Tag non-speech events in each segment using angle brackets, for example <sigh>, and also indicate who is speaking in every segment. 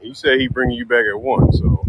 Speaker 1: He said he bringing you back at one. So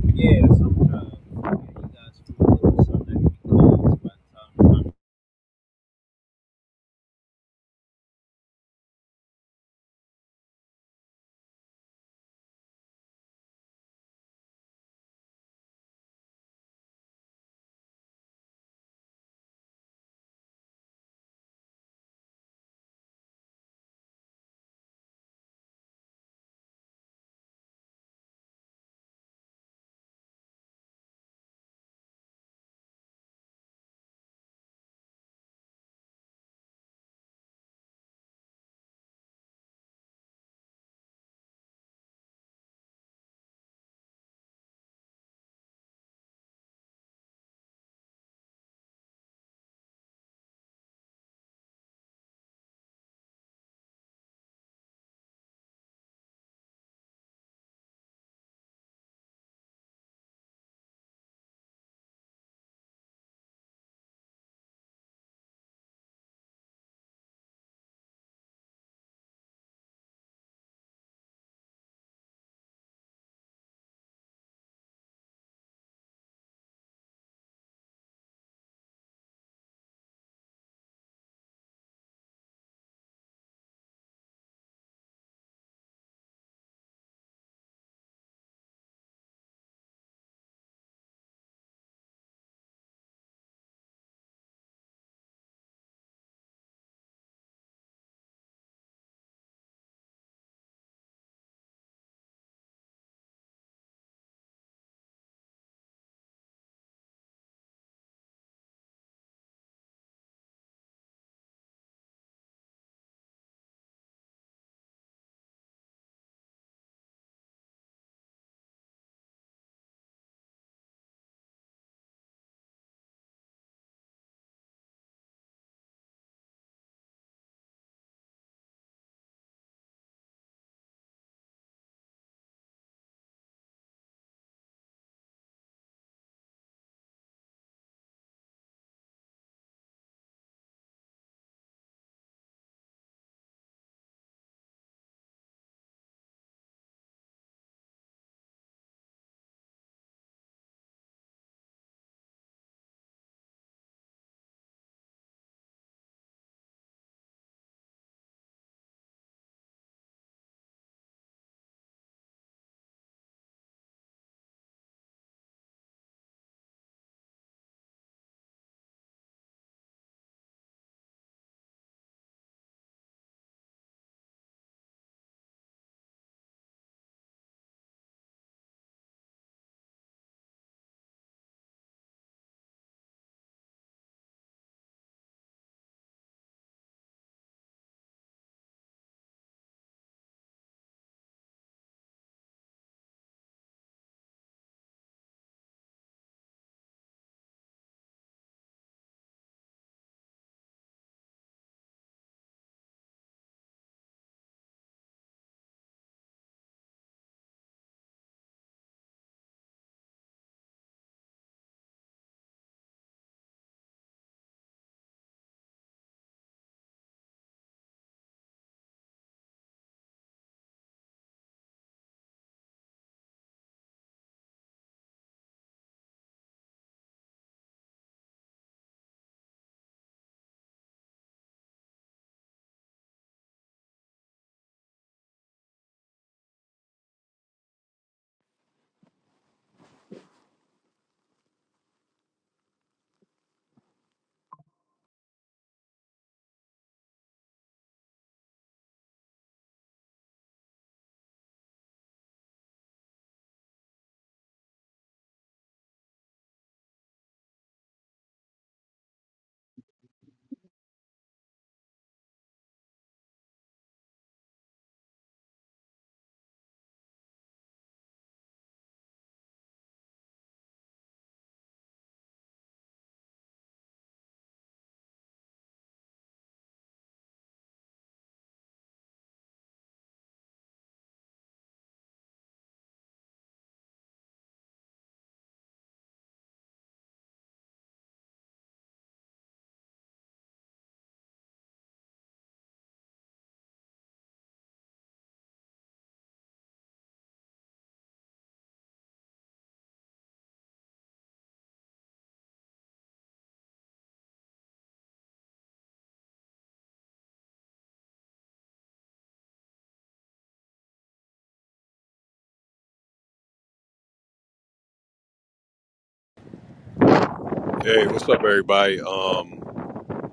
Speaker 1: hey, what's up, everybody? Um,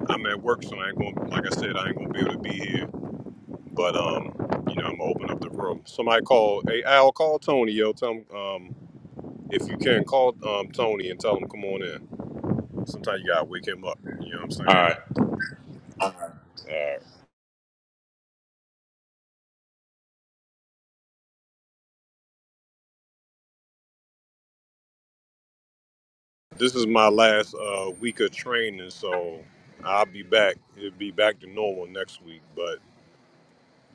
Speaker 1: I'm at work, so I ain't going. Like I said, I ain't gonna be able to be here. But um, you know, I'm gonna open up the room. Somebody call. Hey, Al, call Tony. Yo, tell him um, if you can call um Tony and tell him come on in. Sometimes you gotta wake him up. You know what I'm
Speaker 2: all right
Speaker 1: saying? Uh, this is my last uh week of training, so I'll be back. It'll be back to normal next week, but.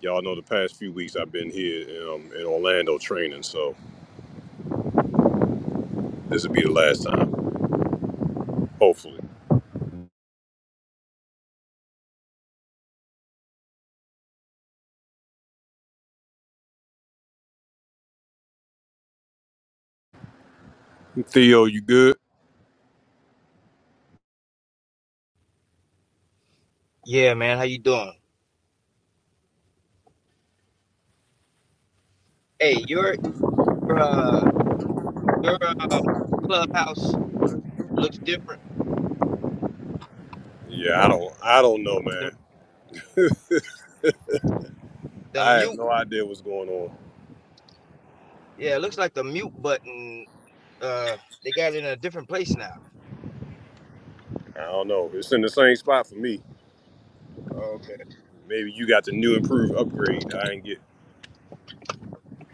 Speaker 1: Y'all know the past few weeks I've been here um, in Orlando training, so this will be the last time. Hopefully. Theo, you good?
Speaker 3: Yeah, man. How you doing? Hey, your your uh, your uh, clubhouse looks different.
Speaker 1: Yeah, I don't I don't know,
Speaker 3: The
Speaker 1: man.
Speaker 3: the
Speaker 1: I have
Speaker 3: mute,
Speaker 1: no idea what's going on.
Speaker 3: yeah, it looks like the mute button. Uh, they got it in a different place now.
Speaker 1: I don't know. It's in the same spot for me.
Speaker 3: Okay.
Speaker 1: Maybe you got the new improved upgrade I didn't get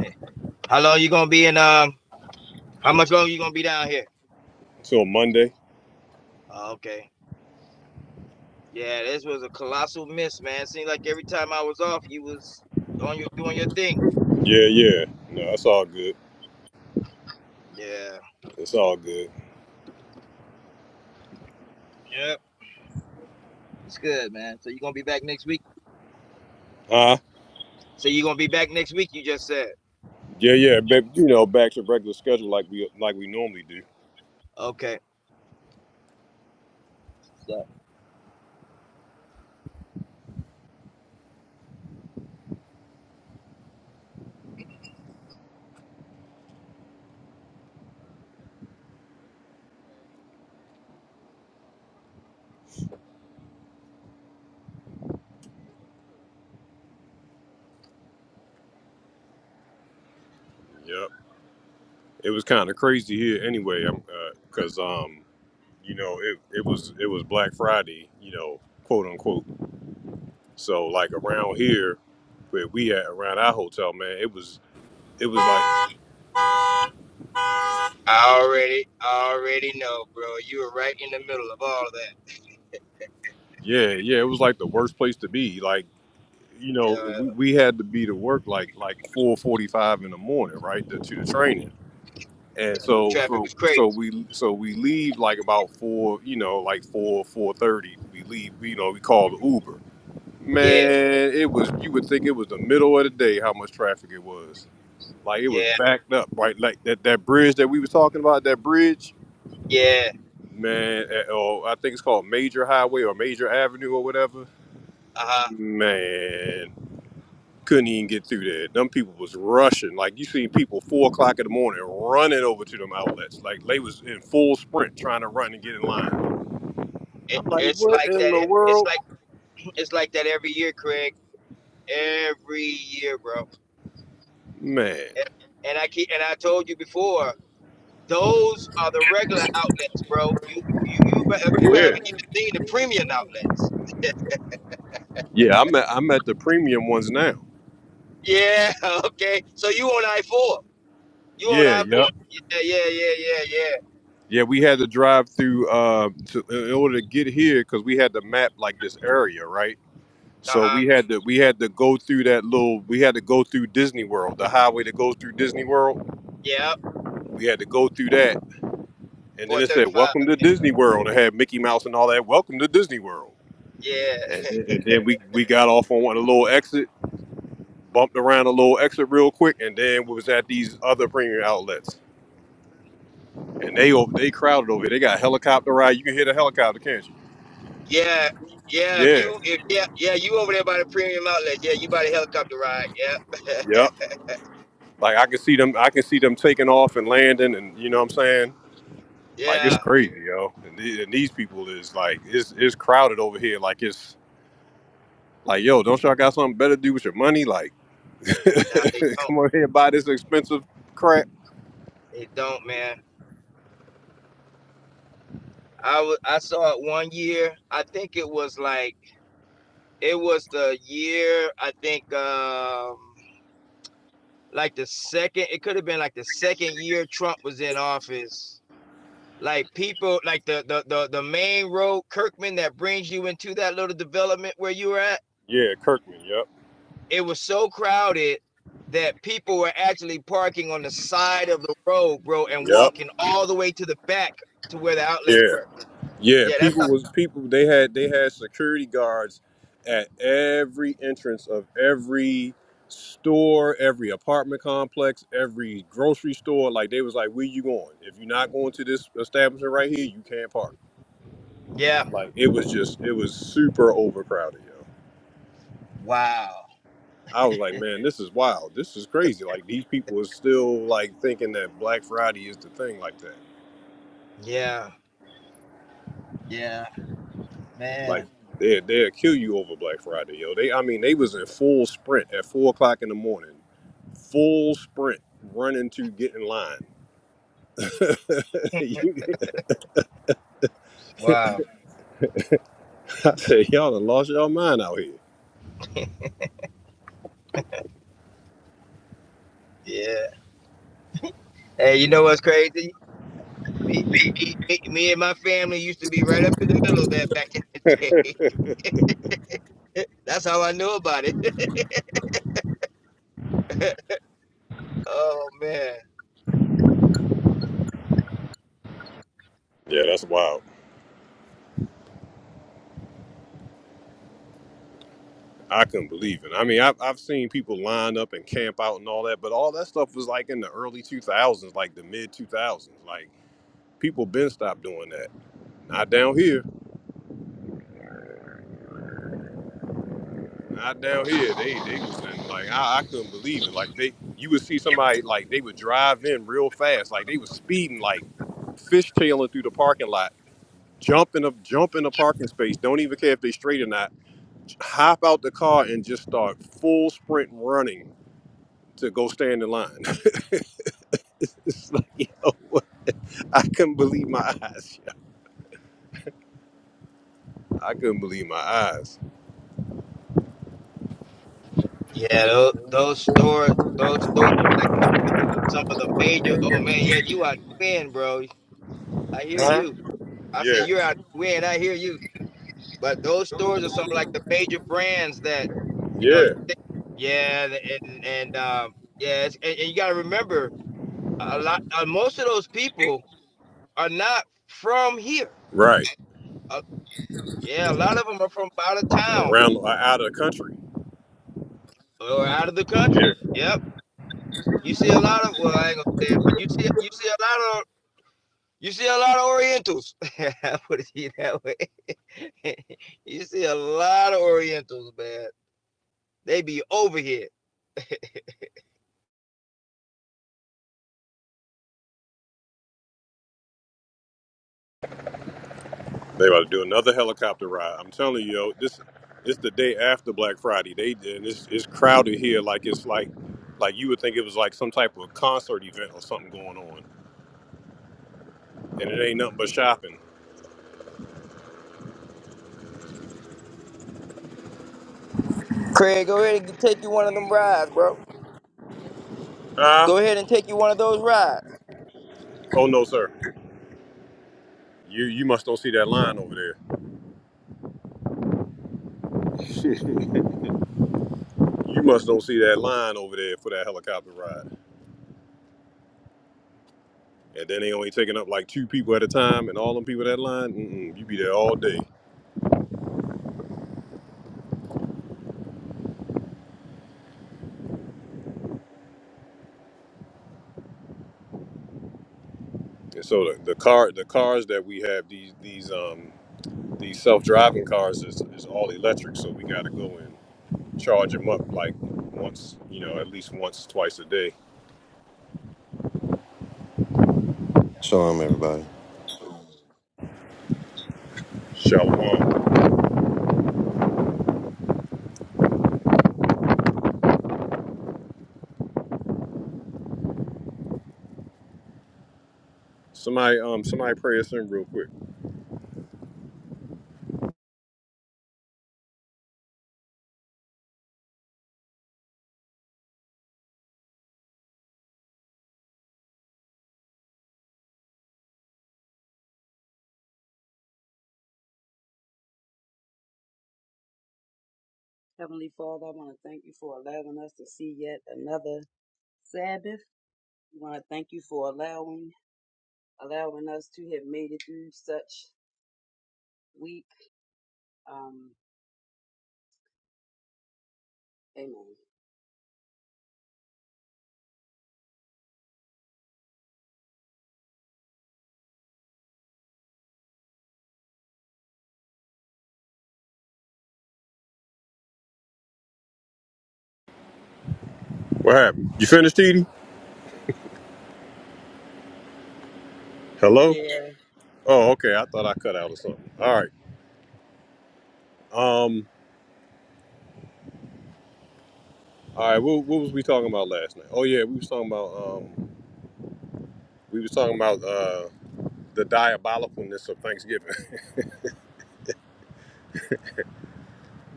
Speaker 3: <laughs> How long you gonna be in? Um, how much longer you gonna be down here?
Speaker 1: until Monday.
Speaker 3: Oh, okay. Yeah, this was a colossal miss, man. Seemed like every time I was off, you was on your doing your thing.
Speaker 1: Yeah, yeah. No, that's all good.
Speaker 3: Yeah.
Speaker 1: It's all good.
Speaker 3: Yep. It's good, man. So you gonna be back next week?
Speaker 1: Huh?
Speaker 3: So you gonna be back next week? You just said.
Speaker 1: Yeah, yeah, baby. You know, back to regular schedule like we like we normally do.
Speaker 3: Okay. So
Speaker 1: Yep. It was kind of crazy here anyway, um, uh 'cause cause um, you know, it, it was it was Black Friday, you know, quote unquote. So like around here, where we at around our hotel, man, it was it was like
Speaker 3: I already, I already know, bro. You were right in the middle of all of that.
Speaker 1: yeah, yeah, it was like the worst place to be. Like, you know, we,
Speaker 3: Uh,
Speaker 1: we had to be to work like like four forty five in the morning, right, to, to the training. And so
Speaker 3: traffic
Speaker 1: so
Speaker 3: was crazy.
Speaker 1: so we so we leave like about four, you know, like four four thirty. We leave, you know, we call the Uber.
Speaker 3: Yeah,
Speaker 1: Man, it was you would think it was the middle of the day how much traffic it was. Like it was
Speaker 3: yeah,
Speaker 1: backed up, right? Like that, that bridge that we was talking about, that bridge.
Speaker 3: yeah.
Speaker 1: man, eh, or I think it's called Major Highway or Major Avenue or whatever.
Speaker 3: Uh huh.
Speaker 1: Man, couldn't even get through there. Them people was rushing. Like you see people four o'clock in the morning running over to them outlets. Like they was in full sprint trying to run and get in line.
Speaker 3: It,
Speaker 1: I'm like,
Speaker 3: it's
Speaker 1: what
Speaker 3: like
Speaker 1: in
Speaker 3: that.
Speaker 1: the
Speaker 3: e- It's
Speaker 1: world,
Speaker 3: like it's like that every year, Craig. Every year, bro.
Speaker 1: man?
Speaker 3: And, and I keep and I told you before. Those are the regular outlets, bro. You you you uh, you
Speaker 1: Yeah,
Speaker 3: haven't even seen the premium outlets.
Speaker 1: yeah. I'm at, I'm at the premium ones now.
Speaker 3: Yeah. <laughs> Okay. So you on I four? You on
Speaker 1: Yeah,
Speaker 3: I four?
Speaker 1: yep.
Speaker 3: Yeah. Yeah. Yeah. Yeah. Yeah.
Speaker 1: Yeah, we had to drive through uh, to, in order to get here because we had to map like this area, right?
Speaker 3: Uh
Speaker 1: So
Speaker 3: huh.
Speaker 1: we had to we had to go through that little we had to go through Disney World, the highway that goes through Disney World.
Speaker 3: Yeah.
Speaker 1: We had to go through that, and
Speaker 3: Four
Speaker 1: then it
Speaker 3: thirty
Speaker 1: said
Speaker 3: five.
Speaker 1: "Welcome to Disney World." It had Mickey Mouse and all that. Welcome to Disney World,
Speaker 3: Yeah,
Speaker 1: and then, and then we we got off on one a little exit, bumped around a little exit real quick, and then we was at these other premium outlets, and they over they crowded over. here. They got helicopter ride. You can hear the helicopter, can't you?
Speaker 3: yeah, yeah. If
Speaker 1: Yeah,
Speaker 3: you, if yeah, yeah, you over there by the premium outlet. Yeah, you by the helicopter ride. Yeah,
Speaker 1: yep. Like I can see them, I can see them taking off and landing, and you know what I'm saying
Speaker 3: <laughs>
Speaker 1: Like it's
Speaker 3: yeah.
Speaker 1: crazy, yo. And, the- and these people is like it's it's crowded over here. Like it's like yo, don't y'all got something better to do with your money? Like <laughs>
Speaker 3: Nah, they don't.
Speaker 1: come over here and buy this expensive crap.
Speaker 3: They don't, man. I was, I saw it one year. I think it was like it was the year. I think um like the second. It could have been like the second year Trump was in office. Like people, like the the the, the main road Kirkman that brings you into that little development where you were at
Speaker 1: Yeah, Kirkman. Yep.
Speaker 3: it was so crowded that people were actually parking on the side of the road, bro, and
Speaker 1: Yep.
Speaker 3: walking all the way to the back to where the outlets were.
Speaker 1: Yeah. Yeah.
Speaker 3: Yeah, that's how,
Speaker 1: People was people. They had they had security guards at every entrance of every store, every apartment complex, every grocery store. Like they was like, where you going? If you're not going to this establishment right here, you can't park.
Speaker 3: yeah,
Speaker 1: It was just, it was super overcrowded, yo.
Speaker 3: Wow.
Speaker 1: I was like, man, this is wild. This is crazy. Like these people are still like thinking that Black Friday is the thing like that.
Speaker 3: yeah, Yeah, man.
Speaker 1: They they'll kill you over Black Friday, yo. They, I mean, they was in full sprint at four o'clock in the morning, full sprint running to get in line. <laughs> You-
Speaker 3: wow,
Speaker 1: I said, y'all done lost y'all mind out here.
Speaker 3: yeah. Hey, you know what's crazy? Me, me, me, me and my family used to be right up in the middle of that back in the day. <laughs> That's how I knew about it. <laughs> Oh man.
Speaker 1: Yeah, that's wild. I couldn't believe it. I mean, I've, I've seen people line up and camp out and all that, but all that stuff was like in the early 2000s, like the mid 2000s. Like people been stopped doing that. Not down here. Not down here. They they was in, like I, I couldn't believe it. Like they you would see somebody like they would drive in real fast, like they was speeding, like fishtailing through the parking lot, jumping up, jumping the parking space. Don't even care if they straight or not. Hop out the car and just start full sprint running to go stand in line. <laughs> It's like, yo, I couldn't believe my eyes. Yo. I couldn't believe my eyes.
Speaker 3: Yeah, those, those stores, those stores, like some of the, some of the major. Oh man, yeah, you are twin, bro. I hear
Speaker 1: Huh?
Speaker 3: you. I say
Speaker 1: Yeah,
Speaker 3: you're out of wind. I hear you. But those stores are some like the major brands that, you know, you
Speaker 1: yeah,
Speaker 3: think, yeah, and and um, yeah, it's, and, and you got to remember a lot. Uh, most of those people are not from here.
Speaker 1: right.
Speaker 3: Uh, yeah, a lot of them are from out of town
Speaker 1: Around uh, out of the country.
Speaker 3: or out of the country.
Speaker 1: Yeah,
Speaker 3: Yep, you see a lot of well, I ain't gonna say it, but you see you see a lot of you see a lot of Orientals. <laughs> I put it that way. <laughs> you see a lot of Orientals, man. They be over here.
Speaker 1: they about to do another helicopter ride. I'm telling you, yo, this it's the day after Black Friday. They and it's it's crowded here like it's like like you would think it was like some type of concert event or something going on, and it ain't nothing but shopping.
Speaker 3: Craig, go ahead and take you one of them rides, bro.
Speaker 1: Huh?
Speaker 3: Go ahead and take you one of those rides.
Speaker 1: Oh no, sir. You you must don't see that line over there. You must don't see that line over there for that helicopter ride. and then they only taking up like two people at a time, and all them people that line, mm-mm, you be there all day. And so the, the car, the cars that we have, these these um these self driving cars is, is all electric, so we got to go and charge them up like once, you know, at least once, twice a day.
Speaker 4: Shalom, everybody.
Speaker 1: Shalom. Somebody um somebody pray us in real quick.
Speaker 5: Heavenly Father, I want to thank you for allowing us to see yet another Sabbath. We want to thank you for allowing allowing us to have made it through such week. Um, amen.
Speaker 1: What happened? You finished, Edie? Hello?
Speaker 5: Yeah,
Speaker 1: Oh, okay. I thought I cut out or something. All right. Um. All right. What, what was we talking about last night? Oh yeah, we was talking about um we was talking about. uh. the diabolicalness of Thanksgiving,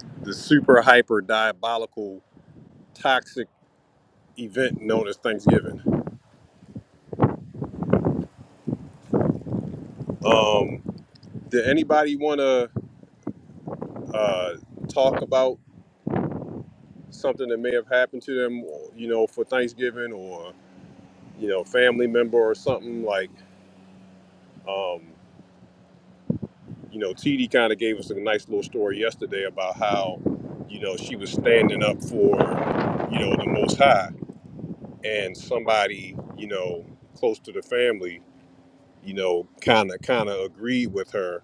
Speaker 1: <laughs> the super hyper diabolical toxic event known as Thanksgiving. Um, did anybody want to uh, talk about something that may have happened to them, or, you know, for Thanksgiving or, you know, family member or something like, um, you know, TD kind of gave us a nice little story yesterday about how, you know, she was standing up for, you know, the Most High and somebody, you know, close to the family you know, kind of kind of agreed with her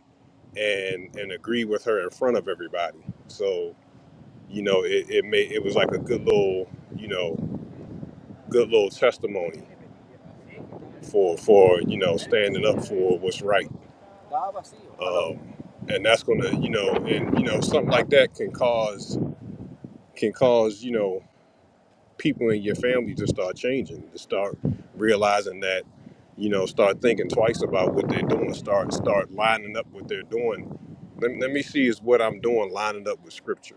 Speaker 1: and and agreed with her in front of everybody. So you know, it it made it was like a good little you know good little testimony for for you know standing up for what's right. Um, and that's gonna you know and you know something like that can cause can cause you know people in your family to start changing, to start realizing that, you know, start thinking twice about what they're doing, start start lining up what they're doing. Let, let me see is what I'm doing lining up with scripture.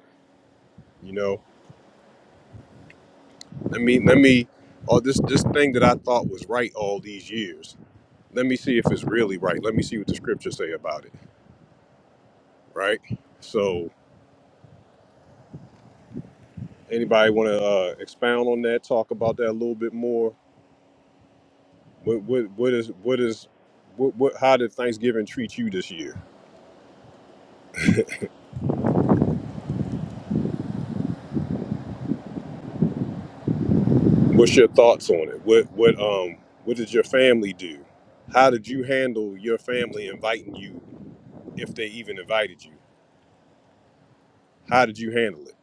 Speaker 1: You know, let me let me or this this thing that I thought was right all these years. Let me see if it's really right. Let me see what the scriptures say about it. Right. So, anybody want to uh, expound on that? Talk about that a little bit more. What what what is what is what, what how did Thanksgiving treat you this year? What's your thoughts on it? What what um what did your family do? How did you handle your family inviting you if they even invited you? How did you handle it?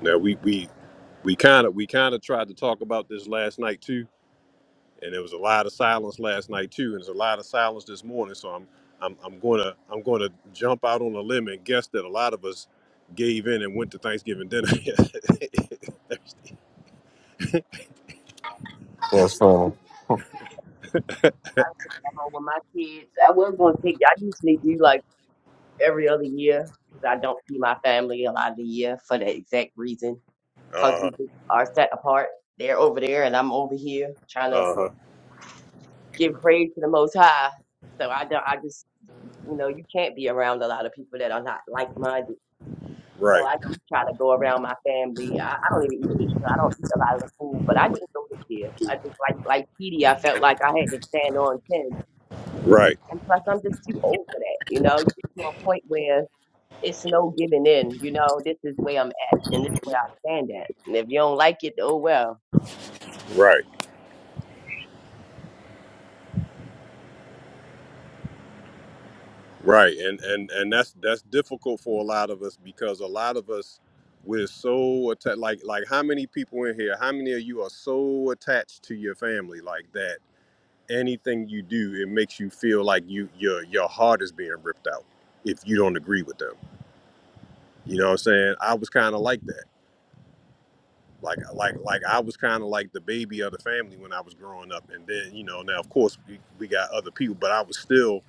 Speaker 1: Now we we we kind of we kind of tried to talk about this last night too, and there was a lot of silence last night too, and there's a lot of silence this morning. So I'm I'm I'm gonna I'm gonna jump out on a limb and guess that a lot of us gave in and went to Thanksgiving dinner. <laughs>
Speaker 4: That's fine.
Speaker 6: know, with my kids, I was going to take, I usually do like every other year because I don't see my family a lot of the year for that exact reason
Speaker 1: uh
Speaker 6: because we
Speaker 1: huh.
Speaker 6: just are set apart. They're over there and I'm over here trying to
Speaker 1: Uh huh.
Speaker 6: give praise to the Most High. So I don't, I just, you know, you can't be around a lot of people that are not like minded. So
Speaker 1: Right.
Speaker 6: I do try to go around my family. I, I don't even eat Easter. I don't eat a lot of the food, but I didn't go this year. I just like like Petey, I felt like I had to stand on ten
Speaker 1: Right.
Speaker 6: And plus, I'm just too old for that. You know, you get to a point where it's no giving in. You know, this is where I'm at, and this is where I stand at. And if you don't like it, oh well.
Speaker 1: Right. Right, and and and that's that's difficult for a lot of us because a lot of us we're so attached. Like like how many people in here? How many of you are so attached to your family like that? Anything you do, it makes you feel like you your your heart is being ripped out if you don't agree with them. You know what I'm saying? I was kind of like that. Like like like I was kind of like the baby of the family when I was growing up, and then you know now of course we, we got other people, but I was still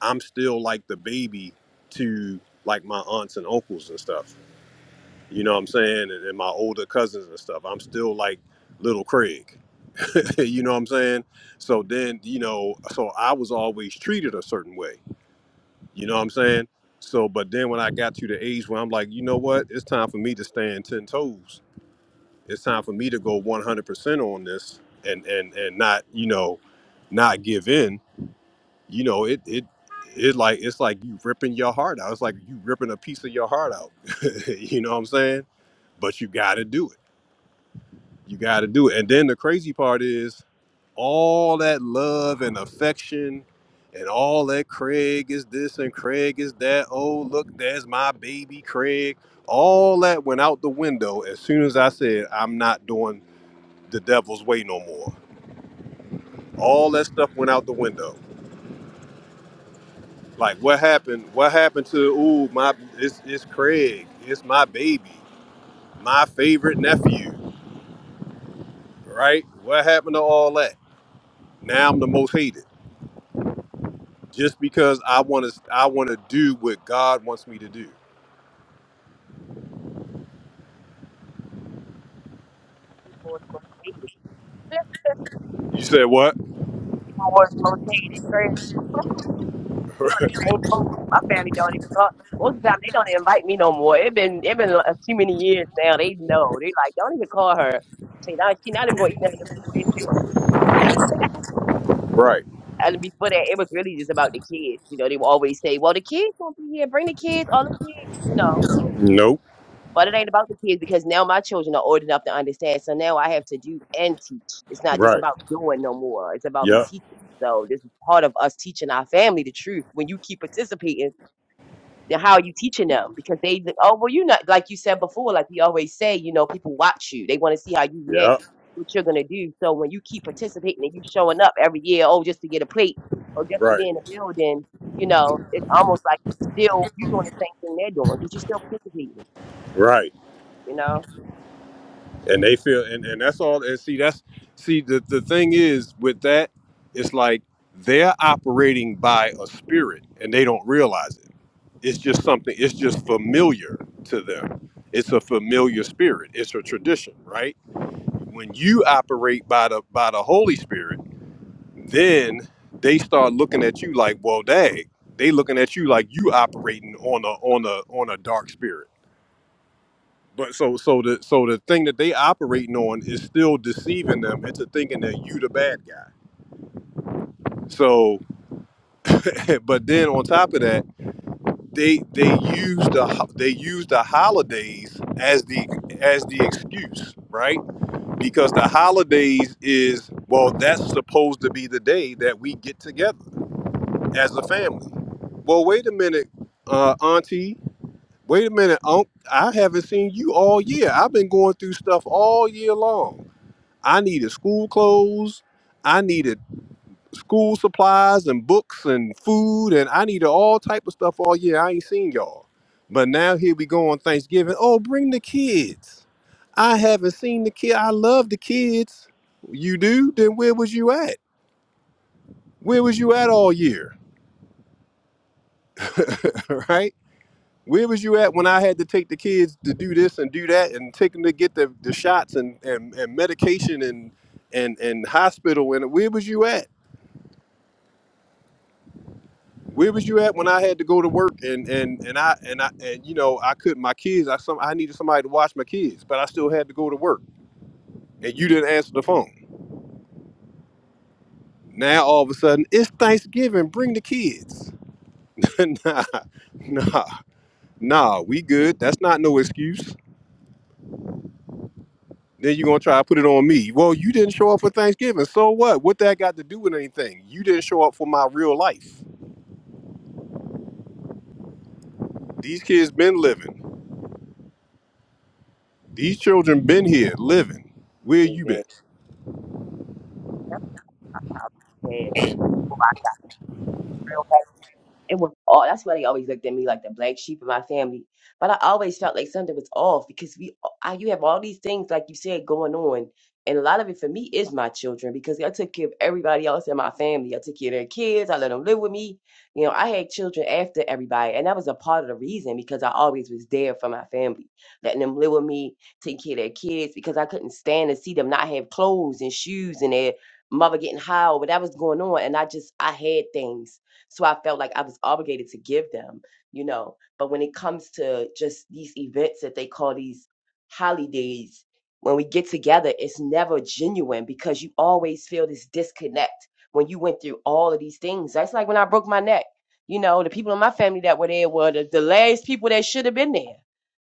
Speaker 1: I'm still like the baby to like my aunts and uncles and stuff. You know what I'm saying? And, and my older cousins and stuff. I'm still like little Craig. <laughs> you know what I'm saying? So then, you know, so I was always treated a certain way. You know what I'm saying? So, but then when I got to the age where I'm like, you know what? It's time for me to stand 10 toes. It's time for me to go 100% on this and, and, and not, you know, not give in you know it it it like it's like you ripping your heart out it's like you ripping a piece of your heart out <laughs> you know what i'm saying but you got to do it you got to do it and then the crazy part is all that love and affection and all that craig is this and craig is that oh look there's my baby craig all that went out the window as soon as i said i'm not doing the devil's way no more all that stuff went out the window Like what happened? What happened to ooh my? It's it's Craig. It's my baby. My favorite nephew. Right? What happened to all that? Now I'm the most hated just because I want to. I want to do what God wants me to do.
Speaker 6: Before it's rotated,
Speaker 1: You said what?
Speaker 6: before it's rotated, first we on
Speaker 1: <laughs>
Speaker 6: the same boat. My family don't even talk. Most of the time, they don't invite me no more. It been it been a too many years now. They know. They like don't even call her. Say now she not even gonna eat none of the food anyway. You know, it ain't-
Speaker 1: Right.
Speaker 6: and before that, it was really just about the kids. You know, they would always say, "Well, the kids gonna be here. Bring the kids, all the kids." You know,
Speaker 1: Nope.
Speaker 6: But it ain't about the kids because now my children are old enough to understand. So now I have to do and teach. It's not just
Speaker 1: Right.
Speaker 6: about doing no more. It's about me
Speaker 1: Yep.
Speaker 6: teaching. So this is part of us teaching our family the truth. When you keep participating, then how are you teaching them? Because they oh well you not like you said before, like we always say, you know, people watch you. They want to see how you react,
Speaker 1: Yep.
Speaker 6: what you're gonna do. So when you keep participating and you showing up every year, oh just to get a plate or just to
Speaker 1: Right.
Speaker 6: be in the building, you know, it's almost like you still you're doing the same thing they're doing because you're still participating,
Speaker 1: Right.
Speaker 6: you know.
Speaker 1: And they feel and, and that's all and see that's see the, the thing is with that, it's like they're operating by a spirit and they don't realize it. it's just something it's just familiar to them it's a familiar spirit it's a tradition right when you operate by the by the holy spirit then they start looking at you like well dang they looking at you like you operating on a on a on a dark spirit but so so the so the thing that they operating on is still deceiving them into thinking that you the bad guy so <laughs> but then on top of that they they use the they use the holidays as the as the excuse, right? Because the holidays is well, that's supposed to be the day that we get together as a family. Well, wait a minute, uh, Auntie. Wait a minute, Unc. I haven't seen you all year. I've been going through stuff all year long. I needed school clothes. I needed school supplies and books and food and I needed all type of stuff all year. I ain't seen y'all. But now here we go on Thanksgiving. Oh, bring the kids. I haven't seen the kid. I love the kids. You do? Then where was you at? Where was you at all year? <laughs> right? Where was you at when I had to take the kids to do this and do that and take them to get the, the shots and, and, and medication and, and, and hospital? And where was you at? Where was you at when I had to go to work and and and I and I and you know I couldn't my kids I some I needed somebody to watch my kids but I still had to go to work and you didn't answer the phone. Now all of a sudden it's Thanksgiving, bring the kids. <laughs> nah, nah, nah, we good. That's not no excuse. Then you're gonna try to put it on me. Well, you didn't show up for Thanksgiving, so what? What that got to do with anything? You didn't show up for my real life. These kids been living. These children been here living. Where you
Speaker 6: Amen.
Speaker 1: been?
Speaker 6: it was all that's why they always looked at me like the black sheep of my family. But I always felt like something was off because we I, you have all these things like you said going on. And a lot of it for me is my children because I took care of everybody else in my family. I took care of their kids. I let them live with me. You know, I had children after everybody. And that was a part of the reason because I always was there for my family, letting them live with me, taking care of their kids because I couldn't stand to see them not have clothes and shoes and their mother getting high or whatever's going on. And I just, I had things. So I felt like I was obligated to give them, you know. But when it comes to just these events that they call these holidays, when we get together, it's never genuine because you always feel this disconnect when you went through all of these things. That's like when I broke my neck. You know, the people in my family that were there were the, the last people that should have been there.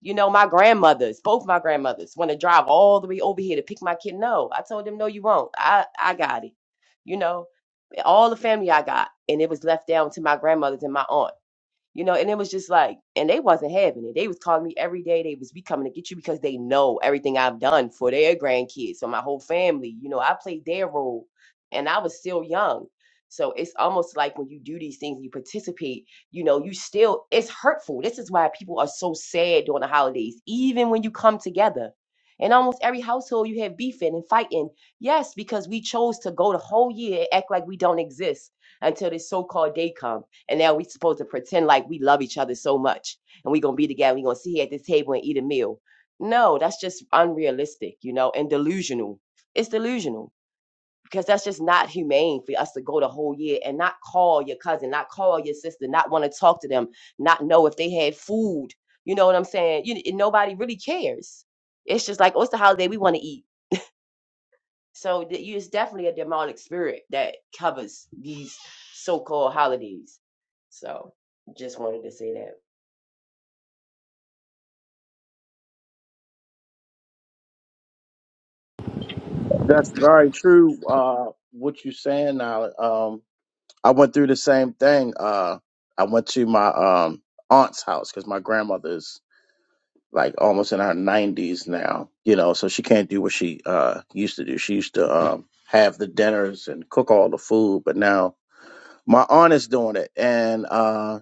Speaker 6: You know, my grandmothers, both my grandmothers, want to drive all the way over here to pick my kid. No, I told them, no, you won't. I, I got it. You know, all the family I got, and it was left down to my grandmothers and my aunt you know and it was just like and they wasn't having it they was calling me every day they was be coming to get you because they know everything i've done for their grandkids so my whole family you know i played their role and i was still young so it's almost like when you do these things you participate you know you still it's hurtful this is why people are so sad during the holidays even when you come together in almost every household you have beefing and fighting yes because we chose to go the whole year and act like we don't exist until this so-called day come and now we supposed to pretend like we love each other so much and we're gonna be together, we're gonna sit here at this table and eat a meal. No, that's just unrealistic, you know, and delusional. It's delusional because that's just not humane for us to go the whole year and not call your cousin, not call your sister, not want to talk to them, not know if they had food. You know what I'm saying? You, nobody really cares. It's just like, oh, it's the holiday we want to eat. So you it's definitely a demonic spirit that covers these so-called holidays. So just wanted to say that.
Speaker 7: That's very true. Uh, what you're saying now. Um, I went through the same thing. Uh, I went to my um aunt's house because my grandmother is like almost in her 90s now. You know, so she can't do what she uh used to do. She used to um have the dinners and cook all the food, but now my aunt is doing it, and uh,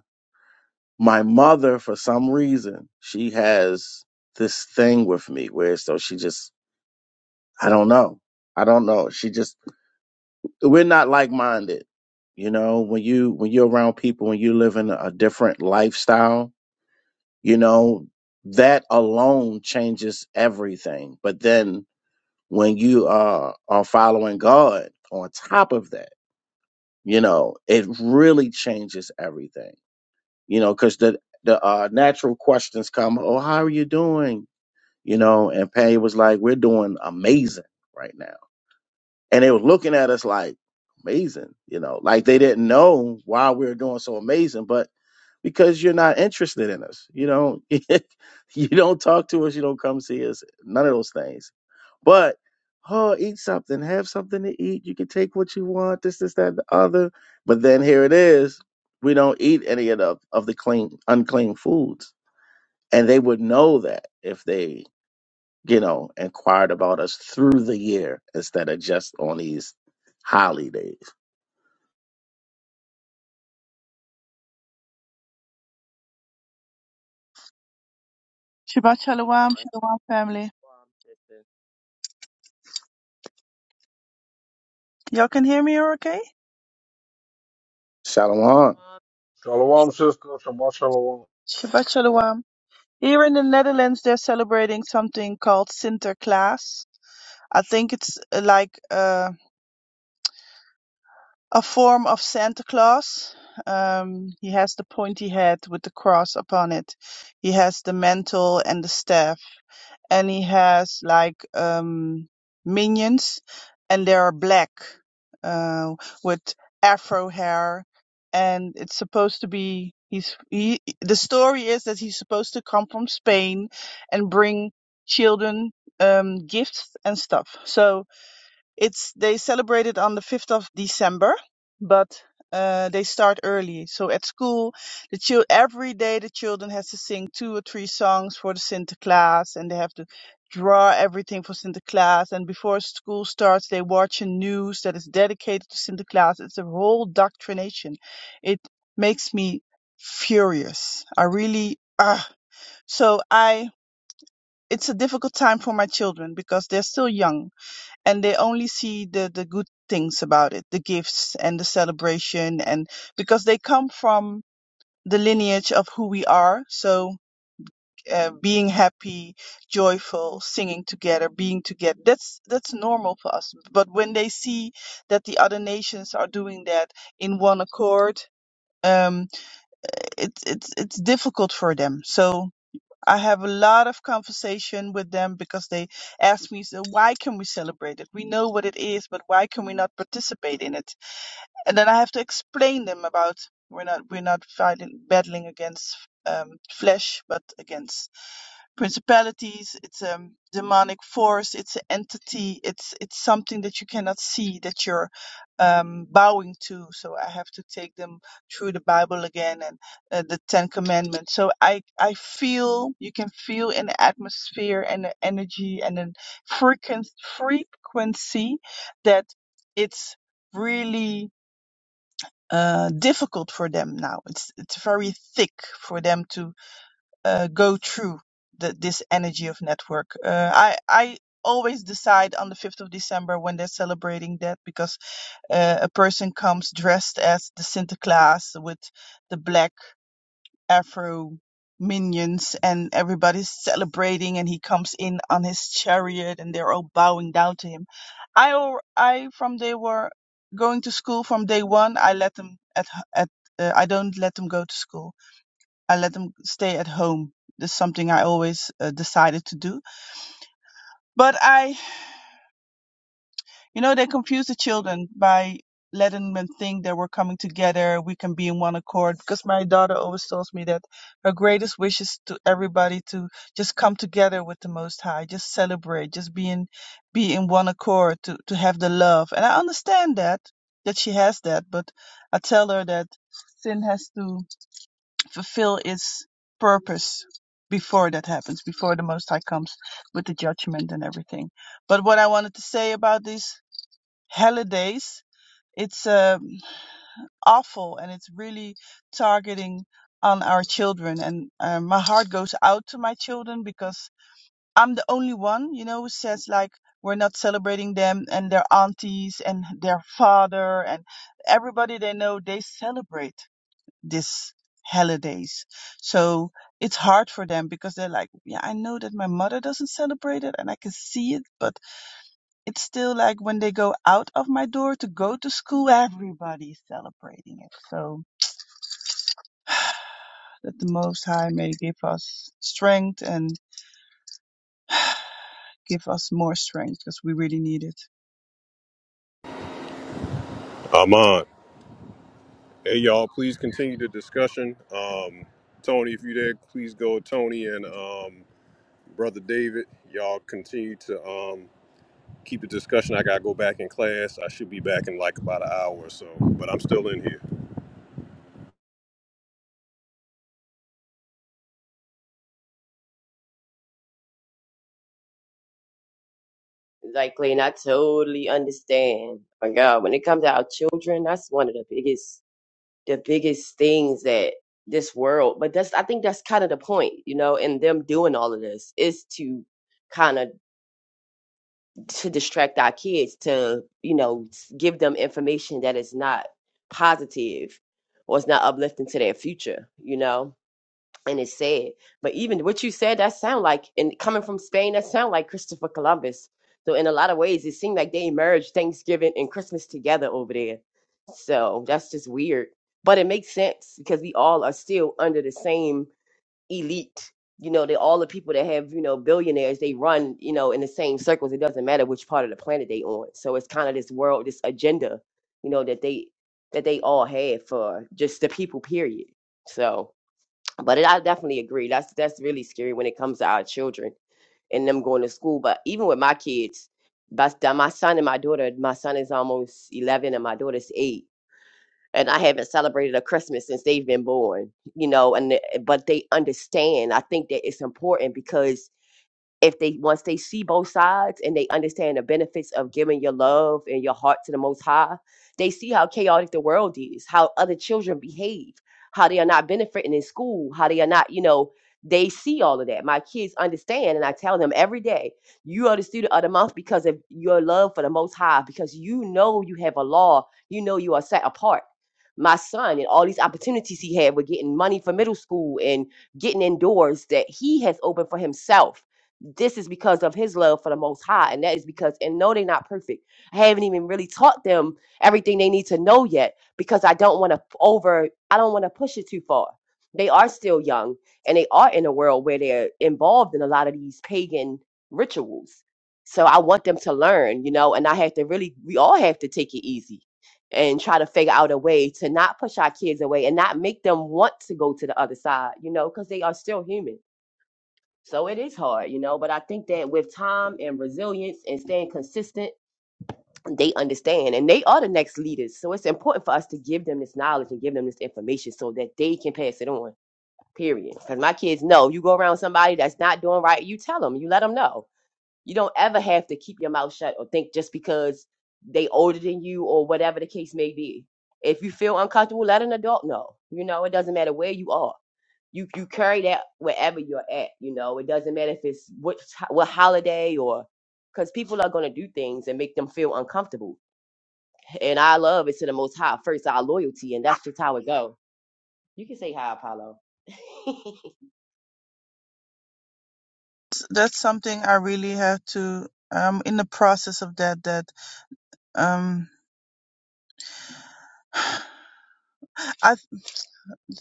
Speaker 7: my mother, for some reason, she has this thing with me where so she just I don't know. I don't know. She just we're not like minded. You know, when you when you're around people, when you live in a different lifestyle, you know, that alone changes everything. But then when you are are following God on top of that, you know, it really changes everything. You know, because the the uh, natural questions come, oh, how are you doing? You know, and Patty was like, we're doing amazing right now and they were looking at us like amazing, you know, like they didn't know why we were doing so amazing, but because you're not interested in us, you know, <laughs> you don't talk to us, you don't come see us, none of those things. But oh, eat something, have something to eat. You can take what you want, this, this, that, and the other. But then here it is, we don't eat any of the of the clean, unclean foods, and they would know that if they you know, inquired about us through the year instead of just on these holidays.
Speaker 8: Shabbat
Speaker 6: Come
Speaker 8: Shalom,
Speaker 6: on.
Speaker 8: Shalom family. Y'all can hear me okay?
Speaker 7: Shalom.
Speaker 9: Shalom, sister. Shabbat shalom.
Speaker 8: Shabbat Shalom. Here in the Netherlands, they're celebrating something called Sinterklaas. I think it's uh, like uh, a form of Santa Claus. Um, he has the pointy head with the cross upon it. He has the mantle and the staff. and he has like um minions and they are black uh with afro hair and it's supposed to be he's he the story is that he's supposed to come from Spain and bring children um gifts and stuff. So it's they celebrate it on the 5th of December, but uh, they start early. So at school, the chil- every day the children has to sing two or three songs for the Santa Claus, and they have to draw everything for Santa Claus. And before school starts, they watch a news that is dedicated to Santa Claus. It's a whole doctrination. It makes me furious. I really ah. So I. It's a difficult time for my children because they're still young and they only see the the good things about it the gifts and the celebration and because they come from the lineage of who we are so uh, being happy joyful singing together being together that's that's normal for us but when they see that the other nations are doing that in one accord um it's it's it's difficult for them so I have a lot of conversation with them because they ask me, so why can we celebrate it? We know what it is, but why can we not participate in it? And then I have to explain them about we're not we're not fighting battling against um, flesh, but against principalities it's a demonic force it's an entity it's it's something that you cannot see that you're um, bowing to so i have to take them through the bible again and uh, the ten commandments so i i feel you can feel in the atmosphere and the energy and the frequency frequency that it's really uh difficult for them now it's it's very thick for them to uh, go through the, this energy of network. Uh, I I always decide on the 5th of December when they're celebrating that because uh, a person comes dressed as the Sinterklaas with the black afro minions and everybody's celebrating and he comes in on his chariot and they're all bowing down to him. I al- I from they were going to school from day 1 I let them at h- at uh, I don't let them go to school I let them stay at home. This is something I always uh, decided to do. But I, you know, they confuse the children by letting them think that we're coming together, we can be in one accord. Because my daughter always tells me that her greatest wish is to everybody to just come together with the Most High, just celebrate, just be in, be in one accord, to, to have the love. And I understand that, that she has that, but I tell her that sin has to fulfill its purpose before that happens, before the Most High comes with the judgment and everything. But what I wanted to say about these holidays, it's um, awful and it's really targeting on our children. And uh, my heart goes out to my children because I'm the only one, you know, who says like, we're not celebrating them and their aunties and their father and everybody they know, they celebrate this holidays. So it's hard for them because they're like, yeah, I know that my mother doesn't celebrate it and I can see it, but it's still like when they go out of my door to go to school, everybody's celebrating it. So that the Most High may give us strength and give us more strength because we really need it.
Speaker 1: I'm on. Hey, y'all, please continue the discussion. Um, Tony, if you there, please go. with Tony and um, Brother David, y'all continue to um, keep the discussion. I got to go back in class. I should be back in like about an hour or so, but I'm still in here.
Speaker 6: Like Clayton, I totally understand. My God, when it comes to our children, that's one of the biggest the biggest things that this world but that's I think that's kind of the point, you know, in them doing all of this is to kind of to distract our kids to you know give them information that is not positive or is not uplifting to their future you know and it's sad but even what you said that sound like and coming from spain that sound like christopher columbus so in a lot of ways it seemed like they merged thanksgiving and christmas together over there so that's just weird but it makes sense because we all are still under the same elite. You know, they all the people that have, you know, billionaires, they run, you know, in the same circles. It doesn't matter which part of the planet they on. So it's kind of this world, this agenda, you know, that they that they all have for just the people, period. So but it, I definitely agree. That's that's really scary when it comes to our children and them going to school. But even with my kids, but my son and my daughter, my son is almost eleven and my daughter's eight and I haven't celebrated a Christmas since they've been born, you know, and but they understand. I think that it's important because if they once they see both sides and they understand the benefits of giving your love and your heart to the most high they see how chaotic the world is how other children behave how they are not benefiting in school how they are not you know they see all of that my kids understand and i tell them every day you are the student of the month because of your love for the most high because you know you have a law you know you are set apart my son and all these opportunities he had with getting money for middle school and getting indoors that he has opened for himself this is because of his love for the most high and that is because and no they're not perfect i haven't even really taught them everything they need to know yet because i don't want to over i don't want to push it too far they are still young and they are in a world where they're involved in a lot of these pagan rituals so i want them to learn you know and i have to really we all have to take it easy and try to figure out a way to not push our kids away and not make them want to go to the other side you know because they are still human so it is hard, you know, but I think that with time and resilience and staying consistent, they understand and they are the next leaders. So it's important for us to give them this knowledge and give them this information so that they can pass it on, period. Because my kids know you go around somebody that's not doing right, you tell them, you let them know you don't ever have to keep your mouth shut or think just because they older than you or whatever the case may be. If you feel uncomfortable, let an adult know. You know, it doesn't matter where you are. You you carry that wherever you're at. You know, it doesn't matter if it's what what holiday or because people are gonna do things and make them feel uncomfortable. And our love is to the Most High first, our loyalty, and that's just how it go. You can say hi, Apollo. <laughs>
Speaker 8: S- That's something I really had to, I'm in the process of that, that, um, <sighs> I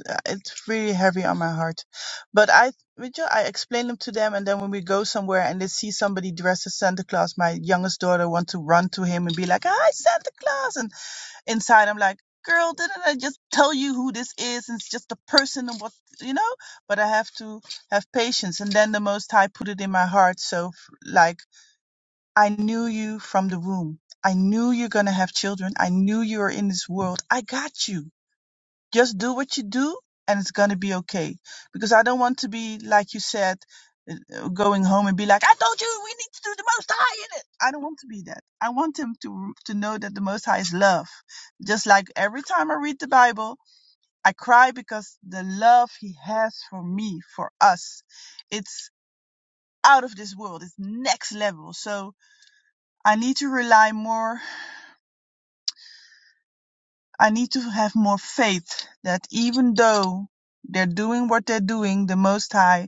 Speaker 8: uh, it's really heavy on my heart. But I, with you, I explain them to them, and then when we go somewhere and they see somebody dressed as Santa Claus, my youngest daughter wants to run to him and be like, "Hi, Santa Claus!" And inside, I'm like, "Girl, didn't I just tell you who this is? And it's just a person and what you know." But I have to have patience, and then the Most High put it in my heart. So, f- like, I knew you from the womb. I knew you're gonna have children. I knew you were in this world. I got you just do what you do and it's going to be okay because i don't want to be like you said uh, going home and be like i told you we need to do the most high in it i don't want to be that i want him to to know that the most high is love just like every time i read the bible i cry because the love he has for me for us it's out of this world it's next level so i need to rely more i need to have more faith that even though they're doing what they're doing the most high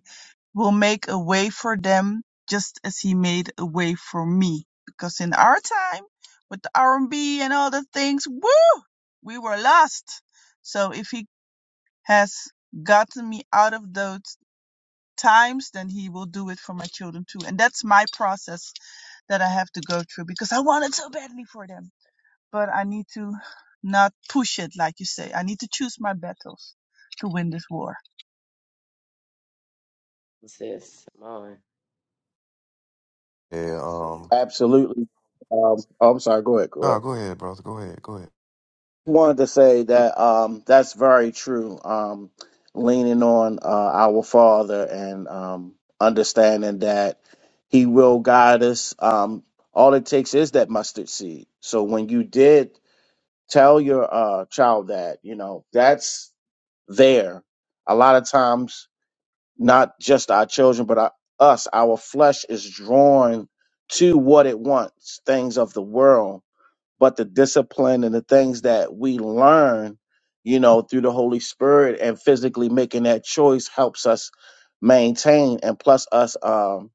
Speaker 8: will make a way for them just as he made a way for me. Because in our time with the R&B and B and all the things, woo, we were lost. So if he has gotten me out of those times, then he will do it for my children too. And that's my process that I have to go through because I want it so badly for them. But I need to not push it, like you say. I need to choose my battles to win this war.
Speaker 6: Sis, come on,
Speaker 4: Yeah. Um.
Speaker 7: Absolutely. Um, oh, I'm sorry. Go ahead. Go
Speaker 4: No,
Speaker 7: ahead.
Speaker 4: go ahead, brother. Go ahead. Go ahead.
Speaker 7: Wanted to say that um, that's very true. Um, leaning on uh, our Father and um, understanding that He will guide us. Um, all it takes is that mustard seed. So when you did tell your uh, child that, you know, that's there. A lot of times not just our children, but our, us. Our flesh is drawn to what it wants, things of the world, but the discipline and the things that we learn, you know, through the Holy Spirit and physically making that choice helps us maintain. And plus, us um,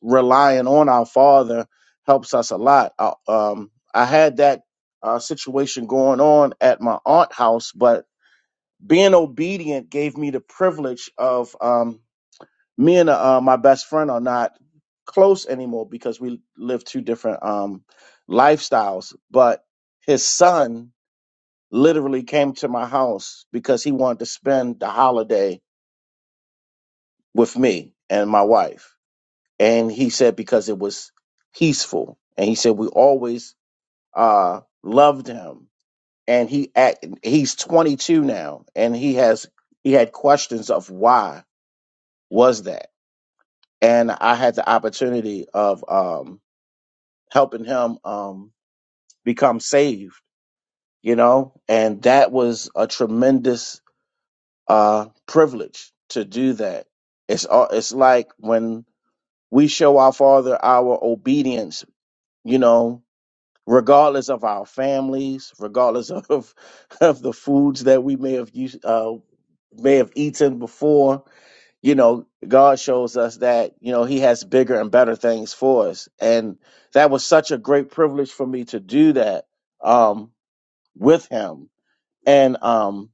Speaker 7: relying on our Father helps us a lot. Uh, um, I had that uh, situation going on at my aunt house, but being obedient gave me the privilege of. Um, me and uh, uh, my best friend are not close anymore because we live two different um, lifestyles. But his son literally came to my house because he wanted to spend the holiday with me and my wife. And he said because it was peaceful. And he said we always uh, loved him. And he act, he's 22 now, and he has he had questions of why was that. And I had the opportunity of um, helping him um, become saved, you know, and that was a tremendous uh, privilege to do that. It's all, it's like when we show our Father our obedience, you know, regardless of our families, regardless of <laughs> of the foods that we may have used, uh, may have eaten before, you know, God shows us that, you know, He has bigger and better things for us. And that was such a great privilege for me to do that um, with Him. And, um,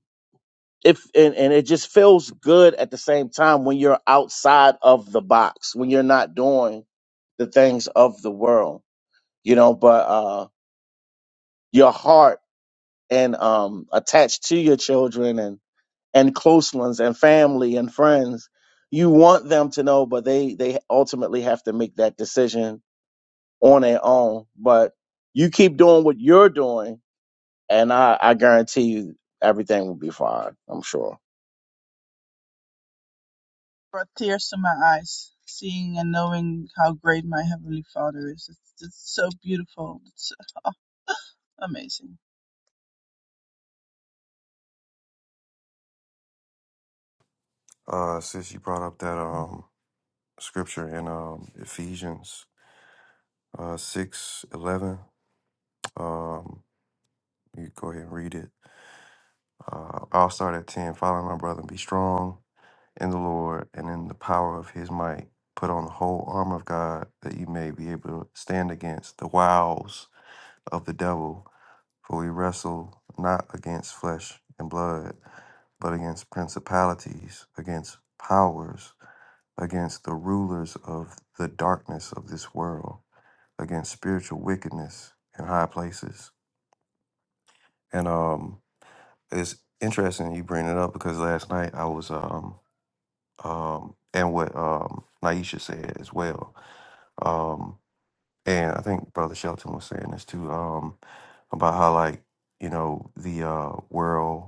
Speaker 7: if, and, and it just feels good at the same time when you're outside of the box, when you're not doing the things of the world, you know, but uh, your heart and um, attached to your children and. and close ones and family and friends you want them to know but they they ultimately have to make that decision on their own but you keep doing what you're doing and i i guarantee you everything will be fine i'm sure
Speaker 8: brought tears to my eyes, seeing and knowing how great my Heavenly Father is. It's, it's so beautiful. It's oh, amazing.
Speaker 4: Uh, since you brought up that um scripture in um Ephesians uh six eleven, um, you go ahead and read it. Uh, I'll start at ten. Follow my brother, and be strong in the Lord and in the power of His might. Put on the whole armor of God that you may be able to stand against the wiles of the devil. For we wrestle not against flesh and blood, but against principalities, against powers, against the rulers of the darkness of this world, against spiritual wickedness in high places. And um, it's interesting you bring it up because last night I was um um and what um Naisha said as well. Um, and I think Brother Shelton was saying this too. Um, about how like you know the uh world.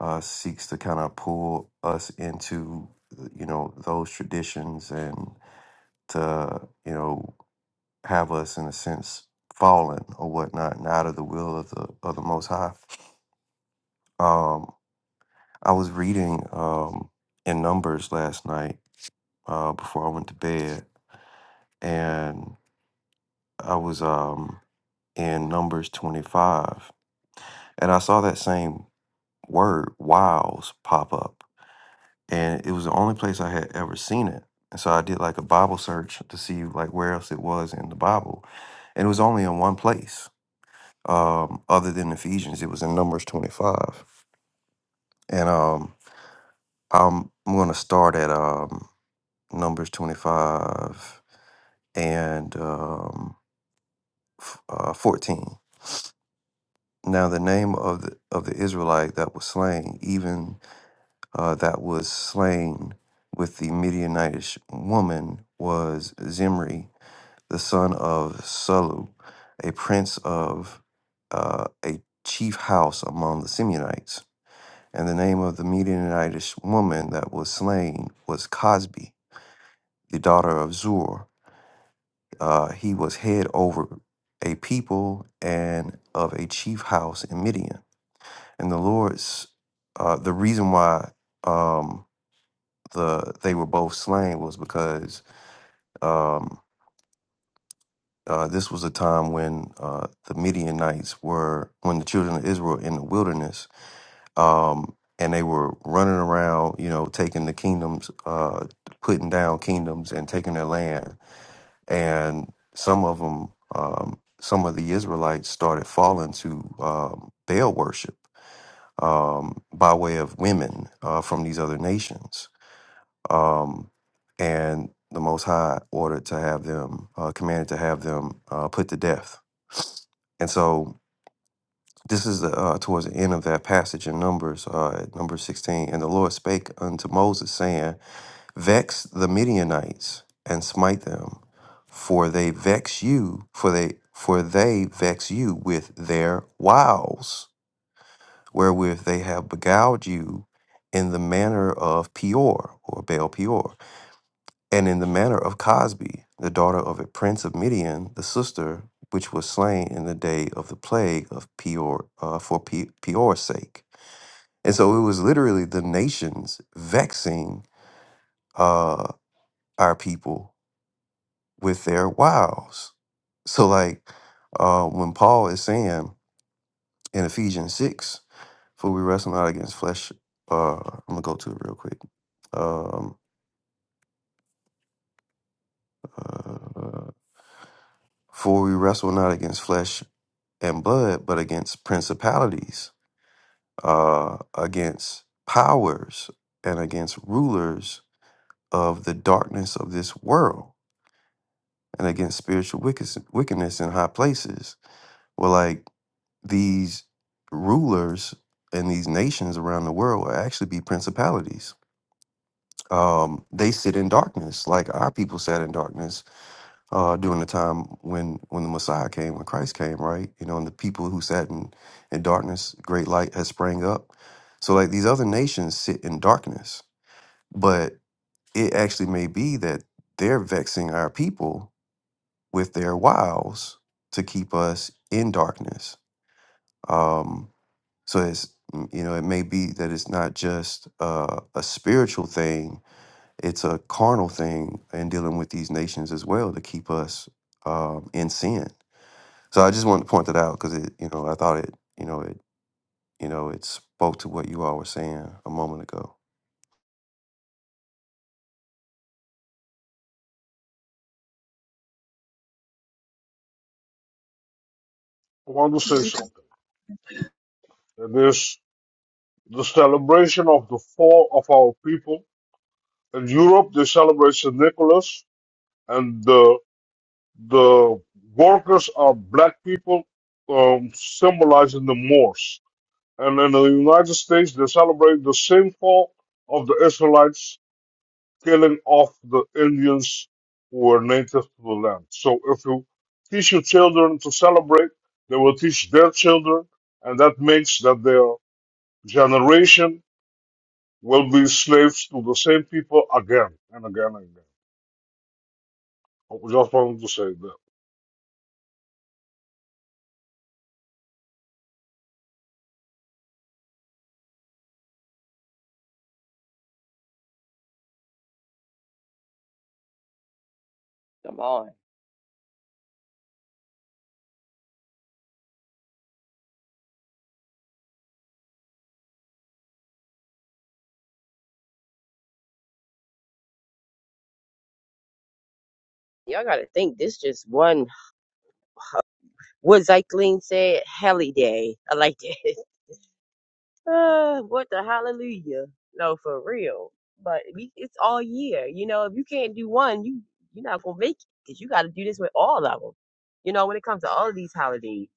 Speaker 4: uh, seeks to kind of pull us into you know those traditions and to you know have us in a sense fallen or whatnot and out of the will of the of the most high um i was reading um in numbers last night uh before i went to bed and i was um in numbers 25 and i saw that same word wiles pop up and it was the only place I had ever seen it. And so I did like a Bible search to see like where else it was in the Bible, and it was only in one place um, other than Ephesians. It was in Numbers twenty five, and um, I'm I'm gonna start at um, Numbers twenty five and um, f- uh, fourteen. Now the name of the of the Israelite that was slain, even uh, that was slain with the Midianitish woman, was Zimri the son of Salu, a prince of uh, a chief house among the Simeonites. And the name of the Midianitish woman that was slain was Cosbi, the daughter of Zur. Uh, he was head over a people and of a chief house in Midian. And the Lord's uh, the reason why um, the they were both slain was because um, Uh, this was a time when uh, the Midianites were, when the children of Israel in the wilderness, um, and they were running around, you know, taking the kingdoms, uh, putting down kingdoms and taking their land. And some of them, um, some of the Israelites started falling to um, Baal worship um, by way of women uh, from these other nations. Um, and the Most High ordered to have them, uh, commanded to have them uh, put to death and so this is the, uh, towards the end of that passage in Numbers, uh, at number 16. And the Lord spake unto Moses, saying, Vex the Midianites and smite them, for they vex you, for they for they vex you with their wiles, wherewith they have beguiled you in the manner of Peor or Baal Peor. And in the manner of Cosbi, the daughter of a prince of Midian, the sister which was slain in the day of the plague of Peor uh, for Pe- Peor's sake. And so it was literally the nations vexing uh, our people with their wiles. So, like uh, when Paul is saying in Ephesians 6, for we wrestle not against flesh, uh, I'm going to go to it real quick. Um, uh, for we wrestle not against flesh and blood, but against principalities, uh, against powers, and against rulers of the darkness of this world, and against spiritual wickes- wickedness in high places. Well, like these rulers and these nations around the world will actually be principalities. Um, they sit in darkness, like our people sat in darkness uh, during the time when when the Messiah came, when Christ came, right? You know, and the people who sat in, in darkness, great light has sprang up. So like these other nations sit in darkness, but it actually may be that they're vexing our people with their wiles to keep us in darkness. Um, so it's mm, you know it may be that it's not just uh, a spiritual thing; it's a carnal thing in dealing with these nations as well to keep us um, in sin So I just wanted to point that out because it, you know, I thought it, you know, it, you know, it spoke to what you all were saying a moment ago.
Speaker 9: I want to say
Speaker 8: Beautiful.
Speaker 9: something. It is the celebration of the fall of our people. In Europe, they celebrate St. Nicholas, and the the workers are black people, um, symbolizing the Moors. And in the United States, they celebrate the same fall of the Israelites killing off the Indians who were native to the land. So if you teach your children to celebrate, they will teach their children, and that makes that their generation will be slaves to the same people again and again and again. I just wanted to say that.
Speaker 6: come on. Y'all gotta think. This just one. What Zyklene said, Helly Day. I like that. <laughs> Uh, what the hallelujah? No, for real. But we, it's all year. You know, if you can't do one, you you're not gonna make it because you got to do this with all of them. You know, when it comes to all of these holidays,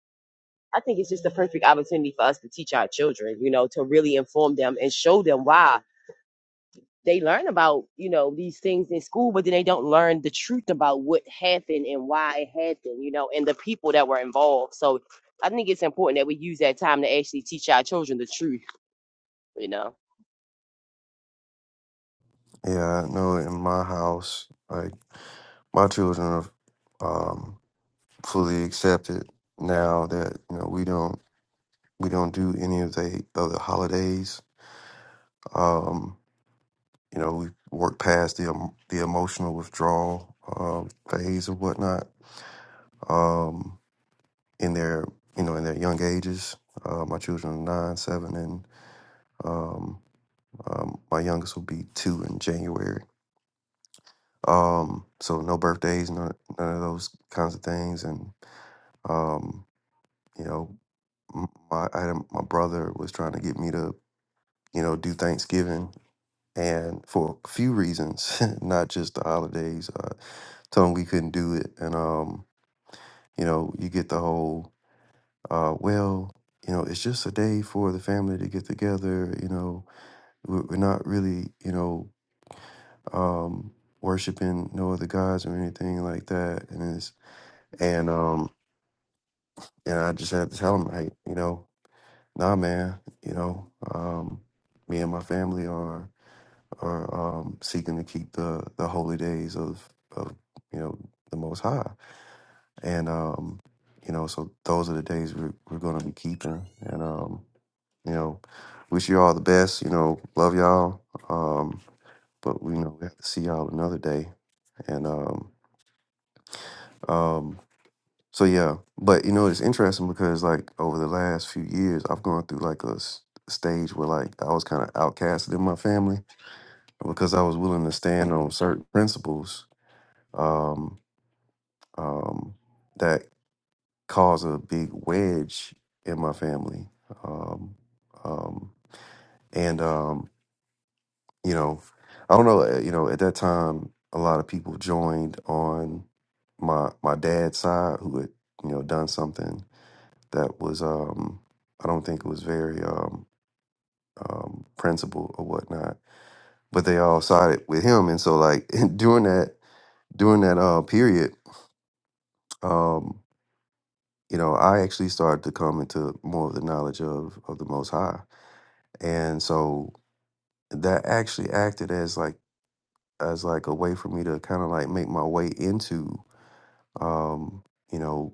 Speaker 6: I think it's just the perfect opportunity for us to teach our children. You know, to really inform them and show them why they learn about you know these things in school but then they don't learn the truth about what happened and why it happened you know and the people that were involved so i think it's important that we use that time to actually teach our children the truth you know
Speaker 4: Yeah, I know in my house, like my children are um, fully accepted now that you know we don't we don't do any of the of the holidays. Um, you know, we work past the em- the emotional withdrawal um, phase or whatnot um, in their you know in their young ages. Uh, my children are nine, seven, and um, Um, my youngest will be two in January. Um, so no birthdays, none, none of those kinds of things. And um, you know, m- my I, had a- my brother was trying to get me to you know do Thanksgiving, and for a few reasons, <laughs> not just the holidays. Uh, told him we couldn't do it, and um, you know, you get the whole uh, well. You know, it's just a day for the family to get together. You know, we're, we're not really, you know, um, worshiping no other gods or anything like that. And it's, and um, and I just had to tell him, like, you know, nah, man, you know, um, me and my family are are um, seeking to keep the the holy days of of you know the Most High, and um, you know, so those are the days we're we're going to be keeping, and um, you know, wish you all the best, you know, love y'all, um, but you know, we have to see y'all another day, and um. um So yeah, but you know it's interesting because like over the last few years, I've gone through like a s- stage where like I was kind of outcasted in my family because I was willing to stand on certain principles um, um, that cause a big wedge in my family, um, um, and um, you know, I don't know, uh, you know, at that time a lot of people joined on my my dad's side who had you know done something that was um I don't think it was very um um principled or whatnot. But they all sided with him. And so like <laughs> during that during that uh period, um, you know, I actually started to come into more of the knowledge of of the most high. And so that actually acted as like as like a way for me to kind of like make my way into um, you know,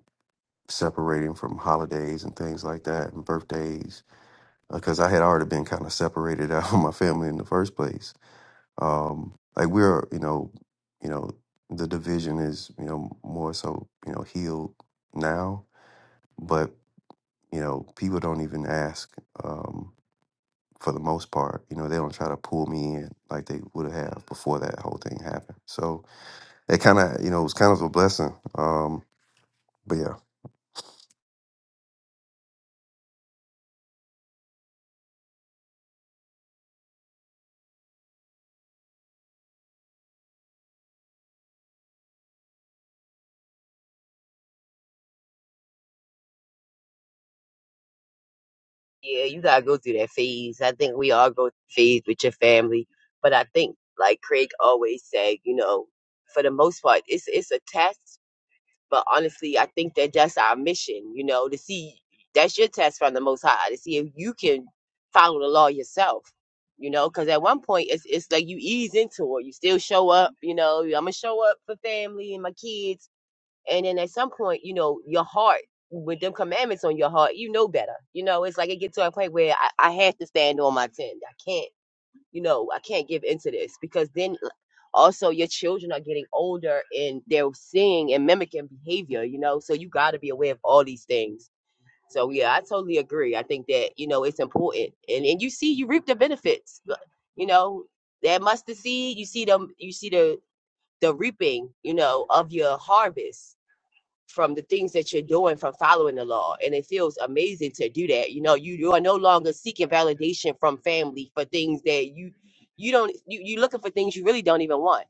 Speaker 4: separating from holidays and things like that and birthdays because I had already been kind of separated out <laughs> from my family in the first place. Um, like we're, you know, you know, the division is, you know, more so, you know, healed now, but you know, people don't even ask um, for the most part. You know, they don't try to pull me in like they would have before that whole thing happened. So it kind of, you know, it was kind of a blessing. Um, but yeah.
Speaker 6: Yeah, you gotta go through that phase. I think we all go through phase with your family, but I think like Craig always said, you know, for the most part, it's it's a test. But honestly, I think that that's our mission, you know, to see that's your test from the Most High to see if you can follow the law yourself, you know, because at one point it's it's like you ease into it, you still show up, you know, I'm gonna show up for family and my kids, and then at some point, you know, your heart with them commandments on your heart, you know better, you know, it's like it gets to a point where I, I have to stand on my ten, I can't you know, I can't give into this because then uh, also your children are getting older and they're seeing and mimicking behavior, you know, so you got to be aware of all these things. So yeah, I totally agree. I think that, you know, it's important. And and you see you reap the benefits. Look, You know, that mustard seed, you see them you see the the reaping, you know, of your harvest from the things that you're doing from following the law. And it feels amazing to do that. You know, you, you are no longer seeking validation from family for things that you you don't you you looking for things you really don't even want.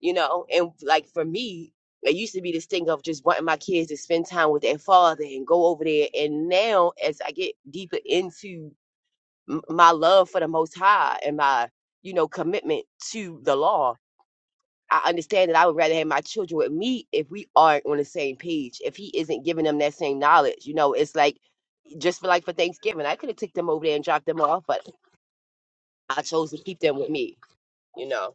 Speaker 6: You know, and like for me, it used to be this thing of just wanting my kids to spend time with their father and go over there. And now as I get deeper into m- my love for the most high and my, you know, commitment to the law, I understand that I would rather have my children with me if we aren't on the same page. If he isn't giving them that same knowledge, you know, it's like just for like for Thanksgiving, I could have took them over there and dropped them off, but I chose to keep them with me, you know,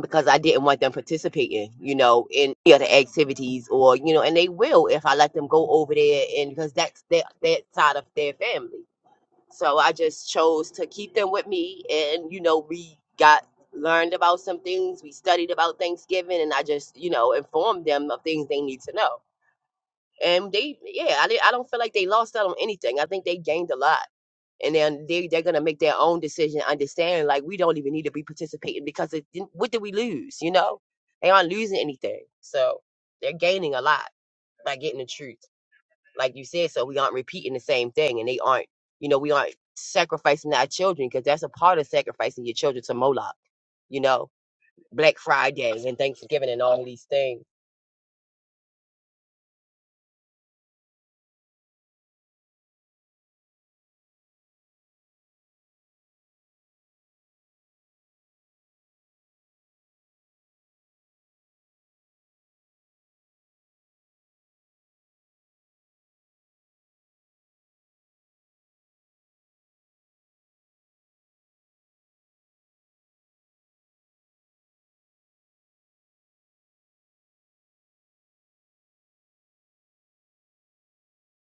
Speaker 6: because I didn't want them participating, you know, in the other activities or you know, and they will if I let them go over there and because that's their that side of their family. So I just chose to keep them with me. And, you know, we got learned about some things. We studied about Thanksgiving and I just, you know, informed them of things they need to know. And they, yeah, I, di- I don't feel like they lost out on anything. I think they gained a lot. And then they, they're going to make their own decision, understand like we don't even need to be participating because it, didn't- what did we lose? You know, they aren't losing anything. So they're gaining a lot by getting the truth like you said, so we aren't repeating the same thing, and they aren't, you know, we aren't sacrificing our children because that's a part of sacrificing your children to Moloch, you know, Black Friday and Thanksgiving and all of these things.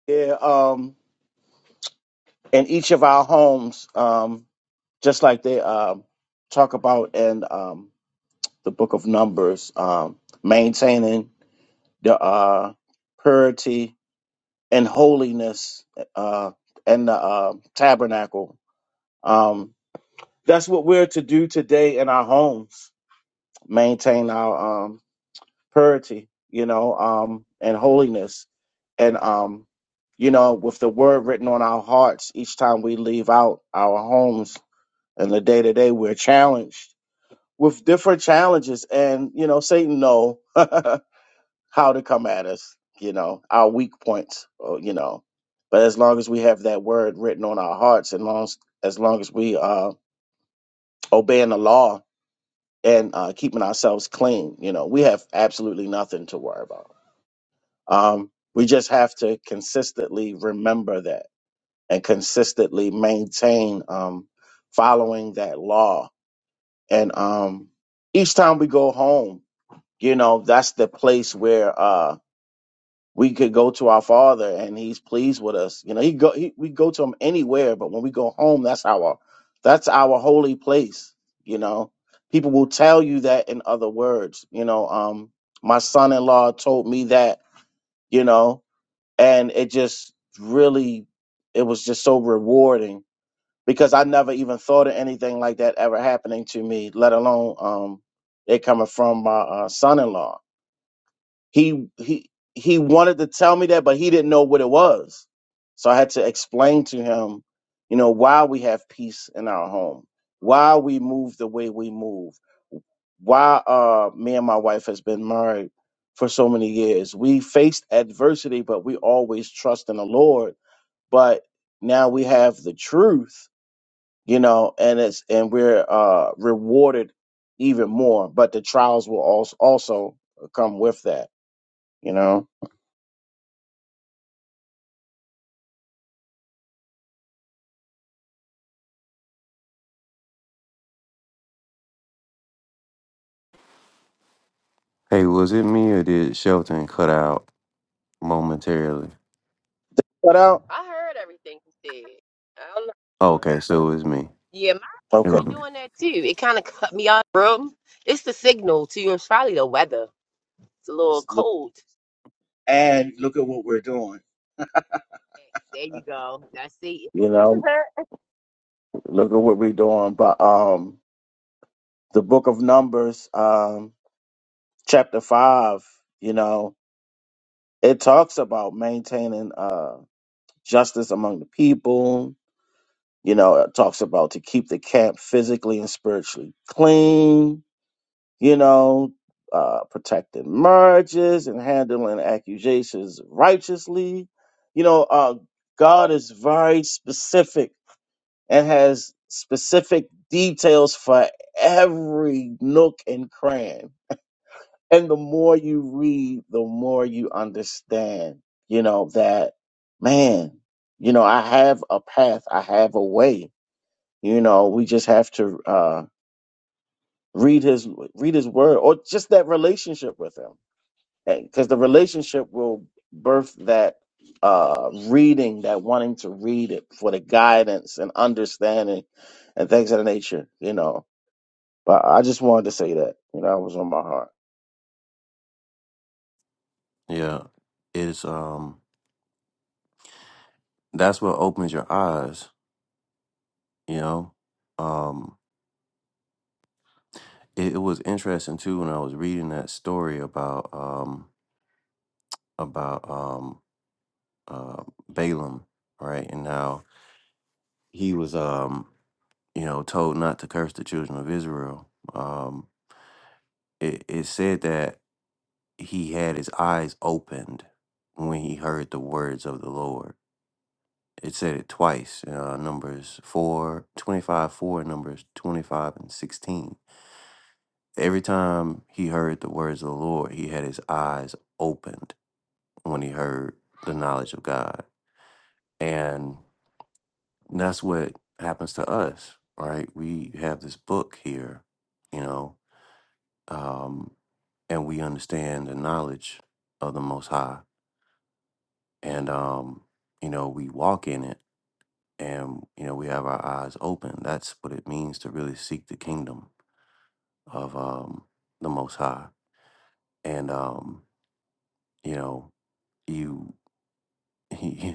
Speaker 7: yeah um in each of our homes um just like they um talk about in um the book of numbers um maintaining the uh purity and holiness uh, and the uh, tabernacle. Um, that's what we're to do today in our homes: maintain our um, purity, you know, um, and holiness, and um, you know, with the word written on our hearts each time we leave out our homes. And the day to day, we're challenged with different challenges, and you know, Satan know <laughs> how to come at us, you know, our weak points, or, you know. But as long as we have that word written on our hearts, and long as, as long as we uh, obeying the law and uh, keeping ourselves clean, you know, we have absolutely nothing to worry about. Um, we just have to consistently remember that and consistently maintain um, following that law. And um, each time we go home, you know, that's the place where uh, we could go to our father and he's pleased with us you know he go he, we go to him anywhere but when we go home that's our that's our holy place you know people will tell you that in other words you know um my son-in-law told me that you know and it just really it was just so rewarding because i never even thought of anything like that ever happening to me let alone um it coming from my uh, son-in-law he he he wanted to tell me that, but he didn't know what it was. So I had to explain to him, you know, why we have peace in our home, why we move the way we move, why uh me and my wife has been married for so many years. We faced adversity, but we always trust in the Lord. But now we have the truth, you know, and it's and we're uh rewarded even more. But the trials will also also come with that, you know.
Speaker 4: Hey, was it me or did Shelton cut out momentarily?
Speaker 7: But uh,
Speaker 6: I heard everything you said. I don't know.
Speaker 4: okay, so it was me.
Speaker 6: Yeah, my
Speaker 4: It
Speaker 6: phone
Speaker 7: Okay.
Speaker 4: was
Speaker 6: been
Speaker 4: me.
Speaker 6: doing that too. It kind of cut me out of the room. It's the signal to you. It's probably the weather. It's a little
Speaker 7: Let's look,
Speaker 6: cold.
Speaker 7: And look at what we're doing.
Speaker 6: There you go. I see.
Speaker 7: you know,
Speaker 6: <laughs>
Speaker 7: look at what we're doing. But um, the book of Numbers, um, chapter five, you know, it talks about maintaining uh justice among the people. You know, it talks about to keep the camp physically and spiritually clean. You know, uh, protecting marriages and handling accusations righteously. You know, uh, God is very specific and has specific details for every nook and cranny. And the more you read, the more you understand, you know, that man, you know, I have a path, I have a way. You know, we just have to uh read his read his word or just that relationship with him because the relationship will birth that uh reading that wanting to read it for the guidance and understanding and things of the nature you know but i just wanted to say that you know that was on my heart
Speaker 4: Yeah, it's um that's what opens your eyes, you know. Um, it, it was interesting too when I was reading that story about um about um uh Balaam, right, and how he was um you know told not to curse the children of Israel. Um, it it said that he had his eyes opened when he heard the words of the Lord It said it twice. Uh, numbers four, twenty-five, 4, and numbers 25 and 16. Every time he heard the words of the Lord, he had his eyes opened when he heard the knowledge of God. And that's what happens to us, right? We have this book here, you know, um, and we understand the knowledge of the Most High. And, um, you know, we walk in it and you know we have our eyes open that's what it means to really seek the kingdom of um the most high and um you know you <laughs>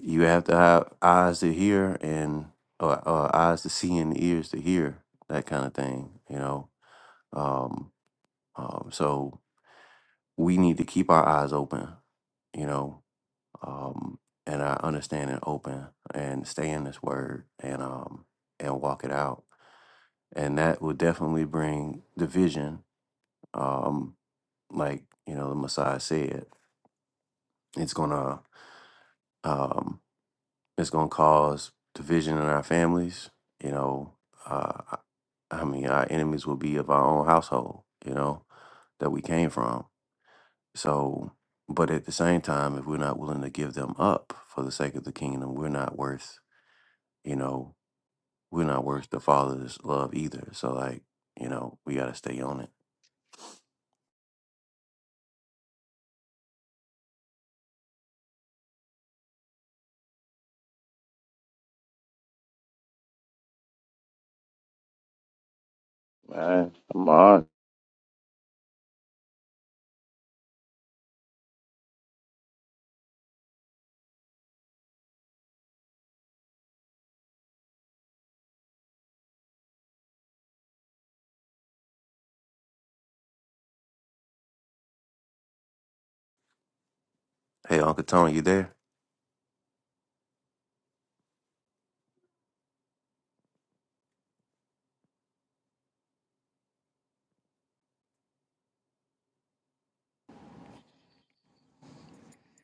Speaker 4: you have to have eyes to hear and or, or eyes to see and ears to hear that kind of thing you know um, um so we need to keep our eyes open you know um and our understanding open and stay in this word and um and walk it out and that will definitely bring division. Um, like you know, the Messiah said, it's gonna um, it's gonna cause division in our families. You know, uh, I I mean, our enemies will be of our own household. You know, that we came from. So, but at the same time, if we're not willing to give them up for the sake of the kingdom, we're not worth. You know, we're not worth the Father's love either. So, like, you know, we gotta stay on it.
Speaker 7: man come on
Speaker 4: Hey, Uncle Tony, you there?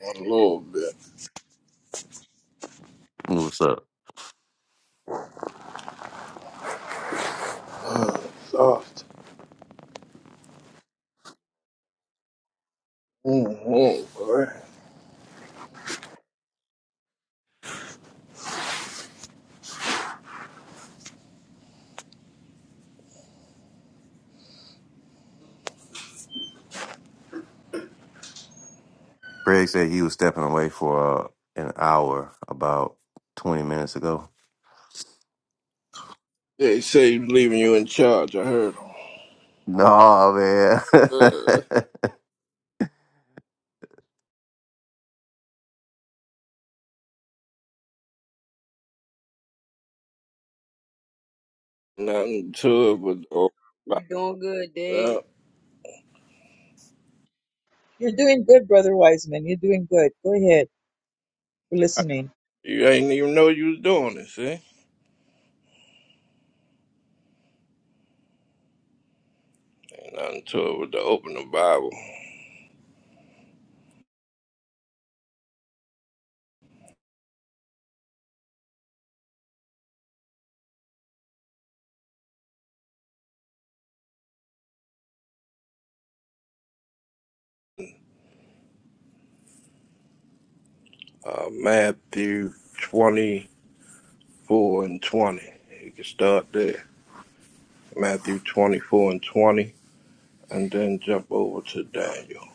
Speaker 10: A little bit
Speaker 4: What's up?
Speaker 10: soft. Mm-hmm, boy.
Speaker 4: Craig said he was stepping away for uh, an hour about 20 minutes ago.
Speaker 10: They say he's leaving you in charge. I heard him.
Speaker 4: No, man.
Speaker 10: Uh, nothing to it but the open
Speaker 5: you
Speaker 10: Bible.
Speaker 5: doing good,
Speaker 10: Yeah.
Speaker 5: Dave?
Speaker 11: You're doing good, Brother Wiseman. You're doing good. Go ahead. We're listening.
Speaker 10: You ain't even know you was doing it, see? Ain't nothing to it but to open the Bible. Uh, Matthew 24 and 20. You can start there. Matthew 24 and 20, and then jump over to Daniel.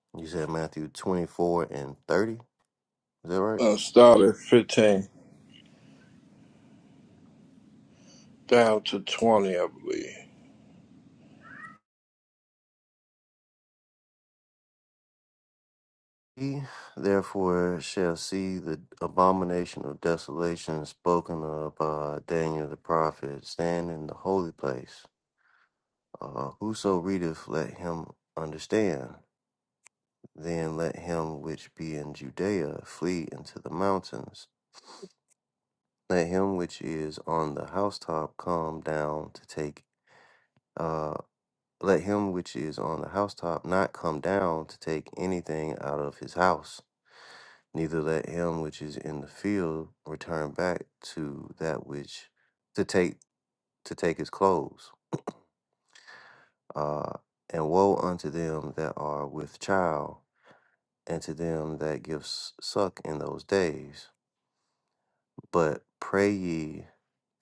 Speaker 4: <laughs> you said Matthew 24 and 30. Is that right?
Speaker 10: Uh, start at 15 down to 20, I believe.
Speaker 4: He therefore shall see the abomination of desolation spoken of by Daniel the prophet stand in the holy place. Uh, whoso readeth, let him understand. Then let him which be in Judea flee into the mountains. Let him which is on the housetop come down to take uh let him which is on the housetop not come down to take anything out of his house, neither let him which is in the field return back to that which to take to take his clothes. Uh and woe unto them that are with child, and to them that give s- suck in those days. But pray ye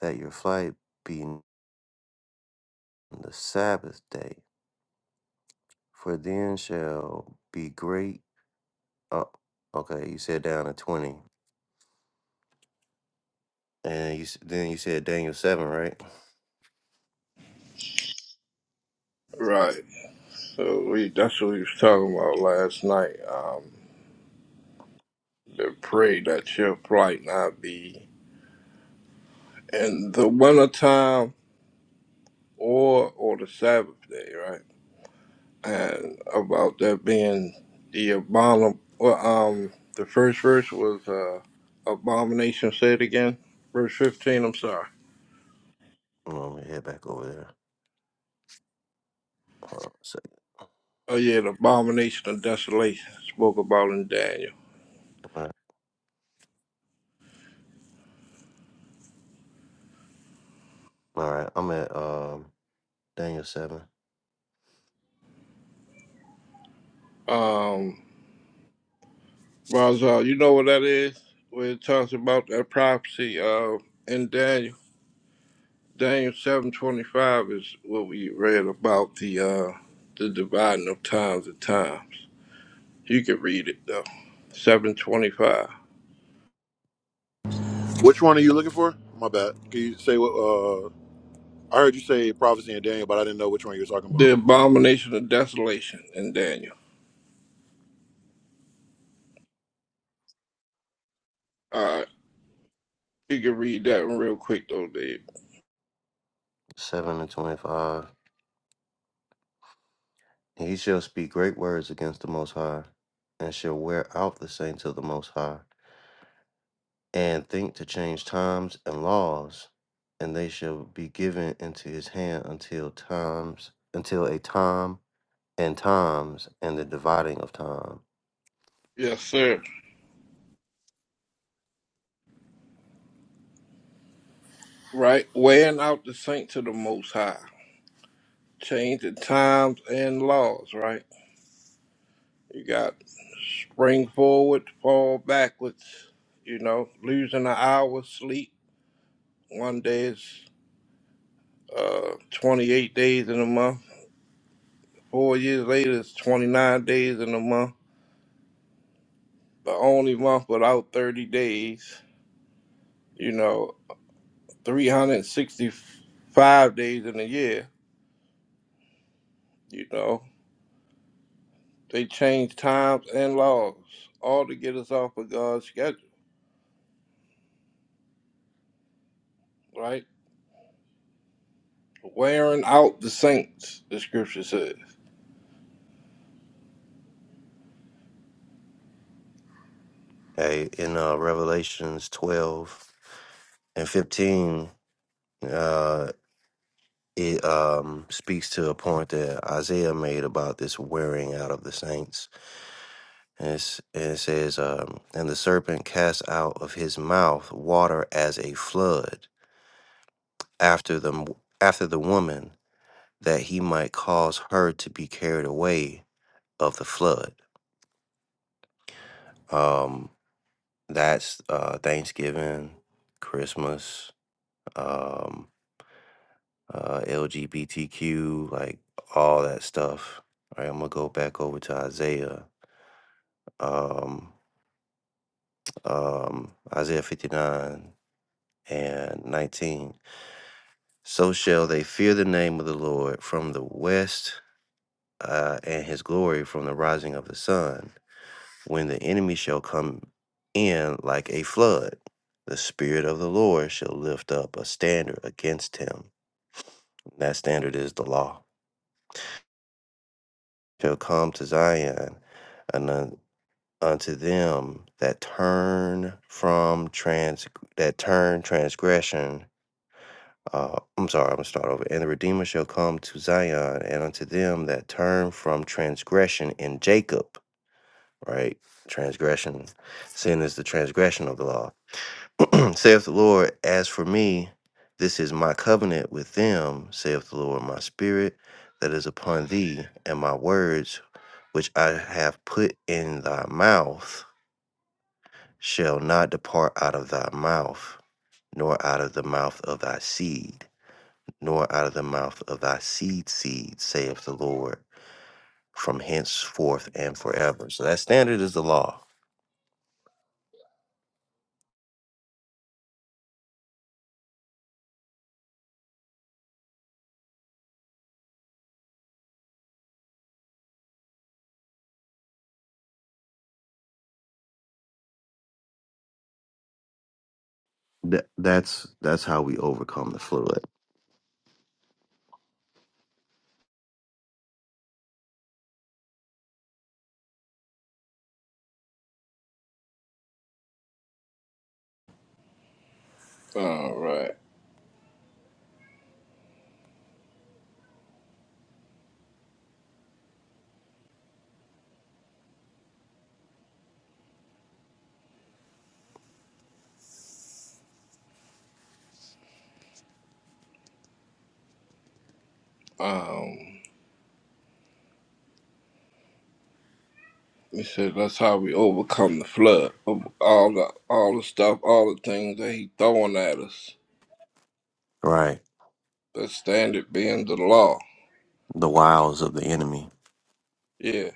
Speaker 4: that your flight be on the Sabbath day For then shall be great. Oh, okay, you said down to 20. And you s- then you said Daniel 7, right?
Speaker 10: Right. So we that's what we was talking about last night. Um, to pray that your flight not be in the wintertime or or the Sabbath day, right? And about that being the abomin well, um the first verse was uh abomination Say it again. Verse fifteen, I'm sorry.
Speaker 4: Hold on, let me head back over there. Hold on a second.
Speaker 10: Oh yeah, the abomination of desolation spoke about in Daniel.
Speaker 4: All right, All right, I'm at um, Daniel 7,
Speaker 10: Um Razal, you know what that is? Where it talks about that prophecy of in Daniel. Daniel seven twenty five is what we read about the uh the dividing of times and times. You can read it though. Seven twenty five.
Speaker 12: Which one are you looking for? My bad. Can you say what? Uh, I heard you say prophecy and Daniel, but I didn't know which one you were talking about.
Speaker 10: The abomination of desolation in Daniel. Uh you can read that one real quick though, Dave.
Speaker 4: 7 and 25. He shall speak great words against the Most High, and shall wear out the saints of the Most High, and think to change times and laws, and they shall be given into his hand until times, until a time and times and the dividing of time.
Speaker 10: Yes, sir. Right? Weighing out the saints of the most high. Changing times and laws, right? You got spring forward, fall backwards, you know, losing an hour's sleep. One day is. uh, 28 days in a month. Four years later, it's 29 days in a month. The only month without 30 days, you know, 365 days in a year, you know. They change times and laws, all to get us off of God's schedule, right? Wearing out the saints, the scripture says.
Speaker 4: Hey, in uh, Revelations 12 and 15, uh, it um, speaks to a point that Isaiah made about this wearing out of the saints. And, it's, and it says, um, And the serpent cast out of his mouth water as a flood after the, after the woman, that he might cause her to be carried away of the flood. Um, That's uh, Thanksgiving, Christmas, um, uh, LGBTQ, like all that stuff. All right, I'm gonna go back over to Isaiah, um, um, Isaiah 59 and 19. So shall they fear the name of the Lord from the west, uh, and his glory from the rising of the sun, when the enemy shall come in like a flood. The Spirit of the Lord shall lift up a standard against him That standard is the law. Shall come to Zion and un- unto them that turn from trans that turn transgression. Uh, I'm sorry, I'm gonna start over. And the Redeemer shall come to Zion, and unto them that turn from transgression in Jacob. Right, transgression, sin is the transgression of the law <clears throat> saith the Lord, as for me, this is my covenant with them, saith the Lord, my spirit that is upon thee, and my words which I have put in thy mouth shall not depart out of thy mouth, nor out of the mouth of thy seed, nor out of the mouth of thy seed seed, saith the Lord, from henceforth and forever. So that standard is the law. Th- that's that's how we overcome the flood.
Speaker 10: All right. Um, he said that's how we overcome the flood of all the all the stuff, all the things that he throwing at us
Speaker 4: Right.
Speaker 10: The standard being the law.
Speaker 4: The wiles of the enemy.
Speaker 10: Yeah,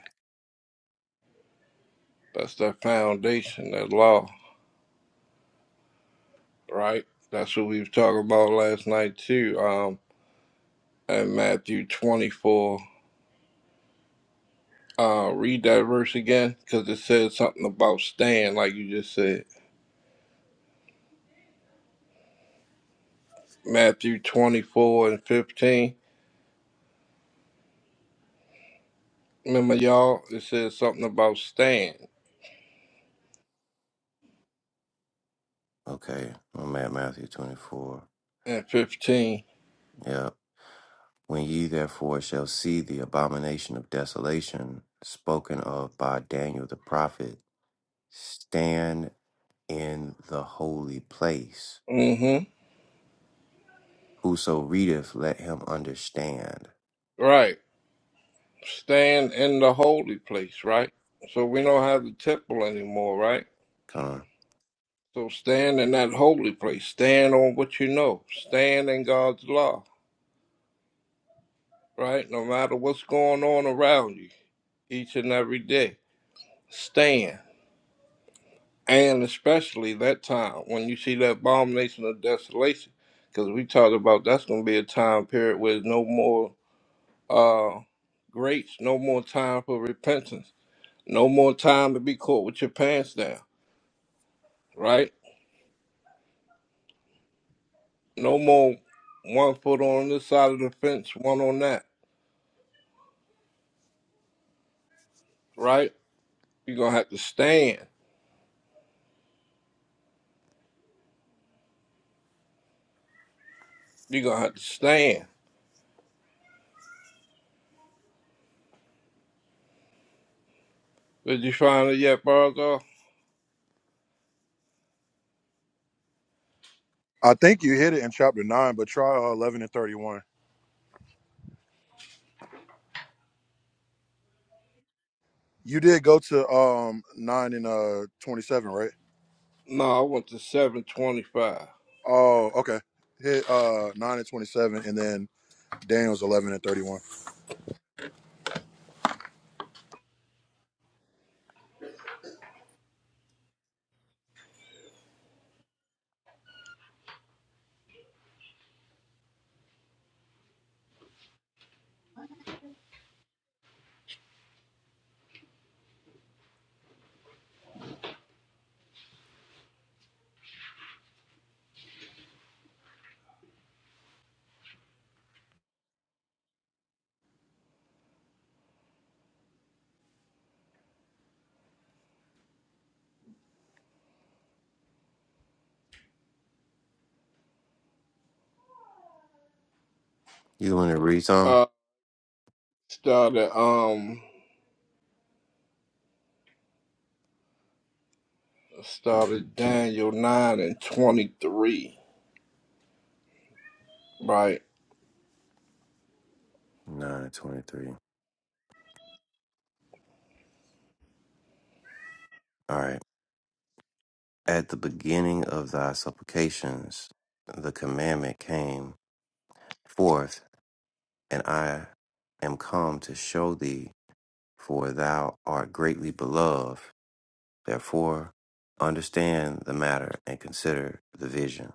Speaker 10: that's that foundation, that law, right? That's what we was talking about last night too. Um, in Matthew twenty-four. Uh, read that verse again, because it says something about stand, like you just said. Matthew twenty-four and fifteen. Remember, y'all, it says something about stand
Speaker 4: Okay, I'm at Matthew 24.
Speaker 10: and fifteen.
Speaker 4: Yep. When ye therefore shall see the abomination of desolation spoken of by Daniel the prophet, stand in the holy place.
Speaker 10: Mm-hmm.
Speaker 4: Whoso readeth, let him understand.
Speaker 10: Right. Stand in the holy place, right? So we don't have the temple anymore, right?
Speaker 4: Come on.
Speaker 10: So stand in that holy place. Stand on what you know. Stand in God's law, right? No matter what's going on around you each and every day. Stand. And especially that time when you see that abomination of desolation. Because we talked about that's going to be a time period where there's no more uh, grace, no more time for repentance, no more time to be caught with your pants down, right? No more one foot on this side of the fence, one on that, right? You're gonna have to stand. You're gonna have to stand. Did you find it yet, Bargo?
Speaker 12: I think you hit it in chapter nine, but try uh, eleven and thirty-one. You did go to um nine and uh twenty-seven, right?
Speaker 10: No, I went to seven twenty-five.
Speaker 12: Oh, okay. Hit uh nine and twenty-seven, and then Daniel's eleven and thirty-one,
Speaker 4: You want to read some?
Speaker 10: Uh, started um, started Daniel nine and twenty-three. Right.
Speaker 4: 9 23. All right. At the beginning of thy supplications, the commandment came forth, and I am come to show thee for thou art greatly beloved. Therefore, understand the matter and consider the vision.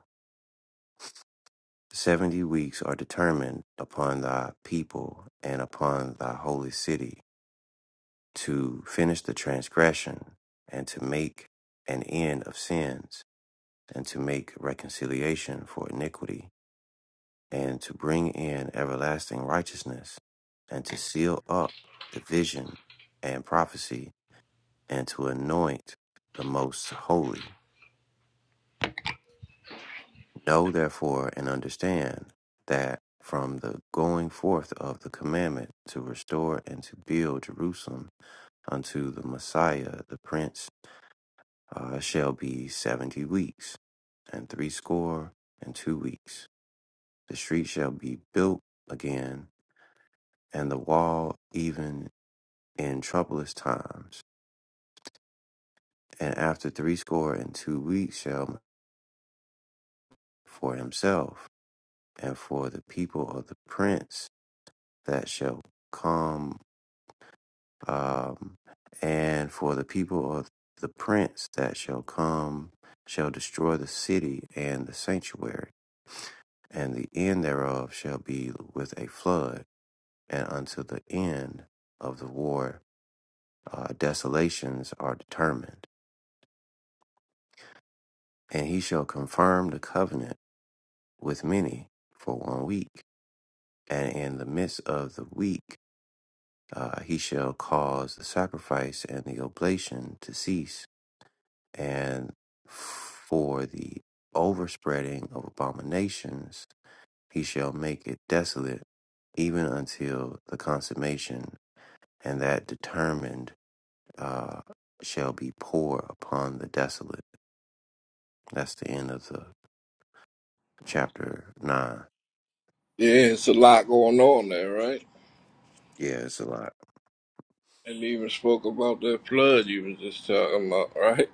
Speaker 4: The seventy weeks are determined upon thy people and upon thy holy city to finish the transgression and to make an end of sins and to make reconciliation for iniquity and to bring in everlasting righteousness and to seal up the vision and prophecy and to anoint the most holy. Know therefore and understand that from the going forth of the commandment to restore and to build Jerusalem unto the Messiah, the Prince, uh, shall be seventy weeks, and threescore and two weeks. The street shall be built again, and the wall even in troublous times. And after threescore and two weeks shall for himself and for the people of the prince that shall come, um, and for the people of the prince that shall come shall destroy the city and the sanctuary, and the end thereof shall be with a flood, and unto the end of the war uh, desolations are determined. And he shall confirm the covenant with many for one week, and in the midst of the week uh, he shall cause the sacrifice and the oblation to cease, and for the overspreading of abominations he shall make it desolate, even until the consummation, and that determined uh, shall be poured upon the desolate. That's the end of the chapter nine.
Speaker 10: Yeah, it's a lot going on there, right?
Speaker 4: Yeah, it's a lot.
Speaker 10: And you even spoke about that flood you was just talking about, right?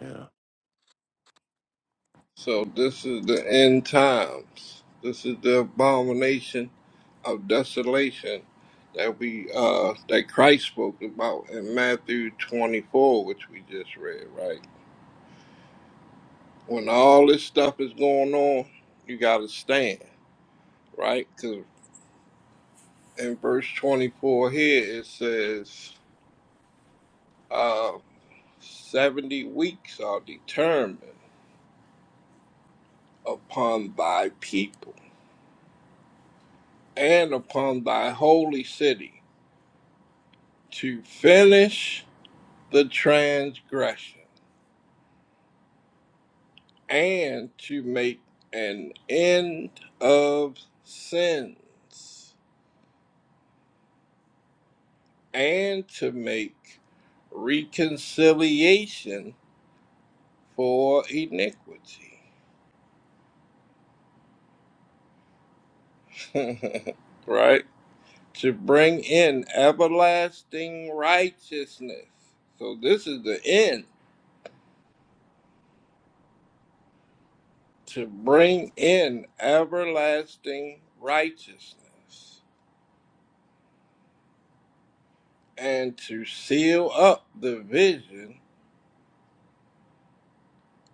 Speaker 4: Yeah,
Speaker 10: <laughs> so this is the end times. This is the abomination of desolation that we uh that Christ spoke about in Matthew 24 which we just read right when all this stuff is going on you got to stand right cuz in verse 24 here it says uh 70 weeks are determined upon thy people and upon thy holy city to finish the transgression and to make an end of sins, and to make reconciliation for iniquity. <laughs> right? To bring in everlasting righteousness. So this is the end. To bring in everlasting righteousness and to seal up the vision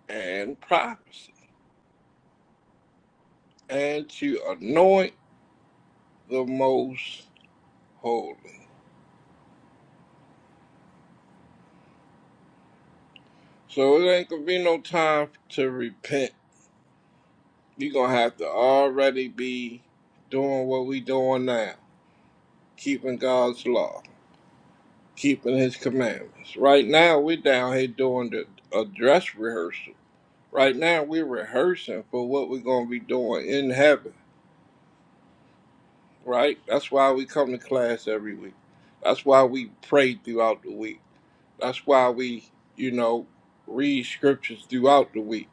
Speaker 10: and prophecy. and to anoint the most holy. So it ain't gonna be no time to repent. you gonna have to already be doing what we doing now, keeping God's law, keeping His commandments. Right now, we're down here doing the a dress rehearsal. Right now, we're rehearsing for what we're gonna be doing in heaven. Right? That's why we come to class every week. That's why we pray throughout the week. That's why we, you know, read scriptures throughout the week,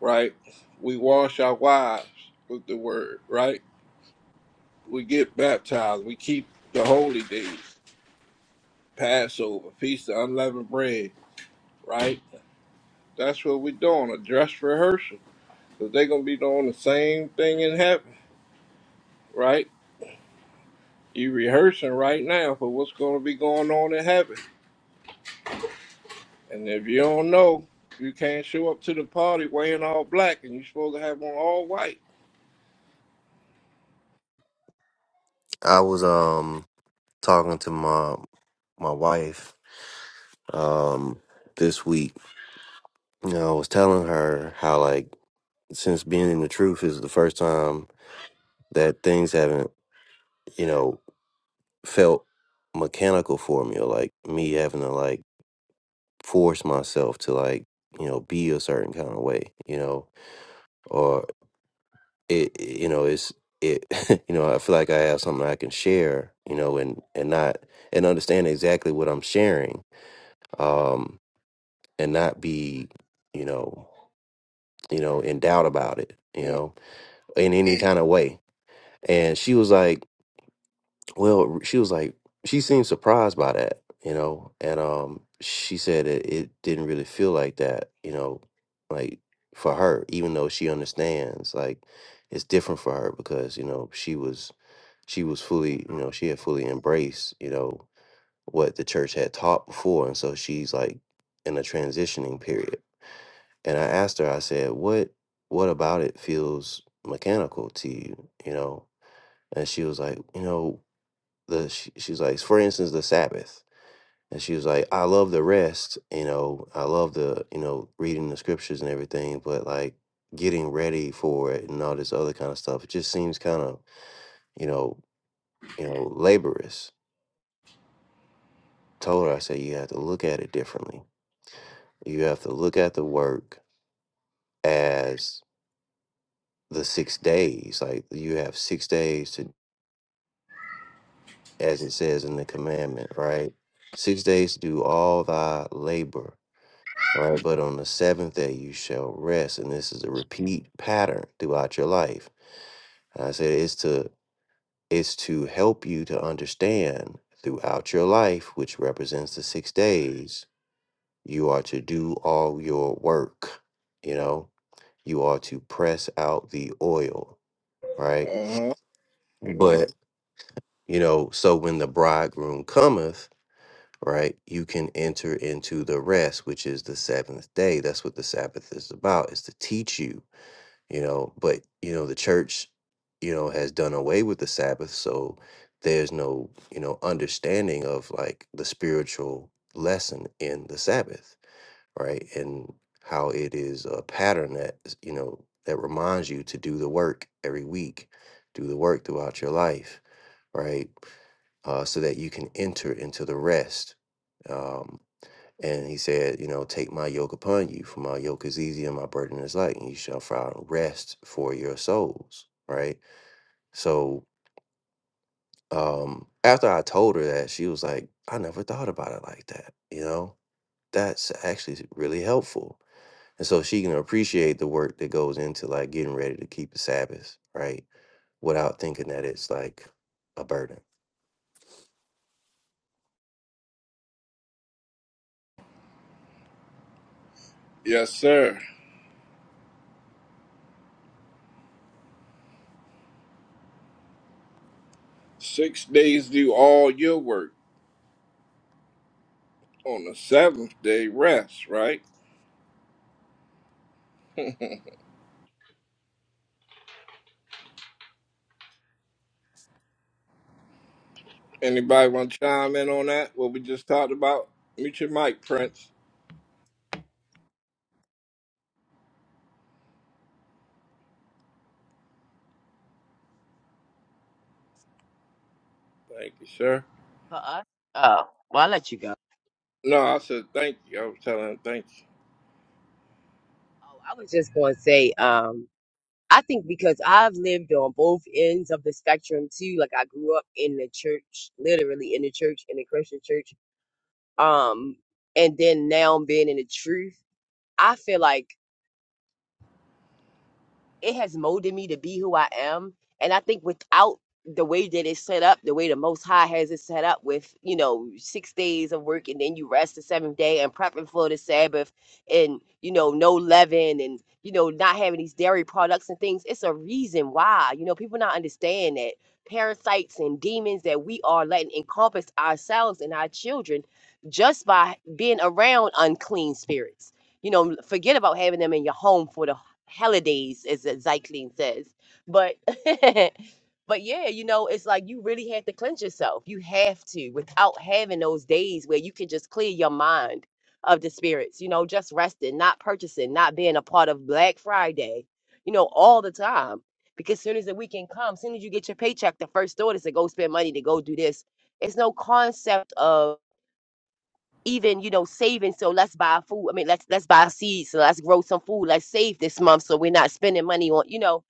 Speaker 10: right? We wash our wives with the word, right? We get baptized. We keep the holy days, Passover, Feast of Unleavened Bread, right? That's what we're doing, a dress rehearsal. Because they're going to be doing the same thing in heaven, right? you rehearsing right now for what's going to be going on in heaven. And if you don't know, you can't show up to the party wearing all black and you're supposed to have on all white.
Speaker 4: I was um talking to my my wife um this week you know, I was telling her how like since being in the truth is the first time that things haven't, you know, felt mechanical for me or like me having to like force myself to like, you know, be a certain kind of way, you know, or it, it- you know, it's it, <laughs> you know, I feel like I have something I can share, you know, and and not and understand exactly what I'm sharing, um, and not be, you know, you know, in doubt about it, you know, in any kind of way and she was like well she was like she seemed surprised by that you know and um she said it, it didn't really feel like that you know like for her even though she understands like it's different for her because you know she was she was fully you know she had fully embraced you know what the church had taught before and so she's like in a transitioning period and i asked her i said what what about it feels mechanical to you you know and she was like, you know, the she, she's like for instance the sabbath and she was like i love the rest you know i love the you know reading the scriptures and everything but like getting ready for it and all this other kind of stuff it just seems kind of you know you know laborious told her i said you have to look at it differently you have to look at the work as the six days like you have six days to as it says in the commandment right six days to do all thy labor right? But on the seventh day you shall rest, and this is a repeat pattern throughout your life. And I said it's to it's to help you to understand throughout your life, which represents the six days, you are to do all your work. You know, you are to press out the oil, right?
Speaker 10: Uh-huh.
Speaker 4: Mhm. But you know, so when the bridegroom cometh. Right, you can enter into the rest, which is the seventh day. That's what the Sabbath is about, is to teach you you know but you know the church you know has done away with the sabbath so there's no you know understanding of like the spiritual lesson in the sabbath right and how it is a pattern that is, you know that reminds you to do the work every week do the work throughout your life right uh, so that you can enter into the rest um, and he said, you know, take my yoke upon you, for my yoke is easy and my burden is light, and you shall find rest for your souls. Right. So um after I told her that, she was like, I never thought about it like that. You know, that's actually really helpful. And so she can appreciate the work that goes into like getting ready to keep the Sabbath, right? Without thinking that it's like a burden.
Speaker 10: Yes, sir. Six days do all your work. On the seventh day, rest, right? <laughs> Anybody want to chime in on that? What we just talked about? Mute your mic, Prince. Thank you, sir.
Speaker 6: For us. Oh, well, I'll let you go.
Speaker 10: No, I said thank you. I was telling him thank
Speaker 6: Oh, I was just going to say, um, I think because I've lived on both ends of the spectrum too. Like I grew up in the church, literally in the church, in the Christian church. Um, and then now being in the truth, I feel like. it has molded me to be who I am. And I think without the way that it's set up, the way the Most High has it set up with, you know, six days of work and then you rest the seventh day and prepping for the Sabbath and, you know, no leaven and, you know, not having these dairy products and things, it's a reason why. You know, people not understand that parasites and demons that we are letting encompass ourselves and our children just by being around unclean spirits. You know, forget about having them in your home for the holidays, as uh, says. But <laughs> but yeah, you know, it's like you really have to cleanse yourself. You have to without having those days where you can just clear your mind of the spirits, you know, just resting, not purchasing, not being a part of Black Friday, you know, all the time. Because soon as the weekend comes, soon as you get your paycheck, the first thought is to go spend money to go do this. It's no concept of even you know saving so let's buy food i mean let's let's buy seeds so let's grow some food let's save this month so we're not spending money on you know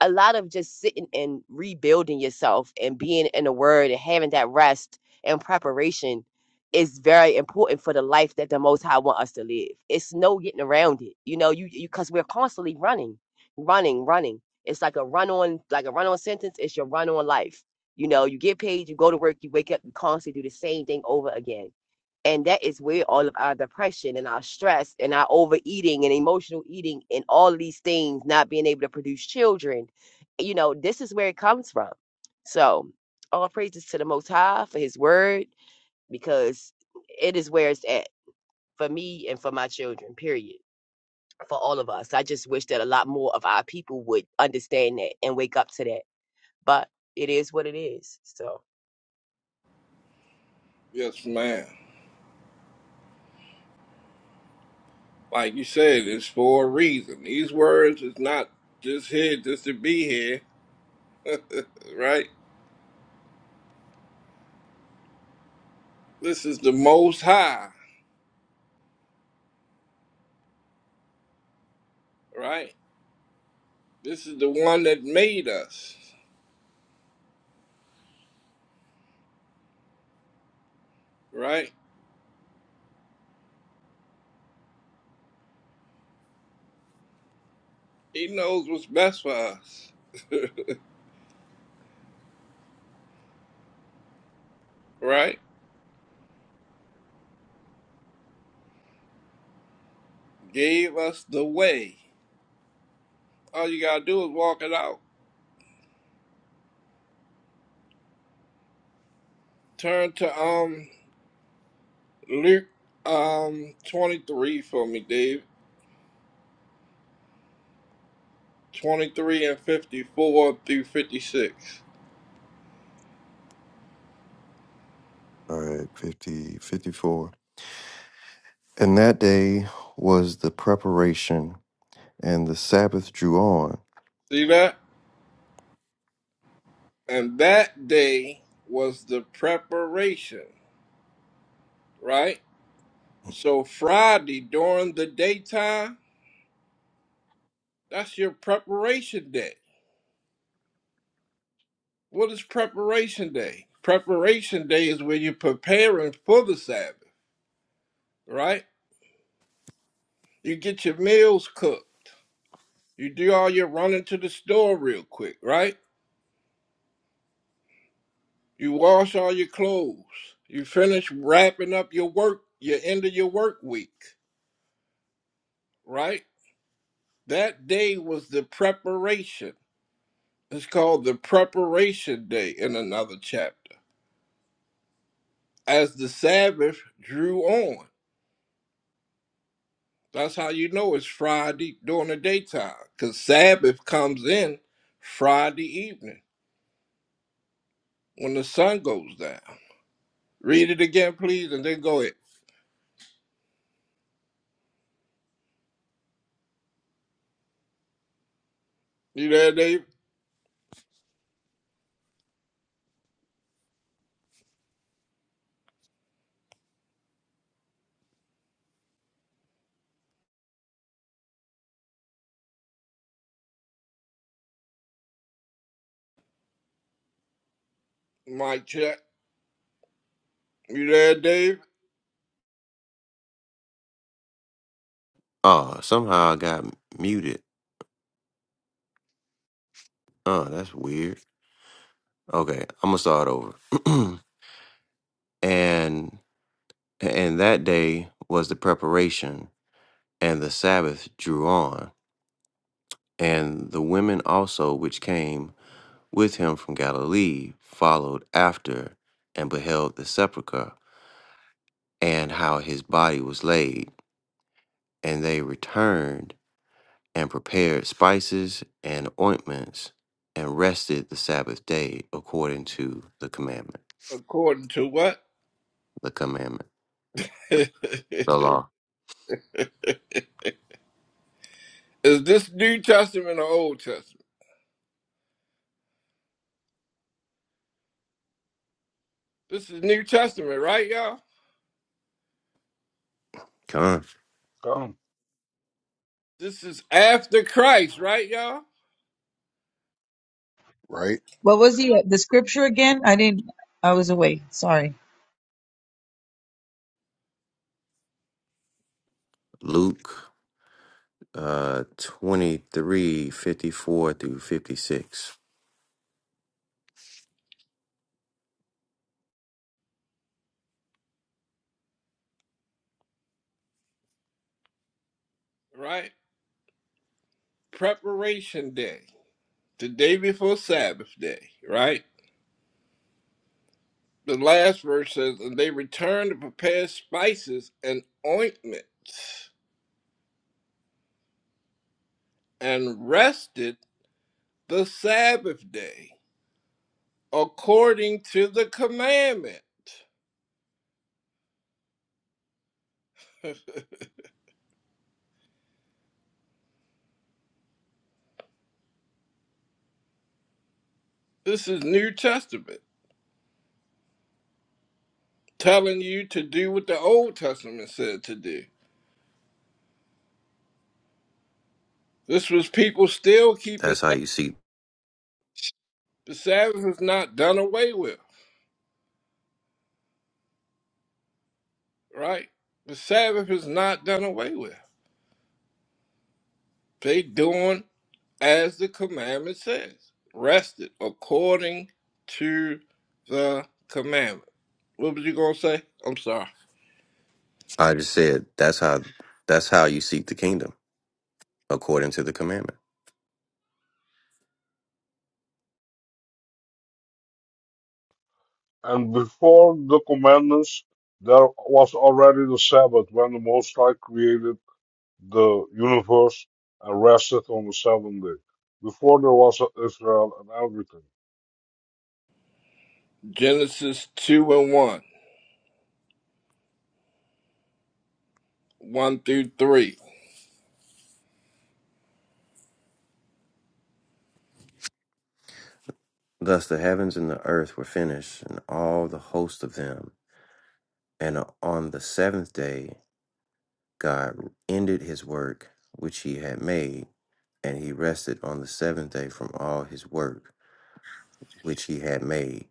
Speaker 6: a lot of just sitting and rebuilding yourself and being in the word and having that rest and preparation is very important for the life that the most high want us to live it's no getting around it you know you you because we're constantly running running running it's like a run on like a run on sentence it's your run on life you know you get paid you go to work you wake up you constantly do the same thing over again and that is where all of our depression and our stress and our overeating and emotional eating and all of these things, not being able to produce children, you know, this is where it comes from. So, all praises to the Most High for His Word, because it is where it's at for me and for my children, period. For all of us. I just wish that a lot more of our people would understand that and wake up to that. But it is what it is. So, No,
Speaker 10: you. Yes, ma'am. Like you said, it's for a reason. These words is not just here just to be here, <laughs> right? This is the Most High, right? This is the one that made us, right? He knows what's best for us, <laughs> right? Gave us the way. All you gotta do is walk it out. Turn to um Luke um twenty three for me, Dave. Twenty three and fifty four through fifty six.
Speaker 4: All right, 50, 54. And that day was the preparation, and the Sabbath drew on.
Speaker 10: See that? And that day was the preparation, right? So Friday during the daytime, that's your preparation day. What is preparation day? Preparation day is when you're preparing for the Sabbath, right? You get your meals cooked. You do all your running to the store real quick, right? You wash all your clothes. You finish wrapping up your work, your end of your work week, right? That day was the preparation. It's called the preparation day in another chapter. As the Sabbath drew on. That's how you know it's Friday during the daytime, because Sabbath comes in Friday evening when the sun goes down. Read it again, please, and then go ahead. You there, Dave? Mic check. You there, Dave?
Speaker 4: Oh, somehow I got muted. Oh, that's weird. Okay, I'm gonna start over. <clears throat> and and that day was the preparation, and the Sabbath drew on, and the women also which came with him from Galilee followed after, and beheld the sepulchre, and how his body was laid, and they returned and prepared spices and ointments, and rested the Sabbath day according to the commandment.
Speaker 10: According to what?
Speaker 4: the commandment,
Speaker 10: <laughs> Is
Speaker 4: the law.
Speaker 10: this New Testament or Old Testament? This is New Testament, right, y'all?
Speaker 4: Come.
Speaker 9: Okay?
Speaker 10: This is after Christ, right, y'all?
Speaker 12: right?
Speaker 11: What was the uh, the scripture again? I didn't. I was away. Sorry.
Speaker 4: Luke uh 23, fifty-four through 56.
Speaker 10: Right? Preparation day, the day before Sabbath day, right? the last verse says, and they returned to prepare spices and ointments and rested the Sabbath day according to the commandment. <laughs> This is New Testament telling you to do what the Old Testament said to do. This was people still keeping
Speaker 4: That's how
Speaker 10: Sabbath.
Speaker 4: you seek.
Speaker 10: The Sabbath is not done away with, right? The Sabbath is not done away with. They doing as the commandment says, rested according to the commandment. What was you going to say? I'm sorry.
Speaker 4: I just said that's how that's how you seek the kingdom, according to the commandment.
Speaker 9: And before the commandments, there was already the Sabbath when the Most High created the universe and rested on the seventh day. Before there was Israel and everything.
Speaker 10: Genesis 2 and 1, 1 through 3.
Speaker 4: Thus the heavens and the earth were finished, and all the host of them. And on the seventh day God ended his work which he had made, and he rested on the seventh day from all his work which he had made.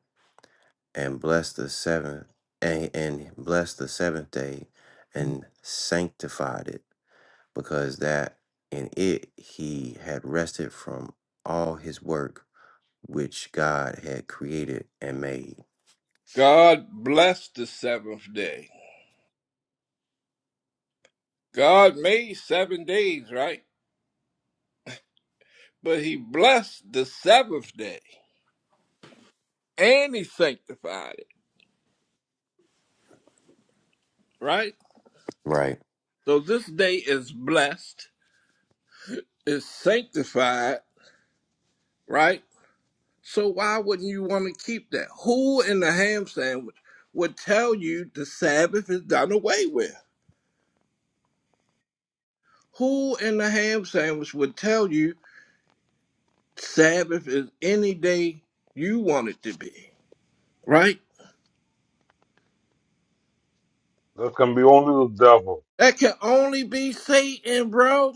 Speaker 4: and bless the seventh and, and bless the seventh day and sanctified it because that in it he had rested from all his work which god had created and made
Speaker 10: God blessed the seventh day. God made seven days, right? But he blessed the seventh day and he sanctified it, right?
Speaker 4: right
Speaker 10: So this day is blessed, is sanctified, right? So why wouldn't you want to keep that? Who in the ham sandwich would tell you the Sabbath is done away with? Who in the ham sandwich would tell you Sabbath is any day you want it to be? Right?
Speaker 9: That can be only the devil.
Speaker 10: That can only be Satan, bro.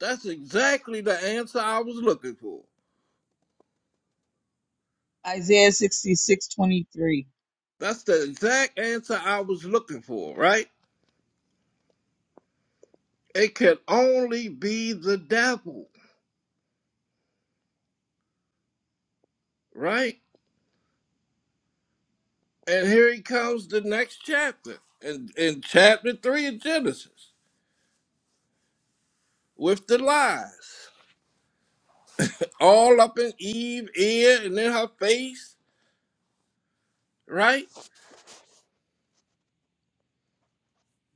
Speaker 10: That's exactly the answer I was looking for.
Speaker 11: Isaiah sixty six twenty three.
Speaker 10: That's the exact answer I was looking for, right? It can only be the devil, right? And here he comes the next chapter, in, in chapter three of Genesis, with the lies. All up in Eve ear and in her face, right?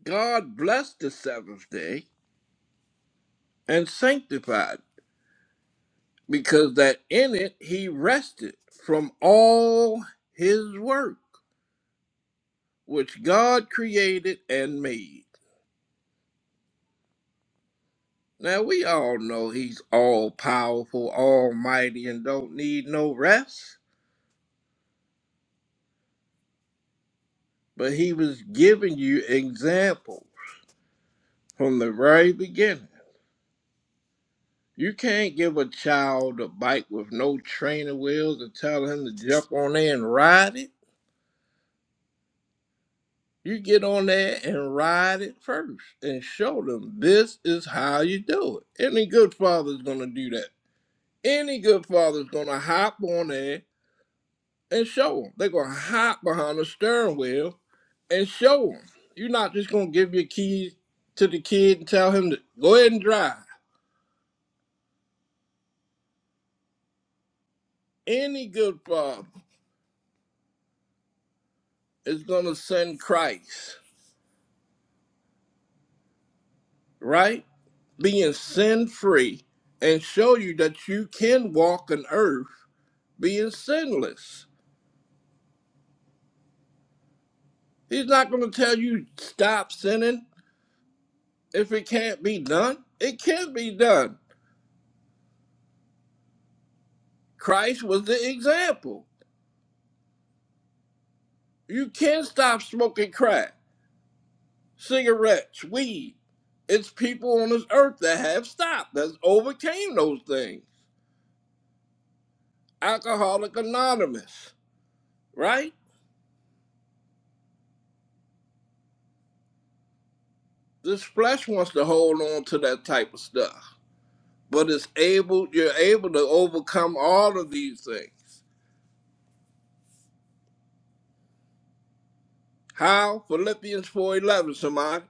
Speaker 10: God blessed the seventh day and sanctified, because that in it he rested from all his work, which God created and made. Now we all know he's all powerful, almighty, and don't need no rest. but he was giving you examples from the very beginning. You can't give a child a bike with no training wheels and tell him to jump on there and ride it. You get on there and ride it first and show them this is how you do it. Any good father's gonna do that. Any good father's gonna hop on there and show them. They're gonna hop behind the steering wheel and show them. You're not just gonna give your keys to the kid and tell him to go ahead and drive. Any good father is going to send Christ, right? Being sin free and show you that you can walk on earth being sinless. He's not going to tell you stop sinning if it can't be done. It can be done. Christ was the example. You can stop smoking crack, cigarettes, weed. It's people on this earth that have stopped, that's overcame those things. Alcoholic Anonymous, right? This flesh wants to hold on to that type of stuff, but it's able. You're able to overcome all of these things. How? Philippians four eleven. Somebody.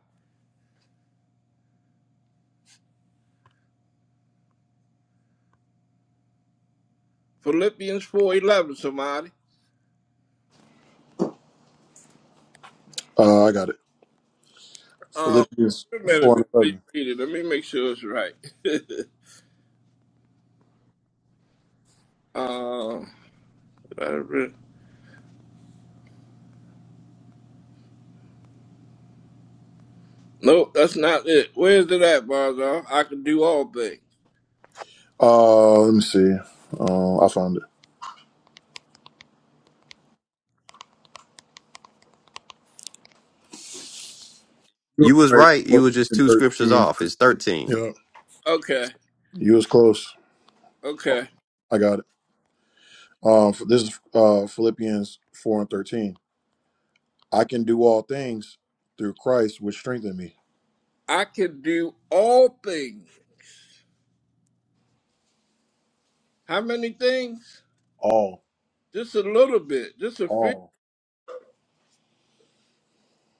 Speaker 10: Philippians four eleven. Somebody.
Speaker 12: Uh, I got it.
Speaker 10: Um.
Speaker 12: Philippians
Speaker 10: Wait a minute
Speaker 12: four
Speaker 10: before
Speaker 12: and
Speaker 10: you
Speaker 12: eleven.
Speaker 10: read it. Let me make sure it's right. <laughs> um. did I re- Nope, that's not it. Where's it at, Barzal? I can do all things.
Speaker 12: Uh, let me see. Um, I found it. You
Speaker 4: You was
Speaker 12: were right.
Speaker 4: right. You
Speaker 12: Fourteen
Speaker 4: was just
Speaker 12: and
Speaker 4: two scriptures
Speaker 12: thirteen.
Speaker 4: off. It's 13.
Speaker 12: Yeah,
Speaker 10: Okay.
Speaker 12: you was close.
Speaker 10: Okay.
Speaker 12: I got it. Um, this is uh, Philippians 4 and 13. I can do all things through Christ, which strengthen me.
Speaker 10: I can do all things. How many things?
Speaker 12: All,
Speaker 10: Just a little bit. Just a few.
Speaker 12: all,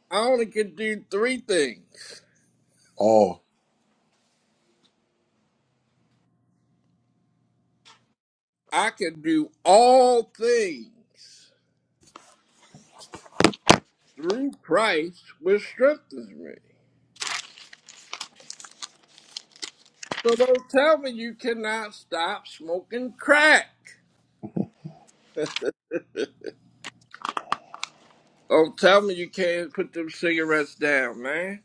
Speaker 10: I only can do three things.
Speaker 12: all.
Speaker 10: I can do all things through Christ, which strengthens me. So don't tell me you cannot stop smoking crack. Don't tell me you can't put them cigarettes down, man.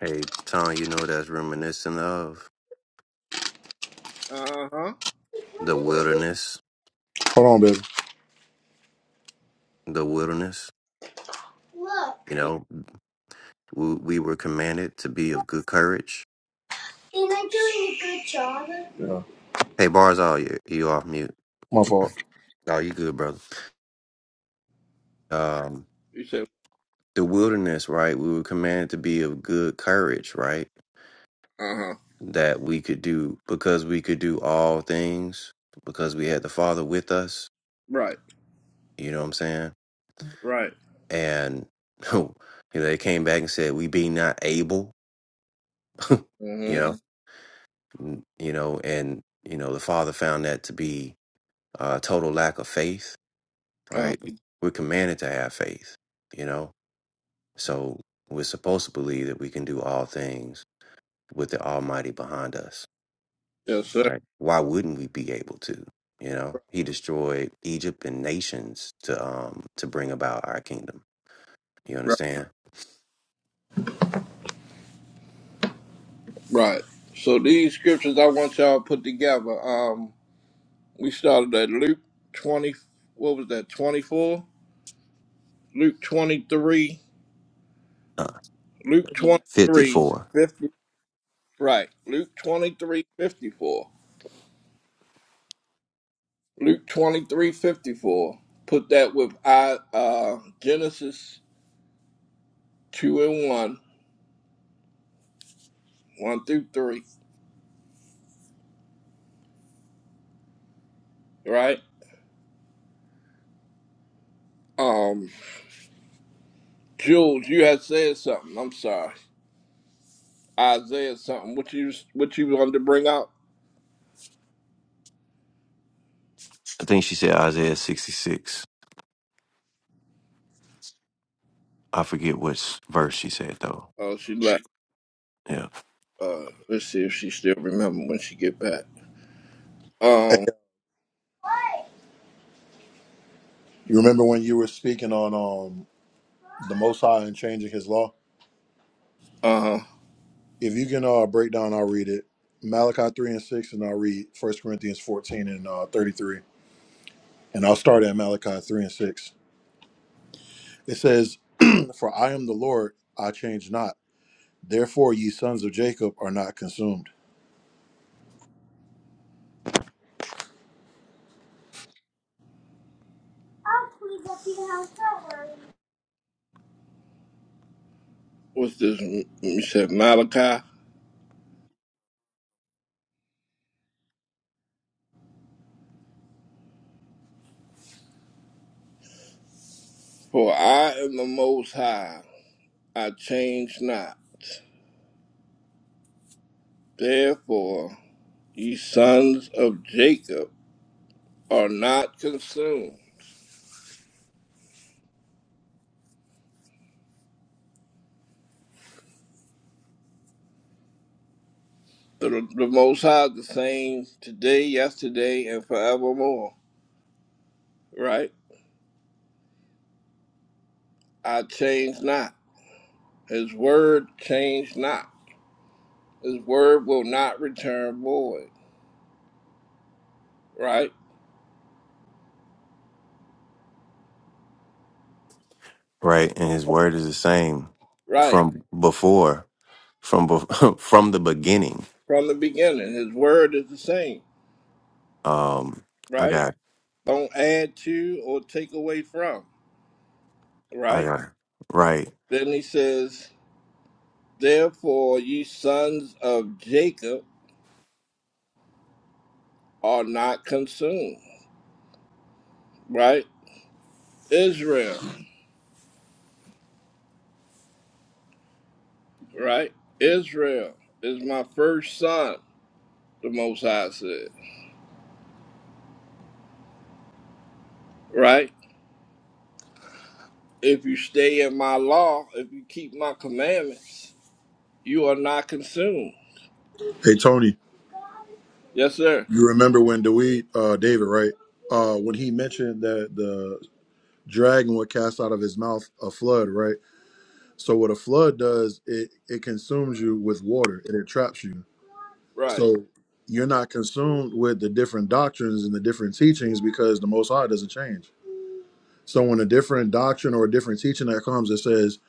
Speaker 4: hey tom you know what that's reminiscent of
Speaker 10: Uh huh.
Speaker 4: the wilderness
Speaker 12: Hold on, baby.
Speaker 4: the wilderness you know we, we were commanded to be of good courage
Speaker 12: Yeah,
Speaker 4: hey bars all you you off mute
Speaker 12: my fault.
Speaker 4: oh you good brother um,
Speaker 10: You said,
Speaker 4: the wilderness, right? We were commanded to be of good courage, right?
Speaker 10: uh huh.
Speaker 4: That we could do because we could do all things because we had the Father with us.
Speaker 10: Right,
Speaker 4: You know what I'm saying?
Speaker 10: right.
Speaker 4: And <laughs> you know, they came back and said, "We be not able," <laughs> you
Speaker 10: Mm
Speaker 4: know, Mm. you know, and you know, the Father found that to be a total lack of faith,
Speaker 10: hmm. Uh,
Speaker 4: right? Mm. We're commanded to have faith, you know, so we're supposed to believe that we can do all things with the Almighty behind us
Speaker 10: yes, sir.
Speaker 4: Right. Why wouldn't we be able to? You know, he destroyed Egypt and nations to um to bring about our kingdom. You
Speaker 10: Right,
Speaker 4: understand?
Speaker 10: right. So these scriptures I want y'all to put together. Um, we started at Luke 20, what was that, 24? Luke 23,
Speaker 4: Uh,
Speaker 10: Luke twenty
Speaker 4: Fifty
Speaker 10: three
Speaker 4: four.
Speaker 10: 50. right. Luke 23 54. Luke 23 54. Put that with I, uh, Genesis 2 and 1, 1 through 3, right? Um, Jules, you had said something. I'm sorry. Isaiah something. What you, what you wanted to bring out?
Speaker 4: I think she said Isaiah sixty six. I forget which verse she said though.
Speaker 10: Oh, she left.
Speaker 4: Yeah.
Speaker 10: Uh, let's see if she still remember when she get back.
Speaker 12: Hey,
Speaker 10: Um,
Speaker 12: you remember when you were speaking on um the Most High and changing His law?
Speaker 10: uh,
Speaker 12: If you can uh, break down, I'll read it. Malachi 3 and 6, and I'll read First Corinthians 14 and uh, 33. And I'll start at Malachi 3 and 6. It says, <clears throat> For I am the Lord, I change not. Therefore, ye sons of Jacob are not consumed.
Speaker 10: what's this? You said Malachi? For I am the Most High, I change not. Therefore, ye sons of Jacob are not consumed. The, the Most High is the same today, yesterday, and forevermore, right? I change not. His word change not. His word will not return void, right?
Speaker 4: Right. And his word is the same
Speaker 10: Right.
Speaker 4: from before, from bef- <laughs> from the beginning.
Speaker 10: From the beginning, his word is the same,
Speaker 4: Um, I
Speaker 10: right?
Speaker 4: got,
Speaker 10: Don't add to or take away from,
Speaker 4: I
Speaker 10: right?
Speaker 4: got right.
Speaker 10: Then he says, Therefore, ye sons of Jacob are not consumed, right? Israel, right? Israel is my first son, the Most High said, right? If you stay in my law, if you keep my commandments, you are not consumed.
Speaker 12: Hey, Tony.
Speaker 10: Yes, sir.
Speaker 12: You remember when Dewey, uh, David, right? Uh, when he mentioned that the dragon would cast out of his mouth a flood, right? So what a flood does, it it consumes you with water and it traps you.
Speaker 10: Right,
Speaker 12: So you're not consumed with the different doctrines and the different teachings because the Most High doesn't change. So when a different doctrine or a different teaching that comes that says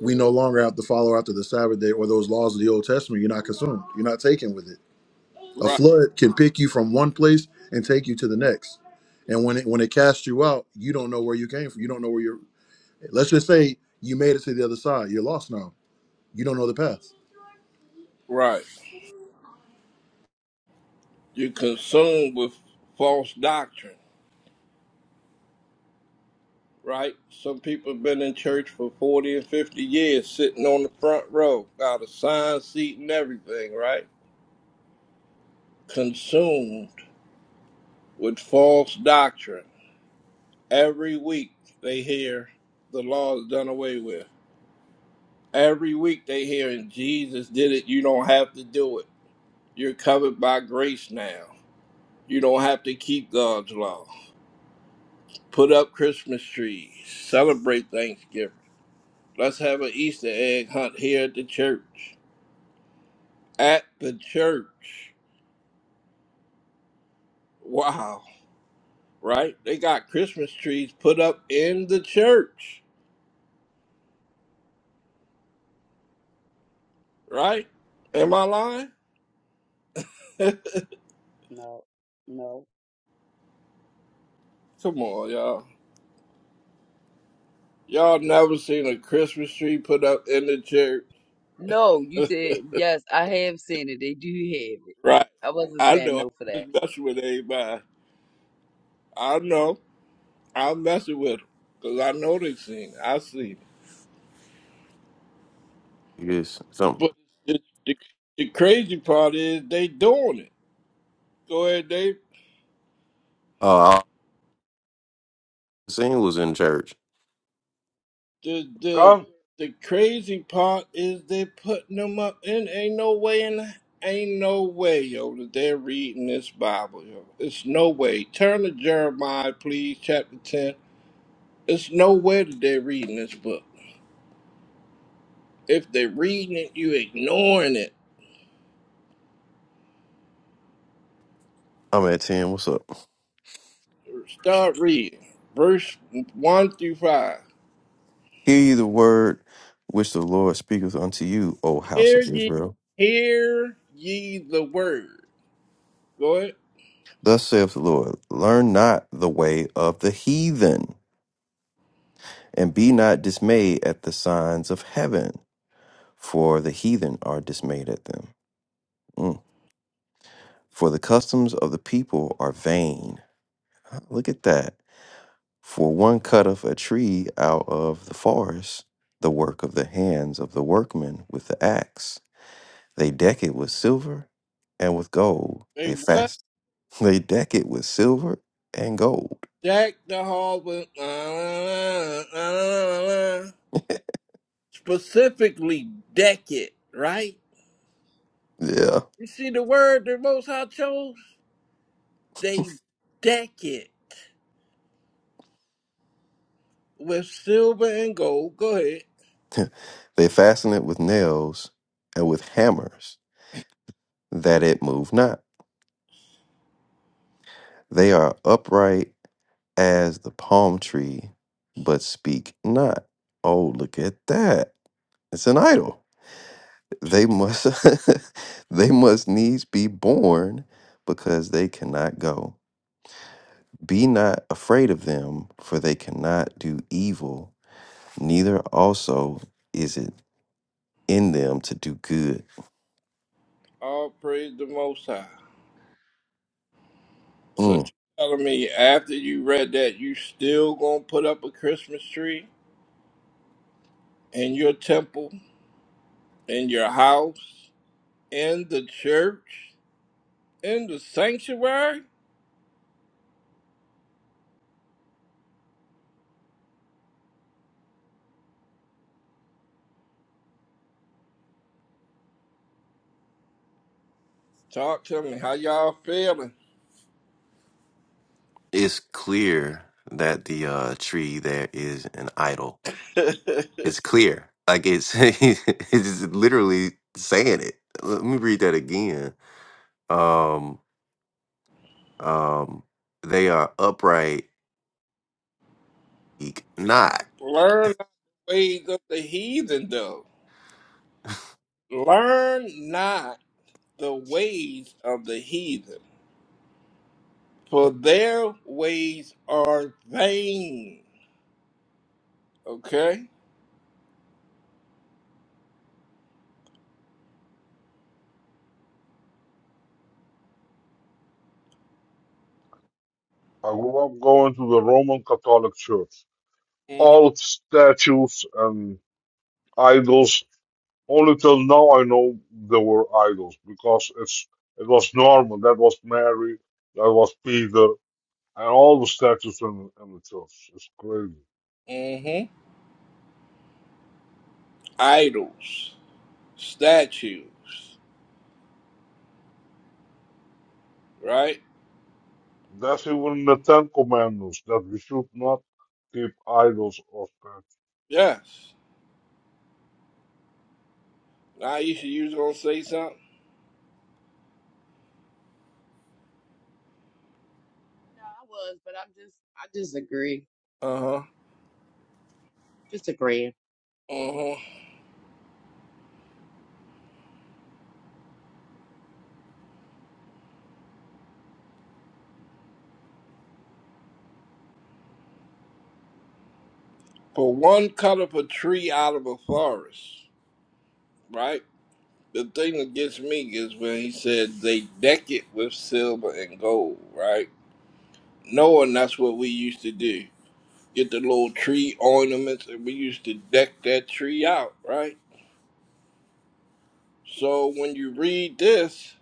Speaker 12: we no longer have to follow after the Sabbath day or those laws of the Old Testament, you're not consumed. You're not taken with it A
Speaker 10: right,
Speaker 12: flood can pick you from one place and take you to the next. And when it when it casts you out, you don't know where you came from. You don't know where you're. Let's just say you made it to the other side. You're lost now. You don't know the path.
Speaker 10: right. You're consumed with false doctrine. right? Some people have been in church for 40 and 50 years, sitting on the front row, got a sign seat and everything, right? Consumed with false doctrine. Every week they hear the law is done away with. Every week they hear, and Jesus did it, you don't have to do it. You're covered by grace now. You don't have to keep God's law. Put up Christmas trees. Celebrate Thanksgiving. Let's have an Easter egg hunt here at the church. at the church. Wow, right? They got Christmas trees put up in the church, right? Am I lying? <laughs>
Speaker 5: No, no,
Speaker 10: Come on, y'all. Y'all never seen a Christmas tree put up in the church,
Speaker 5: no. You
Speaker 10: <laughs>
Speaker 5: said yes. I have seen it. They do have it.
Speaker 10: right?
Speaker 5: I wasn't
Speaker 10: I
Speaker 5: saying
Speaker 10: know.
Speaker 5: no for
Speaker 10: I'm
Speaker 5: that.
Speaker 10: just messing with everybody. I know. I'm messing with them because I know they seen it. I see it.
Speaker 4: Yes. Some.
Speaker 10: But the, the, the crazy part is they doing it. Go ahead, Dave.
Speaker 4: Uh, I seen was in church.
Speaker 10: the the
Speaker 9: Come,
Speaker 10: the crazy part is they putting them up and ain't no way in ain't no way yo that they're reading this bible yo it's no way turn to jeremiah please chapter 10 it's no way that they're reading this book if they're reading it you ignoring it
Speaker 4: I'm at ten. What's up?
Speaker 10: start reading verse 1 through 5
Speaker 4: Hear ye the word which the Lord speaketh unto you, O house
Speaker 10: hear
Speaker 4: of
Speaker 10: ye
Speaker 4: Israel.
Speaker 10: hear ye the word go ahead
Speaker 4: Thus saith the Lord Learn not the way of the heathen, and be not dismayed at the signs of heaven, for the heathen are dismayed at them. Mm. For the customs of the people are vain. Ah, Look at that. For one cutteth a tree out of the forest, the work of the hands of the workmen with the axe. They deck it with silver and with gold.
Speaker 10: They
Speaker 4: They
Speaker 10: what?
Speaker 4: fast They deck it with silver and gold.
Speaker 10: Jack the Hallway. Specifically, deck it, right?
Speaker 4: Yeah.
Speaker 10: You see the word the Most High chose? They deck it with silver and gold. Go ahead.
Speaker 4: They fasten it with nails and with hammers, that it move not. They are upright as the palm tree, but speak not. Oh, look at that. It's an idol. They must <laughs> they must needs be born because they cannot go. Be not afraid of them, for they cannot do evil, neither also is it in them to do good.
Speaker 10: All praise the Most High. So you
Speaker 4: Mm.
Speaker 10: telling me after you read that, you still gonna put up a Christmas tree in your temple, in your house, in the church, in the sanctuary? Talk to me. How y'all feeling?
Speaker 4: it's clear that the uh, tree there is an idol.
Speaker 10: <laughs>
Speaker 4: It's clear. Like it's <laughs> it's literally saying it. Let me read that again. Um um they are upright ec- not.
Speaker 10: Learn not the ways of the heathen, though. Learn not the ways of the heathen, for their ways are vain. Okay?
Speaker 9: I grew up going to the Roman Catholic Church.
Speaker 10: hmm
Speaker 9: All statues and idols. Only till now I know they were idols because it's it was normal. That was Mary, that was Peter, and all the statues in, in the church. It's crazy.
Speaker 10: hmm Idols, statues, right?
Speaker 9: That's even in the Ten Commandments that we should not keep idols or statues.
Speaker 10: Yes. Now you should use gonna say something?
Speaker 6: I was, but I'm just, I just agree.
Speaker 10: Uh-huh.
Speaker 6: Just agreeing.
Speaker 10: Uh-huh. For one cut up a tree out of a forest, right? the thing that gets me is when he said they deck it with silver and gold, right? Knowing that's what we used to do. Get the little tree ornaments and we used to deck that tree out, right? So when you read this,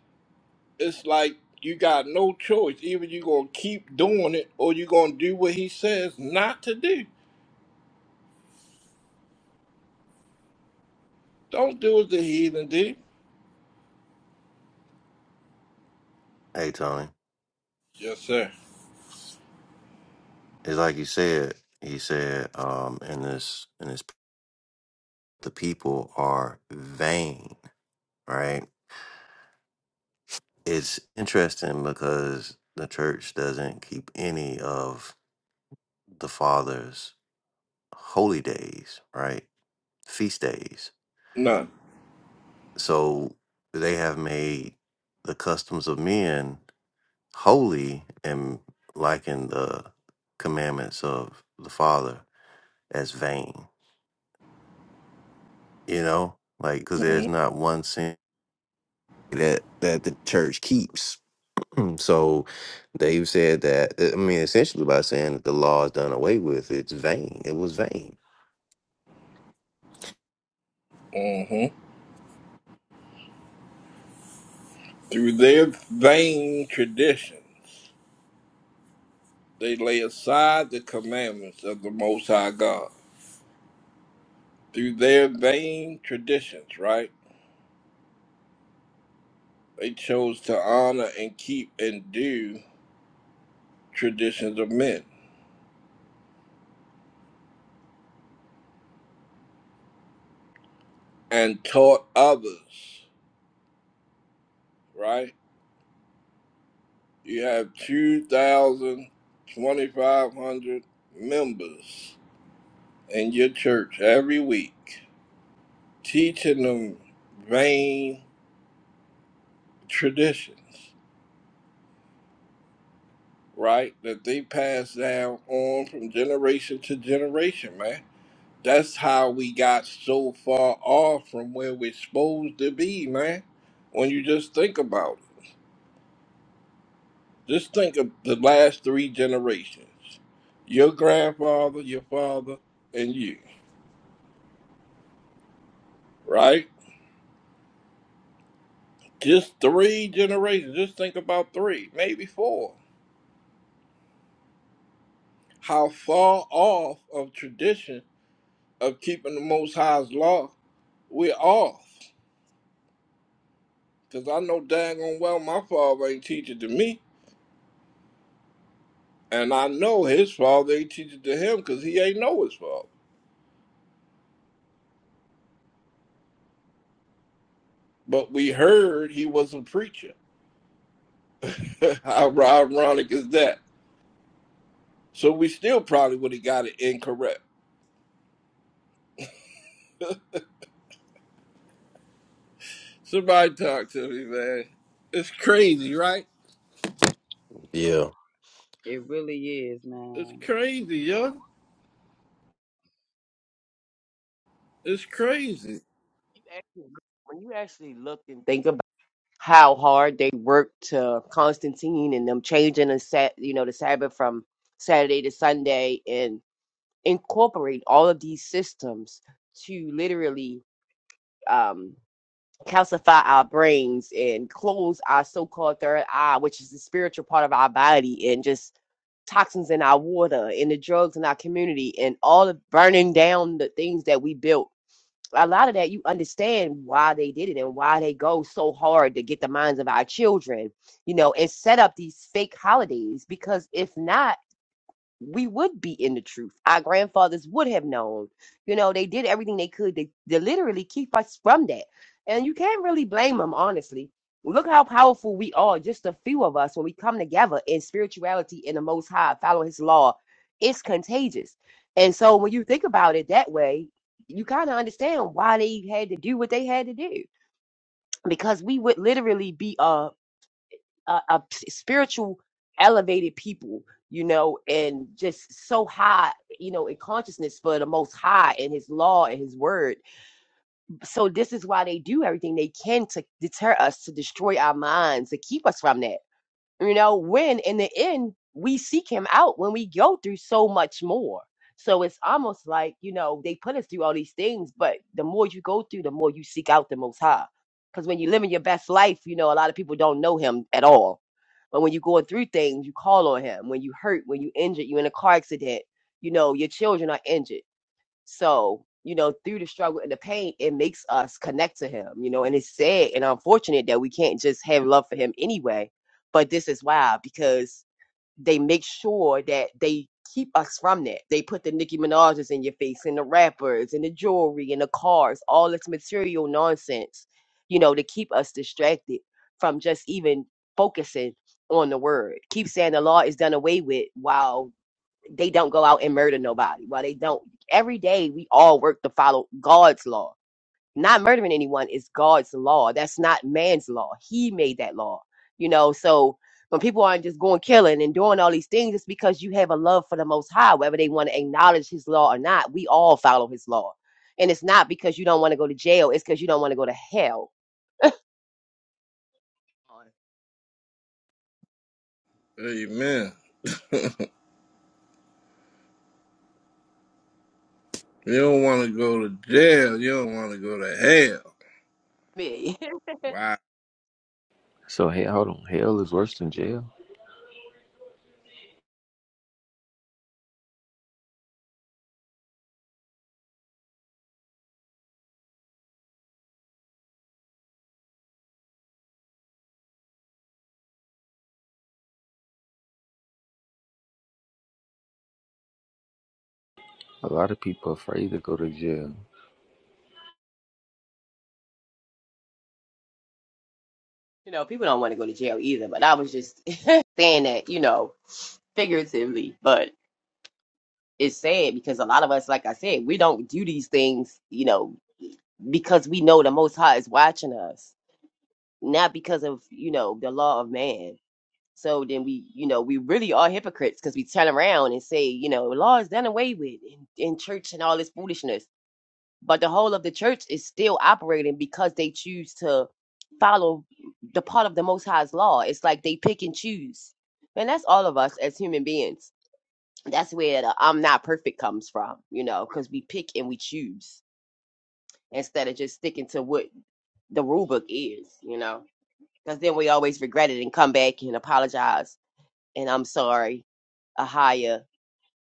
Speaker 10: it's like you got no choice. Either you're gonna keep doing it or you're gonna do what he says not to do. Don't do as the heathen do.
Speaker 4: Hey Tony.
Speaker 10: Yes, sir.
Speaker 4: It's like you said, he said, um, in this in this the people are vain, right? It's interesting because the church doesn't keep any of the fathers holy days, right? Feast days.
Speaker 10: No.
Speaker 4: So they have made the customs of men holy and liken the commandments of the Father as vain, you know? Like, because
Speaker 10: hmm
Speaker 4: there's not one sin that, that the church keeps So they've said that, I mean, essentially by saying that the law is done away with, it's vain. It was vain.
Speaker 10: Mm-hmm. Through their vain traditions. They lay aside the commandments of the Most High God. Through their vain traditions, right? They chose to honor and keep and do traditions of men and taught others, right? You have 2,000 2,500 members in your church every week teaching them vain traditions, right? That they pass down on from generation to generation, man That's how we got so far off from where we're supposed to be, man. When you just think about it, just think of the last three generations your grandfather, your father, and you, right? Just three generations. Just think about three, maybe four. How far off of tradition of keeping the Most High's law we're off. Because I know daggone well my father ain't teaching to me. And I know his father ain't teaching to him because he ain't know his father. But we heard he was a preacher. <laughs> How ironic is that? So we still probably would have got it incorrect. Somebody talk to me, man. It's crazy, right?
Speaker 4: Yeah.
Speaker 5: It really is,
Speaker 10: It's
Speaker 5: man.
Speaker 10: crazy, yo. It's crazy.
Speaker 6: you actually when you actually look and think about how hard they worked to Constantine and them changing the set, you know the Sabbath from Saturday to Sunday and incorporate all of these systems to literally um calcify our brains and close our so-called third eye which is the spiritual part of our body and just toxins in our water and the drugs in our community and all of burning down the things that we built a lot of that you understand why they did it and why they go so hard to get the minds of our children, you know, and set up these fake holidays because if not we would be in the truth. Our grandfathers would have known. You know, they did everything they could to, to literally keep us from that. And you can't really blame them, honestly. Look how powerful we are, just a few of us, when we come together in spirituality in the Most High, follow His law. It's contagious. And so when you think about it that way, you kind of understand why they had to do what they had to do because we would literally be uh uh, uh, spiritual elevated people you know and just so high you know in consciousness for the most high and his law and his word so this is why they do everything they can to deter us to destroy our minds to keep us from that you know, when in the end we seek him out when we go through so much more. So it's almost like, you know, they put us through all these things, but the more you go through, the more you seek out the most high. Because when you're living your best life, you know, a lot of people don't know him at all. But when you're going through things, you call on him. When you hurt, when you injured, you in a car accident, you know, your children are injured. So, you know, through the struggle and the pain, it makes us connect to him, you know, and it's sad and unfortunate that we can't just have love for him anyway. But this is why, because they make sure that they keep us from that. They put the Nicki Minaj's in your face and the rappers and the jewelry and the cars, all this material nonsense, you know, to keep us distracted from just even focusing on the word. Keep saying the law is done away with. while they don't go out and murder nobody. While they don't, every day we all work to follow God's law. Not murdering anyone is God's law. That's not man's law. He made that law. You know, so when people aren't just going killing and doing all these things, it's because you have a love for the Most High, whether they want to acknowledge His law or not. We all follow His law, and it's not because you don't want to go to jail. It's because you don't want to go to hell. On
Speaker 10: Amen. You don't want to go to jail. You don't want to go to hell.
Speaker 6: me, <laughs>
Speaker 10: Wow.
Speaker 13: So hey, hold on. Hell is worse than jail. A lot of people afraid to go to jail.
Speaker 6: you know, people don't want to go to jail either. But I was just <laughs> saying that, you know, figuratively, but. it's sad because a lot of us, like I said, we don't do these things, you know, because we know the Most High is watching us, not because of, you know, the law of man. So then we, you know, we really are hypocrites because we turn around and say, you know, law is done away with in, in church and all this foolishness. But the whole of the church is still operating because they choose to follow the part of the Most High's law. It's like they pick and choose. And that's all of us as human beings that's where the I'm not perfect comes from, you know, because we pick and we choose instead of just sticking to what the rule book is, you know, because then we always regret it and come back and apologize and I'm sorry, Ahia,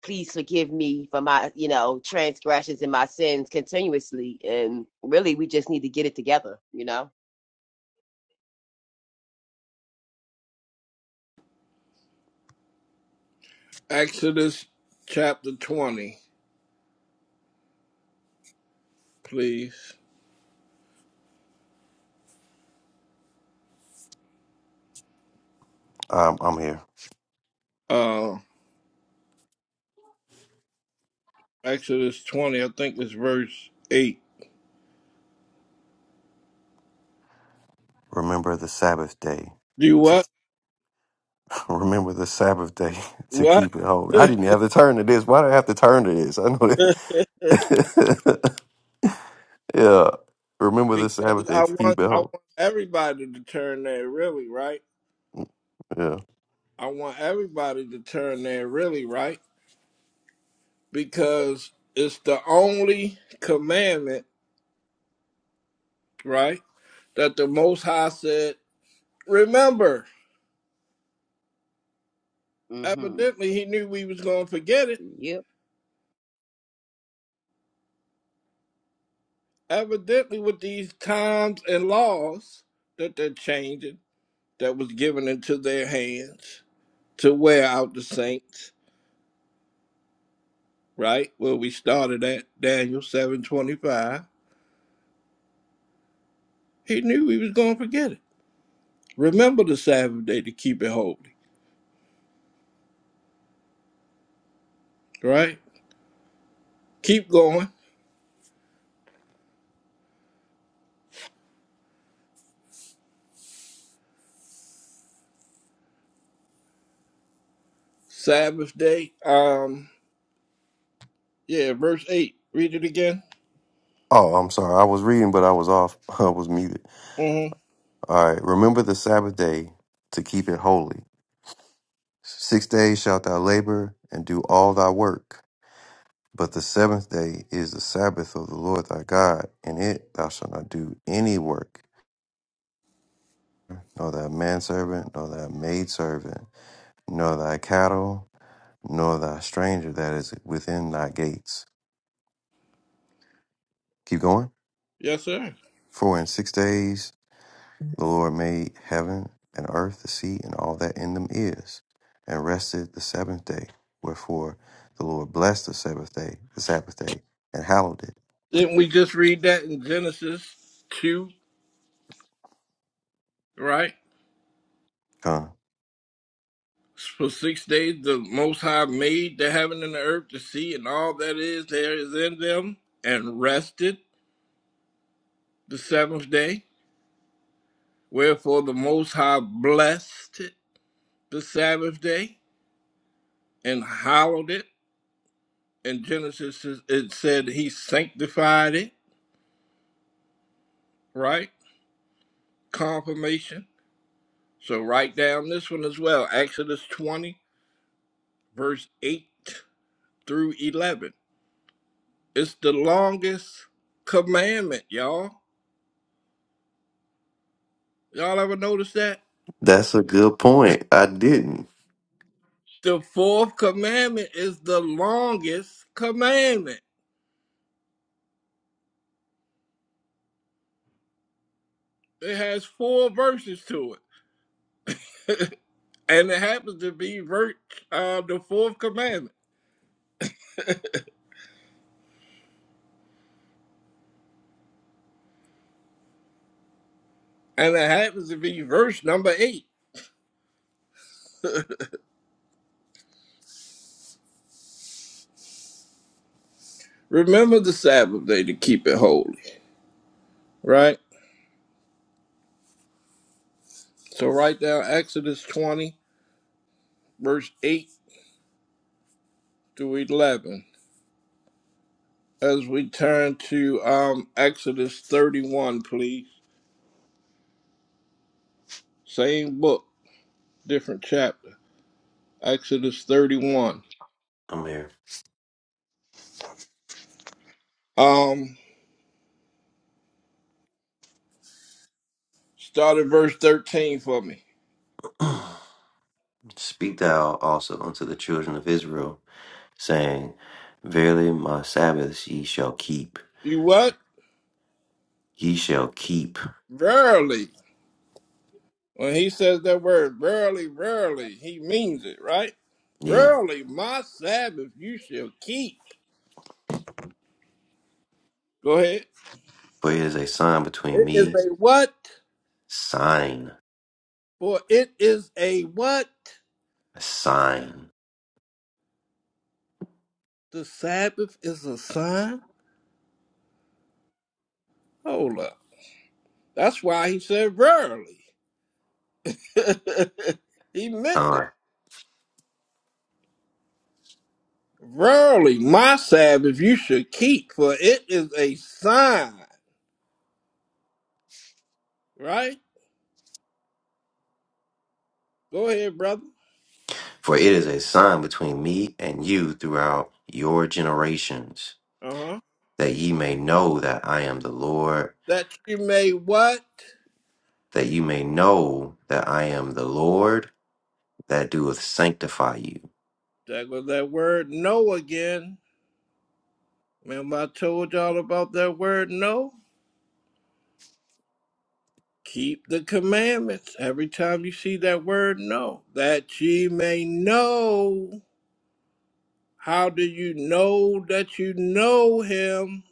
Speaker 6: please forgive me for my, you know, transgressions and my sins continuously. And really, we just need to get it together, you know.
Speaker 10: Exodus chapter 20, please.
Speaker 4: Um, I'm here.
Speaker 10: Uh, Exodus 20, I think it's verse 8.
Speaker 4: Remember the Sabbath day.
Speaker 10: Do
Speaker 4: To,
Speaker 10: what?
Speaker 4: <laughs> remember the Sabbath day <laughs> to
Speaker 10: What?
Speaker 4: keep it
Speaker 10: <laughs>
Speaker 4: holy. I didn't have to turn to this. Why do I have to turn to this? I know
Speaker 10: because
Speaker 4: that. <laughs> Yeah. Remember the Sabbath day
Speaker 10: I
Speaker 4: to
Speaker 10: want
Speaker 4: keep it
Speaker 10: I want
Speaker 4: holy.
Speaker 10: everybody to turn there really right.
Speaker 4: Yeah.
Speaker 10: I want everybody to turn there really right because it's the only commandment, right? That the most high said, remember.
Speaker 5: Mm-hmm.
Speaker 10: Evidently he knew we was gonna forget it.
Speaker 5: Yep.
Speaker 10: Evidently with these times and laws that they're changing that was given into their hands to wear out the saints right? Where we started at Daniel 7:25. He knew he was going to forget it. Remember the Sabbath day to keep it holy, right? Keep going. Sabbath day. Um, yeah, verse eight. Read it again.
Speaker 4: Oh, I'm sorry. I was reading, but I was off. <laughs> I was muted.
Speaker 10: Mm-hmm.
Speaker 4: All right. Remember the Sabbath day to keep it holy. Six days shalt thou labor and do all thy work. But the seventh day is the Sabbath of the Lord thy God. In it thou shalt not do any work. nor thy manservant, nor thy maidservant, nor thy cattle, nor thy stranger that is within thy gates. Keep going.
Speaker 10: Yes, sir.
Speaker 4: For in six days the Lord made heaven and earth, the sea, and all that in them is, and rested the seventh day. Wherefore the Lord blessed the Sabbath day, the Sabbath day, and hallowed it.
Speaker 10: Didn't we just read that in Genesis two, right?
Speaker 4: Come.
Speaker 10: For six days the Most High made the heaven and the earth, the sea, and all that is there is in them, and rested the seventh day. Wherefore the Most High blessed it the Sabbath day and hallowed it. In Genesis, it it said he sanctified it, right? Confirmation. So write down this one as well Exodus 20, verse 8 through 11. It's the longest commandment, y'all. Y'all ever notice that?
Speaker 4: That's a good point. I didn't.
Speaker 10: The fourth commandment is the longest commandment. It has four verses to it, and it happens to be ver- uh, the fourth commandment. And it happens to be verse number eight. Remember the Sabbath day to keep it holy, right? So write down Exodus 20, verse 8 through 11. As we turn to um, Exodus 31, please. Same book, different chapter. Exodus 31.
Speaker 4: I'm here.
Speaker 10: Um, start at verse 13 for me.
Speaker 4: <clears throat> Speak thou also unto the children of Israel. saying, Verily my Sabbaths ye shall keep,
Speaker 10: You what?
Speaker 4: ye shall keep.
Speaker 10: Verily. When he says that word rarely, rarely, he means it, right?
Speaker 4: Yeah.
Speaker 10: Rarely, my Sabbath you shall keep. Go ahead.
Speaker 4: For it is a sign between
Speaker 10: It is
Speaker 4: me,
Speaker 10: a what?
Speaker 4: sign,
Speaker 10: For it is a what?
Speaker 4: a sign.
Speaker 10: The Sabbath is a sign? Hold up. That's why he said rarely. <laughs> he meant it.
Speaker 4: Huh.
Speaker 10: Rarely, my Sabbath you should keep, for it is a sign, right? Go ahead, brother.
Speaker 4: For it is a sign between me and you throughout your generations,
Speaker 10: Uh huh.
Speaker 4: that ye may know that I am the Lord,
Speaker 10: That you may what?
Speaker 4: that you may know that I am the Lord that doeth sanctify you.
Speaker 10: That was that word no again. Remember, I told y'all about that word no? Keep the commandments every time you see that word no, that ye may know. How do you know that you know him?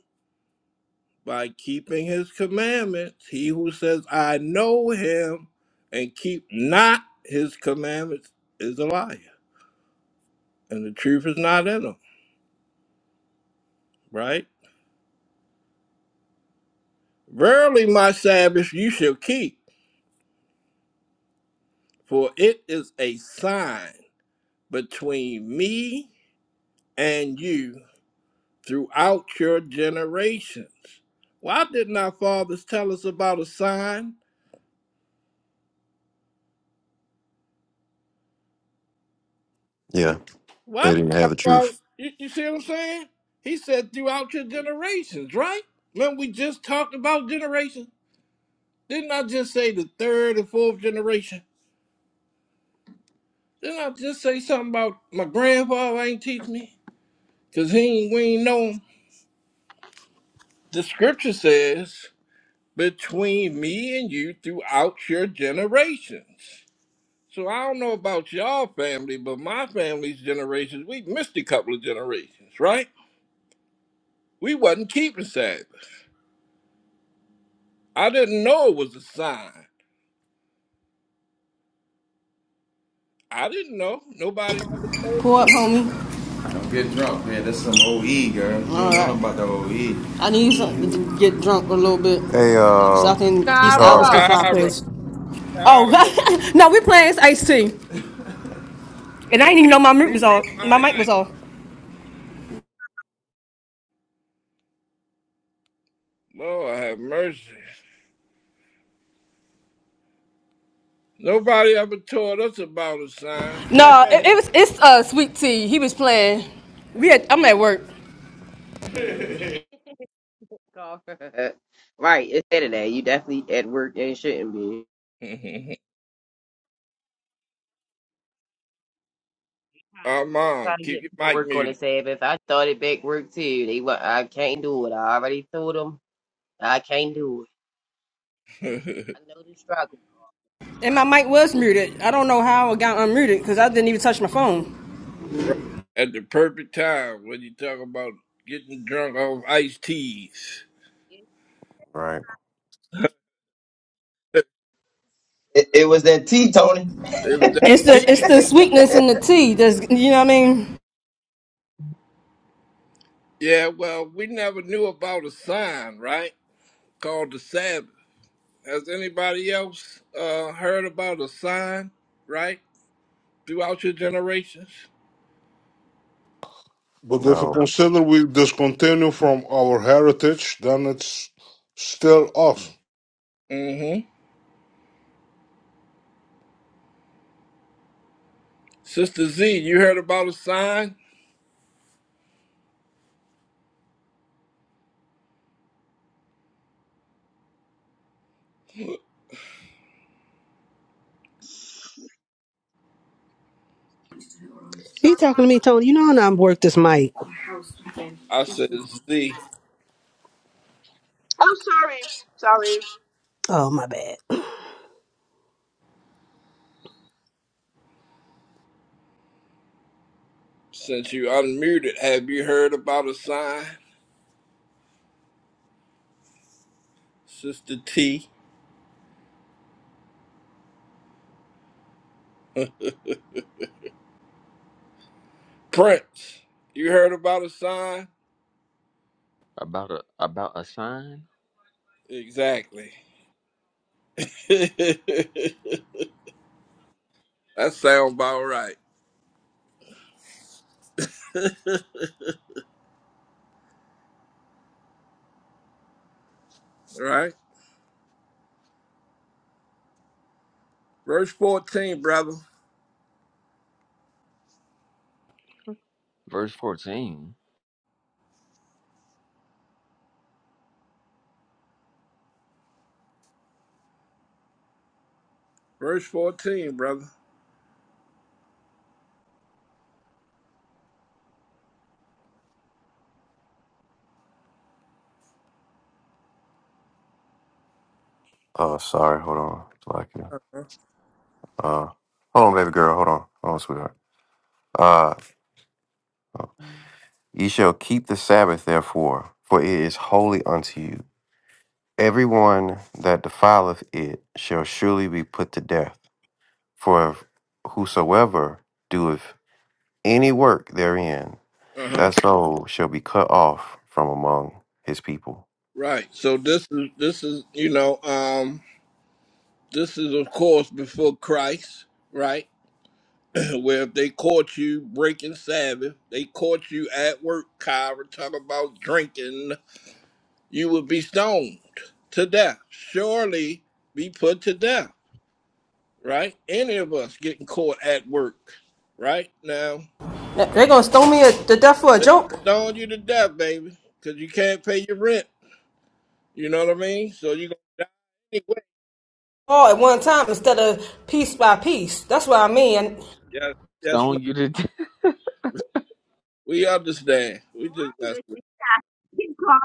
Speaker 10: By keeping his commandments. He who says, I know him, and keep not his commandments is a liar, and the truth is not in him, right? Verily, my Sabbath you shall keep For it is a sign between me and you throughout your generations. Why didn't our fathers tell us about a sign?
Speaker 4: Yeah,
Speaker 10: Why
Speaker 4: they
Speaker 10: did
Speaker 4: didn't
Speaker 10: our
Speaker 4: have the
Speaker 10: fathers,
Speaker 4: truth.
Speaker 10: you, you see what I'm saying? He said throughout your generations, right? Remember we just talked about generations? Didn't I just say the third and fourth generation? Didn't I just say something about my grandfather ain't teach me? Cause he ain't, we ain't know him. The scripture says between me and you throughout your generations. So I don't know about y'all family, but my family's generations, we missed a couple of generations, right? We wasn't keeping Sabbath. I didn't know it was a sign. I didn't know. Nobody ever told
Speaker 14: Pull
Speaker 10: me
Speaker 14: up,
Speaker 10: this.
Speaker 14: homie. get drunk, man. That's some OE, girl. You All know right. about the OE. I need something to get drunk a little bit
Speaker 4: Hey,
Speaker 14: so I
Speaker 4: um,
Speaker 14: can these albums
Speaker 4: Ricard.
Speaker 14: can
Speaker 5: Kyra.
Speaker 14: fly
Speaker 10: Kyra,
Speaker 14: past. Oh
Speaker 10: Kyra,
Speaker 14: <laughs> no, we playing it's iced tea, and I
Speaker 10: Kyra,
Speaker 14: didn't even know my mic
Speaker 10: Lisa,
Speaker 14: was on. My
Speaker 10: Mike.
Speaker 14: mic was on.
Speaker 10: Lord have mercy. Nobody ever told us about a sign.
Speaker 14: No, it, it was it's uh sweet tea. He was playing. We had, I'm at work
Speaker 6: <laughs> right, it's Saturday. You definitely at work and shouldn't be.
Speaker 10: <laughs> Our mom,
Speaker 6: trying to
Speaker 10: keep
Speaker 6: get me
Speaker 10: your
Speaker 6: to
Speaker 10: mic
Speaker 6: work on the
Speaker 10: muted.
Speaker 6: Sabbath. I started back work too. They wa- I can't do it. I already told them I can't do it.
Speaker 10: <laughs>
Speaker 6: I know the struggle.
Speaker 14: and my mic was muted. I don't know how it got unmuted because I didn't even touch my phone.
Speaker 10: Right. At the perfect time when you talk about getting drunk off iced teas.
Speaker 6: Yeah,
Speaker 4: Right.
Speaker 3: It, it was that T, Tony.
Speaker 10: It was that
Speaker 14: It's the it's
Speaker 10: tea.
Speaker 14: the sweetness in the tea. That's you know what I mean.
Speaker 10: Yeah, well, we never knew about a sign, right? Called the Sabbath. Has anybody else uh, heard about a sign, right? Throughout your generations?
Speaker 9: But if you
Speaker 4: No.
Speaker 9: consider we discontinue from our heritage, then it's still us.
Speaker 10: Mm-hmm. Sister Z, you heard about a sign?
Speaker 15: You talking to me, Tony? You know how I am work this mic.
Speaker 10: I said, Z,
Speaker 8: Oh, sorry. Sorry.
Speaker 15: Oh my bad.
Speaker 10: since you unmuted, have you heard about a sign? Sister T. Prince, you heard about a sign?
Speaker 13: About a about a sign,
Speaker 10: Exactly. <laughs> that sounds about right. Right? Verse 14, brother.
Speaker 13: verse fourteen.
Speaker 10: Verse 14, brother.
Speaker 4: Oh, sorry. Hold on.
Speaker 10: Uh-huh.
Speaker 4: Uh, hold on, baby girl. Hold on. Hold on, sweetheart. Uh, ye shall keep the Sabbath, therefore, for it is holy unto you. Everyone that defileth it shall surely be put to death. For whosoever doeth any work therein,
Speaker 10: Uh-huh.
Speaker 4: that soul shall be cut off from among his people.
Speaker 10: Right. So this is this is, you know, um, this is of course before Christ, right? <clears throat> Where if they caught you breaking Sabbath, they caught you at work, Kyra, talking about drinking, you would be stoned to death. Surely be put to death. right? Any of us getting caught at work, right? Now,
Speaker 14: They're gonna stone me to death for a
Speaker 10: they gonna
Speaker 14: joke.
Speaker 10: stone you to death, baby, because you can't pay your rent. You know what I mean? So you gonna die anyway.
Speaker 14: all at one time instead of piece by piece. That's what I mean. And,
Speaker 10: Yes, yes, ma'am.
Speaker 13: Stone you to <laughs> death.
Speaker 10: We understand. We just
Speaker 6: you
Speaker 10: mess
Speaker 6: listen
Speaker 10: with
Speaker 6: to him, Carl.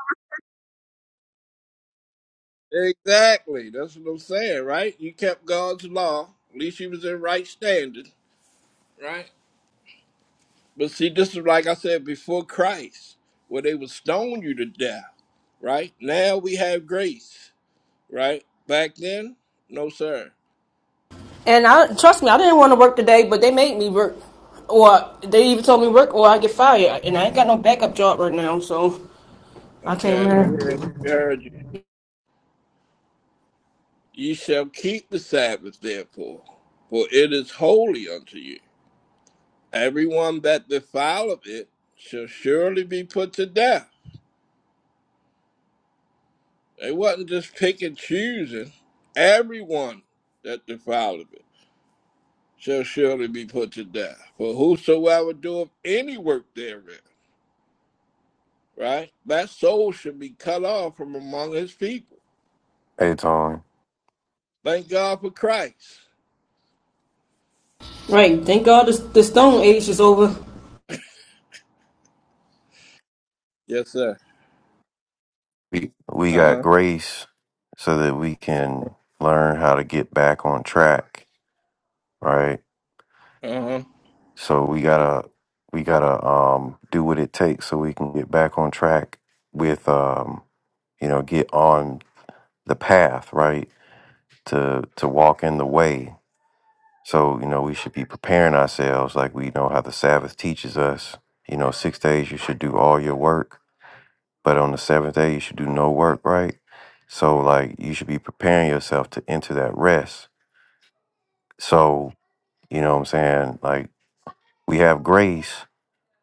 Speaker 10: you. Exactly. That's what I'm saying, right? You kept God's law. At least you was in right standing, right? But see, this is like I said before Christ, where they would stone you to death, right? Now we have grace, right? Back then, no sir.
Speaker 14: and I trust me, I didn't want to work today, but they made me work, or they even told me work, or I get fired. And I ain't got no backup job right now, so I came
Speaker 10: Okay, we
Speaker 14: here.
Speaker 10: heard, we heard you. Ye shall keep the Sabbath, therefore, for it is holy unto you. Everyone that defileth it shall surely be put to death. They wasn't just pick and choosing. Everyone that defileth it shall surely be put to death. For whosoever doeth any work therein, right? That soul should be cut off from among his people.
Speaker 4: Hey, Tony.
Speaker 10: Thank God for Christ.
Speaker 14: Right, thank God this, the Stone Age is over.
Speaker 10: Yes, sir.
Speaker 4: We, we got
Speaker 10: Uh
Speaker 4: grace so that we can learn how to get back on track, right?
Speaker 10: huh. Uh huh.
Speaker 4: So we gotta we gotta um do what it takes so we can get back on track with um you know get on the path right to to walk in the way. So you know we should be preparing ourselves like we know how the Sabbath teaches us. You know six days you should do all your work, but on the seventh day you should do no work, right? So like you should be preparing yourself to enter that rest. So you know what I'm saying like we have grace,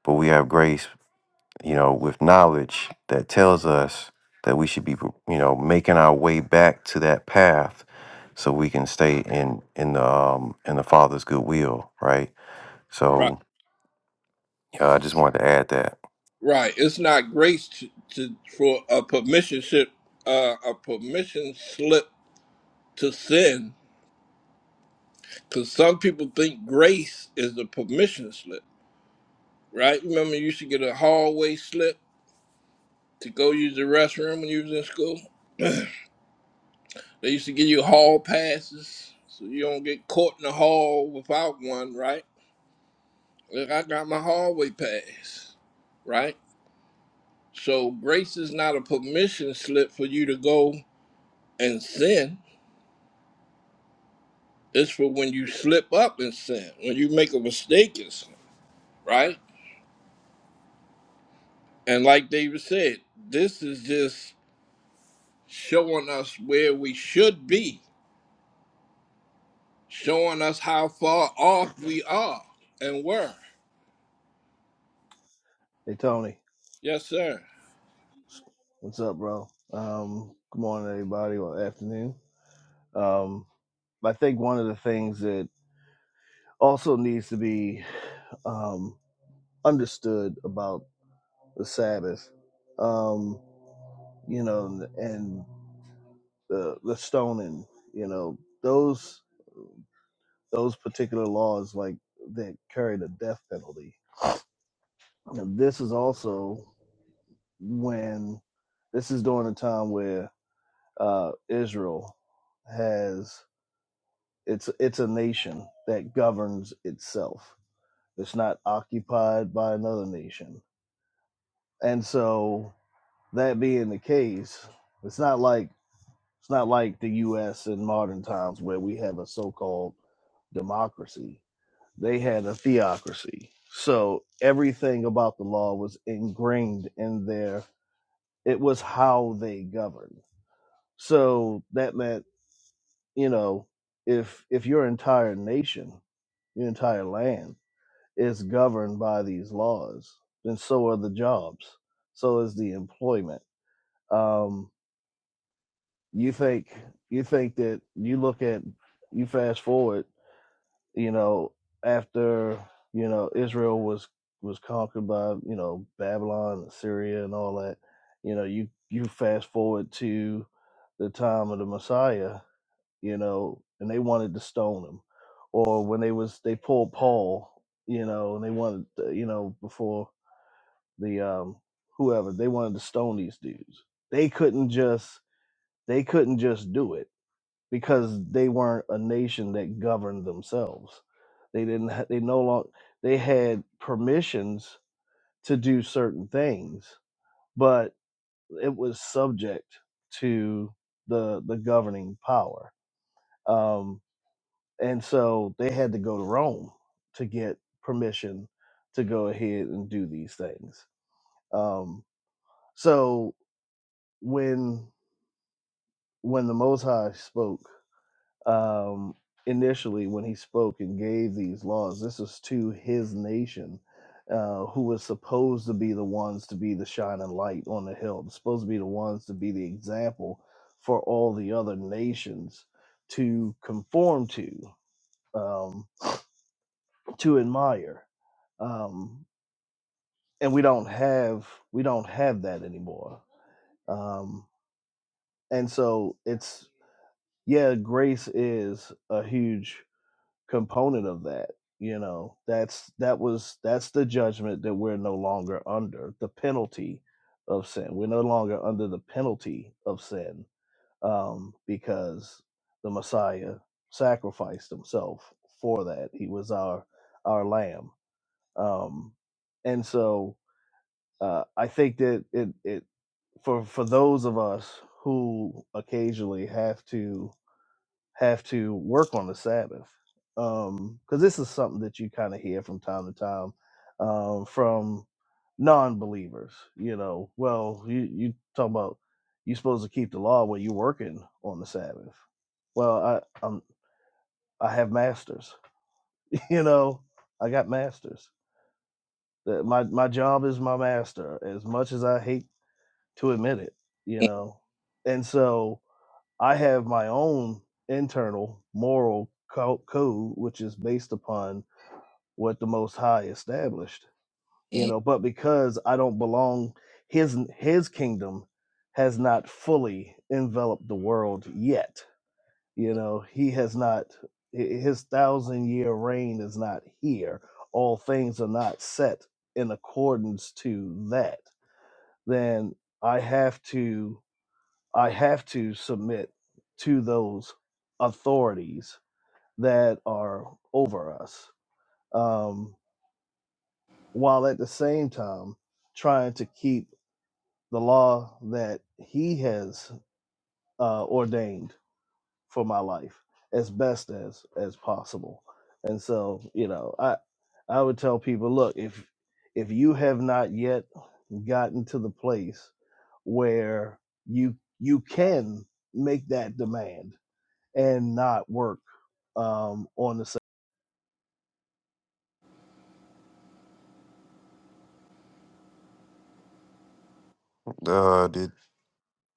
Speaker 4: but we have grace you know, with knowledge that tells us that we should be, you know, making our way back to that path so we can stay in in the um, in the Father's good will, right?
Speaker 10: Right.
Speaker 4: So yeah, I just wanted to add that.
Speaker 10: Right. It's not grace to, to for a permission slip, uh, a permission slip to sin, because some people think grace is a permission slip. Right. Remember, you used to get a hallway slip to go use the restroom when you was in school. <clears throat> they used to give you hall passes, so you don't get caught in the hall without one. Right. Look, I got my hallway pass. Right. So grace is not a permission slip for you to go and sin It's for when you slip up and sin, when you make a mistake and sin, right? And like David said, this is just showing us where we should be, showing us how far off we are and were.
Speaker 16: Hey Tony,
Speaker 10: Yes, sir.
Speaker 16: what's up, bro? Um, good morning, everybody, or afternoon. Um, I think one of the things that also needs to be um, understood about the Sabbath, um, you know, and the the stoning, you know, those those particular laws like that carry the death penalty. And this is also when this is during a time where uh, Israel has It's it's a nation that governs itself. It's not occupied by another nation. And so that being the case, it's not like it's not like the US in modern times where we have a so-called democracy. They had a theocracy. So everything about the law was ingrained in their it was how they governed. So that meant, you know, if if your entire nation, your entire land is governed by these laws, then so are the jobs, so is the employment. Um, you think you think that you look at you fast forward, you know, after you know Israel was was conquered by you know Babylon, and Syria, and all that. You know, you you fast forward to the time of the Messiah, you know, and they wanted to stone him, or when they was they pulled Paul, you know, and they wanted to, you know before the um whoever they wanted to stone these dudes they couldn't just they couldn't just do it because they weren't a nation that governed themselves they didn't ha- they no longer they had permissions to do certain things but it was subject to the the governing power um and so they had to go to rome to get permission to go ahead and do these things um so when when the Most High spoke um, initially, when he spoke and gave these laws, this is to his nation, uh, who was supposed to be the ones to be the shining light on the hill, supposed to be the ones to be the example for all the other nations to conform to, um, to admire. Um, and we don't have we don't have that anymore. Um, and so it's yeah, grace is a huge component of that you know that's that was that's the judgment that we're no longer under the penalty of sin we're no longer under the penalty of sin um because the messiah sacrificed himself for that he was our our lamb um and so uh i think that it it for for those of us who occasionally have to have to work on the Sabbath. Because this is something that you kind of hear from time to time um, from non believers. You know, well, you, you talk about you're supposed to keep the law when you're working on the Sabbath. Well, I i I have masters. <laughs> you know, I got masters. That My, my job is my master, as much as I hate to admit it, you know. And so I have my own internal moral co- code, which is based upon what the Most High established. You
Speaker 10: Mm-hmm.
Speaker 16: know, but because I don't belong, his his kingdom has not fully enveloped the world yet. You know, he has not hi- his thousand year reign is not here. All things are not set in accordance to that. Then I have to. I have to submit to those authorities that are over us, um, while at the same time trying to keep the law that He has uh, ordained for my life as best as as possible. And so, you know, I I would tell people, look, if if you have not yet gotten to the place where you you can make that demand and not work um, on the same.
Speaker 4: Uh, did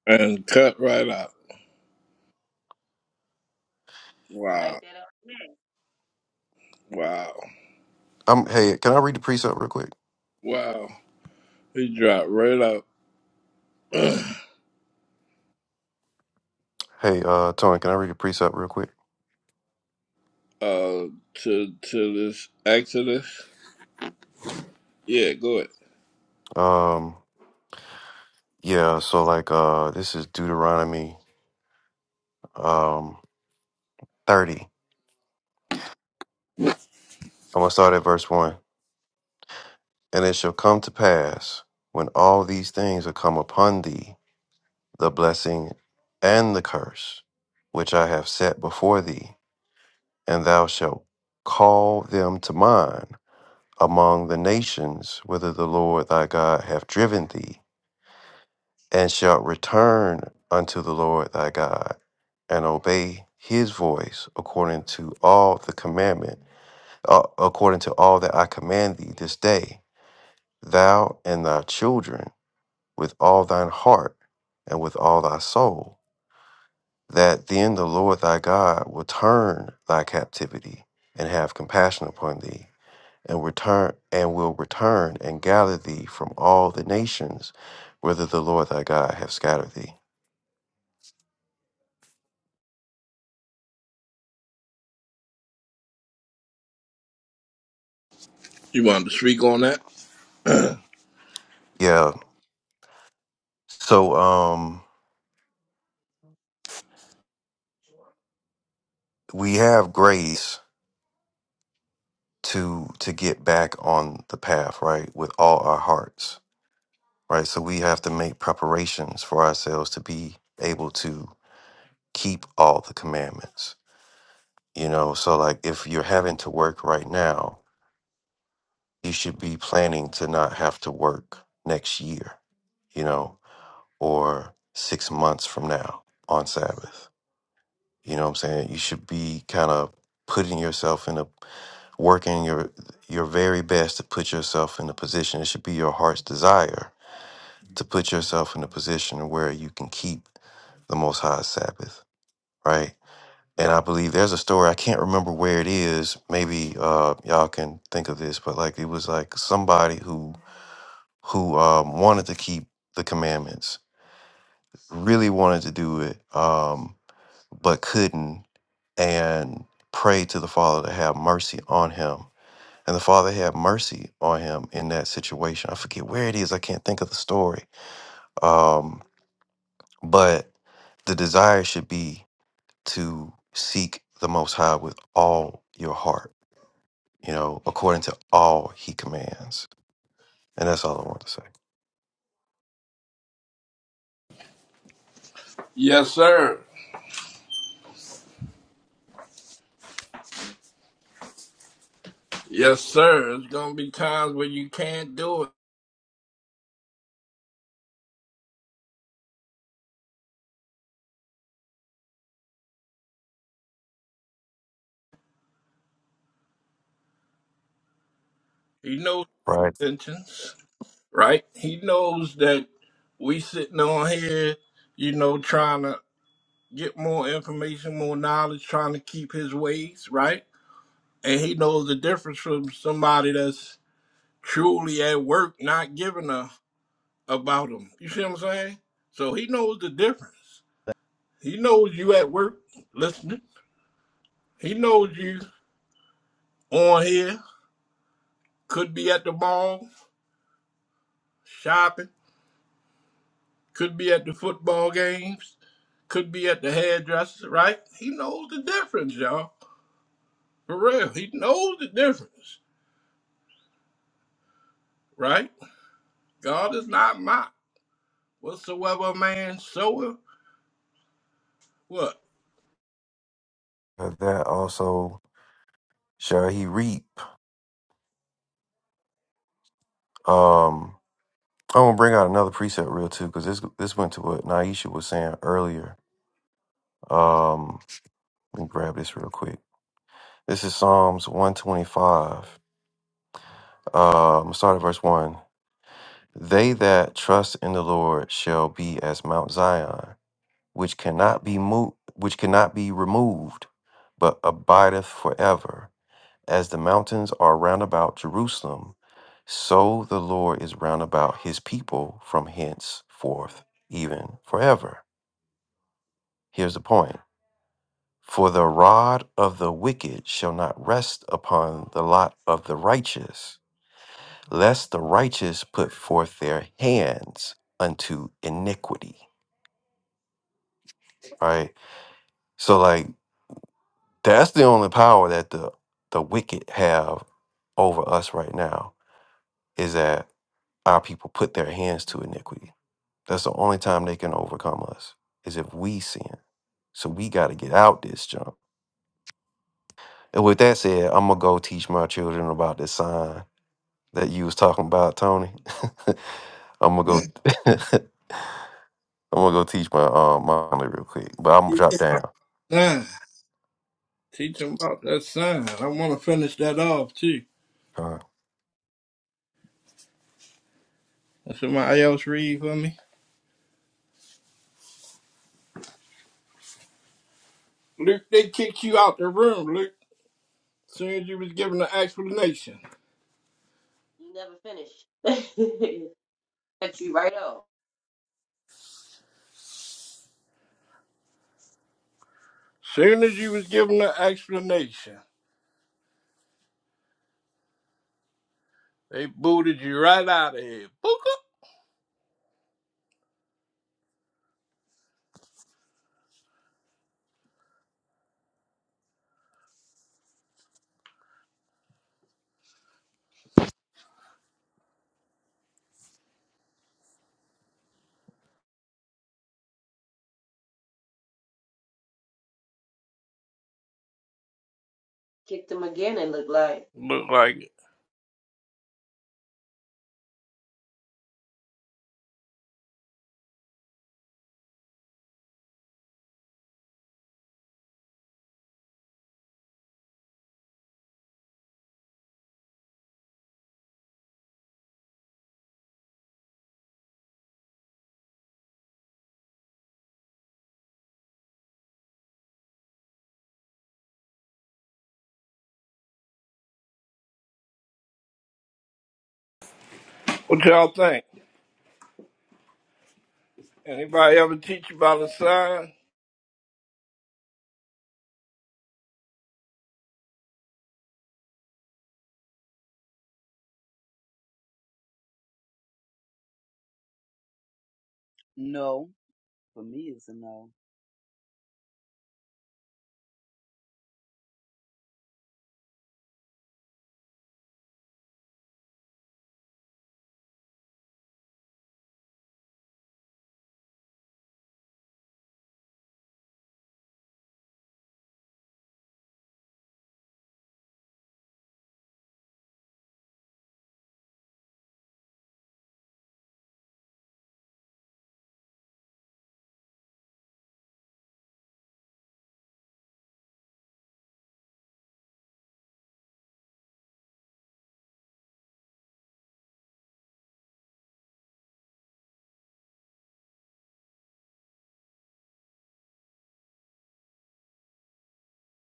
Speaker 10: And cut right out.
Speaker 6: Like
Speaker 10: Wow.
Speaker 6: that up man.
Speaker 10: Wow.
Speaker 4: am hey, can I read the precept real quick?
Speaker 10: Wow. He dropped right out <clears throat>
Speaker 4: Hey, uh, Tony, can I read the precept real quick?
Speaker 10: uh to to this Exodus. Yeah, go ahead.
Speaker 4: Um, yeah. So like, uh, this is Deuteronomy um thirty. I'm gonna start at verse one. And it shall come to pass when all these things are come upon thee the blessing and the curse which I have set before thee, and thou shalt call them to mind among the nations whither the Lord thy God hath driven thee, and shalt return unto the Lord thy God, and obey his voice according to all the commandment, uh, according to all that I command thee this day, thou and thy children with all thine heart and with all thy soul that then the Lord thy God will turn thy captivity and have compassion upon thee, and return and will return and gather thee from all the nations whither the Lord thy God have scattered thee.
Speaker 10: You want to speak on that?
Speaker 4: Yeah. So um we have grace to to get back on the path, right, with all our hearts. Right. So we have to make preparations for ourselves to be able to keep all the commandments. You know, so like if you're having to work right now you should be planning to not have to work next year, you know, or six months from now on Sabbath. You know what I'm saying? You should be kind of putting yourself in a working your your very best to put yourself in a position. It should be your heart's desire to put yourself in a position where you can keep the most high Sabbath, right? And I believe there's a story, I can't remember where it is. Maybe uh y'all can think of this, but like it was like somebody who who um, wanted to keep the commandments, really wanted to do it, um, but couldn't, and prayed to the Father to have mercy on him. And the Father had mercy on him in that situation. I forget where it is, I can't think of the story. Um, but the desire should be to seek the Most High with all your heart, you know, according to all He commands. And that's all I want to say.
Speaker 10: Yes, sir. Yes, sir. It's gonna be times when you can't do it. He knows
Speaker 4: Right.
Speaker 10: tensions, right? He knows that we sitting on here, you know, trying to get more information, more knowledge, trying to keep his ways, right? And he knows the difference from somebody that's truly at work, not giving a about him. You see what I'm saying? So he knows the difference.
Speaker 16: day.
Speaker 10: He knows you at work listening. He knows you on here, could be at the mall shopping Could be at the football games. Could be at the hairdresser, right? He knows the difference, y'all. For real, he knows the difference, right? God is not mocked. Whatsoever a man soweth, what?
Speaker 4: But that also shall he reap. Um, I'm gonna bring out another preset real too, because this this went to what Naisha was saying earlier. Um, let me grab this real quick. This is Psalms 125. Um, start at verse one. They that trust in the Lord shall be as Mount Zion, which cannot be moved, which cannot be removed, but abideth forever. As the mountains are round about Jerusalem, so the Lord is round about his people from henceforth, even forever. Here's the point For the rod of the wicked shall not rest upon the lot of the righteous, lest the righteous put forth their hands unto iniquity. Right? So, like, that's the only power that the, the wicked have over us right now is that our people put their hands to iniquity That's the only time they can overcome us is if we sin. So we got to get out this junk. And with that said, I'm gonna go teach my children about this sign that you was talking about, Tony. <laughs> I'm gonna go. <laughs> I'm gonna go teach my uh, mommy real quick, but I'm gonna drop down.
Speaker 10: Son. Teach him about that sign. I want to finish that off, too.
Speaker 4: Uh,
Speaker 10: Can Somebody else read for me. Luke, they kicked you out the room, Luke. Soon as you was given the explanation.
Speaker 6: He never finished. <laughs> Cut you right off.
Speaker 10: Soon as you was given the explanation, they booted you right out of here. Booker.
Speaker 6: Kicked him again and looked like
Speaker 10: Look like What y'all think? Anybody ever teach about a sign?
Speaker 5: No, for me it's a no.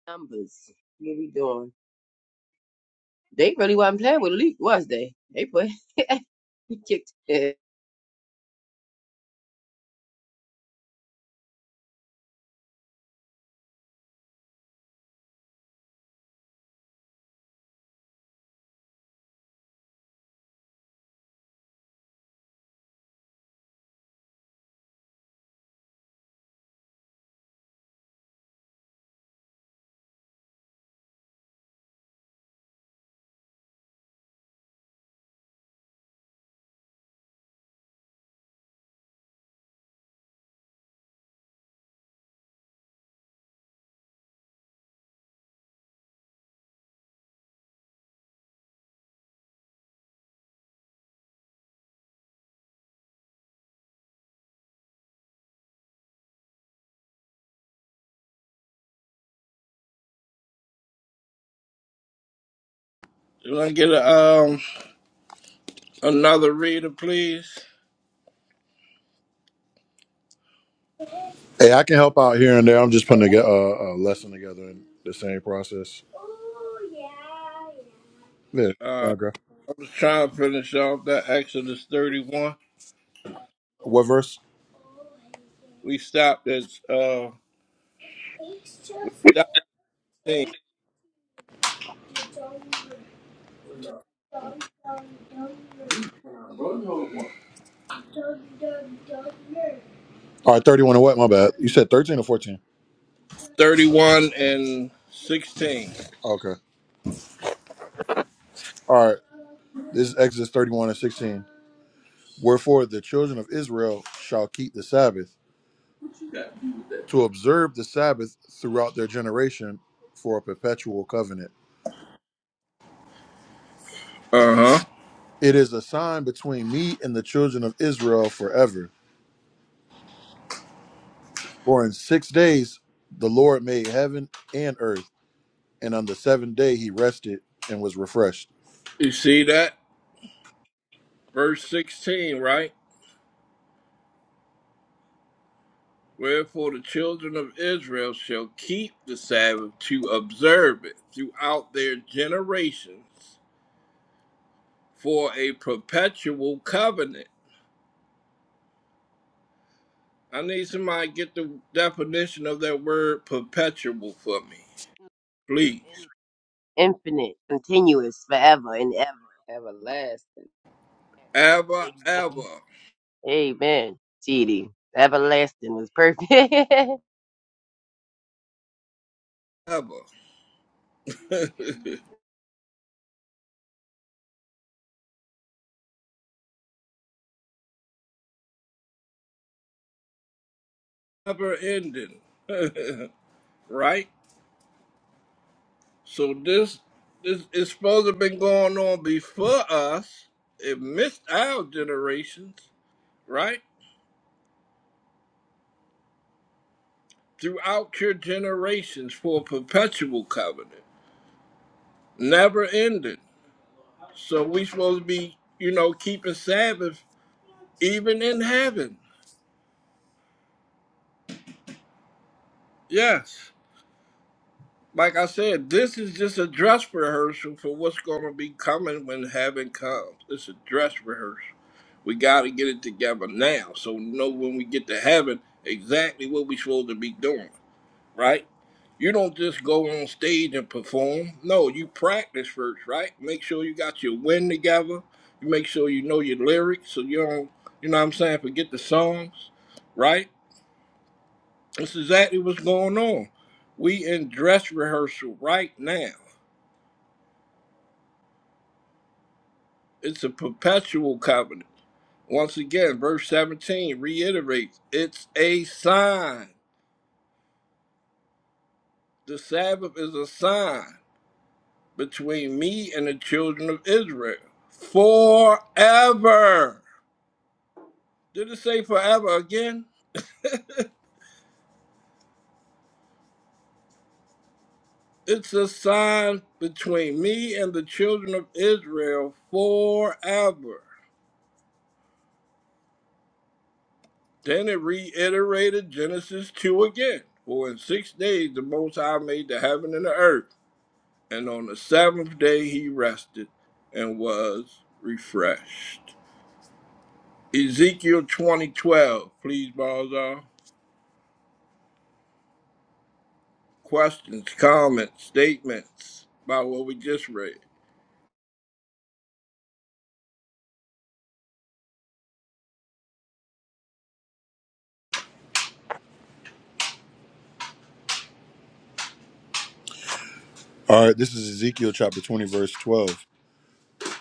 Speaker 6: numbers. What we doing? They really wasn't playing with Luke, was they? They put <laughs> he kicked it
Speaker 10: You want to get a, um another reader, please?
Speaker 12: Hey, I can help out here and there. I'm just putting a, a, a lesson together in the same process. Yeah.
Speaker 10: Uh, I
Speaker 12: Okay.
Speaker 10: was trying to finish off that Exodus thirty-one.
Speaker 12: What verse?
Speaker 10: We stopped at uh, we stopped at
Speaker 12: All right, 31 and what? My bad. You said 13 or 14?
Speaker 10: thirty-one and sixteen.
Speaker 12: Okay. All right. This is Exodus 31 and 16. Wherefore the children of Israel shall keep the Sabbath
Speaker 10: Uh
Speaker 12: to observe the Sabbath throughout their generation for a perpetual covenant.
Speaker 10: huh.
Speaker 12: It is a sign between me and the children of Israel forever. For in six days the Lord made heaven and earth, and on the seventh day he rested and was refreshed.
Speaker 10: You see that verse sixteen, right? Wherefore the children of Israel shall keep the Sabbath to observe it throughout their generations for a perpetual covenant. I need somebody to get the definition of that word perpetual for me, please.
Speaker 6: in infinite, continuous, forever and ever.
Speaker 5: Everlasting.
Speaker 10: Ever,
Speaker 6: Amen.
Speaker 10: ever,
Speaker 6: Amen. TD. Everlasting was perfect. <laughs> Even
Speaker 10: ever, <laughs> never ending, <laughs> right? So this this is supposed to have been going on before us. It missed our generations, right? Throughout your generations for a perpetual covenant, never ending. So we supposed to be, you know, keeping Sabbath even in heaven. Yes. Like I said, this is just a dress rehearsal for what's going to be coming when heaven comes. It's a dress rehearsal. We got to get it together now so we know when we get to heaven exactly what we're supposed to be doing, right? You don't just go on stage and perform. No, you practice first, right? Make sure you got your wind together. You make sure you know your lyrics so you don't, you know what I'm saying, forget the songs, right? That's exactly what's going on. We in dress rehearsal right now. It's a perpetual covenant. Once again, verse 17 reiterates it's a sign. The Sabbath is a sign between me and the children of Israel forever. Did it say forever again? It's a sign between me and the children of Israel forever. Then it reiterated Genesis 2 again. For in six days the Most High made the heaven and the earth, and on the seventh day he rested and was refreshed. Ezekiel 2012, please, Balzar. Questions, comments, statements about what we just read.
Speaker 12: All right, this is Ezekiel chapter 20, verse 12.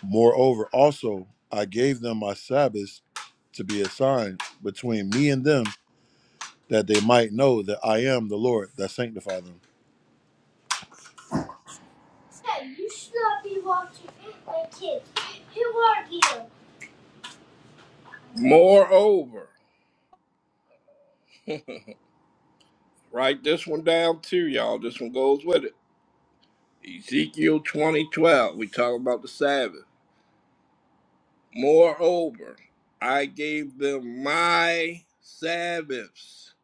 Speaker 12: Moreover, also I gave them my Sabbaths to be a sign between me and them, that they might know that I am the Lord that sanctify them.
Speaker 10: Moreover, write this one down too, y'all. This one goes with it. Ezekiel 2012, we talk about the Sabbath. Moreover, I gave them my Sabbaths.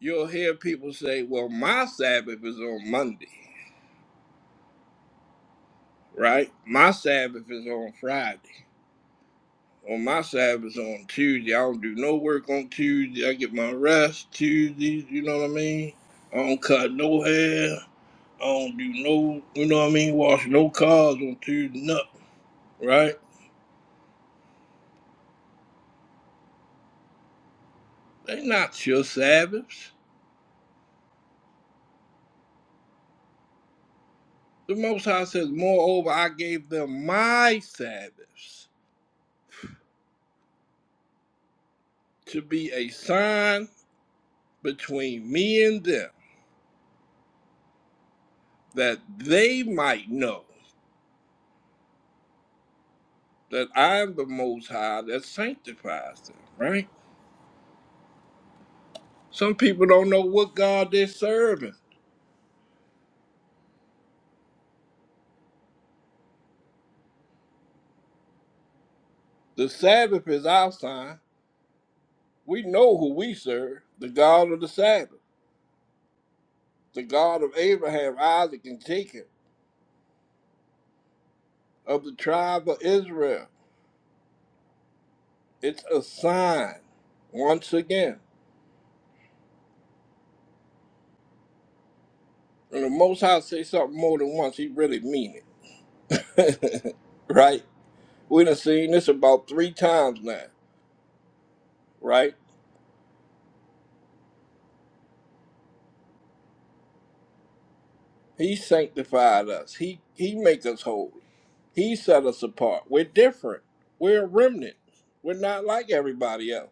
Speaker 10: You'll hear people say, well, my Sabbath is on Monday, right? My Sabbath is on Friday. Or my Sabbath is on Tuesday. I don't do no work on Tuesday. I get my rest Tuesdays, you know what I mean? I don't cut no hair. I don't do no, you know what I mean? Wash no cars on Tuesday, nothing, right? They not your Sabbaths. The Most High says, Moreover, I gave them my Sabbaths to be a sign between me and them, that they might know that I am the Most High that sanctifies them, right? Some people don't know what God they're serving. The Sabbath is our sign. We know who we serve the God of the Sabbath, the God of Abraham, Isaac, and Jacob, of the tribe of Israel. It's a sign, once again. When the Most High say something more than once, he really mean it. <laughs> right? We done seen this about three times now, right? He sanctified us. He he make us holy. He set us apart. We're different. We're a remnant. We're not like everybody else.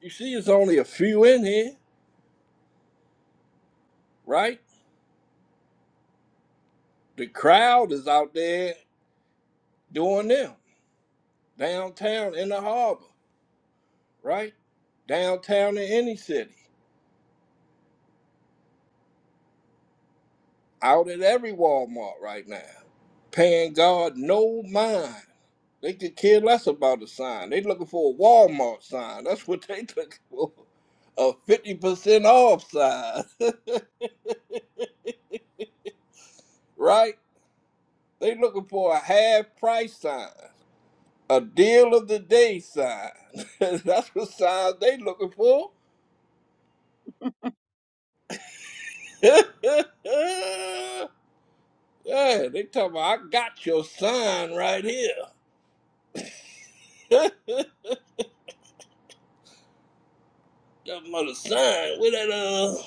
Speaker 10: You see, it's only a few in here, right? The crowd is out there doing them downtown in the harbor, right? Downtown in any city. out at every Walmart right now, paying God no mind. They could care less about a sign. They looking for a Walmart sign. That's what they <laughs> looking for. A 50% off sign, <laughs> right? They looking for a half price sign, a deal of the day sign. <laughs> That's what signs they looking for. <laughs> yeah, they talking about, I got your sign right here. <laughs> that mother sign. Where that, uh?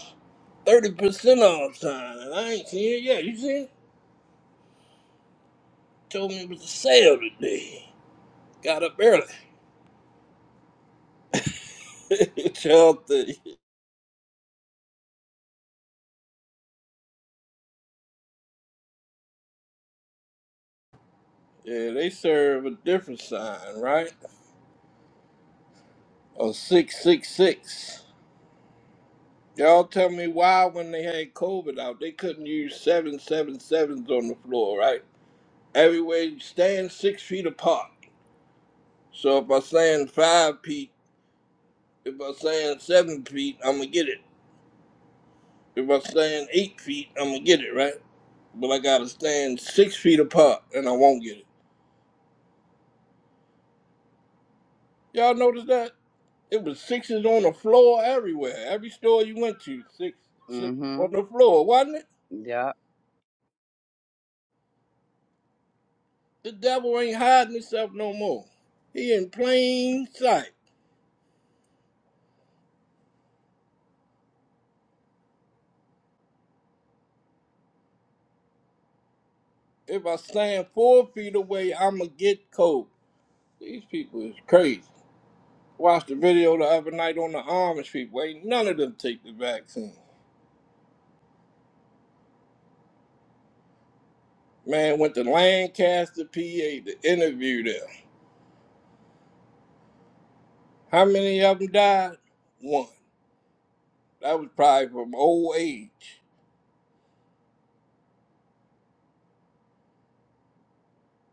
Speaker 10: thirty percent all the time, and I ain't seen it yet. You see it? Told me it was a sale today. Got up early. <laughs> Child yeah, they serve a different sign, right? A six six six. Y'all tell me why when they had COVID out, they couldn't use seven seven sevens on the floor, right? Everywhere you stand six feet apart. So if I stand five feet, if I stand seven feet, I'ma get it. If I stand eight feet, I'ma get it, right? but I gotta stand six feet apart and I won't get it. Y'all notice that? It was sixes on the floor everywhere. Every store you went to, six six on
Speaker 5: Mm-hmm.
Speaker 10: the floor, wasn't it?
Speaker 5: Yeah.
Speaker 10: The devil ain't hiding himself no more. He in plain sight. If I stand four feet away, I'ma get cold. These people is crazy. Watched the video the other night on the Amish people. Ain't none of them take the vaccine. Man went to Lancaster, PA to interview them. How many of them died? One. That was probably from old age.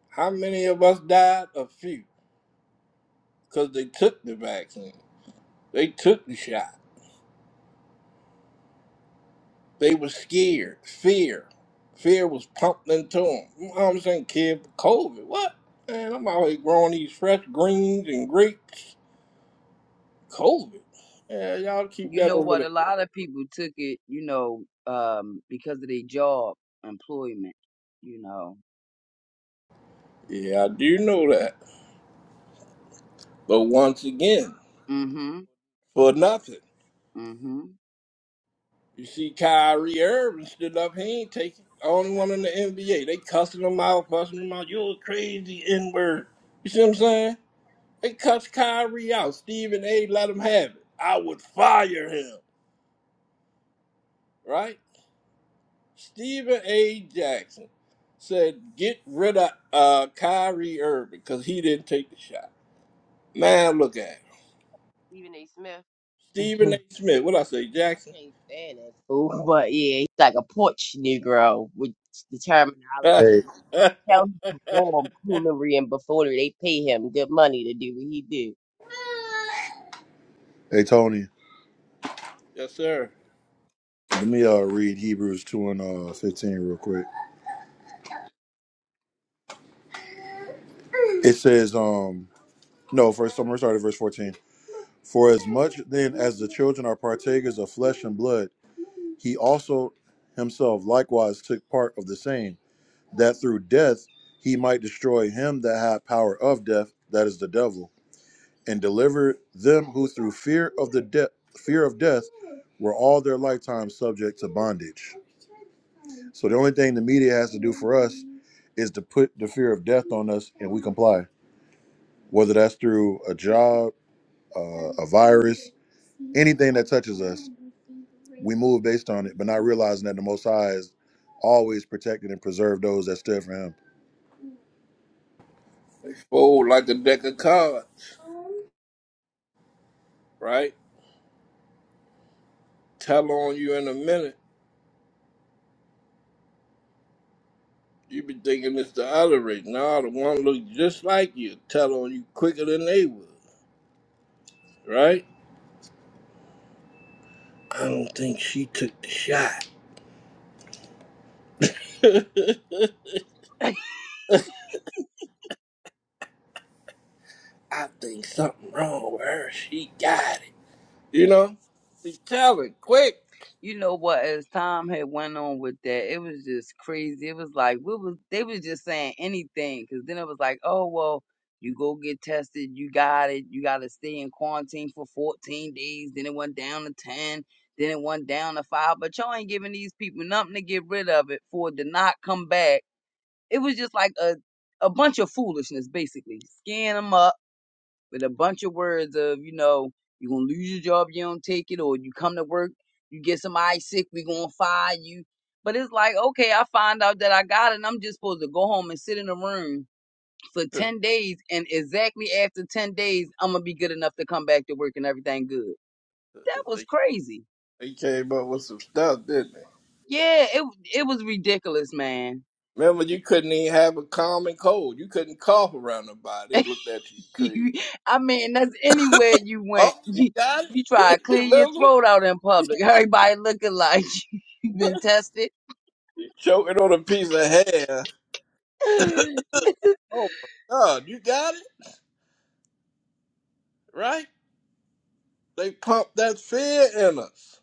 Speaker 10: How many of us died? A few. Because they took the vaccine. They took the shot. They were scared. Fear. Fear was pumped into them. I'm saying, kid, COVID. What? Man, I'm out here growing these fresh greens and grapes. COVID. Yeah, y'all keep
Speaker 5: You
Speaker 10: that
Speaker 5: know
Speaker 10: over
Speaker 5: what?
Speaker 10: there.
Speaker 5: A lot of people took it, you know, um, because of their job employment, you know.
Speaker 10: Yeah, I do know that. But once again,
Speaker 5: hmm
Speaker 10: for nothing.
Speaker 5: hmm
Speaker 10: You see Kyrie Irving stood up. He ain't taking only one in the NBA. They cussing him out, fussing him out. You're a crazy N-word. You see what I'm saying? They cussed Kyrie out. Stephen A. let him have it. I would fire him, right? Stephen A. Jackson said, get rid of uh, Kyrie Irving because he didn't take the shot. Man, look at him.
Speaker 6: A. Smith. <laughs>
Speaker 10: Stephen A.
Speaker 6: I
Speaker 10: Smith. What I say, Jackson?
Speaker 6: can't stand that fool. <laughs> But yeah, he's like a porch Negro with the
Speaker 10: <laughs> yes,
Speaker 12: Hey,
Speaker 6: terminology. Tell him to perform coonery and buffoonery. They pay him good money to do what he do.
Speaker 12: hey, Tony.
Speaker 10: sir.
Speaker 12: Let me uh read Hebrews two and uh fifteen real quick. It says, um, no, first I'm gonna start at verse fourteen. For as much then as the children are partakers of flesh and blood, he also himself likewise took part of the same, that through death he might destroy him that had power of death, that is the devil and delivered them who through fear of the death fear of death were all their lifetime subject to bondage. So the only thing the media has to do for us is to put the fear of death on us and we comply. Whether that's through a job, uh, a virus, anything that touches us, we move based on it, but not realizing that the Most High has always protected and preserved those that stood for Him.
Speaker 10: Oh, like a deck of cards, right? tell on you in a minute. You be thinking it's the other race. Nah, the one look just like you. Tell on you quicker than they would, right? I don't think she took the shot. <laughs> I think something wrong with her. She got it. You know? They tell it quick.
Speaker 5: <laughs> You know what? As time had went on with that, it was just crazy. It was like we was they was just saying anything because then it was like, oh well, you go get tested, you got it, you got to stay in quarantine for 14 days. Then it went down to 10, then it went down to five. But y'all ain't giving these people nothing to get rid of it for it to not come back It was just like a a bunch of foolishness, basically. Scan them up with a bunch of words of, you know, you're gonna lose your job, you don't take it, or you come to work, you get somebody sick, we gonna fire you. But it's like, okay, I find out that I got it, and I'm just supposed to go home and sit in a room for
Speaker 10: <laughs> they,
Speaker 5: ten days, and exactly after ten days, I'm gonna be good enough to come back to work and everything good. That was crazy.
Speaker 10: they came up with some stuff, didn't they?
Speaker 5: Yeah, it it was ridiculous, man.
Speaker 10: Remember, you couldn't even have a common cold. You couldn't cough around
Speaker 5: <laughs>
Speaker 10: nobody. They looked at you
Speaker 5: <laughs>
Speaker 10: crazy.
Speaker 5: you, I mean, that's anywhere you went.
Speaker 10: Oh,
Speaker 5: <laughs>
Speaker 10: you
Speaker 5: You,
Speaker 10: got
Speaker 5: you try
Speaker 10: it?
Speaker 5: to
Speaker 10: <laughs>
Speaker 5: clean your
Speaker 10: Remember?
Speaker 5: throat out in
Speaker 10: <laughs>
Speaker 5: public. <laughs> Everybody looking like <laughs> you've been tested.
Speaker 10: Choking on a piece of hair.
Speaker 5: <laughs> hmm
Speaker 10: Oh my God, you got it right. They pump that fear in us.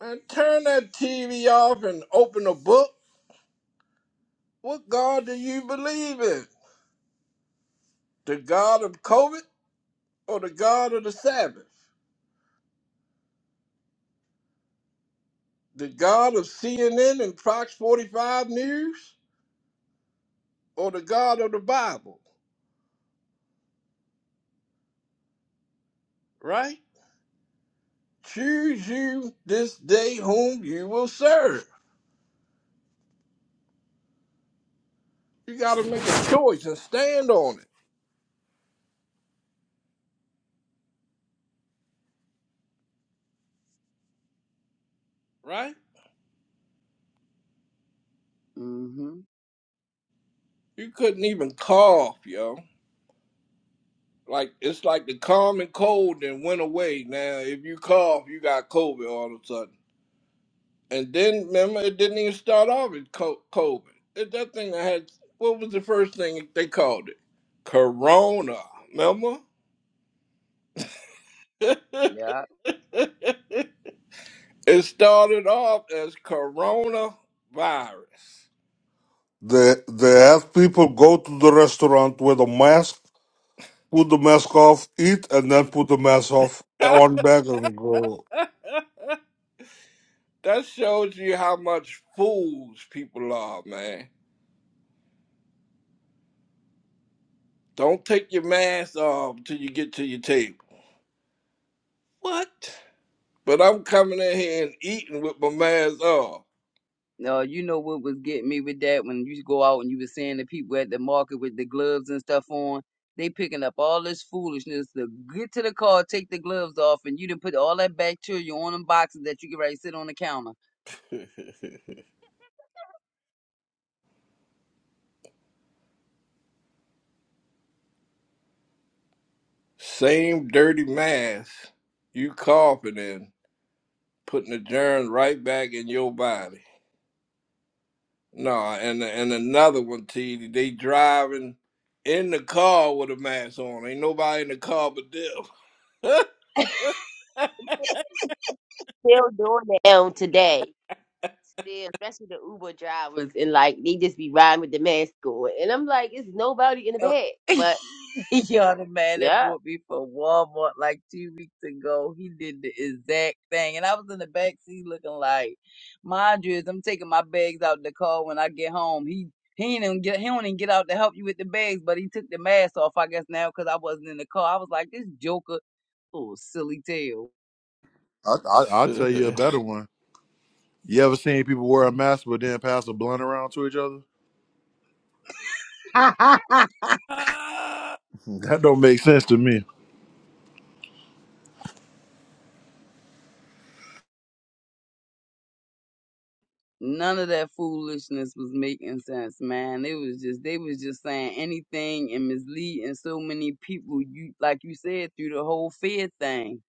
Speaker 10: Man, turn that TV off and open a book. What God do you believe in? The God of COVID or the God of the Sabbath? The God of CNN and Fox 45 News or the God of the Bible? Right? Choose you this day whom you will serve. You got to make a choice and stand on it. Right? You couldn't even cough, yo like it's like the common cold then went away. Now, if you cough, you got COVID all of a sudden. And then remember, it didn't even start off as co- COVID. It, that thing that had what was the first thing they called it? Corona. Remember? <laughs>
Speaker 5: Yeah.
Speaker 10: it started off as coronavirus. <laughs>
Speaker 9: They they have people go to the restaurant with a mask, put the mask off, eat, and then put the mask off on back and go
Speaker 10: that shows you how much fools people are, man. Don't take your mask off till you get to your table. What? But I'm coming in here and eating with my mask off.
Speaker 5: No, you know what was getting me with that when you go out and you were seeing the people at the market with the gloves and stuff on. They picking up all this foolishness to get to the car, take the gloves off, and you didn't put all that bacteria on them boxes that you can already sit on the counter.
Speaker 10: <laughs> Same dirty mask you coughing in, putting the germs right back in your body. No, and and another one, T. They driving in the car with a mask on. Ain't nobody in the car but
Speaker 6: Still doing that now today. Still, especially the Uber drivers and like they just be riding with the mask on. And I'm like, it's nobody in the
Speaker 5: Oh,
Speaker 6: bed.
Speaker 5: <laughs>
Speaker 6: But
Speaker 5: Y'all, the man that
Speaker 6: yeah,
Speaker 5: brought me from Walmart like two weeks ago, he did the exact thing. And I was in the back seat looking like, mind you, as I'm taking my bags out the car when I get home, he he ain't even get he don't even get out to help you with the bags, but he took the mask off, I guess now because I wasn't in the car. I was like, this Joker, oh silly tail.
Speaker 12: I, I, I'll tell you
Speaker 10: them.
Speaker 12: a
Speaker 10: <laughs> <laughs>
Speaker 12: better one. You ever seen people wear a mask but then pass a blunt around to each other?
Speaker 5: <laughs>
Speaker 12: That don't make sense to me.
Speaker 5: None of that foolishness was making sense, man. It was just they was just saying anything and misleading so many people. You like you said through the whole fear thing.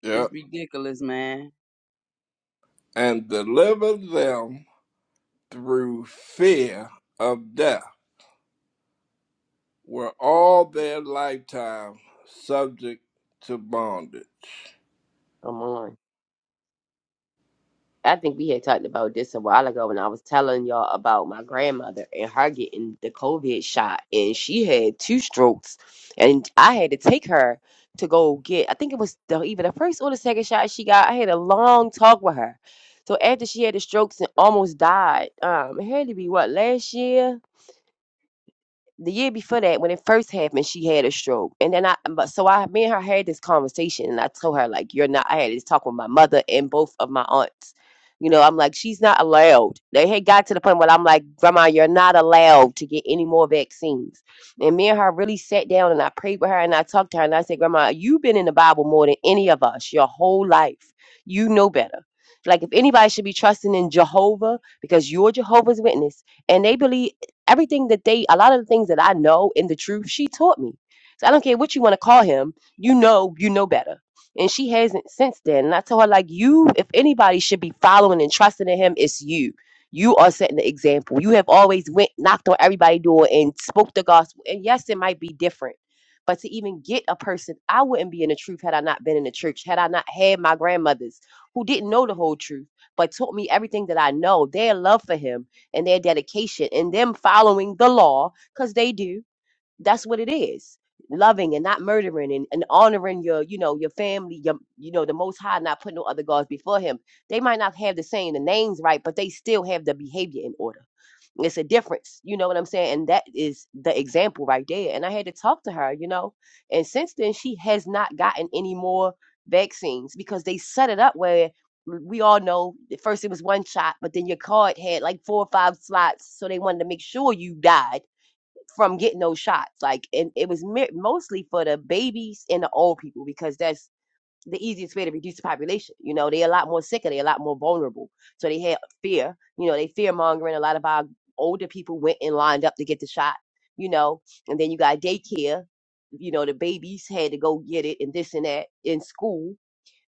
Speaker 10: Yep.
Speaker 5: It's ridiculous, man.
Speaker 10: and deliver them through fear of death. were all their lifetime subject to bondage.
Speaker 6: come on. I think we had talked about this a while ago when I was telling y'all about my grandmother and her getting the COVID shot, and she had two strokes, and I had to take her to go get. I think it was the, either the first or the second shot she got. I had a long talk with her. So after she had the strokes and almost died, um, it had to be what last year the year before that, when it first happened, she had a stroke, and then I, but so I, me and her had this conversation, and I told her like, "You're not." I had this talk with my mother and both of my aunts. You know, I'm like, she's not allowed. They had got to the point where I'm like, Grandma, you're not allowed to get any more vaccines. And me and her really sat down and I prayed with her and I talked to her and I said, Grandma, you've been in the Bible more than any of us your whole life. You know better. Like, if anybody should be trusting in Jehovah, because you're Jehovah's Witness, and they believe Everything that they, a lot of the things that I know in the truth, she taught me. So I don't care what you want to call him. You know, you know better. And she hasn't since then. And I told her, like, you, if anybody should be following and trusting in him, it's you. You are setting the example. You have always went, knocked on everybody's door and spoke the gospel. And yes, it might be different. But to even get a person, I wouldn't be in the truth had I not been in the church, had I not had my grandmothers who didn't know the whole truth, but taught me everything that I know. Their love for him and their dedication and them following the law because they do that's what it is loving and not murdering and, and honoring your you know your family your you know the most high not putting no other gods before him they might not have the same the names right but they still have the behavior in order it's a difference you know what i'm saying and that is the example right there and i had to talk to her you know and since then she has not gotten any more vaccines because they set it up where we all know at first it was one shot but then your card had like four or five slots so they wanted to make sure you died from getting those shots like and it was mi- mostly for the babies and the old people because that's the easiest way to reduce the population. You know, they're a lot more sicker, they're a lot more vulnerable. So they had fear. You know, they fear mongering. A lot of our older people went and lined up to get the shot, you know, and then you got daycare. You know, the babies had to go get it and this and that in school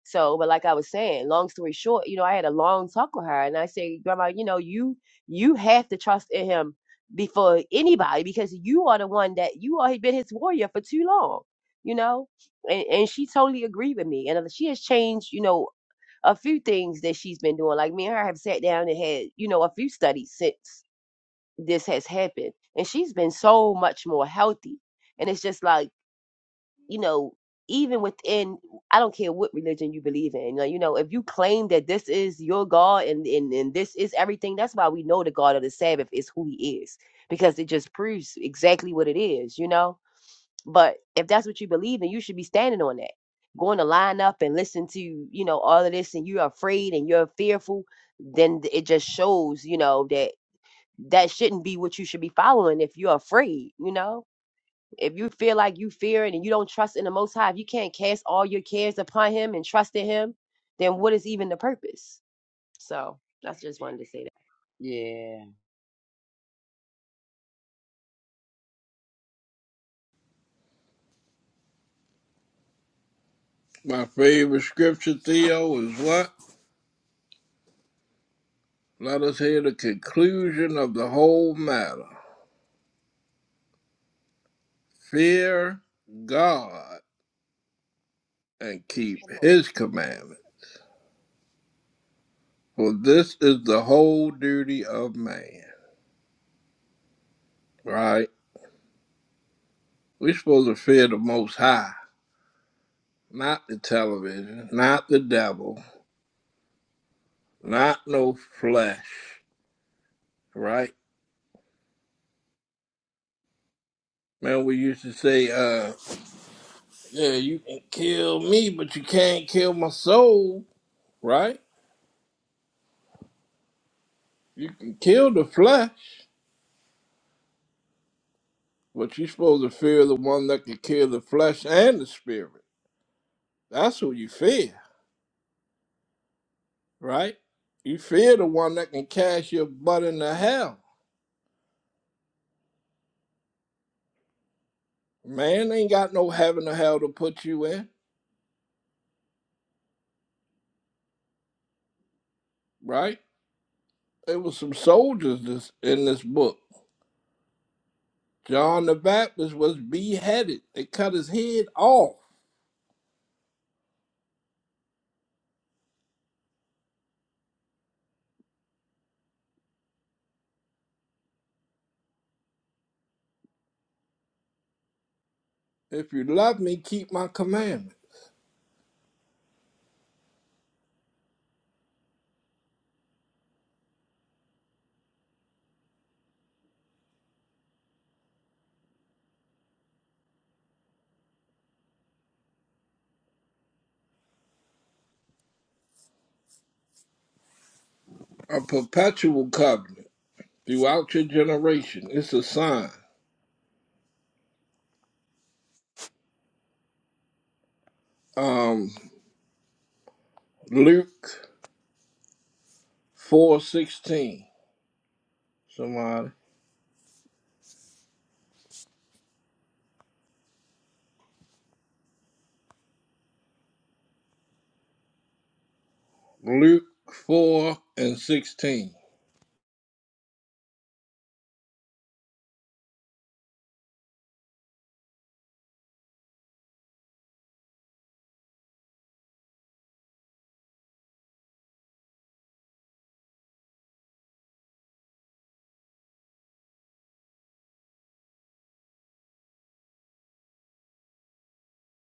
Speaker 6: so, but like I was saying, long story short, you know, I had a long talk with her and I say, Grandma, you know, you you have to trust in him before anybody because you are the one that you are been his warrior for too long, you know? And and she totally agreed with me. And she has changed, you know, a few things that she's been doing. Like me and her have sat down and had, you know, a few studies since this has happened. And she's been so much more healthy. And it's just like you know, even within, I don't care what religion you believe in, like, you know, if you claim that this is your God and, and, and this is everything, that's why we know the God of the Sabbath is who he is, because it just proves exactly what it is, you know? But if that's what you believe in, you should be standing on that. Going to line up and listen to, you know, all of this and you're afraid and you're fearful, then it just shows, you know, that that shouldn't be what you should be following if you're afraid, you know? If you feel like you fear it and you don't trust in the Most High, if you can't cast all your cares upon Him and trust in Him, then what is even the purpose? So I just wanted to say that.
Speaker 5: Yeah.
Speaker 10: My favorite scripture, Theo, is what? Let us hear the conclusion of the whole matter. Fear God and keep
Speaker 6: Come on,
Speaker 10: his commandment, for this is the whole duty of man. Right? We're supposed to fear the Most High, not the television, not the devil, not no flesh. Right? Man, we used to say, uh. Yeah, you can kill me, but you can't kill my soul, right? You can kill the flesh, but you're supposed to fear the one that can kill the flesh and the spirit. That's who you fear, right? You fear the one that can cast your butt into hell. Man ain't got no heaven or hell to put you in, right? There was some soldiers this, in this book. John the Baptist was beheaded. They cut his head off. If you love me, keep my commandment. A perpetual covenant. throughout your generation. It's a sign. Um, Luke four sixteen. Somebody. Luke four and sixteen.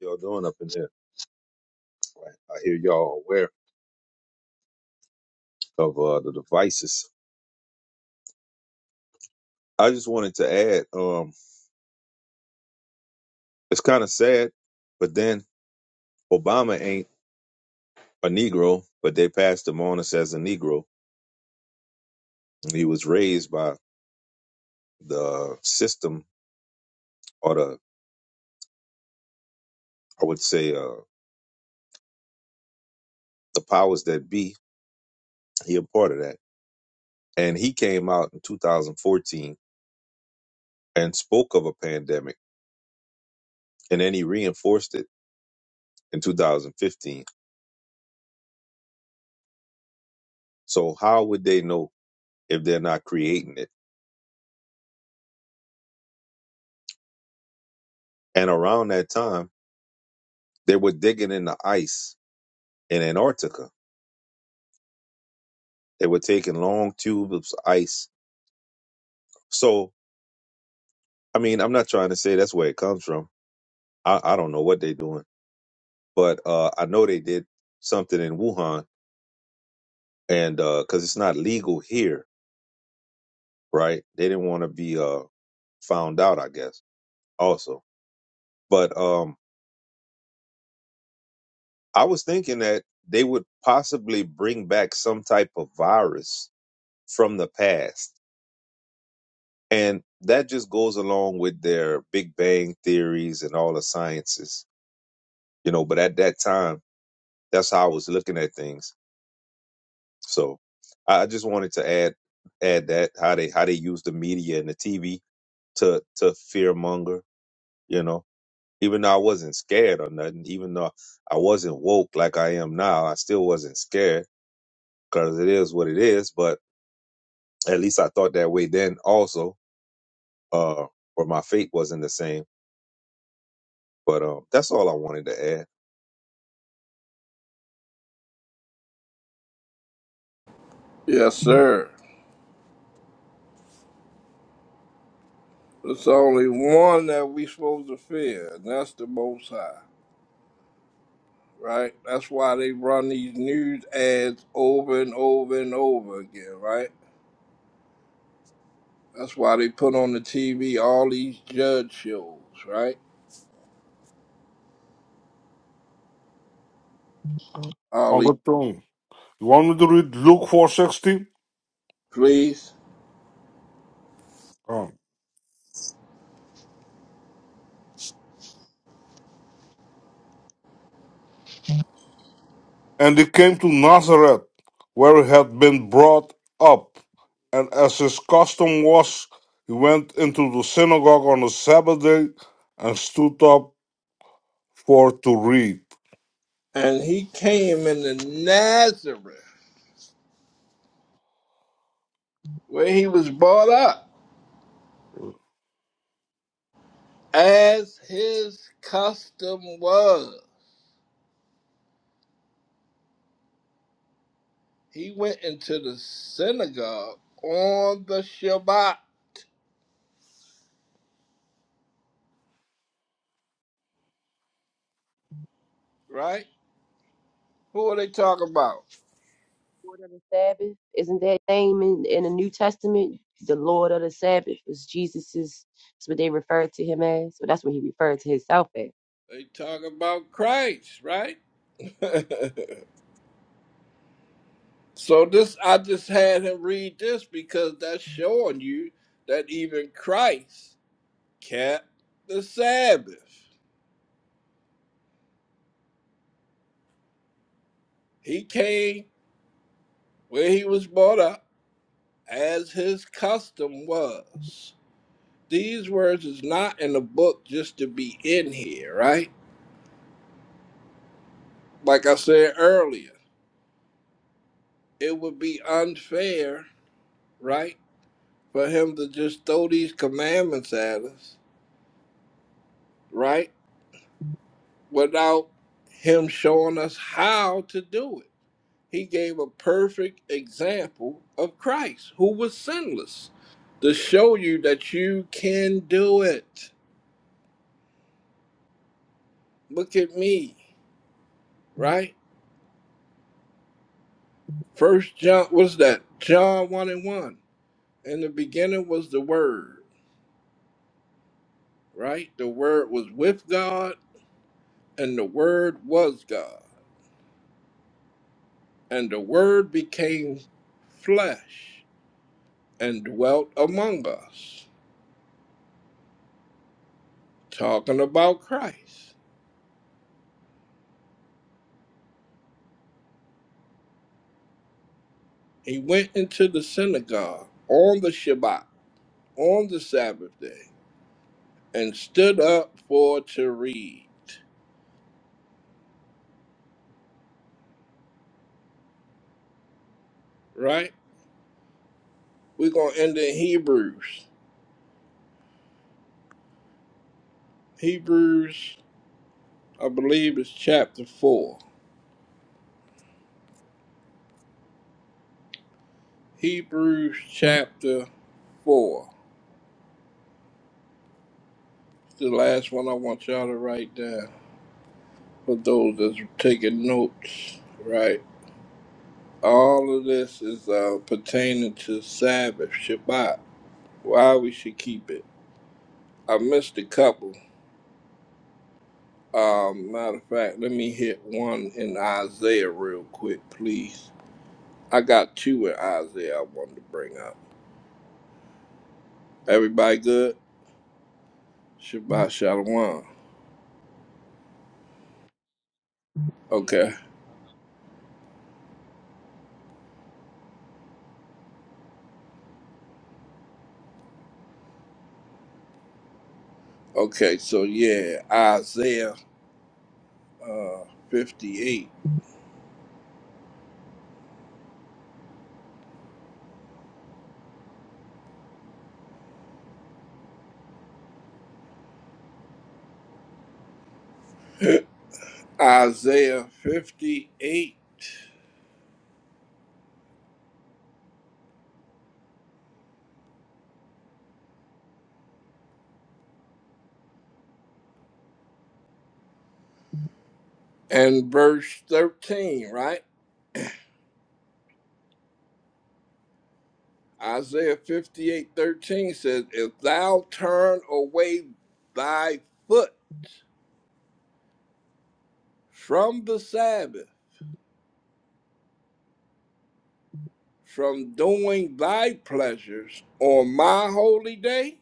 Speaker 17: y'all doing up in there. Right. I hear y'all aware of uh, the devices. I just wanted to add, um, it's kind of sad, but then Obama ain't a Negro, but they passed him on us as a Negro. And he was raised by the system or the, I would say, uh, the powers that be. He a part of that. And he came out in 2014 and spoke of a pandemic, and then he reinforced it in 2015. So how would they know if they're not creating it? And around that time, they were digging in the ice in Antarctica. They were taking long tubes of ice. So, I mean, I'm not trying to say that's where it comes from. I, I don't know what they're doing, but uh, I know they did something in Wuhan, and because it's not legal here, right? They didn't want to be uh, found out, I guess. Also, but um, I was thinking that they would possibly bring back some type of virus from the past And that just goes along with their Big Bang theories and all the sciences, you know. But at that time, that's how I was looking at things. So I I just wanted to add add that how they how they use the media and the TV to to fear monger, you know. Even though I wasn't scared or nothing, even though I wasn't woke like I am now, I still wasn't scared because it is what it is. But at least I thought that way then, also, uh, or my fate wasn't the same. But um, that's all I wanted to add.
Speaker 10: Yes, sir. It's only one that we supposed to fear, and that's the Most High, right? That's why they run these news ads over and over and over again, right? That's why they put on the TV all these judge shows, right? All
Speaker 9: on
Speaker 10: these
Speaker 9: the throne. You want me to read Luke four sixty?
Speaker 10: please.
Speaker 9: And he came to Nazareth, where he had been brought up, and as his custom was, he went into the synagogue on the Sabbath day and stood up for to read
Speaker 10: And he came in the Nazareth. where he was brought up, as his custom was. He went into the synagogue on the Shabbat, right? Who are they talking about?
Speaker 6: Lord of the Sabbath, isn't that name in, in the New Testament? The Lord of the Sabbath was Jesus's. That's what they referred to him as. So that's what he referred to himself as.
Speaker 10: They talk about Christ, right? <laughs> so this, I just had him read this because that's showing you that even Christ kept the Sabbath. He came where he was brought up, as his custom was. these words is not in the book just to be in here, right? Like I said earlier, it would be unfair, right, for him to just throw these commandments at us, right, without him showing us how to do it. He gave a perfect example of Christ, who was sinless, to show you that you can do it. Look at me, right? First John, what's that? John 1 and 1 In the beginning was the Word, right? The Word was with God, and the Word was God. And the Word became flesh and dwelt among us. Talking about Christ. He went into the synagogue on the Shabbat, on the Sabbath day, and stood up for to read, right? We're going to end in Hebrews. Hebrews, I believe, is chapter 4. Hebrews chapter four. The last one I want y'all to write down for those that's taking notes, right? All of this is uh, pertaining to Sabbath, Shabbat, why we should keep it. I missed a couple. Um, matter of fact, let me hit one in Isaiah real quick, please. I got two in Isaiah I wanted to bring up. Everybody good? Shabbat Shalom.
Speaker 6: Yeah.
Speaker 10: Okay. Okay, so yeah, Isaiah uh, 58. <laughs> Isaiah 58 and verse 13, right? Isaiah fifty-eight thirteen says, If thou turn away thy foot from the Sabbath, from doing thy pleasures on my holy day,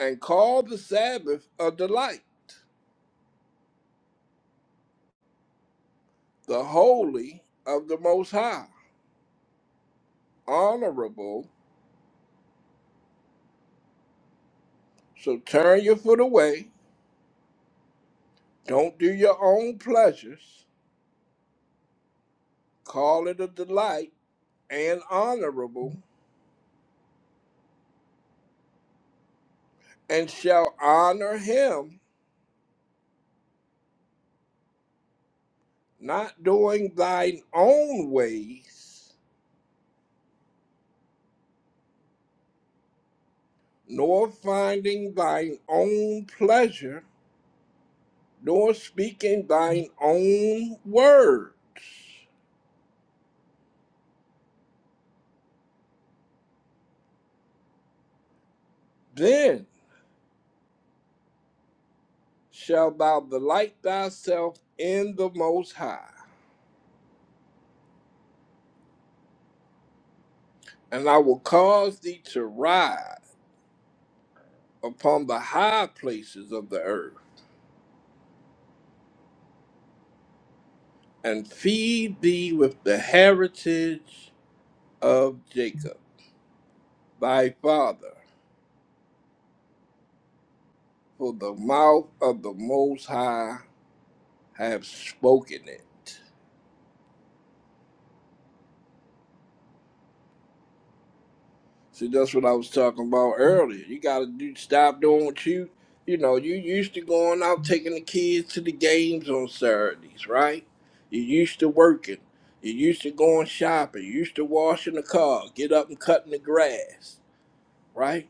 Speaker 10: and call the Sabbath a delight, the holy of the Most High, honorable. So turn your foot away. Don't do your own pleasures. Call it a delight and honorable, and shall honor him, not doing thine own ways, nor finding thine own pleasure, nor speaking thine own words. Then shalt thou delight thyself in the Most High, and I will cause thee to ride upon the high places of the earth, and feed thee with the heritage of Jacob. thy father, for the mouth of the Most High have spoken it. See, that's what I was talking about earlier. You gotta do stop doing what you, you know, you used to going out taking the kids to the games on Saturdays, right? You used to working. You used to going shopping. You used to washing the car, get up and cutting the grass, right?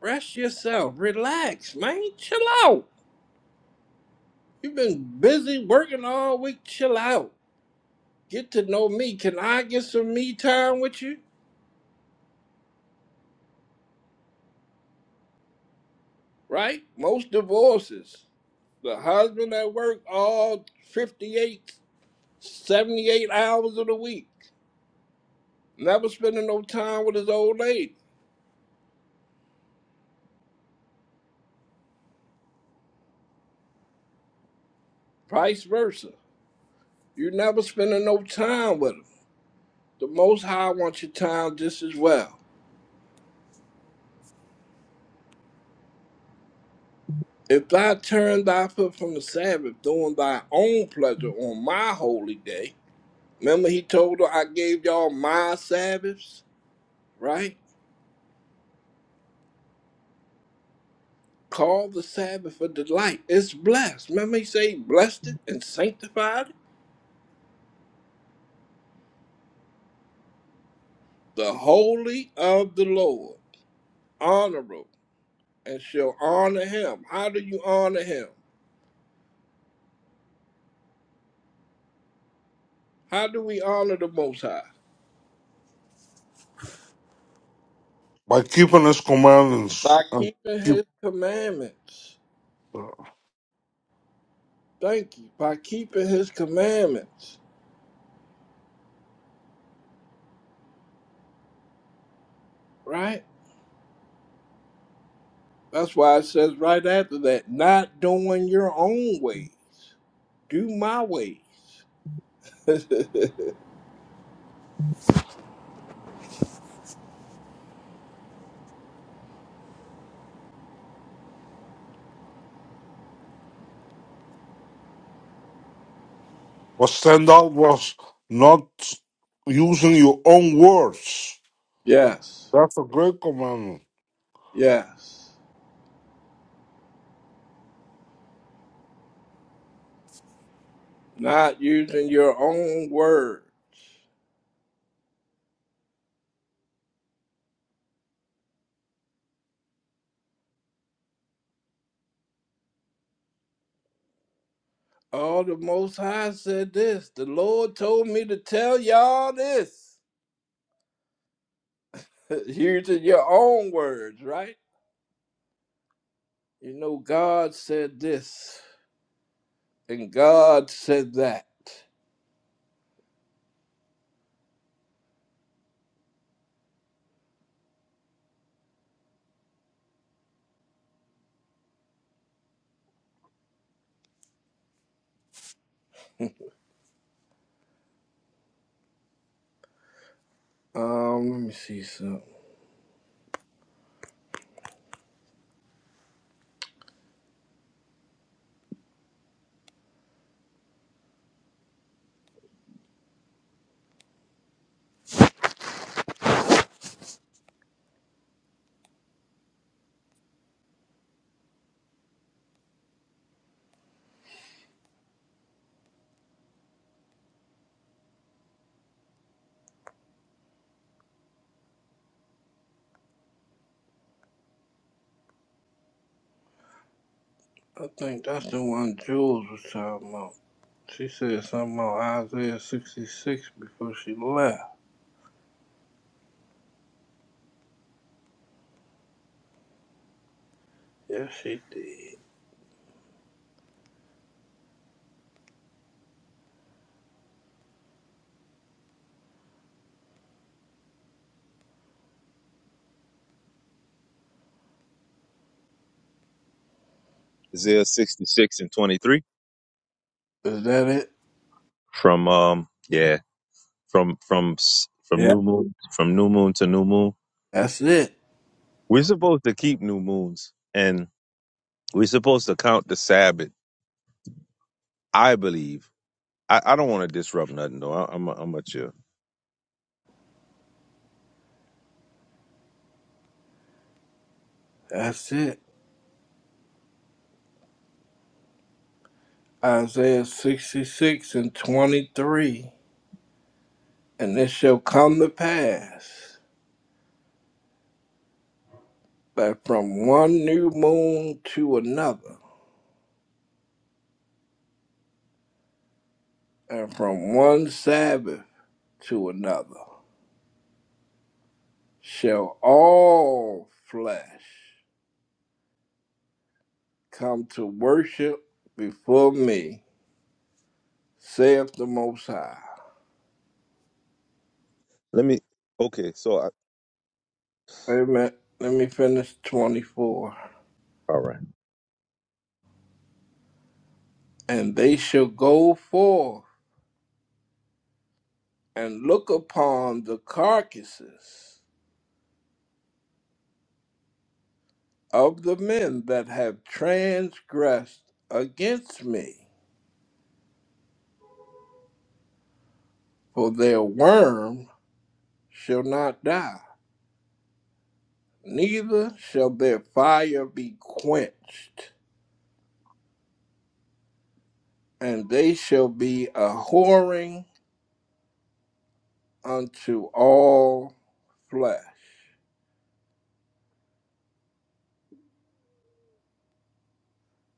Speaker 10: Rest yourself, relax, man, chill out. You've been busy working all week, chill out. get to know me. Can I get some me time with you? Right? Most divorces, the husband at work all 58, 78 hours of the week, never spending no time with his old lady. Vice versa. You never spending no time with him. The Most High wants your time just as well. If thou turn thy foot from the Sabbath, doing thy own pleasure on my holy day, remember he told her, I gave y'all my Sabbaths, right? Call the Sabbath a delight. It's blessed. Remember, he say, blessed it and sanctified it. The holy of the Lord, honorable, and shall honor him. How do you honor him? How do we honor the Most High?
Speaker 9: by keeping his commandments
Speaker 10: By
Speaker 9: and
Speaker 10: keeping
Speaker 9: keep.
Speaker 10: his commandments. Thank you. By keeping his commandments, right? That's why it says right after that, not doing your own ways. Do my ways. <laughs>
Speaker 9: What stand out was not using your own words.
Speaker 10: yes.
Speaker 9: That's a great commandment.
Speaker 10: Yes. not using your own word. All the Most High said this. The Lord told me to tell y'all this. <laughs> using your own words, right? You know, God said this, and God said that. <laughs> Um, let me see something. I think that's the one Jules was talking about. She said something about Isaiah 66 before she left. Yes, she did.
Speaker 17: Isaiah 66 and 23
Speaker 10: Is that it?
Speaker 17: from um yeah from from s- from
Speaker 10: Yeah.
Speaker 17: new moon from new moon to new moon.
Speaker 10: That's it.
Speaker 17: We're supposed to keep new moons and we're supposed to count the Sabbath. I believe. I, I don't want to disrupt nothing though. I, I'm a, I'm a chill.
Speaker 10: That's it. Isaiah 66 and 23. And it shall come to pass that from one new moon to another, and from one Sabbath to another, shall all flesh come to worship before me, saith the Most High.
Speaker 17: Let me. Okay, so I,
Speaker 10: Wait a minute, let me finish 24.
Speaker 17: all right.
Speaker 10: And they shall go forth and look upon the carcasses of the men that have transgressed against me. For their worm shall not die, neither shall their fire be quenched, and they shall be a whoring unto all flesh.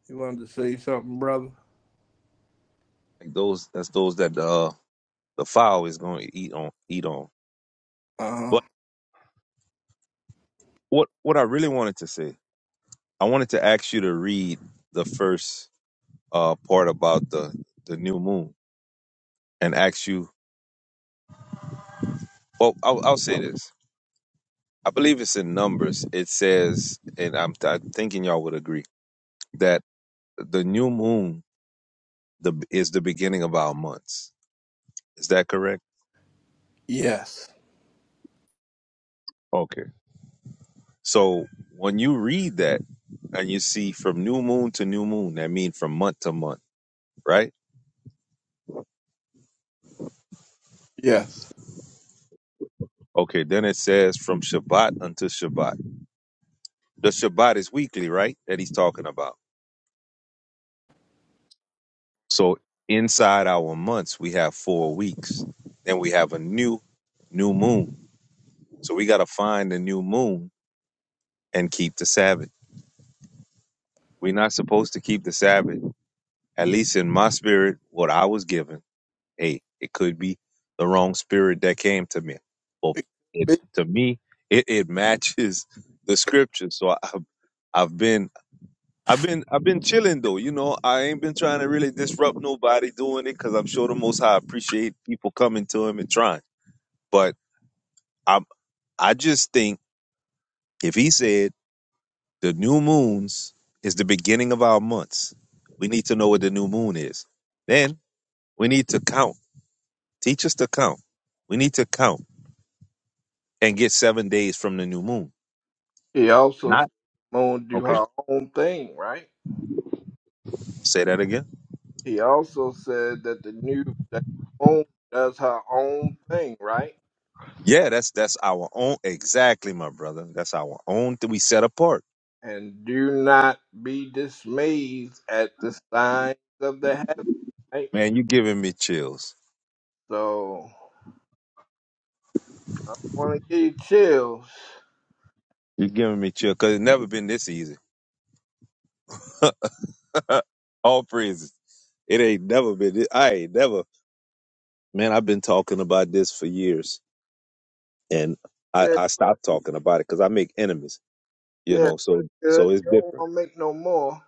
Speaker 10: You wanted to say something, brother?
Speaker 17: Like those that's those that uh the fowl is going to eat on eat on.
Speaker 10: Uh huh.
Speaker 17: But what what I really wanted to say, I wanted to ask you to read the first uh part about the the new moon and ask you Well, I'll, I'll say this. I believe it's in Numbers. It says, and I'm, I'm thinking y'all would agree that the new moon the, is the beginning of our months. Is that correct?
Speaker 10: Yes.
Speaker 17: Okay. So when you read that and you see from new moon to new moon, that means from month to month, right?
Speaker 10: Yes.
Speaker 17: Okay. Then it says from Shabbat unto Shabbat. The Shabbat is weekly, right? That he's talking about. So inside our months, we have four weeks. Then we have a new new moon So we got to find a new moon and keep the Sabbath. We're not supposed to keep the Sabbath, at least in my spirit, what I was given. Hey, it could be the wrong spirit that came to me. But it, to me, it, it matches the scripture. So I, have I've been. I've been I've been chilling though, you know. I ain't been trying to really disrupt nobody doing it because I'm sure the Most High appreciate people coming to him and trying. But I'm I just think if he said The new moons is the beginning of our months. We need to know what the new moon is. Then we need to count. Teach us to count. We need to count and get seven days from the new moon.
Speaker 10: He also
Speaker 17: Not
Speaker 10: moaned do
Speaker 17: okay.
Speaker 10: her own thing, right?
Speaker 17: Say that again.
Speaker 10: He also said that the new that the moon does her own thing, right?
Speaker 17: Yeah, that's that's our own exactly, my brother. That's our own that we set apart.
Speaker 10: And do not be dismayed at the signs of the heaven, right?
Speaker 17: Man, you giving me chills.
Speaker 10: So I want to give you chills.
Speaker 17: you are giving me chills because it's never been this easy. <laughs> All praises. It ain't never been. This, I ain't never. Man, I've been talking about this for years and I,
Speaker 10: Yeah,
Speaker 17: I stopped talking about it because I make enemies, you
Speaker 10: yeah,
Speaker 17: know. So
Speaker 10: good.
Speaker 17: so it's
Speaker 10: You don't
Speaker 17: different.
Speaker 10: want to make no more.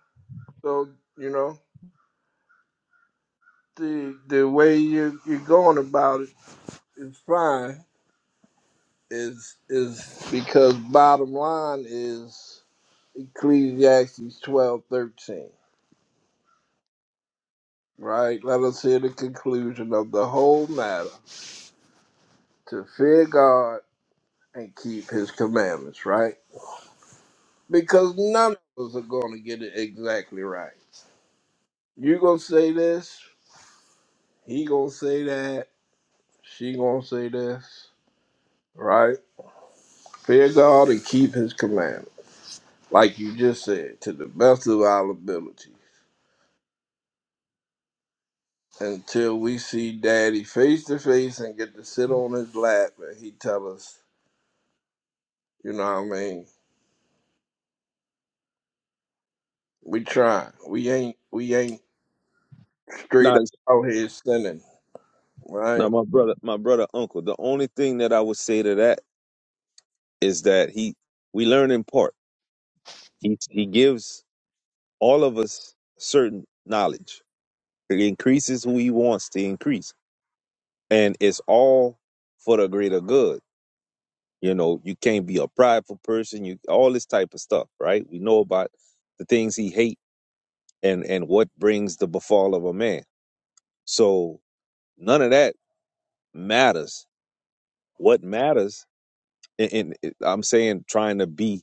Speaker 10: So you know the the way you you're going about it is fine. Is is because bottom line is Ecclesiastes twelve thirteen. Right? Let us hear the conclusion of the whole matter to fear God and keep his commandments, right? Because none of us are going to get it exactly right. You going to say this, he going to say that, she going to say this, right? Fear God and keep his commandments, like you just said, to the best of our ability. Until we see daddy face to face and get to sit on his lap and he tell us, you know what I mean, We trying. We ain't we ain't
Speaker 17: Now
Speaker 10: straight up
Speaker 17: it's-
Speaker 10: out here sinning,
Speaker 17: now
Speaker 10: right?
Speaker 17: my brother my brother uncle. The only thing that I would say to that is that he we learn in part. He he gives all of us certain knowledge. He increases who he wants to increase, and it's all for the greater good. You know, you can't be a prideful person. You all this type of stuff, right? We know about the things he hates and and what brings the befall of a man. So None of that matters. What matters, and, and it- I'm saying trying to be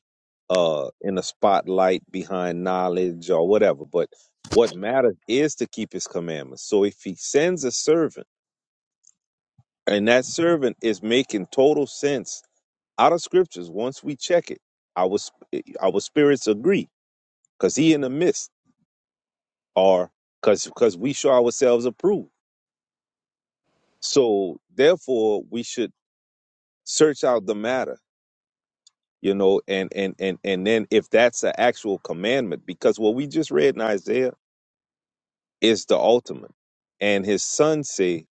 Speaker 17: uh, in the spotlight behind knowledge or whatever, but what matters is to keep his commandments. So if he sends a servant, and that servant is making total sense out of scriptures, once we check it, our sp- eh, our spirits agree because he in the midst, or because because we show ourselves approved. So therefore, we should search out the matter you know and and and and then if that's an actual commandment because what we just read in isaiah is the ultimate and his son say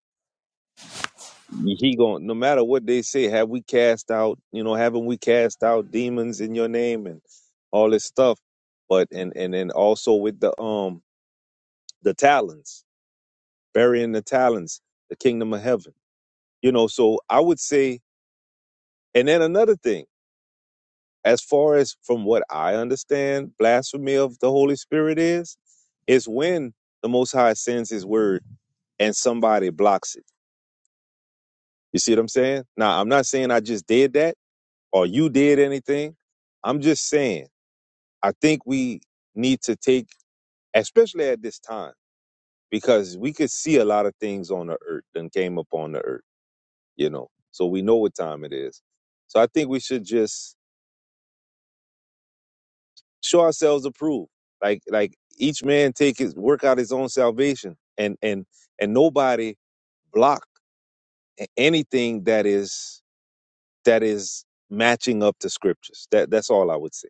Speaker 17: he going no matter what they say have we cast out you know haven't we cast out demons in your name and all this stuff but and and then also with the um the talons burying the talons the kingdom of heaven you know so i would say and then another thing as far as from what I understand, blasphemy of the Holy Spirit is, is when the Most High sends His word and somebody blocks it. You see what I'm saying? Now, I'm not saying I just did that or you did anything. I'm just saying I think we need to take, especially at this time, because we could see a lot of things on the earth and came upon the earth, you know. So we know what time it is. So I think we should just show ourselves approved. Like like each man take his work out his own salvation, and and and nobody block a- anything that is that is matching up to scriptures. That that's all I would say.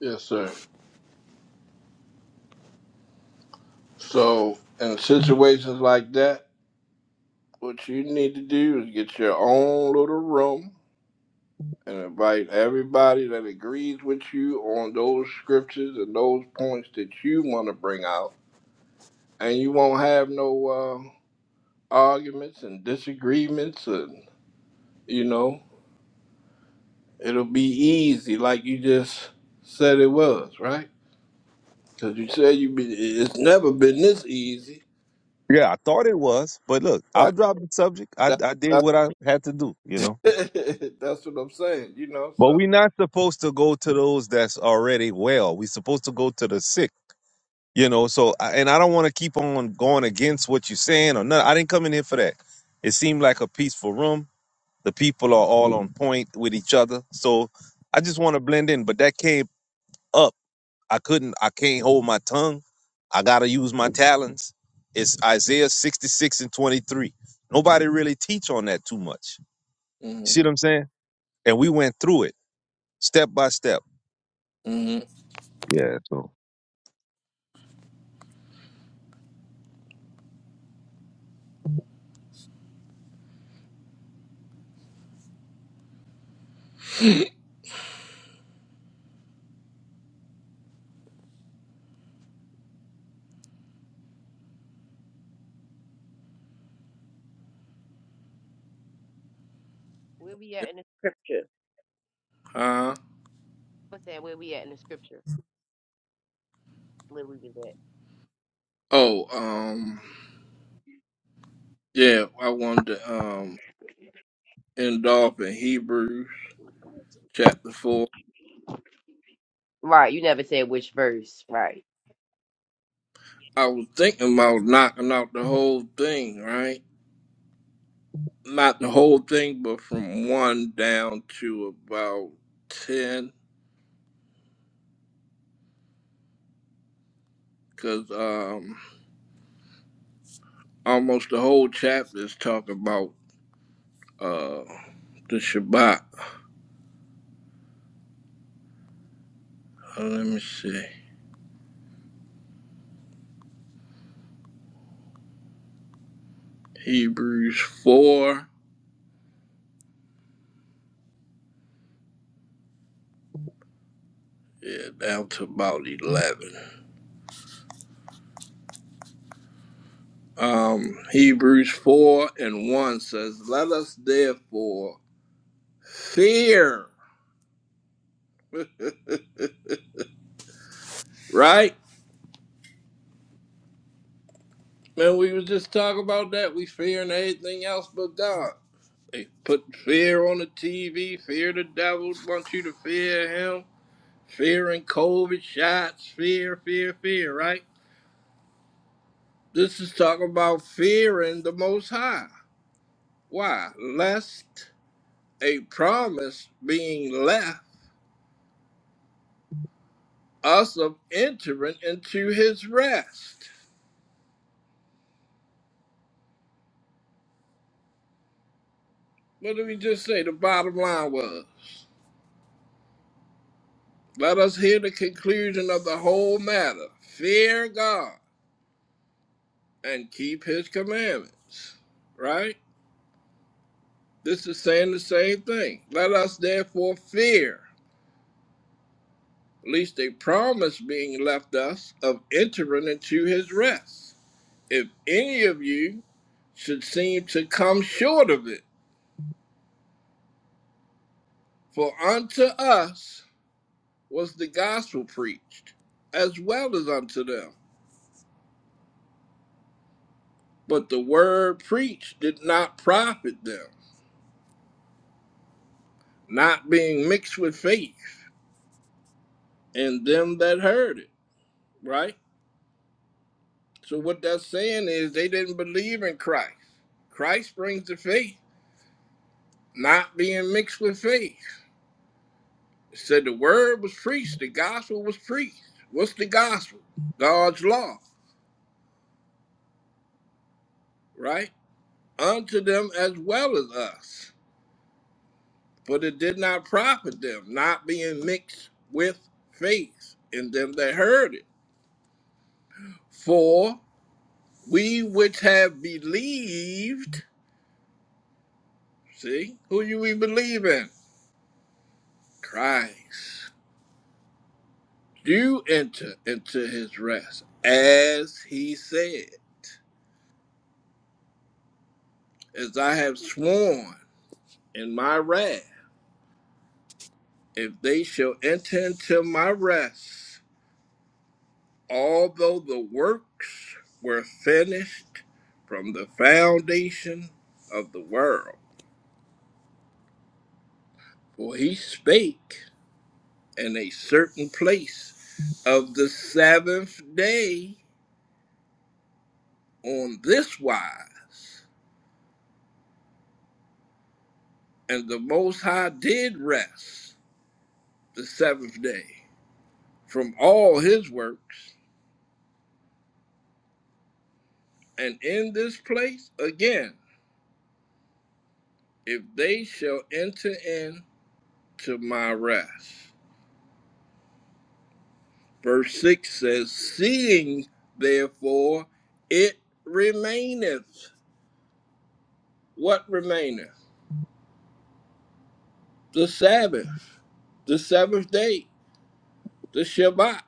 Speaker 10: Yes, sir. So in situations like that, what you need to do is get your own little room and invite everybody that agrees with you on those scriptures and those points that you want to bring out, and you won't have no uh, arguments and disagreements, and you know it'll be easy, like you just said it was, right? Cause you say you been, it's never been this easy,
Speaker 17: Yeah, I thought it was, but look, I'll
Speaker 10: right?
Speaker 17: drop the subject. I
Speaker 10: That,
Speaker 17: I did
Speaker 10: that's
Speaker 17: what I had to do, you know.
Speaker 10: <laughs> that's what I'm saying, you know.
Speaker 17: But
Speaker 10: So,
Speaker 17: we're not supposed to go to those that's already well. We're supposed to go to the sick, you know. So, I- and I don't want to keep on going against what you're saying or nothing. I didn't come in here for that. It seemed like a peaceful room The people are all on point with each other. So I just want to blend in, but that came up. I couldn't, I can't hold my tongue. I got to use my talents. It's Isaiah 66 and 23. Nobody really teach on that too much. You
Speaker 10: hmm
Speaker 17: see what I'm saying? And we went through it step by step.
Speaker 10: hmm
Speaker 17: Yeah. So
Speaker 6: Where we at in the scripture?
Speaker 10: uh,
Speaker 6: What's that? Where we at in the scripture? Where we was at?
Speaker 10: oh, um, yeah, I wanted to um end off in Hebrews chapter four.
Speaker 6: Right. You never said which verse. Right.
Speaker 10: I was thinking about knocking out the whole thing, right? Not the whole thing, but from one down to about ten, cause um, almost the whole chapter is talking about uh, the Shabbat. Uh, let me see. Hebrews 4, yeah, down to about 11. Um, Hebrews 4 and 1 says, Let us therefore fear. <laughs> Right? Man, we was just talking about that. We fearing everything else but God. They put fear on the TV, fear the devil, wants you to fear him, fearing COVID shots, fear, fear, fear, right? This is talking about fearing the Most High. Why? Lest a promise being left us of entering into his rest. What did we just say? The bottom line was let us hear the conclusion of the whole matter fear God and keep his commandments. Right? This is saying the same thing. Let us therefore fear, lest a promise being left us of entering into his rest. if any of you should seem to come short of it. For unto us was the gospel preached, as well as unto them. But the word preached did not profit them, not being mixed with faith in them that heard it. Right? So, what that's saying is they didn't believe in Christ. Christ brings the faith, not being mixed with faith. It said the word was preached, the gospel was preached. What's the gospel? God's law, right? unto them as well as us. But it did not profit them, not being mixed with faith in them that heard it. For we which have believed, see, who you we believe in? Christ. Do enter into his rest, as he said, as I have sworn in my wrath, if they shall enter into my rest, although the works were finished from the foundation of the world. For he spake in a certain place of the seventh day on this wise, and the Most High did rest the seventh day from all his works. And in this place again, if they shall enter in to my rest. Verse 6 says, Seeing therefore it remaineth. What remaineth? The Sabbath, the seventh day, the Shabbat,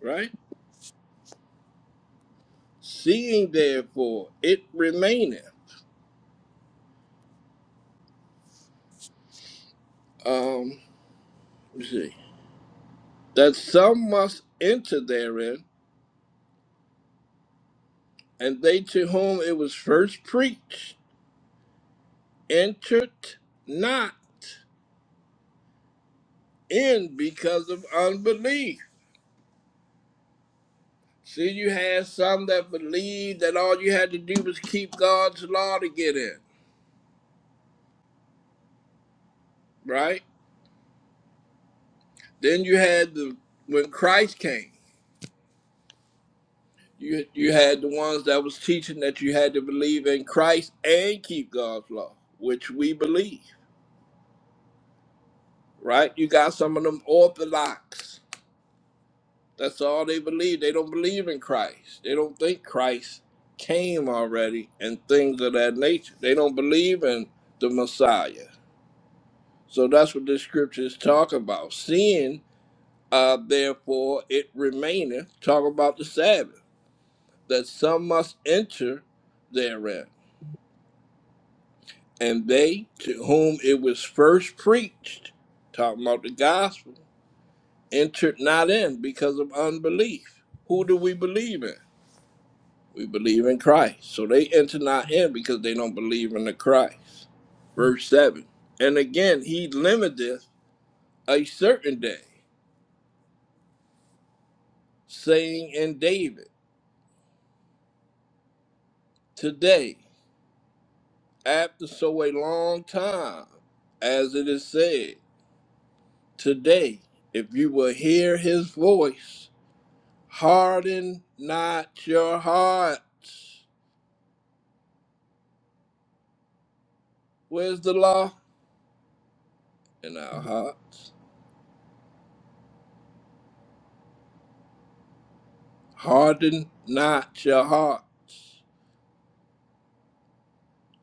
Speaker 10: right? Seeing therefore it remaineth. Um, let's see. That some must enter therein, and they to whom it was first preached entered not in because of unbelief. See, you had some that believed that all you had to do was keep God's law to get in, right? Then you had the when Christ came, you you had the ones that was teaching that you had to believe in Christ and keep God's law, which we believe, right? You got some of them orthodox. That's all they believe. They don't believe in Christ. They don't think Christ came already and things of that nature. They don't believe in the Messiah. So that's what the scriptures talk about. Sin, uh, therefore, it remaineth. Talk about the Sabbath, that some must enter therein. And they to whom it was first preached, talking about the gospel, entered not in because of unbelief. Who do we believe in? We believe in Christ. So they enter not in because they don't believe in the Christ. Verse 7. And again, he limiteth a certain day, saying in David. Today, after so a long time, as it is said, today, if you will hear his voice, harden not your hearts. Where's the law? In our hearts. Harden not your hearts.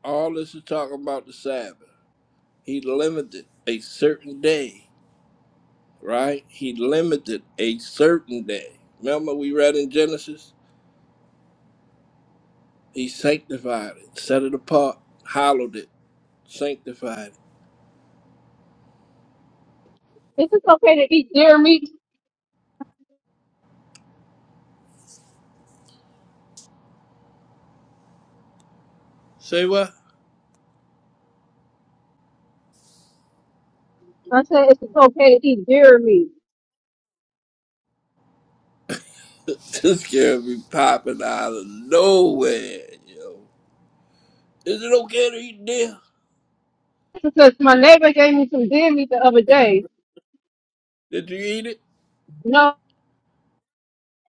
Speaker 10: All this is talking about the Sabbath. He limited a certain day, right? He limited a certain day. Remember, we read in Genesis? He sanctified it, set it apart, hallowed it, sanctified it.
Speaker 14: Is it okay to eat deer meat?
Speaker 10: Say what?
Speaker 14: I said, it's it okay to eat deer meat?
Speaker 10: <laughs> this girl be popping out of nowhere, yo. Is it okay to eat deer?
Speaker 14: Because my neighbor gave me some deer meat the other day.
Speaker 10: Did you eat it?
Speaker 14: No,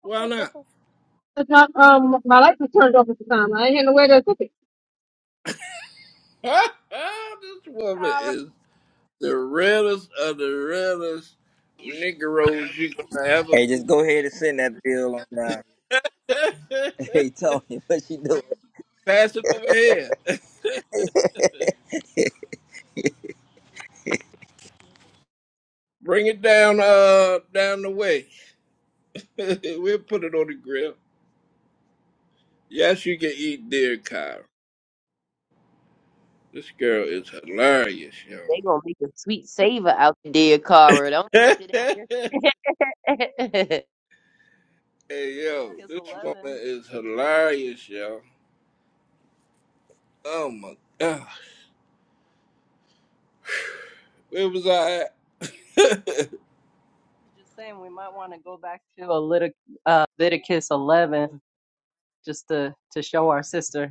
Speaker 10: Why not?
Speaker 14: it's not, um, my light was turned off at the time. I ain't had no way to cook it.
Speaker 10: <laughs> this woman is the realest of the realest Negroes you gonna ever
Speaker 3: Hey, just
Speaker 10: meet.
Speaker 3: go ahead and send that bill on down. <laughs> Hey,
Speaker 10: <laughs>
Speaker 3: Tony, what you doing?
Speaker 10: Pass it over here. <laughs> Bring it down, uh, down the way. <laughs> we'll put it on the grill. Yes, you can eat deer, Kyra. This girl is hilarious,
Speaker 6: They
Speaker 10: yo.
Speaker 6: gonna make a sweet savor out the dear Cara. Don't think it out this.
Speaker 10: <laughs>
Speaker 6: <laughs> it's
Speaker 10: Hey, yo,
Speaker 18: Leviticus
Speaker 10: this
Speaker 18: 11.
Speaker 10: woman is hilarious, yo. Oh my god, where was I at?
Speaker 18: Just saying, we might want to go back to a Lit- uh, Leviticus 11 just to, to show our sister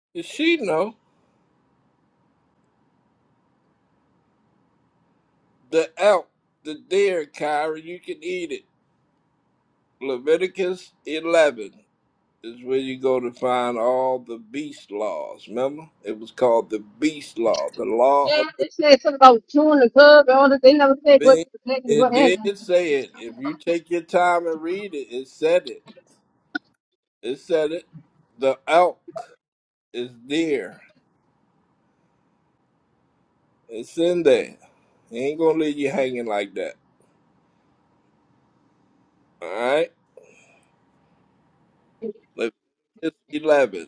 Speaker 10: <laughs> Does she know the elk, the deer, Kyra? You can eat it. Leviticus 11 is where you go to find all the beast laws. Remember, it was called the beast law, the law
Speaker 14: Yeah,
Speaker 10: of the
Speaker 14: they said something about chewing the cub and all this. They never said what
Speaker 10: beast.
Speaker 14: exactly
Speaker 10: It
Speaker 14: what happened.
Speaker 10: did say it. If you take your time and read it, it said it. It said it. The elk is there. It's in there. He ain't gonna leave you hanging like that. All right. Leviticus eleven.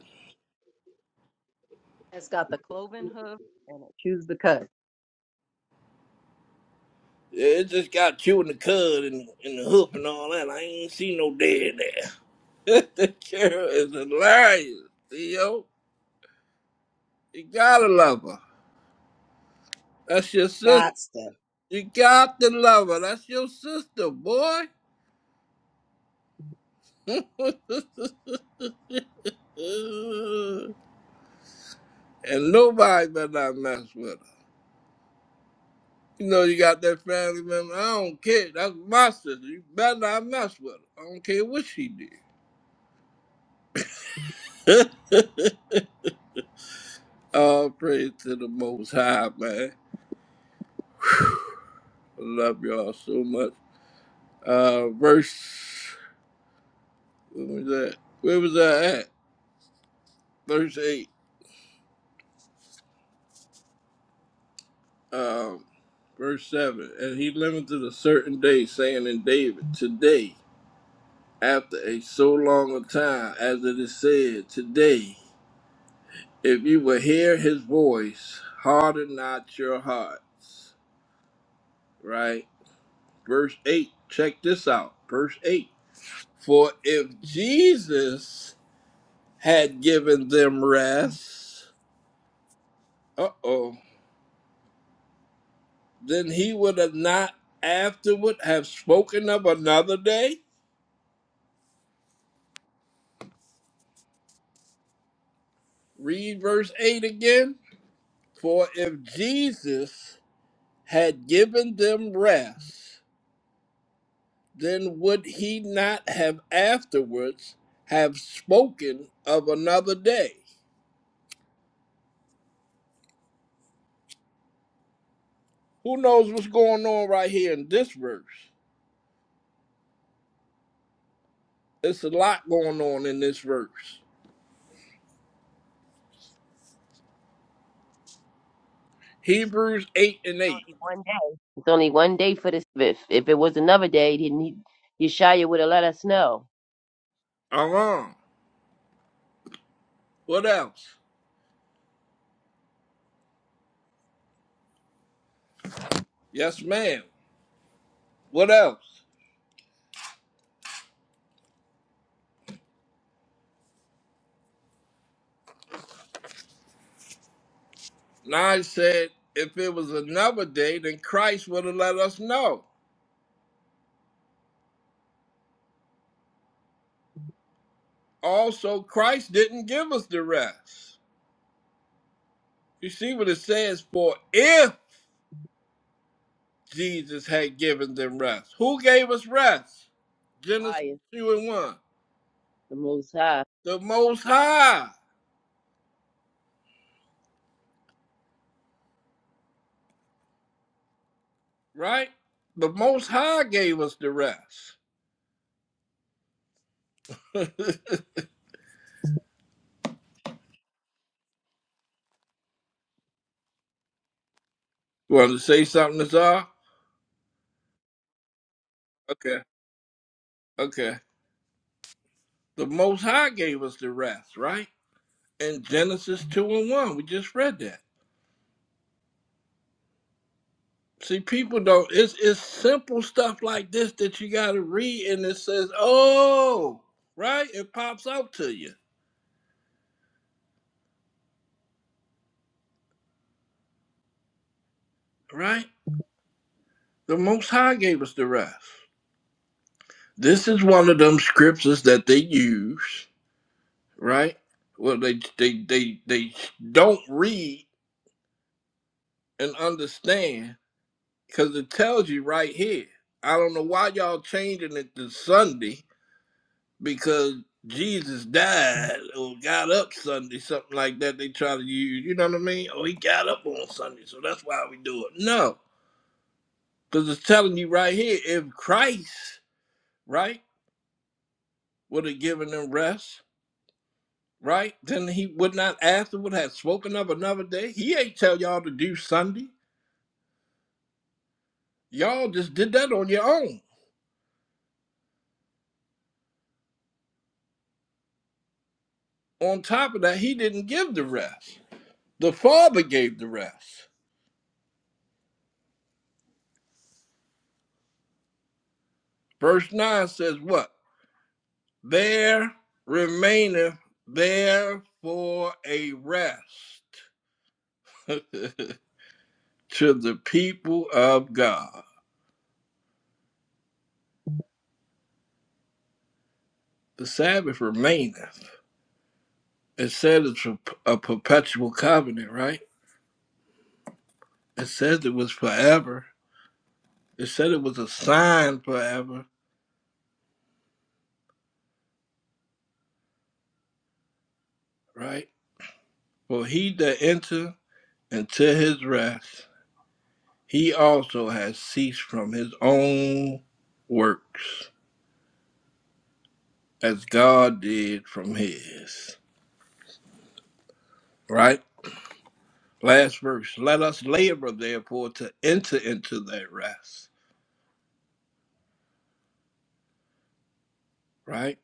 Speaker 18: it has got the cloven hoof and it chews the cud.
Speaker 10: Yeah, It just got you in the cud and and the hoof and all that. I ain't seen no dead there. <laughs> the girl is hilarious. Theo, you gotta love her. That's your sister.
Speaker 5: gotcha.
Speaker 10: You got to love her. That's your sister, boy. <laughs> and nobody better not mess with her. You know you got that family member. I don't care. That's my sister. You better not mess with her. I don't care what she did. <laughs> All praise to the Most High, man. Whew. I love y'all so much. Uh, verse, what was that? Where was that at? Verse 8, um, verse 7. And he limited a certain day, saying in David, Today, after a so long a time, as it is said, today. If you will hear his voice, harden not your hearts. Right? Verse 8. Check this out. Verse 8. For if Jesus had given them rest, uh oh, then he would have not afterward have spoken of another day. Read verse 8 again. For if Jesus had given them rest, then would he not have afterwards have spoken of another day? Who knows what's going on right here in this verse? It's a lot going on in this verse. Hebrews 8 and 8.
Speaker 6: only one day. It's only one day for this. If, if it was another day, then he, Yeshaya would have let us know.
Speaker 10: Aram. What else? Yes, ma'am. What else? Nine said, if it was another day, then Christ would have let us know. Also, Christ didn't give us the rest. You see what it says, for if Jesus had given them rest. Who gave us rest? Genesis
Speaker 6: Highest,
Speaker 10: 2 and 1.
Speaker 6: the most high.
Speaker 10: The Most High, right? The Most High gave us the rest. <laughs> You want to say something, Nazar? Okay, okay. The Most High gave us the rest, right? In Genesis 2 and 1. We just read that. See, people don't, it's, it's simple stuff like this that you got to read and it says, oh, right? It pops out to you, right? The Most High gave us the rest. This is one of them scriptures that they use, right? Well, they they they they don't read and understand because it tells you right here. I don't know why y'all changing it to Sunday because Jesus died or got up Sunday, something like that. They try to use, you know what I mean? Oh, he got up on Sunday, so that's why we do it. No, because it's telling you right here if Christ, right, would have given them rest right? Then he would not after would have spoken of another day. He ain't tell y'all to do Sunday. Y'all just did that on your own. On top of that, he didn't give the rest. The Father gave the rest. Verse 9 says, What? There remaineth therefore a rest <laughs> to the people of God. The Sabbath remaineth. It said it's a, a perpetual covenant, right? It says it was forever It said it was a sign forever, right? For he that enter into his rest, he also has ceased from his own works, as God did from his. Right? Last verse. Let us labor therefore to enter into that rest. Right?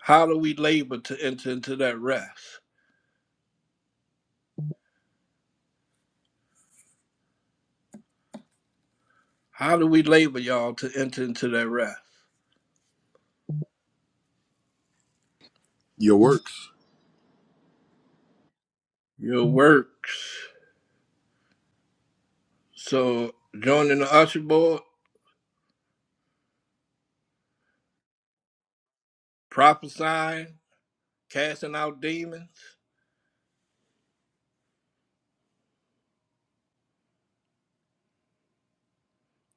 Speaker 10: How do we labor to enter into that rest? How do we labor, y'all, to enter into that rest?
Speaker 12: Your works.
Speaker 10: Your works. So joining the usher board. prophesying, casting out demons,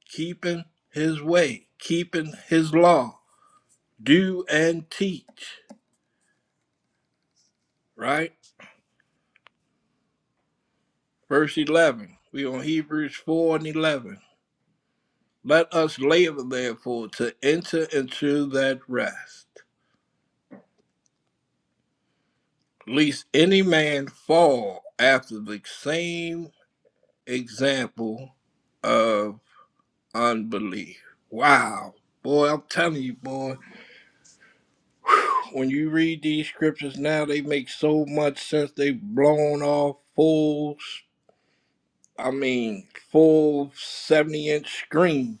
Speaker 10: keeping his way, keeping his law, do and teach. Right? Verse 11. We on Hebrews 4 and 11. Let us labor, therefore, to enter into that rest, lest any man fall after the same example of unbelief. Wow. Boy, I'm telling you, boy When you read these scriptures now, they make so much sense. They've blown off full, i mean, full 70 inch screen.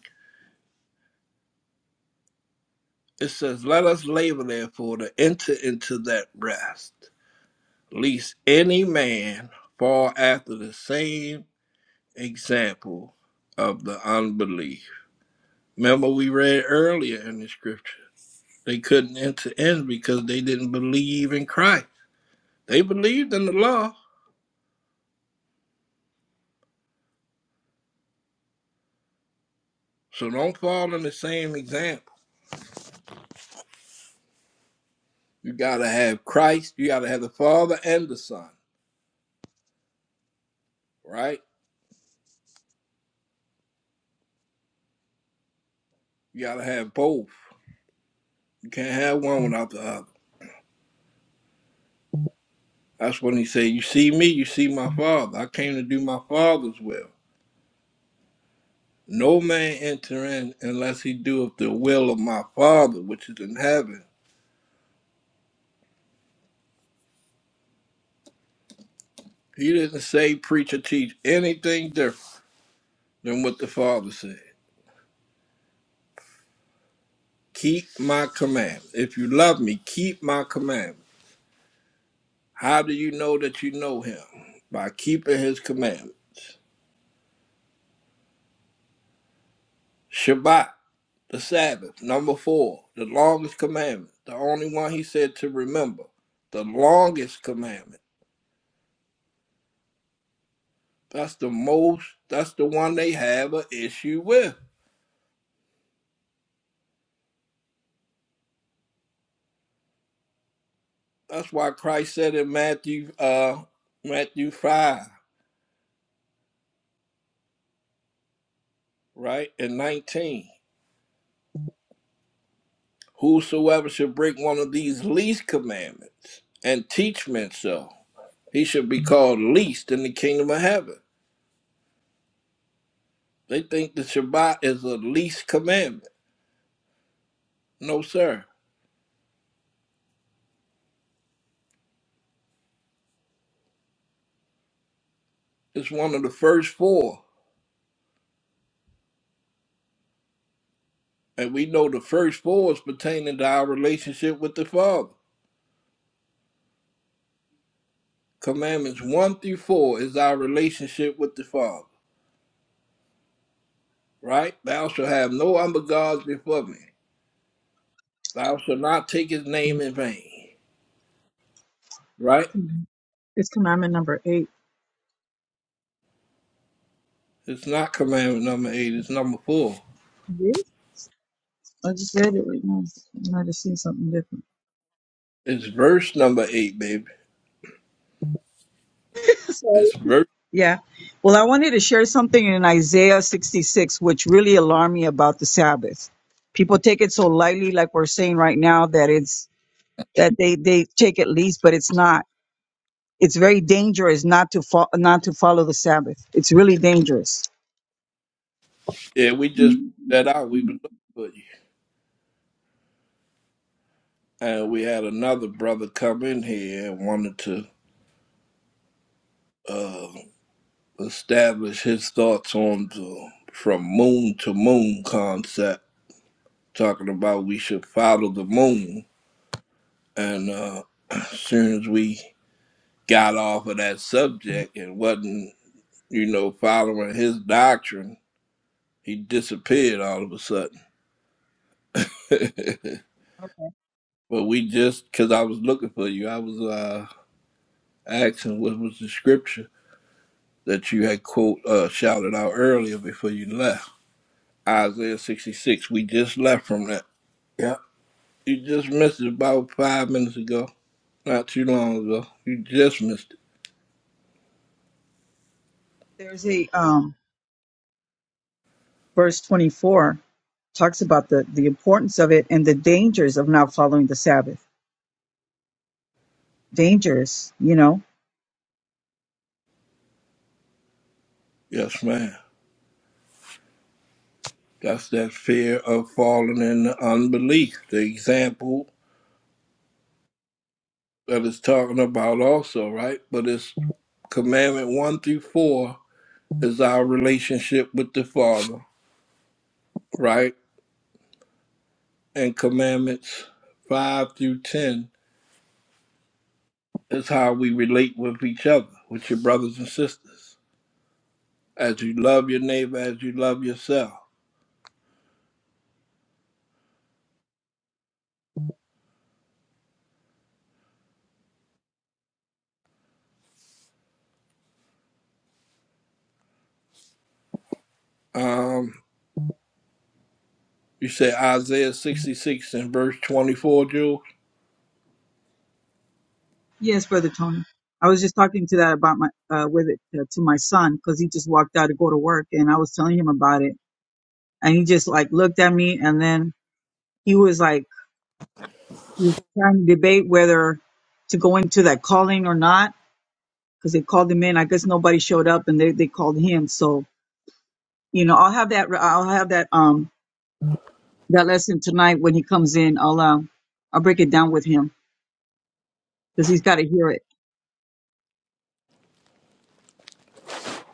Speaker 10: It says, Let us labor therefore to enter into that rest, lest any man fall after the same example of the unbelief. Remember, we read earlier in the scripture, they couldn't enter in because they didn't believe in Christ. They believed in the law, so don't fall in the same example. You got to have Christ. You got to have the Father and the Son, right? You got to have both. You can't have one without the other. That's when he said, You see me, you see my Father. I came to do my Father's will. No man enter in unless he doeth the will of my Father, which is in heaven. He didn't say, preach or teach anything different than what the Father said. Keep my command. If you love me, keep my commandments. How do you know that you know him? By keeping his commandments. Shabbat. the Sabbath. Number four, the longest commandment, the only one he said to remember, the longest commandment. That's the most, that's the one they have an issue with. That's why Christ said in Matthew, uh, Matthew 5, right, and 19, whosoever should break one of these least commandments and teach men so, he should be called least in the kingdom of heaven. They think the Shabbat is a least commandment. No, sir. It's one of the first four. And we know the first four is pertaining to our relationship with the Father. Commandments 1 through 4 is our relationship with the Father, right? Thou shalt have no other gods before me. Thou shalt not take his name in vain, right?
Speaker 11: Com- It's commandment number eight.
Speaker 10: It's not commandment number 8, it's number 4.
Speaker 11: Really? I just read it right now. I might have seen something different.
Speaker 10: It's verse number 8, baby.
Speaker 11: <laughs> Sorry.
Speaker 10: It's verse.
Speaker 11: Yeah. Well, I wanted to share something in Isaiah 66, which really alarmed me about the Sabbath. People take it so lightly, like we're saying right now, that it's that they they take it least, but it's not. It's very dangerous not to fo- not to follow the Sabbath. It's really dangerous.
Speaker 10: Yeah, we just put that out. We was looking for you. And we had another brother come in here and wanted to. uh, establish his thoughts on the from moon to moon concept, talking about we should follow the moon. And uh, <clears throat> as soon as we got off of that subject and wasn't, you know, following his doctrine, he disappeared all of a sudden. <laughs> but we just, because I was looking for you, I was uh, asking what was the scripture that you had quote uh, shouted out earlier before you left. Isaiah 66. We just left from that. Yeah. You just missed it about five minutes ago. Not too long ago. You just missed it.
Speaker 11: There's a um, verse 24 talks about the the importance of it and the dangers of not following the Sabbath. Dangerous, you know.
Speaker 10: Yes, ma'am. That's that fear of falling into unbelief. The example that it's talking about also, right? But it's commandment one through four is our relationship with the Father, right? And commandments five through ten is how we relate with each other, with your brothers and sisters. As you love your neighbor as you love yourself. Um. You said Isaiah 66 and verse 24, Jules?
Speaker 11: Yes, brother Tony. I was just talking to that about my uh, with it uh, to my son because he just walked out to go to work and I was telling him about it and he just like looked at me and then he was like he was trying to debate whether to go into that calling or not because they called him in. I guess nobody showed up, and they they called him. So you know, I'll have that. I'll have that um that lesson tonight when he comes in. I'll uh, I'll break it down with him because he's got to hear it.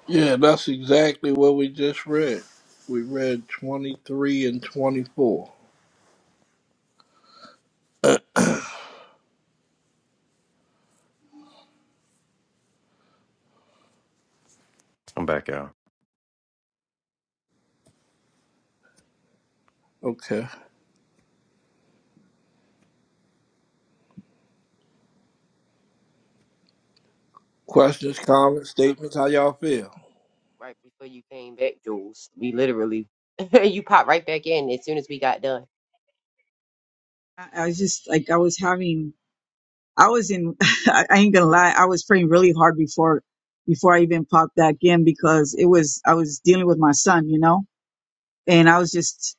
Speaker 10: Yeah, that's exactly what we just read. We read 23 and 24.
Speaker 4: I'm back out.
Speaker 10: Okay. Questions,
Speaker 6: Crazy, we just
Speaker 10: comments,
Speaker 6: come
Speaker 10: statements, how y'all feel?
Speaker 6: right before you came back, Jules. We literally, <laughs> you popped right back in as soon as we got done.
Speaker 11: I, I was just like I was having. I was in. <laughs> I ain't gonna lie. I was praying really hard before before I even popped back in because it was I was dealing with my son. You know and I was just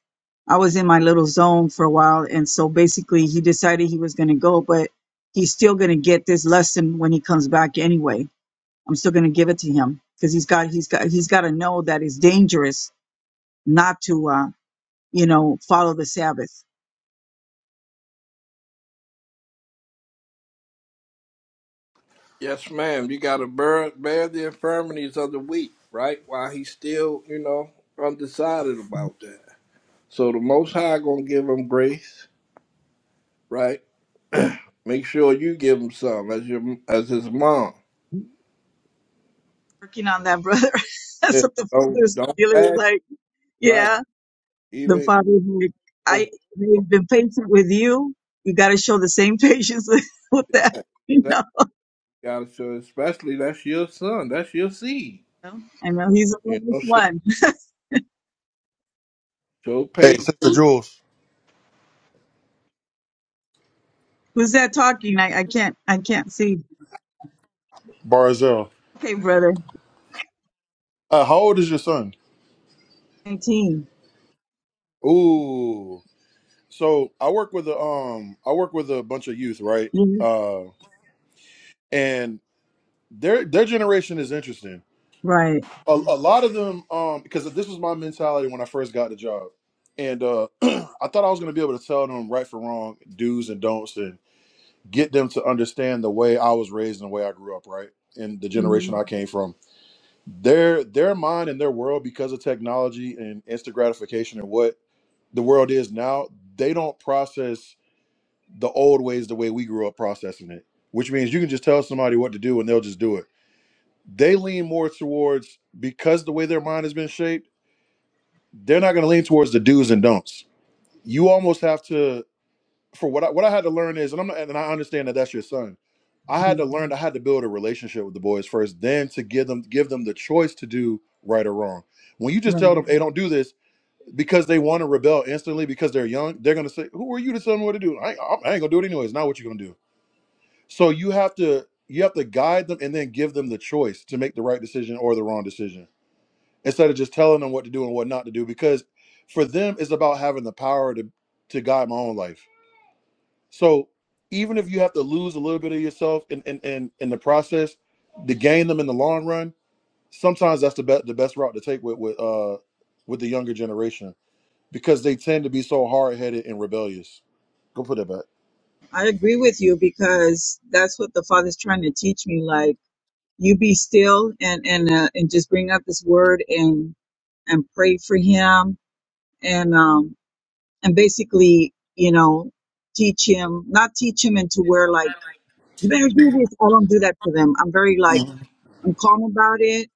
Speaker 11: I was in my little zone for a while and so basically he decided he was going to go but he's still going to get this lesson when he comes back anyway. I'm still going to give it to him because he's got he's got he's got to know that it's dangerous not to uh you know follow the Sabbath.
Speaker 10: Yes, ma'am. You got to bear, bear the infirmities of the weak, right? While he's still, you know, undecided about that. So the Most High going to give him grace, right? Make sure you give him some as your as his mom.
Speaker 11: Working on that brother. <laughs>
Speaker 10: Yeah.
Speaker 11: That's what the
Speaker 10: Don't,
Speaker 11: father's
Speaker 10: don't
Speaker 11: dealer is
Speaker 10: bash,
Speaker 11: like.
Speaker 10: right?
Speaker 11: Yeah, the
Speaker 10: Even,
Speaker 11: father's like I they've been patient with you. You got to show the same patience <laughs> with that, you
Speaker 10: That
Speaker 11: know.
Speaker 10: gotta show, especially that's your son, that's your seed.
Speaker 11: I know he's
Speaker 10: You
Speaker 11: the
Speaker 10: know, show,
Speaker 11: one.
Speaker 10: show
Speaker 12: Hey,
Speaker 10: patience.
Speaker 12: Sister Jules.
Speaker 11: Who's that talking? I, I can't I can't see.
Speaker 12: Barzell.
Speaker 11: Okay, brother.
Speaker 12: Uh, how old is your son?
Speaker 11: 19
Speaker 12: Ooh. So I work with a um I work with a bunch of youth, right?
Speaker 11: Mhm.
Speaker 12: Uh and their their generation is interesting.
Speaker 11: Right.
Speaker 12: A, a lot of them um because this was my mentality when I first got the job. And uh <clears throat> I thought I was gonna be able to tell them right from wrong, do's and don'ts, and get them to understand the way I was raised and the way I grew up, right? And the
Speaker 11: Mhm.
Speaker 12: generation I came from. their their mind and their world because of technology and instant gratification and what the world is now they don't process the old ways the way we grew up processing it which means you can just tell somebody what to do and they'll just do it they lean more towards because the way their mind has been shaped they're not going to lean towards the do's and don'ts you almost have to for what I, what I had to learn is, and I'm and I understand that that's your son. I had to learn. I had to build a relationship with the boys first, then to give them give them the choice to do right or wrong. When you just
Speaker 11: Right.
Speaker 12: tell them, "Hey, don't do this," because they want to rebel instantly because they're young, they're gonna say, "Who are you to tell me what to do? I ain't, I ain't gonna do it anyways." Not what you're gonna do. So you have to you have to guide them and then give them the choice to make the right decision or the wrong decision instead of just telling them what to do and what not to do. Because for them, it's about having the power to to guide my own life so even if you have to lose a little bit of yourself in in, in, in the process to gain them in the long run, sometimes that's the best the best route to take with with uh with the younger generation because they tend to be so hard headed and rebellious. Go put that back.
Speaker 11: I agree with you because that's what the Father's trying to teach me. Like you be still and and uh, and just bring up this word and and pray for him and um and basically you know teach him not teach him into where like you better do this. I don't do that for them. I'm very like
Speaker 12: Mhm.
Speaker 11: I'm calm about it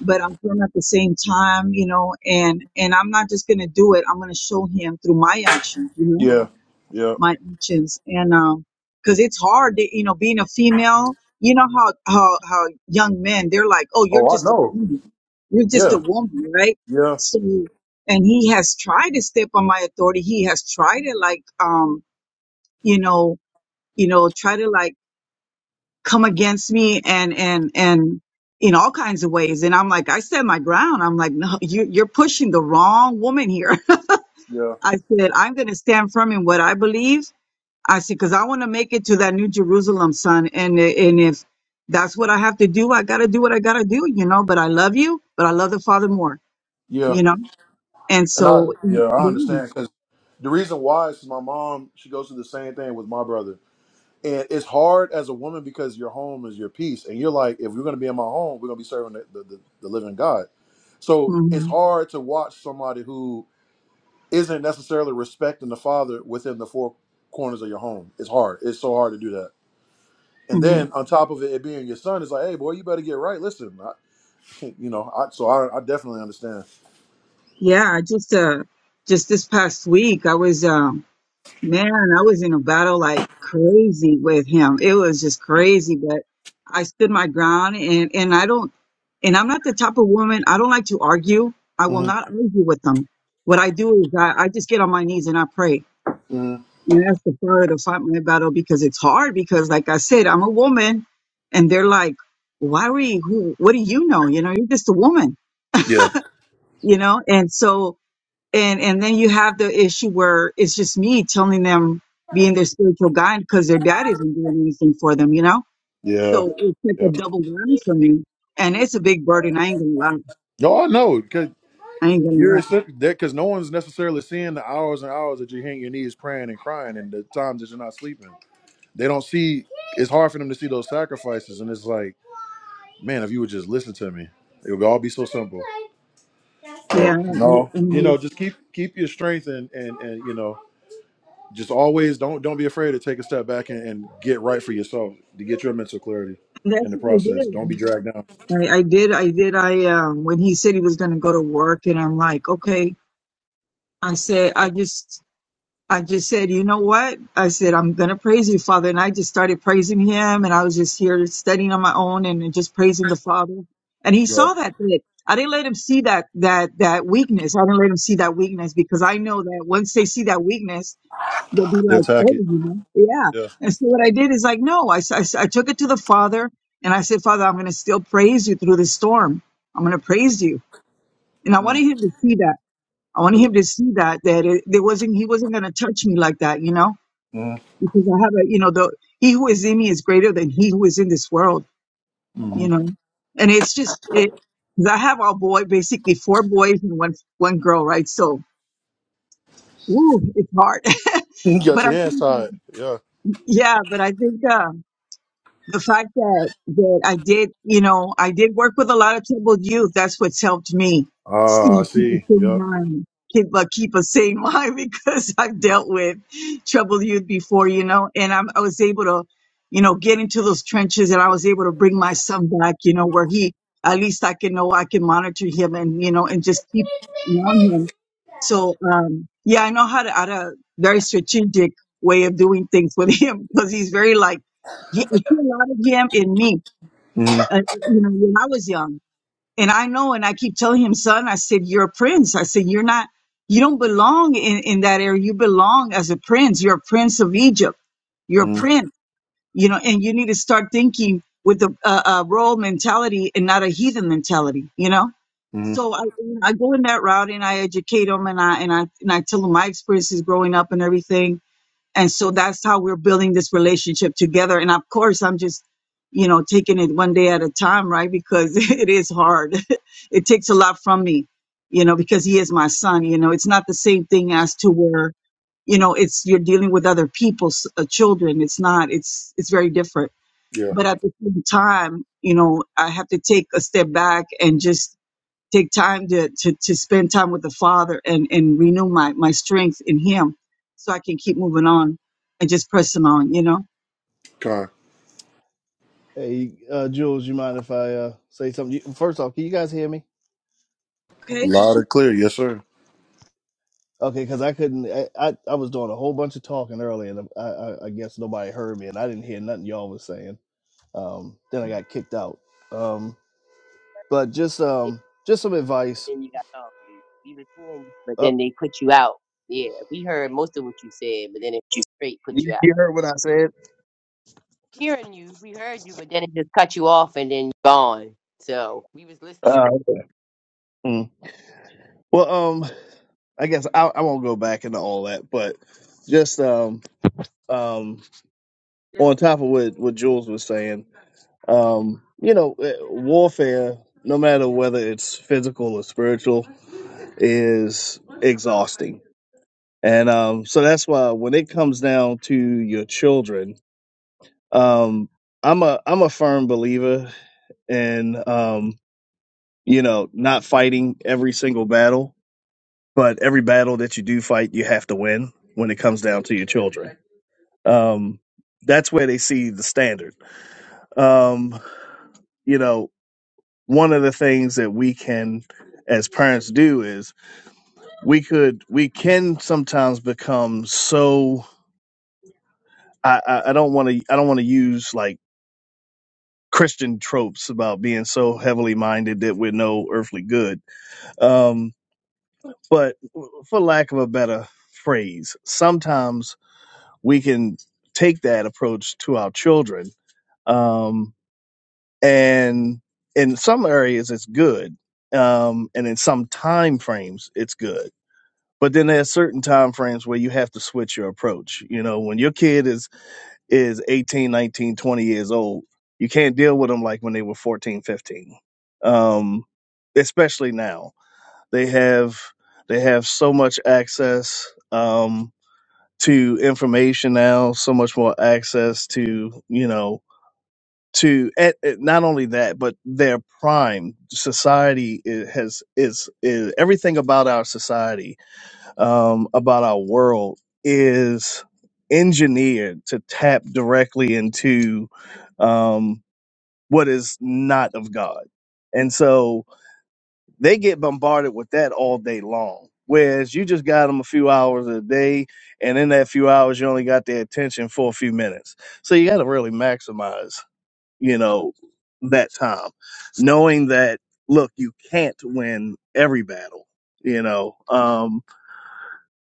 Speaker 11: but I'm doing at the same time, you know, and and I'm not just gonna do it. I'm gonna show him through my actions, you know,
Speaker 12: Yeah, yeah.
Speaker 11: my actions, and um, because it's hard, that, you know, being a female. You know how how how young men they're like, oh, you're
Speaker 12: Oh, I
Speaker 11: just a
Speaker 12: know.
Speaker 11: woman, you're just a
Speaker 12: Yeah,
Speaker 11: woman, right?
Speaker 12: yeah,
Speaker 11: So, and he has tried to step on my authority. He has tried to like, um, you know, you know, try to like come against me and and and in all kinds of ways and i'm like i stand my ground i'm like no you, you're pushing the wrong woman here
Speaker 12: yeah,
Speaker 11: <laughs> i said i'm going to stand firm in what i believe i said because i want to make it to that new jerusalem son and i- and if that's what i have to do i gotta do what i gotta do you know but i love you but i love the father more
Speaker 12: yeah.
Speaker 11: you know and
Speaker 12: And I,
Speaker 11: so mm,
Speaker 12: yeah, I
Speaker 11: yeah
Speaker 12: understand because the reason why is my mom. She goes through the same thing with my brother. And it's hard as a woman because your home is your peace. And you're like, if we're going to be in my home, we're going to be serving the, the, the, the living God. So it's
Speaker 11: hmm
Speaker 12: hard to watch somebody who isn't necessarily respecting the father within the four corners of your home. It's hard. It's so hard to do that. And
Speaker 11: hmm
Speaker 12: then on top of it, it being your son, it's like, hey, boy, you better get right. Listen, I, you know, I, so I, I definitely understand.
Speaker 11: yeah I just uh just this past week i was um Man, I was in a battle like crazy with him. It was just crazy, but I stood my ground and and I don't and I'm not the type of woman, I don't like to argue. I will
Speaker 12: hmm
Speaker 11: not argue with them. What I do is I, I just get on my knees and I pray.
Speaker 12: hmm
Speaker 11: And that's the fire to fight my battle because it's hard because like I said, I'm a woman and they're like, Why are you who what do you know? You know, you're just a woman,
Speaker 12: Yeah.
Speaker 11: you know? And so and and then you have the issue where it's just me telling them being their spiritual guide because their dad isn't doing anything for them, you know.
Speaker 12: Yeah.
Speaker 11: So it's like
Speaker 12: Yeah.
Speaker 11: a double whammy for me, and it's a big burden. I ain't gonna lie.
Speaker 12: No, I know.
Speaker 11: I ain't gonna
Speaker 12: You're
Speaker 11: lie.
Speaker 12: essentially that because no one's necessarily seeing the hours and hours that you hang your knees praying and crying and the times that you're not sleeping. They don't see it's hard for them to see those sacrifices. And it's like, man, if you would just listen to me, it would all be so simple.
Speaker 11: Yeah,
Speaker 12: But no,
Speaker 11: I
Speaker 12: you know,
Speaker 11: mean,
Speaker 12: just keep keep your strength and and and you know, just always don't don't be afraid to take a step back and, and get right for yourself to get your mental clarity
Speaker 11: that's
Speaker 12: in the
Speaker 11: what I
Speaker 12: process.
Speaker 11: did.
Speaker 12: Don't be dragged down.
Speaker 11: I, I did. I did. I um when he said he was gonna go to work, and I'm like, okay. I said, I just I just said, you know what? I said, I'm going to praise you, Father. And I just started praising him. And I was just here studying on my own and just praising the Father. And he
Speaker 12: Right.
Speaker 11: saw that bit. I didn't let him see that, that, that weakness. I didn't let him see that weakness because I know that once they see that weakness, they'll be
Speaker 12: They
Speaker 11: like,
Speaker 12: attack
Speaker 11: oh,
Speaker 12: it.
Speaker 11: you know, yeah.
Speaker 12: Yeah.
Speaker 11: And so what I did is like, no, I, s- I s- I took it to the Father and I said, Father, I'm going to still praise you through the storm. I'm going to praise you. And I wanted him to see that. I wanted him to see that, that it, it wasn't, he wasn't going to touch me like that, you know?
Speaker 12: Mm-hmm.
Speaker 11: because I have a, you know, the he who is in me is greater than he who is in this world, you
Speaker 12: <laughs>
Speaker 11: know. And it's just it 'cause I have all boy, basically four boys and one one girl, right? So, woo, it's hard.
Speaker 12: You
Speaker 11: <laughs>
Speaker 12: got
Speaker 11: but
Speaker 12: your
Speaker 11: I
Speaker 12: hands
Speaker 11: think,
Speaker 12: tied. Yeah.
Speaker 11: yeah, but I think, uh, the fact that that I did, you know, I did work with a lot of troubled youth. That's what's helped me you
Speaker 12: Ah, I
Speaker 11: know, keep a
Speaker 12: see.
Speaker 11: sane
Speaker 12: Yep.
Speaker 11: mind. Keep uh, keep a sane <laughs> mind because I've dealt with troubled youth before, you know, and I'm, I was able to, you know, get into those trenches, and I was able to bring my son back, you know, where he at least I can know I can monitor him and you know and just keep on him. So um, yeah, I know how to. I had a very strategic way of doing things with <laughs> him because he's very like yeah, I see a lot of him in me.
Speaker 12: Mm-hmm.
Speaker 11: Uh, you know, when I was young, and I know, and I keep telling him, son, I said, you're a prince. I said, you're not, you don't belong in in that area. You belong as a prince. You're a prince of Egypt. You're a prince. You know, and you need to start thinking with a, a, a royal mentality and not a heathen mentality. You know.
Speaker 12: Mm-hmm.
Speaker 11: So I, I go in that route and I educate him and I and I and I tell him my experiences growing up and everything and so that's how we're building this relationship together and of course i'm just you know taking it one day at a time right because <laughs> it is hard <laughs> it takes a lot from me you know because he is my son you know it's not the same thing as to where you know it's you're dealing with other people's uh, children it's not it's it's very different
Speaker 12: Yeah.
Speaker 11: but at the same time you know i have to take a step back and just take time to, to, to spend time with the Father and, and renew my, my strength in Him so I can keep moving on and just pressing on, you know?
Speaker 12: Kind.
Speaker 16: Hey, uh, Jules, you mind if I uh, say something? You, first off, can you guys hear me?
Speaker 11: Okay.
Speaker 12: Loud and clear. Yes, sir.
Speaker 16: Okay, because I couldn't. I, I I was doing a whole bunch of talking earlier, and I, I I guess nobody heard me, and I didn't hear nothing y'all was saying. Um, then I got kicked out. Um, but just um just some
Speaker 6: But
Speaker 16: advice.
Speaker 6: then you got off. We were seeing you, but then
Speaker 16: Up,
Speaker 6: they put you out. Yeah, we heard most of what you said, but then it
Speaker 16: <laughs> you
Speaker 6: straight put you out.
Speaker 16: you heard what I said.
Speaker 6: hearing you. We heard you, but then it just cut you off and then gone. So we was
Speaker 16: Uh,
Speaker 6: listening.
Speaker 16: mm. well, um, I guess I, I won't go back into all that, but just um um on top of what what Jules was saying, um, you know, eh, warfare, no matter whether it's physical or spiritual, is exhausting, and um, so that's why when it comes down to your children, um, I'm a I'm a firm believer in um, you know not fighting every single battle, but every battle that you do fight, you have to win when it comes down to your children. Um, that's where they see the standard. Um, you know, one of the things that we can as parents do is we could we can sometimes become so i i, I don't want to i don't want to use like christian tropes about being so heavily minded that we're no earthly good um but for lack of a better phrase sometimes we can take that approach to our children um and in some areas it's good um and in some time frames it's good but then there's certain time frames where you have to switch your approach you know when your kid is is 18 19 20 years old you can't deal with them like when they were 14 15 um especially now they have they have so much access um to information now so much more access to you know to and, and not only that but their prime society is, has is, is everything about our society um, about our world is engineered to tap directly into um, what is not of God. And so they get bombarded with that all day long. Whereas you just got them a few hours a day, and in that few hours, you only got their attention for a few minutes. So you got to really maximize, you know, that time, knowing that, look, you can't win every battle, you know. Um,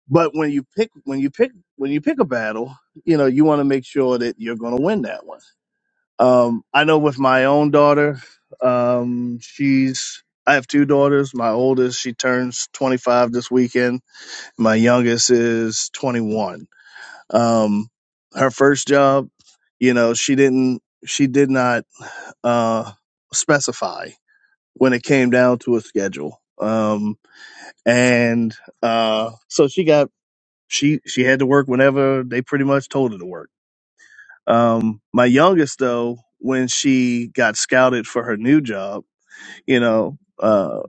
Speaker 16: but when you pick when you pick when you pick a battle, you know, you want to make sure that you're going to win that one. Um, I know with my own daughter, um, she's I have two daughters. My oldest, she turns 25 this weekend. My youngest is 21. Um, her first job, you know, she didn't she did not uh, specify when it came down to a schedule. Um, and uh, so she got she she had to work whenever they pretty much told her to work. Um, my youngest though, when she got scouted for her new job, you know, uh,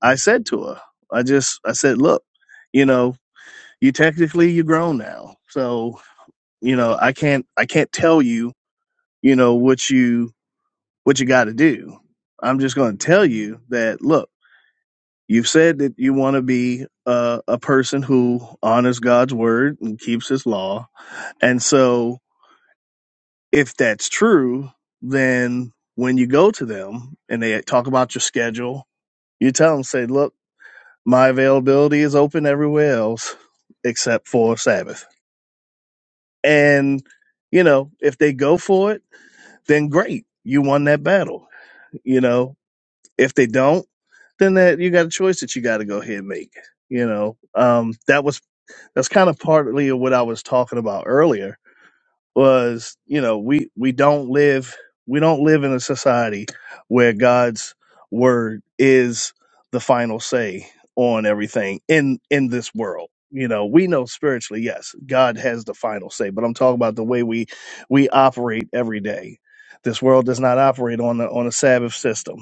Speaker 16: I said to her, I just I said, look, you know, you technically you're grown now, so you know I can't I can't tell you you know what you what you got to do. I'm just going to tell you that look. You've said that you want to be a a person who honors God's word and keeps His law, and so if that's true, then when you go to them and they talk about your schedule, you tell them, say, look, my availability is open everywhere else except for Sabbath. And, you know, if they go for it, then great. You won that battle. You know, if they don't, then that you got a choice that you got to go ahead and make. You know, um, that was that's kind of partly what I was talking about earlier was you know we we don't live we don't live in a society where god's word is the final say on everything in in this world you know we know spiritually yes god has the final say but i'm talking about the way we we operate every day this world does not operate on the on a sabbath system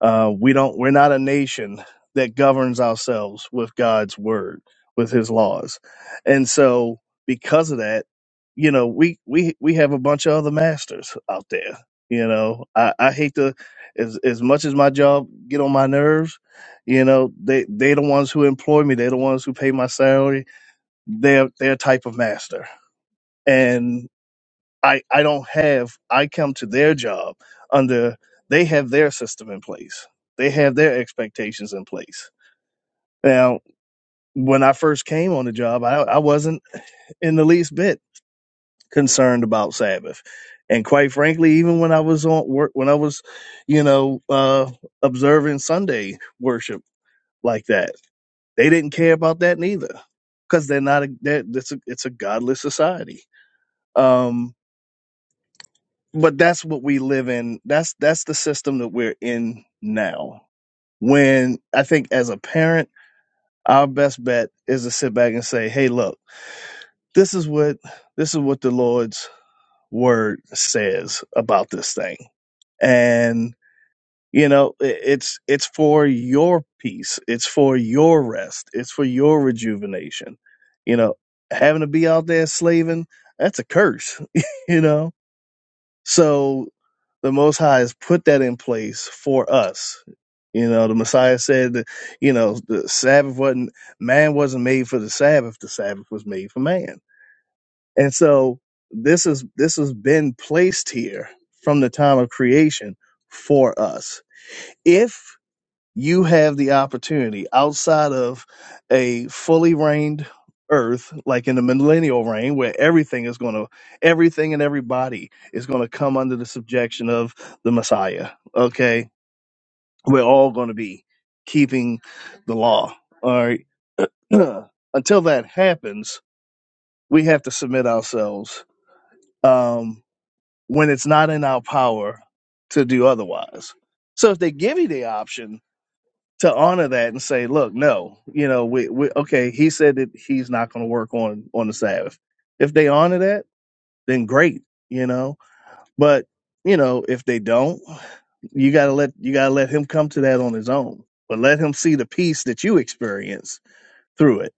Speaker 16: uh, we don't. We're not a nation that governs ourselves with God's word, with His laws, and so because of that, you know, we we we have a bunch of other masters out there. You know, I, I hate to as as much as my job get on my nerves. You know, they they the ones who employ me. They're the ones who pay my salary. They're they're a type of master, I I don't have I come to their job under they have their system in place. They have their expectations in place. Now, when I first came on the job, I, I wasn't in the least bit concerned about Sabbath. And quite frankly, even when I was on work when I was, you know, uh observing Sunday worship like that, they didn't care about that neither. Because they're not a they're, it's a it's a godless society. Um but that's what we live in that's that's the system that we're in now when i think as a parent our best bet is to sit back and say hey look this is what this is what the lord's word says about this thing and you know i- it's it's for your peace it's for your rest it's for your rejuvenation you know having to be out there slaving that's a curse <laughs> you know So the Most High has put that in place for us. You know, the Messiah said that, you know, the Sabbath wasn't, man wasn't made for the Sabbath. The Sabbath was made for man. And so this is, this has been placed here from the time of creation for us. If you have the opportunity outside of a fully reigned earth like in the millennial reign where everything is going to everything and everybody is going to come under the subjection of the messiah okay we're all going to be keeping the law all right <clears throat> until that happens we have to submit ourselves um when it's not in our power to do otherwise so if they give you the option to honor that and say, look, no, you know, we, we okay, he said that he's not going to work on on the Sabbath. If they honor that, then great, you know. But you know, if they don't, you gotta let you gotta let him come to that on his own. But let him see the peace that you experience through it.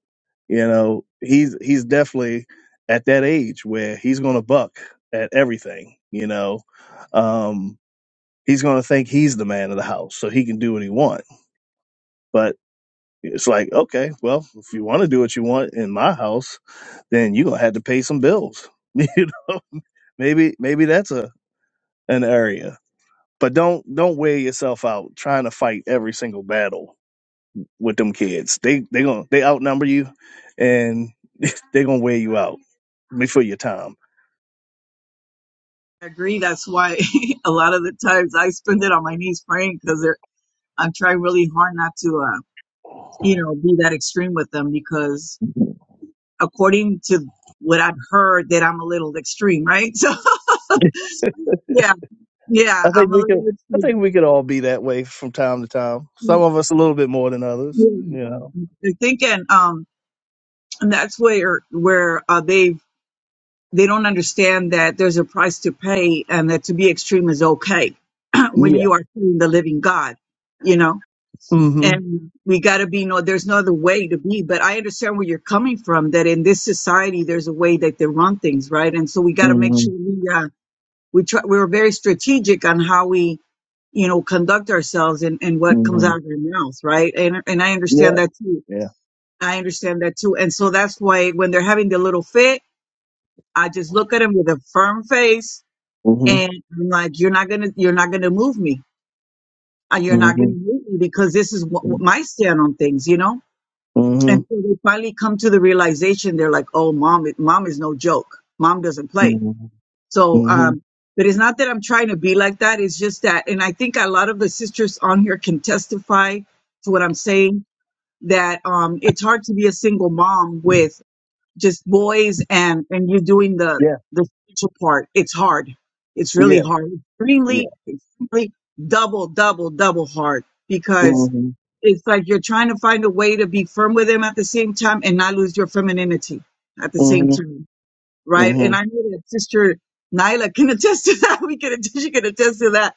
Speaker 16: You know, he's he's definitely at that age where he's going to buck at everything. You know, um, he's going to think he's the man of the house, so he can do what he wants It's like, okay, well, if you want to do what you want in my house, then you're gonna have to pay some bills. <laughs> you know, maybe maybe that's a an area. But don't don't wear yourself out trying to fight every single battle with them kids. They they gonna they outnumber you, and they gonna wear you out before your time.
Speaker 11: I agree. That's why <laughs> a lot of the times I spend it on my knees praying because I'm trying really hard not to, uh, you know, be that extreme with them because according to what I've heard that I'm a little extreme, right? <laughs> So yeah, yeah,
Speaker 16: I
Speaker 11: I'm
Speaker 16: think
Speaker 11: a
Speaker 16: we could.
Speaker 11: little
Speaker 16: I
Speaker 11: extreme.
Speaker 16: think we could all be that way from time to time. Some
Speaker 11: Mm,
Speaker 16: of us a little bit more than others.
Speaker 11: Yeah.
Speaker 16: You know.
Speaker 11: They're thinking, um, and that's where, where, uh, they they don't understand that there's a price to pay and that to be extreme is okay <clears throat>
Speaker 16: Yeah.
Speaker 11: when you are serving the living God, you know?
Speaker 16: Mm-hmm.
Speaker 11: And we got to be, no, there's no other way to be. But I understand where you're coming from that in this society, there's a way that they run things, right? And so we got to make sure
Speaker 16: Mm-hmm.
Speaker 11: we, uh, we try, we're very strategic on how we, you know, conduct ourselves and, and what comes
Speaker 16: Mm-hmm.
Speaker 11: out of our mouth, right? And, and I
Speaker 16: Yeah.
Speaker 11: understand that too.
Speaker 16: Yeah.
Speaker 11: I understand that too. And so that's why when they're having the little fit, I just look at them with a firm face
Speaker 16: Mm-hmm.
Speaker 11: and I'm like, you're not gonna, you're not gonna move me. Uh, You're not gonna
Speaker 16: Mm-hmm.
Speaker 11: move me because this is what, what my stand on things, you know.
Speaker 16: Mm-hmm.
Speaker 11: And so they finally come to the realization they're like, oh, mom, it- mom is no joke. Mom doesn't play.
Speaker 16: Mm-hmm.
Speaker 11: So,
Speaker 16: Mm-hmm.
Speaker 11: um, but it's not that I'm trying to be like that. It's just that, and I think a lot of the sisters on here can testify to what I'm saying. That um, it's hard to be a single mom with just boys and and you're doing the
Speaker 16: Yeah.
Speaker 11: the spiritual part it's hard it's really
Speaker 16: Yeah.
Speaker 11: hard
Speaker 16: Yeah.
Speaker 11: extremely extremely double double double hard because
Speaker 16: Mm-hmm.
Speaker 11: it's like you're trying to find a way to be firm with him at the same time and not lose your femininity at the same
Speaker 16: Mm-hmm.
Speaker 11: time right and i
Speaker 16: Mm-hmm.
Speaker 11: know that sister nyla can <laughs> attest to that <laughs> we can attest she can attest to that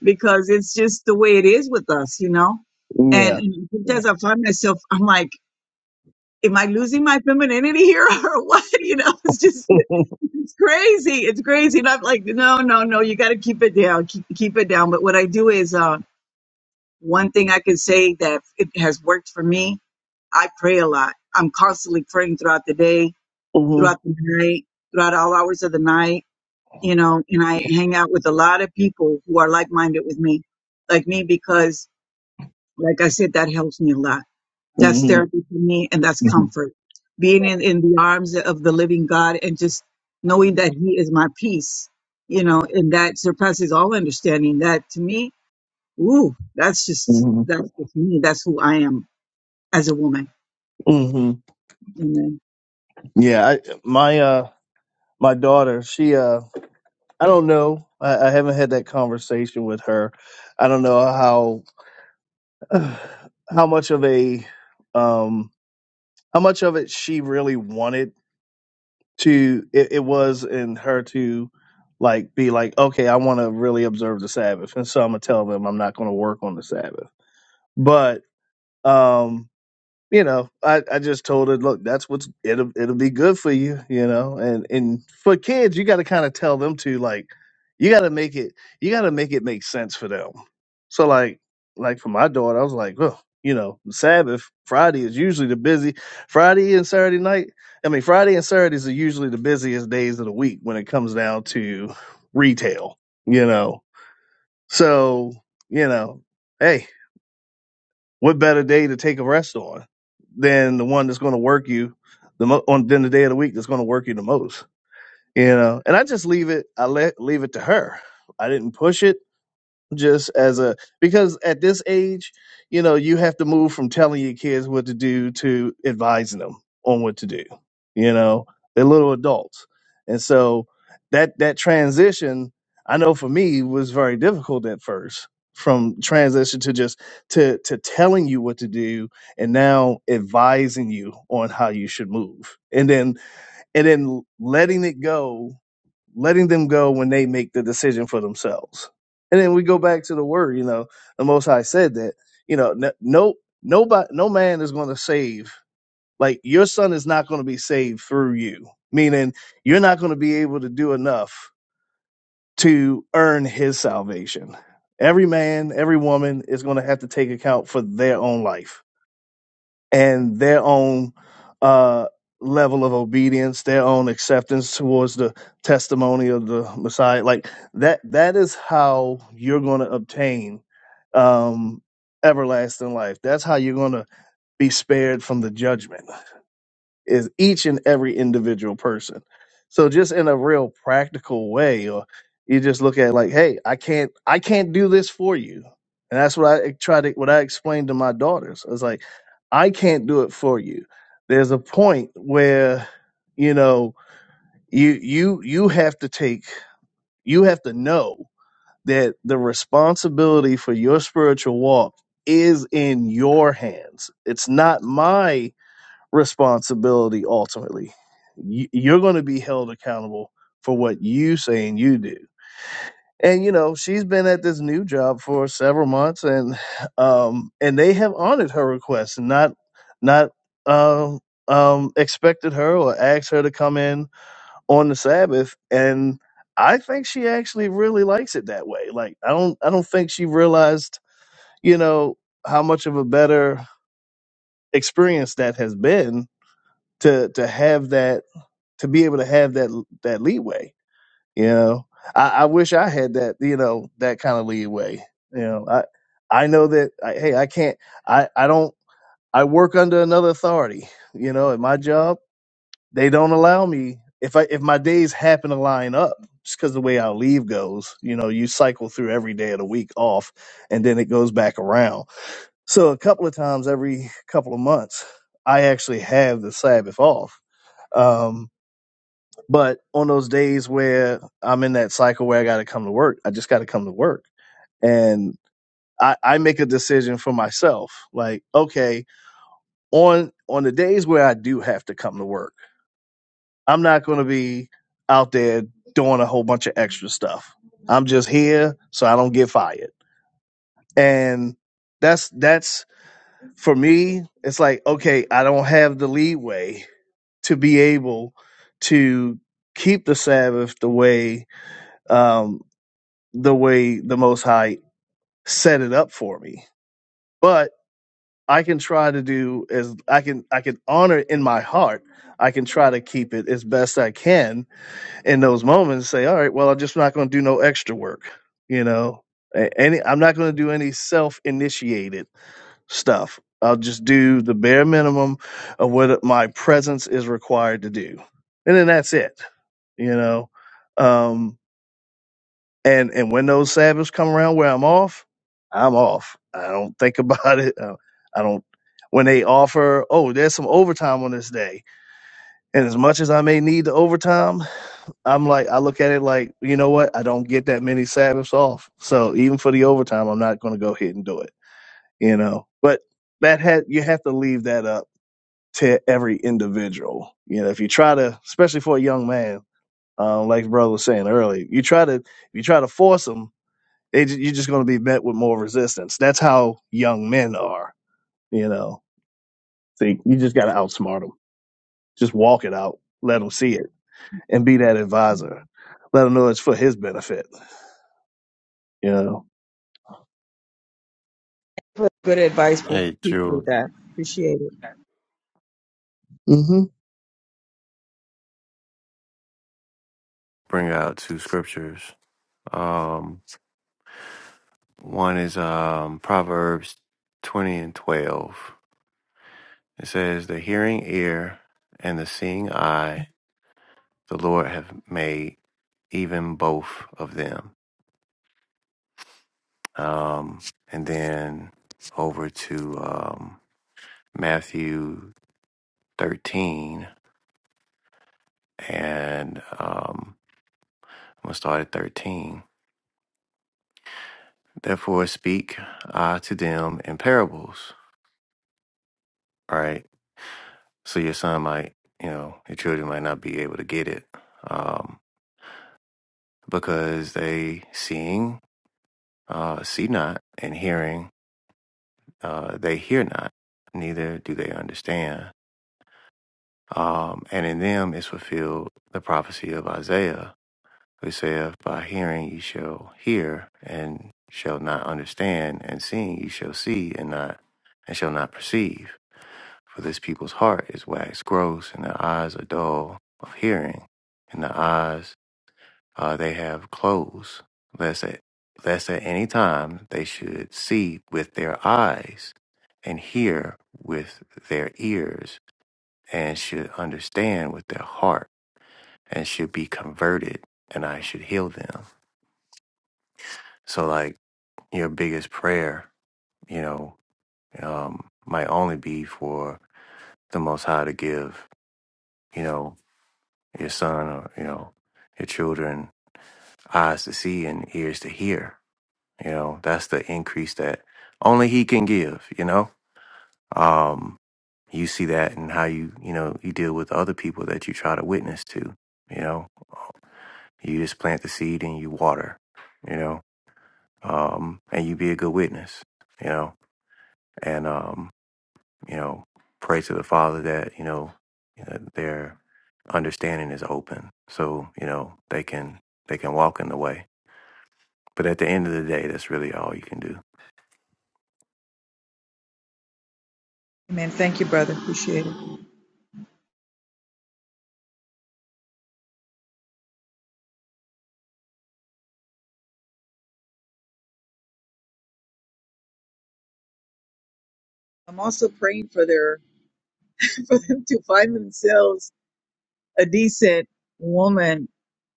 Speaker 11: because it's just the way it is with us you know and,
Speaker 16: Yeah.
Speaker 11: and
Speaker 16: Yeah.
Speaker 11: sometimes i find myself i'm like am I losing my femininity here <laughs> or what? You know, it's just,
Speaker 16: <laughs>
Speaker 11: it's crazy. It's crazy. And I'm like, no, no, no, you got to keep it down. Keep, keep it down. But what I do is, uh, one thing I can say that it has worked for me, I pray a lot. I'm constantly praying throughout the day,
Speaker 16: mm-hmm.
Speaker 11: throughout the night, throughout all hours of the night, you know, and I hang out with a lot of people who are like minded with me, like me, because like I said, that helps me a lot. That's
Speaker 16: Mm-hmm.
Speaker 11: therapy for me and that's comfort. Being in, in the arms of the living God and just knowing that He is my peace, you know, and that surpasses all understanding. That to me, ooh, that's just,
Speaker 16: Mm-hmm.
Speaker 11: that's just me. That's who I am as a woman.
Speaker 16: hmm
Speaker 11: Amen.
Speaker 16: Yeah. I, my uh my daughter, she uh I don't know. I, I haven't had that conversation with her. I don't know how <sighs> how much of a um how much of it she really wanted to it, it was in her to like be like, okay, I want to really observe the Sabbath, and so I'm gonna tell them I'm not gonna work on the Sabbath. But um, you know, I, I just told her, look, that's what's it'll it'll be good for you, you know. And and for kids, you got to kind of tell them to like, you got to make it, you got to make it make sense for them. So like like for my daughter, I was like, well, you know, Sabbath Friday is usually the busy Friday and Saturday night. I mean, Friday and Saturdays are usually the busiest days of the week when it comes down to retail, you know. So you know, hey what better day to take a rest on than the one that's going to work you the mo- on than the day of the week that's going to work you the most you know and i just leave it i let leave it to her i didn't push it just as a because at this age, you know, you have to move from telling your kids what to do to advising them on what to do. You know, they're little adults, and so that that transition, I know for me, was very difficult at first from transition to just to to telling you what to do and now advising you on how you should move and then and then letting it go letting them go when they make the decision for themselves. And then we go back to the word, you know, the Most High said that, you know, no, no nobody, no man is going to save, like your son is not going to be saved through you, meaning you're not going to be able to do enough to earn his salvation. Every man, every woman is going to have to take account for their own life and their own uh, level of obedience, their own acceptance towards the testimony of the Messiah. Like that, that is how you're going to obtain um, everlasting life. That's how you're going to be spared from the judgment is each and every individual person. So just in a real practical way, or you just look at it like, hey, I can't I can't do this for you. And that's what I try to what I explained to my daughters. I was like, I can't do it for you. There's a point where, you know, you you you have to take you have to know that the responsibility for your spiritual walk is in your hands. It's not my responsibility ultimately. You, you're going to be held accountable for what you say and you do. And you know, she's been at this new job for several months, and um, and they have honored her request and not not um um expected her or asked her to come in on the Sabbath. And I think she actually really likes it that way. Like I don't I don't think she realized you know how much of a better experience that has been to to have that to be able to have that that leeway. You know, I, I wish I had that. You know, that kind of leeway. You know, I I know that. I, hey, I can't. I I don't. I work under another authority. You know, at my job, they don't allow me if I if my days happen to line up just because the way our leave goes. You know, you cycle through every day of the week off, and then it goes back around. So a couple of times every couple of months, I actually have the Sabbath off. Um, but on those days where I'm in that cycle where I got to come to work, I just got to come to work. And I, I make a decision for myself. Like, okay, on on the days where I do have to come to work, I'm not going to be out there doing a whole bunch of extra stuff. I'm just here so I don't get fired. And that's that's for me. It's like, okay, I don't have the leeway to be able to keep the Sabbath the way. Um, the way the most high set it up for me but i can try to do as i can i can honor it in my heart i can try to keep it as best i can in those moments say all right well i'm just not going to do no extra work you know A- any i'm not going to do any self-initiated stuff i'll just do the bare minimum of what my presence is required to do and then that's it you know Um, And and when those Sabbaths come around where I'm off, I'm off. I don't think <laughs> about it. Uh, I don't. When they offer, oh, there's some overtime on this day, and as much as I may need the overtime, I'm like, I look at it like, you know what? I don't get that many Sabbaths off, so even for the overtime, I'm not going to go ahead and do it. You know, but that had you have to leave that up to every individual. You know, if you try to, especially for a young man, uh, like brother was saying earlier, you try to if you try to force 'em they, you're just going to be met with more resistance. That's how young men are. You know, think you just got to outsmart them. Just walk it out. Let him see it and be that advisor. Let him know it's for his benefit. You know.
Speaker 11: Good advice, brother.
Speaker 4: Hey,
Speaker 11: Appreciate
Speaker 4: Drew,
Speaker 11: that. Appreciate it.
Speaker 16: hmm
Speaker 4: bring out two scriptures. Um, one is um Proverbs twenty and twelve. It says, "The hearing ear and the seeing eye." the Lord have made even both of them. Um, and then over to um, Matthew 13, and um, I'm going to start at 13. Therefore, speak I to them in parables, all right? So your son might, you know, your children might not be able to get it um, because they seeing, uh, see not, and hearing, uh, they hear not, neither do they understand Um, and in them is fulfilled the prophecy of Isaiah, who saith, By hearing ye shall hear and shall not understand, and seeing ye shall see and not and shall not perceive. For this people's heart is waxed gross, and their eyes are dull of hearing, and their eyes uh, they have closed, lest at lest at any time they should see with their eyes, and hear with their ears, and should understand with their heart and should be converted and I should heal them. So like your biggest prayer, you know, um, might only be for the most high to give, you know, your son or, you know, your children eyes to see and ears to hear. You know, that's the increase that only he can give, you know? Um, you see that in how you, you know, you deal with other people that you try to witness to, you know. You just plant the seed and you water, you know. um, and you be a good witness, you know, and um, you know, pray to the Father that you know that their understanding is open, so you know they can they can walk in the way. But at the end of the day, that's really all you can do.
Speaker 11: Amen. Thank you, brother. Appreciate it. I'm also praying for their <laughs> for them to find themselves a decent woman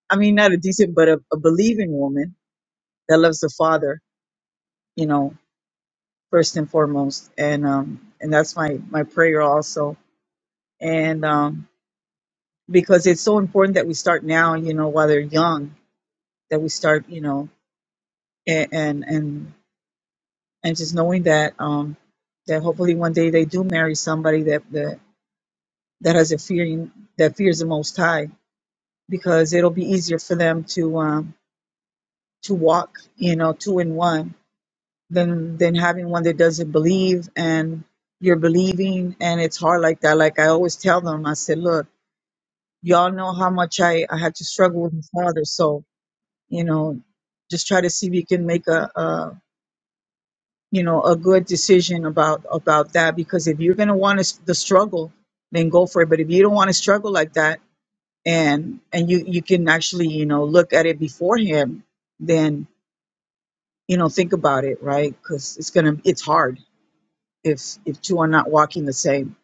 Speaker 11: I mean, not a decent, but a, a believing woman that loves the Father, you know, first and foremost. And um, and that's my my prayer also. And um, because it's so important that we start now, you know, while they're young, that we start, you know, and and and, and just knowing that um, that hopefully one day they do marry somebody that that that has a fear that fears the Most High, because it'll be easier for them to um to walk, you know, two in one than than having one that doesn't believe and you're believing and it's hard like that like i always tell them i said look y'all know how much i i had to struggle with my father so you know just try to see if you can make a, a you know a good decision about about that because if you're going to want to the struggle then go for it but if you don't want to struggle like that and and you you can actually you know look at it beforehand then you know think about it right because it's gonna it's hard if if two are not walking the same.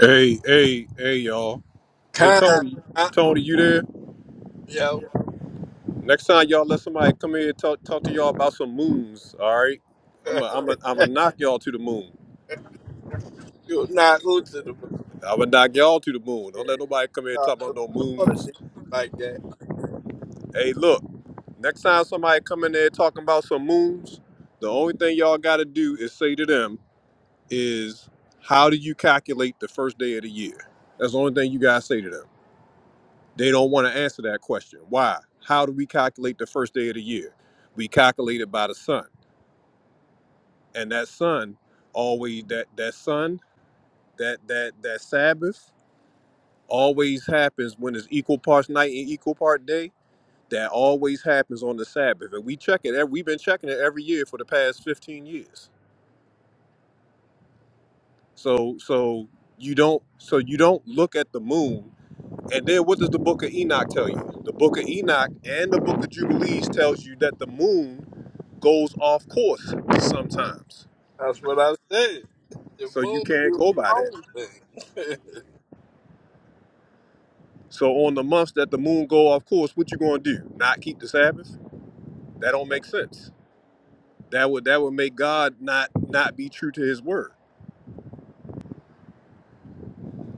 Speaker 1: Hey, hey, hey, y'all. Hey,
Speaker 10: Time,
Speaker 1: Tony,
Speaker 10: uh,
Speaker 1: Tony, you there?
Speaker 10: yo,
Speaker 1: Next time, y'all let somebody come here and talk, talk to y'all about some moons, all right?
Speaker 10: <laughs>
Speaker 1: I'm going I'm to I'm knock y'all to the moon.
Speaker 10: you're not going to the moon.
Speaker 1: I'm going to knock y'all to the moon.
Speaker 10: Yeah,
Speaker 1: Don't let nobody come here and
Speaker 10: God,
Speaker 1: talk about
Speaker 10: the
Speaker 1: no
Speaker 10: Lord do
Speaker 1: moons
Speaker 10: like that.
Speaker 1: Hey, look, next time somebody come in there talking about some moons, the only thing y'all gotta do is say to them is how do you calculate the first day of the year? That's the only thing you guys say to them. They don't want to answer that question. Why? How do we calculate the first day of the year? We calculate it by the sun. And that sun always that that sun, that that that Sabbath always happens when it's equal parts night and equal part day That always happens on the Sabbath, and we check it. ev- We've been checking it every year for the past fifteen years. So, so you don't, so you don't look at the moon. And then, what does the Book of Enoch tell you? The Book of Enoch and the Book of Jubilees tells you that the moon goes off course sometimes.
Speaker 10: That's what I said. The
Speaker 1: So you
Speaker 10: moon
Speaker 1: can't
Speaker 10: do
Speaker 1: go
Speaker 10: her
Speaker 1: by that.
Speaker 10: own thing. <laughs>
Speaker 1: So on the months that the moon go off course, what you gonna do? Not keep the Sabbath? That don't make sense. That would that would make God not not be true to His word.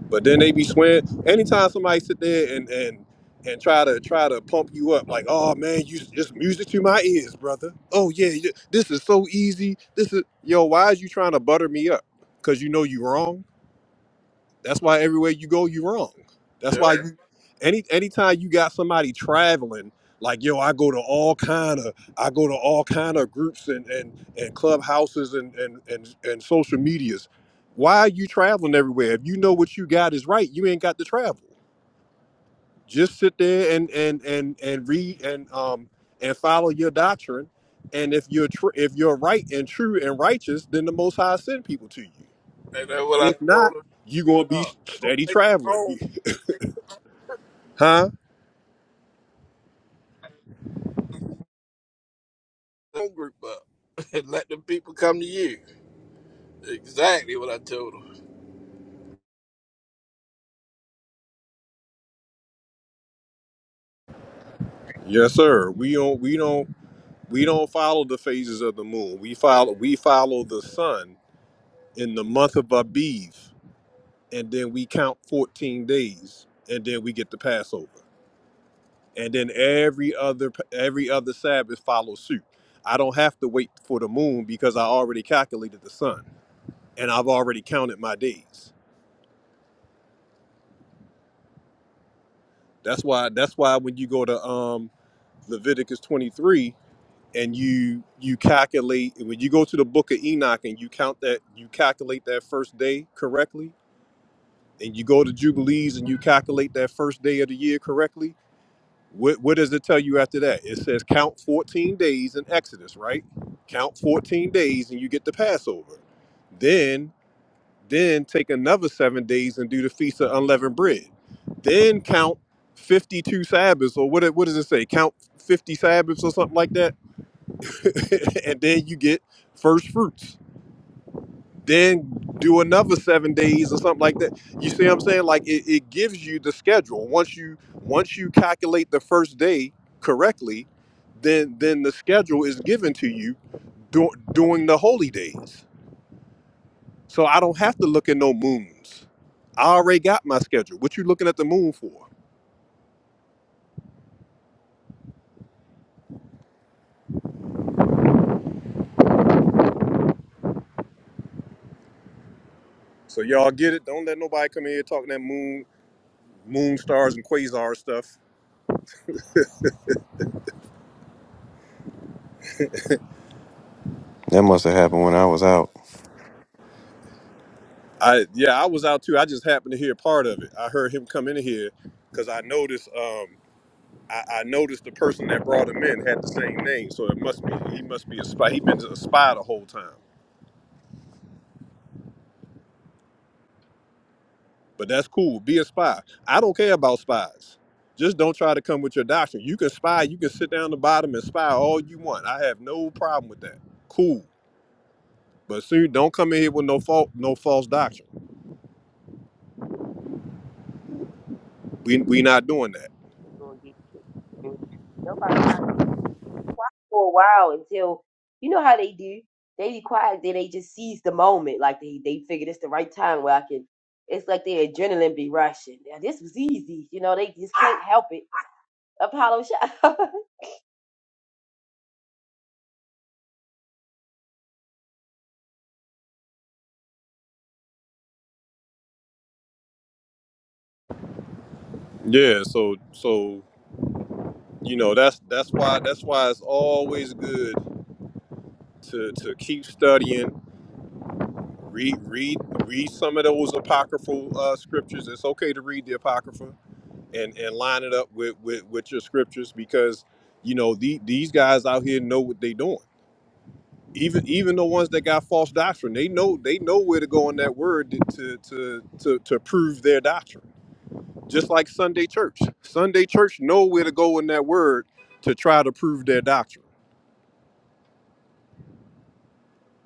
Speaker 1: But then they be swearing. Anytime somebody sit there and and and try to try to pump you up, like, oh man, you just music to my ears, brother. Oh yeah, you- this is so easy. This is yo. Why is you trying to butter me up? Cause you know you wrong. That's why everywhere you go, you are wrong. That's
Speaker 10: yeah,
Speaker 1: why you any anytime you got somebody traveling, like yo, I go to all kind of I go to all kind of groups and and and clubhouses and and and and social medias. Why are you traveling everywhere? If you know what you got is right, you ain't got to travel. Just sit there and and and and read and um and follow your doctrine. And if you're tr- if you're right and true and righteous, then the Most High send people to you.
Speaker 10: and that's what I
Speaker 1: If not,
Speaker 10: told them.
Speaker 1: you gonna be
Speaker 10: y'all. Don't
Speaker 1: steady
Speaker 10: make your own,
Speaker 1: traveling. Huh?
Speaker 10: own group up. <laughs> And let the people come to you. Exactly what I told them.
Speaker 1: Yes, sir. We don't we don't we don't follow the phases of the moon. We follow we follow the sun in the month of Abiv, and then we count 14 days, and then we get the Passover. And then every other every other Sabbath follows suit. I don't have to wait for the moon because I already calculated the sun and I've already counted my days. That's why that's why when you go to um Leviticus 23 and you you calculate and when you go to the book of enoch and you count that you calculate that first day correctly and you go to jubilees and you calculate that first day of the year correctly what, what does it tell you after that it says count 14 days in exodus right count 14 days and you get the passover then then take another seven days and do the feast of unleavened bread then count 52 sabbaths or what, it- what does it say count 50 sabbaths or something like that <laughs> and then you get first fruits. Then do another seven days or something like that. You see what I'm saying? Like it, it gives you the schedule. Once you once you calculate the first day correctly, then then the schedule is given to you dur- during the holy days. So I don't have to look at no moons. I already got my schedule. What you looking at the moon for? So y'all get it. Don't let nobody come in here talking that moon, moon stars and quasar stuff.
Speaker 4: That must have happened when I was out.
Speaker 1: I yeah, I was out too. I just happened to hear part of it. I heard him come in here because I noticed um I, I noticed the person that brought him in had the same name, so it must be he must be a spy. He been a spy the whole time. But that's cool. Be a spy. I don't care about spies. Just don't try to come with your doctrine. You can spy. You can sit down the bottom and spy all you want. I have no problem with that. Cool. But soon, don't come in here with no fault, no false doctrine.
Speaker 6: You- you
Speaker 1: We we not doing that.
Speaker 6: gonna get it. Nobody for a while until you know how they do. They be quiet, then they just seize the moment. Like they they figure it's the right time where I can. It's like their adrenaline be rushing. Now, this was easy, you know. They just can't help it. Apollo shot. <laughs>
Speaker 1: Yeah. So so you know that's that's why that's why it's always good to to keep studying read read read some of those apocryphal uh, scriptures it's okay to read the apocrypha and and line it up with with, with your scriptures because you know the, these guys out here know what they're doing even even the ones that got false doctrine they know they know where to go in that word to to to, to prove their doctrine just like sunday church sunday church know where to go in that word to try to prove their doctrine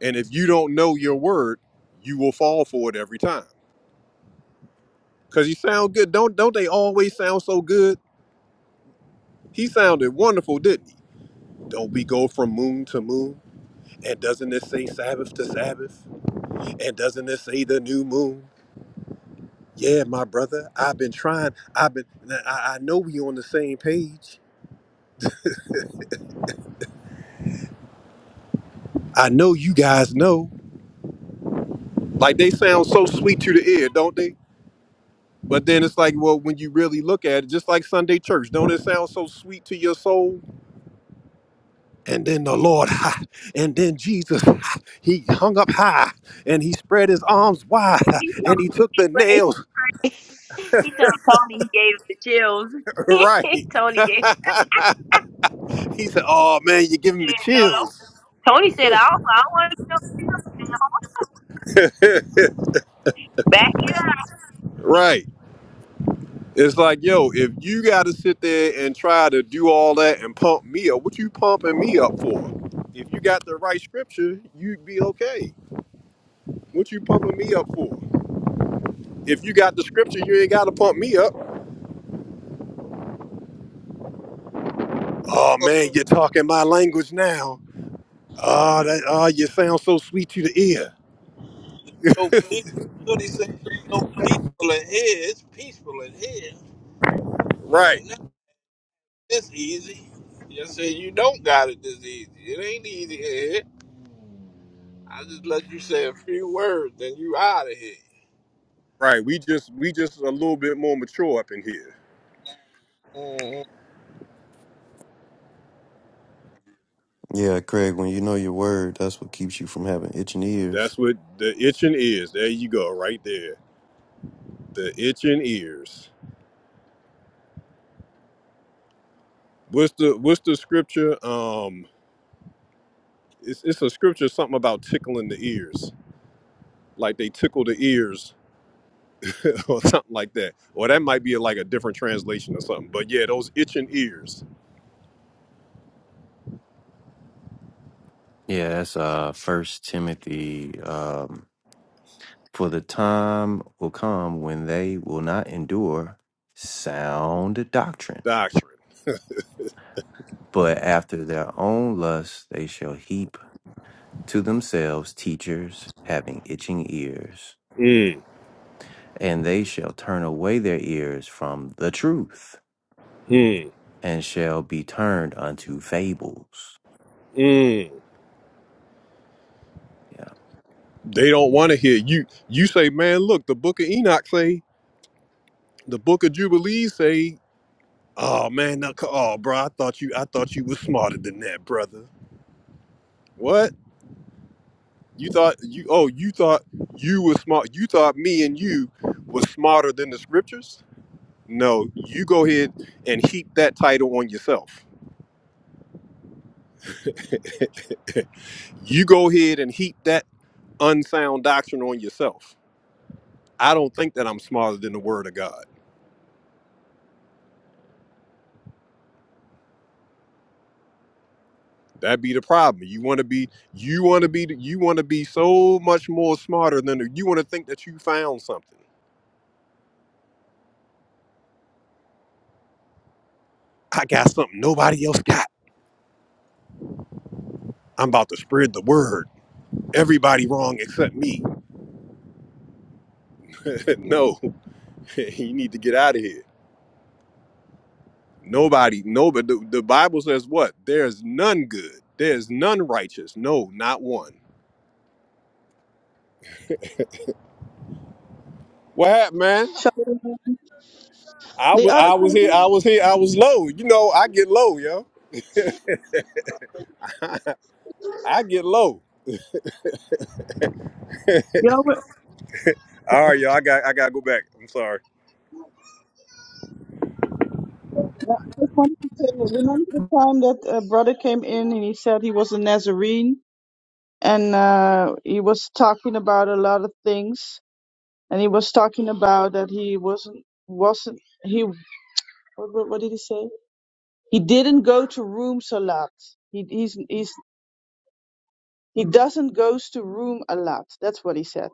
Speaker 1: And if you don't know your word, you will fall for it every time. Cause you sound good. Don't don't they always sound so good? He sounded wonderful, didn't he? Don't we go from moon to moon? And doesn't this say Sabbath to Sabbath? And doesn't this say the new moon? Yeah, my brother, I've been trying. I've been. I, I know we on the same page. I know you guys know. Like they sound so sweet to the ear, don't they? But then it's like, well, when you really look at it, just like Sunday church, don't it sound so sweet to your soul? And then the Lord, <laughs> ha, and then Jesus, ha, he hung up high and he spread his arms wide
Speaker 6: he
Speaker 1: <laughs> and
Speaker 6: told
Speaker 1: he took the
Speaker 6: Ray-
Speaker 1: nails
Speaker 6: he told Tony he gave him the chills.
Speaker 1: <laughs> right. <laughs>
Speaker 6: <laughs>
Speaker 1: he
Speaker 6: Tony gave him
Speaker 1: said, Oh man, you're
Speaker 6: the
Speaker 1: giving me
Speaker 6: chills. No, no.
Speaker 1: chills.
Speaker 6: Tony said, "I don't, I don't want to."
Speaker 1: <laughs>
Speaker 6: go.
Speaker 1: right. It's like, yo, if you got to sit there and try to do all that and pump me up, what you pumping me up for? If you got the right scripture, you'd be okay. What you pumping me up for? If you got the scripture, you ain't got to pump me up. Oh man, you're talking my language now. Ah, that ah, you sound so sweet to the ear.
Speaker 10: so peaceful. What he say is so peaceful in here. It's peaceful in here.
Speaker 1: Right,
Speaker 10: Ain't nothing this easy. You say you don't got it this easy. It ain't easy in here. I just let you say a few words, then you out of here.
Speaker 1: right. We just we just a little bit more mature up in here.
Speaker 10: mm
Speaker 1: That's what the itching is. There you go, right there. The itching ears. What's the what's the scripture? Um, it's it's a scripture something about tickling the ears, like they tickle the ears <laughs> or something like that. Or that might be like a different translation or something. But yeah, those itching ears
Speaker 4: Yeah, that's uh First Timothy. Um, For the time will come when they will not endure sound doctrine,
Speaker 1: doctrine.
Speaker 4: but after their own lusts they shall heap to themselves teachers having itching ears,
Speaker 1: Mm,
Speaker 4: and they shall turn away their ears from the truth
Speaker 1: mm,
Speaker 4: and shall be turned unto fables.
Speaker 1: mm.
Speaker 4: Yeah.
Speaker 1: They don't want to hear you. You say, man, look, the book of Enoch say, the book of Jubilees say, oh man, now, co- oh bro, I thought you, I thought you was smarter than that, brother. What? You thought you? Oh, you thought you was smart. You thought me and you was smarter than the scriptures? No, you go ahead and heap that title on yourself. <laughs> you go ahead and heap that unsound doctrine on yourself. I don't think that I'm smarter than the Word of God. That be the problem. You want to be you want to be you want to be so much more smarter than the, you want to think that you found something. I got something nobody else got. I'm about to spread the word. Everybody wrong except me. <laughs> no, <laughs> you need to get out of here. Nobody, nobody. The, the Bible says what? There's none good. There's none righteous. No, not one. What happened, man?
Speaker 8: So,
Speaker 1: I
Speaker 8: The
Speaker 1: was
Speaker 8: other
Speaker 1: I was here.
Speaker 8: time,
Speaker 1: I was here. I was low. You know, I get low, yo. <laughs> I get low.
Speaker 8: yeah, we-
Speaker 1: All right, y'all. I got I gotta go back. I'm sorry.
Speaker 8: yeah, I just wanted to say, remember the time that a brother came in and he said he was a Nazarene and uh, he was talking about a lot of things and he was talking about that he wasn't wasn't he what, what what did he say? He didn't go to rooms a lot. He he's, he's he doesn't goes to room a lot. That's what he said.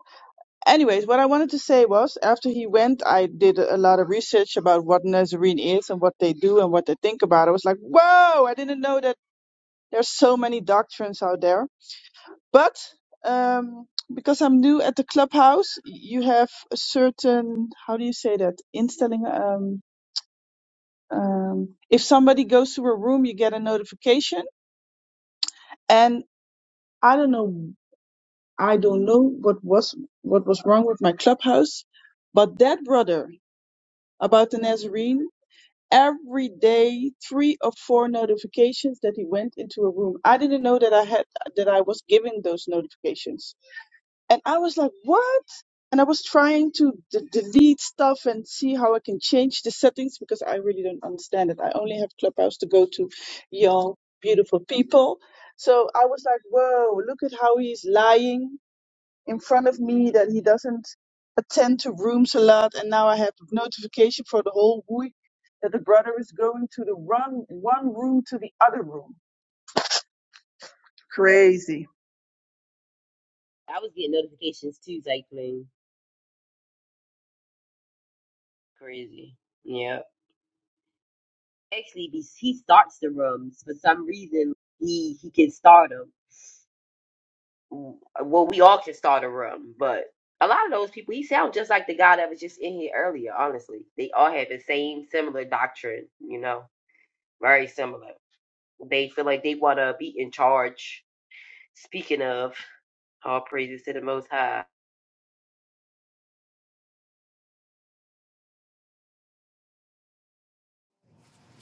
Speaker 8: Anyways, what I wanted to say was after he went, I did a lot of research about what Nazarene is and what they do and what they think about. I was like, whoa! I didn't know that there's so many doctrines out there. But um, because I'm new at the clubhouse, you have a certain how do you say that instelling. Um, um, if somebody goes to a room, you get a notification, and I don't know I don't know what was what was wrong with my clubhouse, but that brother about the Nazarene, every day three or four notifications that he went into a room. I didn't know that I had that I was given those notifications, and I was like, what? And I was trying to d- delete stuff and see how I can change the settings because I really don't understand it. I only have Clubhouse to go to, y'all beautiful people. So I was like, whoa, look at how he's lying in front of me that he doesn't attend to rooms a lot. And now I have notification for the whole week that the brother is going to the run one room to the other room. Crazy.
Speaker 6: I was getting notifications too, cycling. Crazy. Yeah. Actually, he he starts the rooms for some reason. He he can start them. Well, we all can start a room, but a lot of those people, he sound just like the guy that was just in here earlier. Honestly, they all have the same similar doctrine. You know, very similar. They feel like they want to be in charge. Speaking of, all praises to the Most High.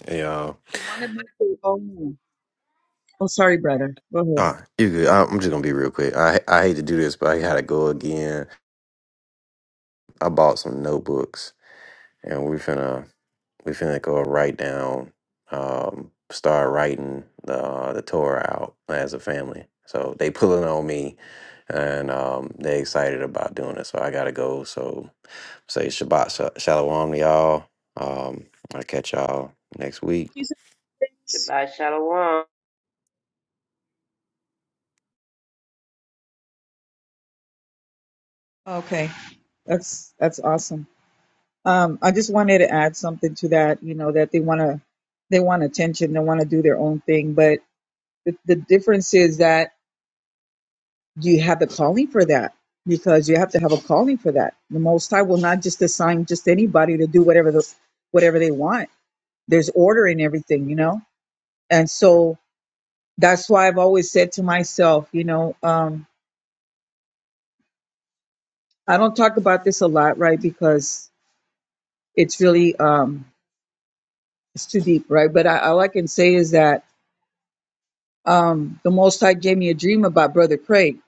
Speaker 4: Hey, y'all.
Speaker 11: They want to make their own. Oh, sorry, brother. Go
Speaker 4: Ah, you good. I, I'm just gonna be real quick. I I hate to do this, but I gotta go again. I bought some notebooks, and we finna we finna go write down, um, start writing the uh, the Torah out as a family. So they pulling on me, and um, they excited about doing it. So I gotta go. So say Shabbat sha- Shalom, to y'all. Um, I'll catch y'all next week.
Speaker 8: Please,
Speaker 6: Shabbat Shalom.
Speaker 11: ahead. Okay, that's that's awesome. Um, I just wanted to add something to that. You know that they want to they want attention. They want to do their own thing. But the, the difference is that you have the calling for that because you have to have a calling for that. The Most High will not just assign just anybody to do whatever the whatever they want. There's order in everything, you know. And so that's why I've always said to myself, you know, um, I don't talk about this a lot, right? Because it's really um it's too deep, right? But I, all I can say is that um the Most High gave me a dream about Brother Craig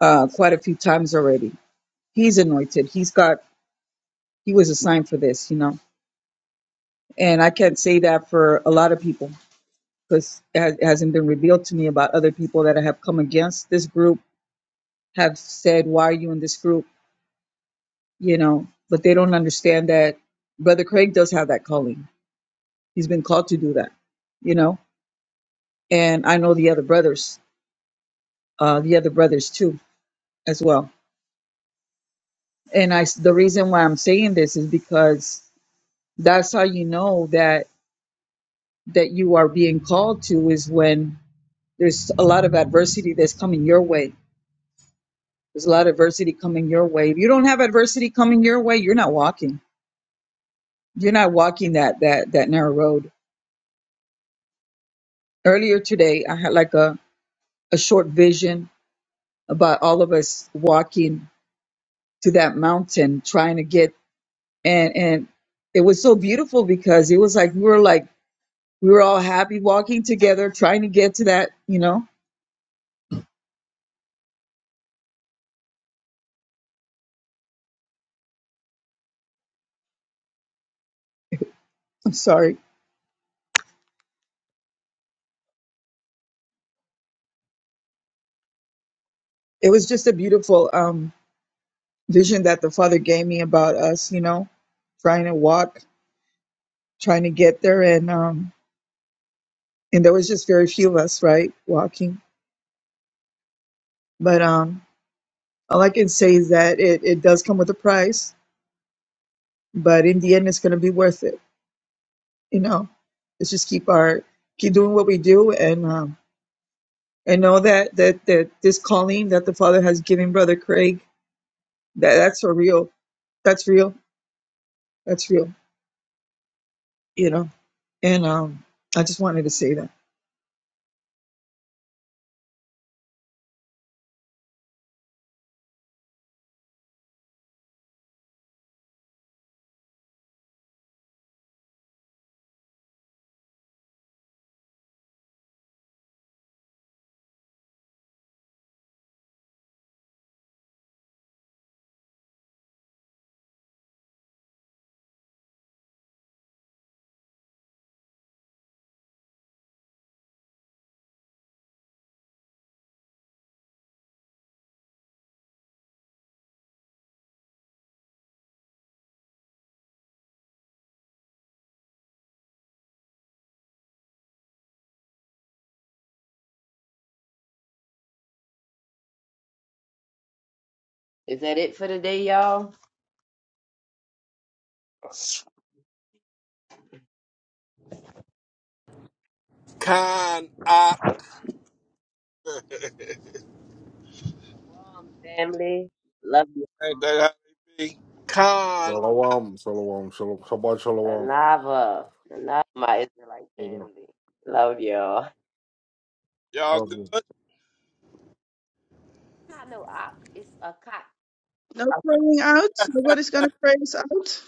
Speaker 11: uh quite a few times already. He's anointed. He's got he was assigned for this, you know. And I can't say that for a lot of people because it, has, it hasn't been revealed to me about other people that have come against this group have said, "Why are you in this group?" You know, but they don't understand that Brother Craig does have that calling. He's been called to do that, you know and I know the other brothers, uh, the other brothers too, as well. And I, the reason why I'm saying this is because that's how you know that that you are being called to is when there's a lot of adversity that's coming your way. There's a lot of adversity coming your way. If you don't have adversity coming your way, you're not walking. You're not walking that that that narrow road. Earlier today, I had like a a short vision about all of us walking to that mountain, trying to get and and it was so beautiful because it was like we were like we were all happy walking together trying to get to that you know i'm sorry it was just a beautiful um vision that the father gave me about us you know trying to walk trying to get there and um and there was just very few of us right walking but um all i can say is that it it does come with a price but in the end it's going to be worth it you know let's just keep our keep doing what we do and um and know that that that this calling that the father has given brother craig that that's a real that's real that's real you know and um i just wanted to say that
Speaker 6: Is that it for the day, y'all?
Speaker 10: Con, I
Speaker 6: Shalom, family. Love you.
Speaker 10: ain't that how they be? Con,
Speaker 9: Shalom, shalom, shalom, Shabbat shalom.
Speaker 6: Anava. Anava, my Israelite family. Love y'all.
Speaker 10: y'all good?
Speaker 6: Not no ox. It's a cock.
Speaker 8: no praying out. Nobody's gonna pray us out.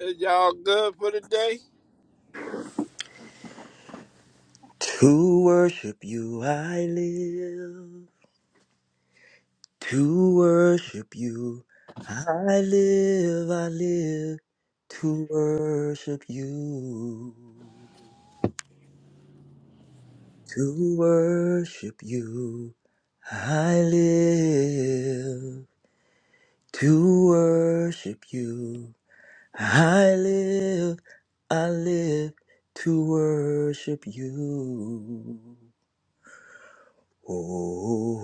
Speaker 10: Is y'all good for the day?
Speaker 3: To worship you I live. To worship you I live. I live to worship you. To worship you I live. to worship you. I live, I live to worship you. Oh, oh,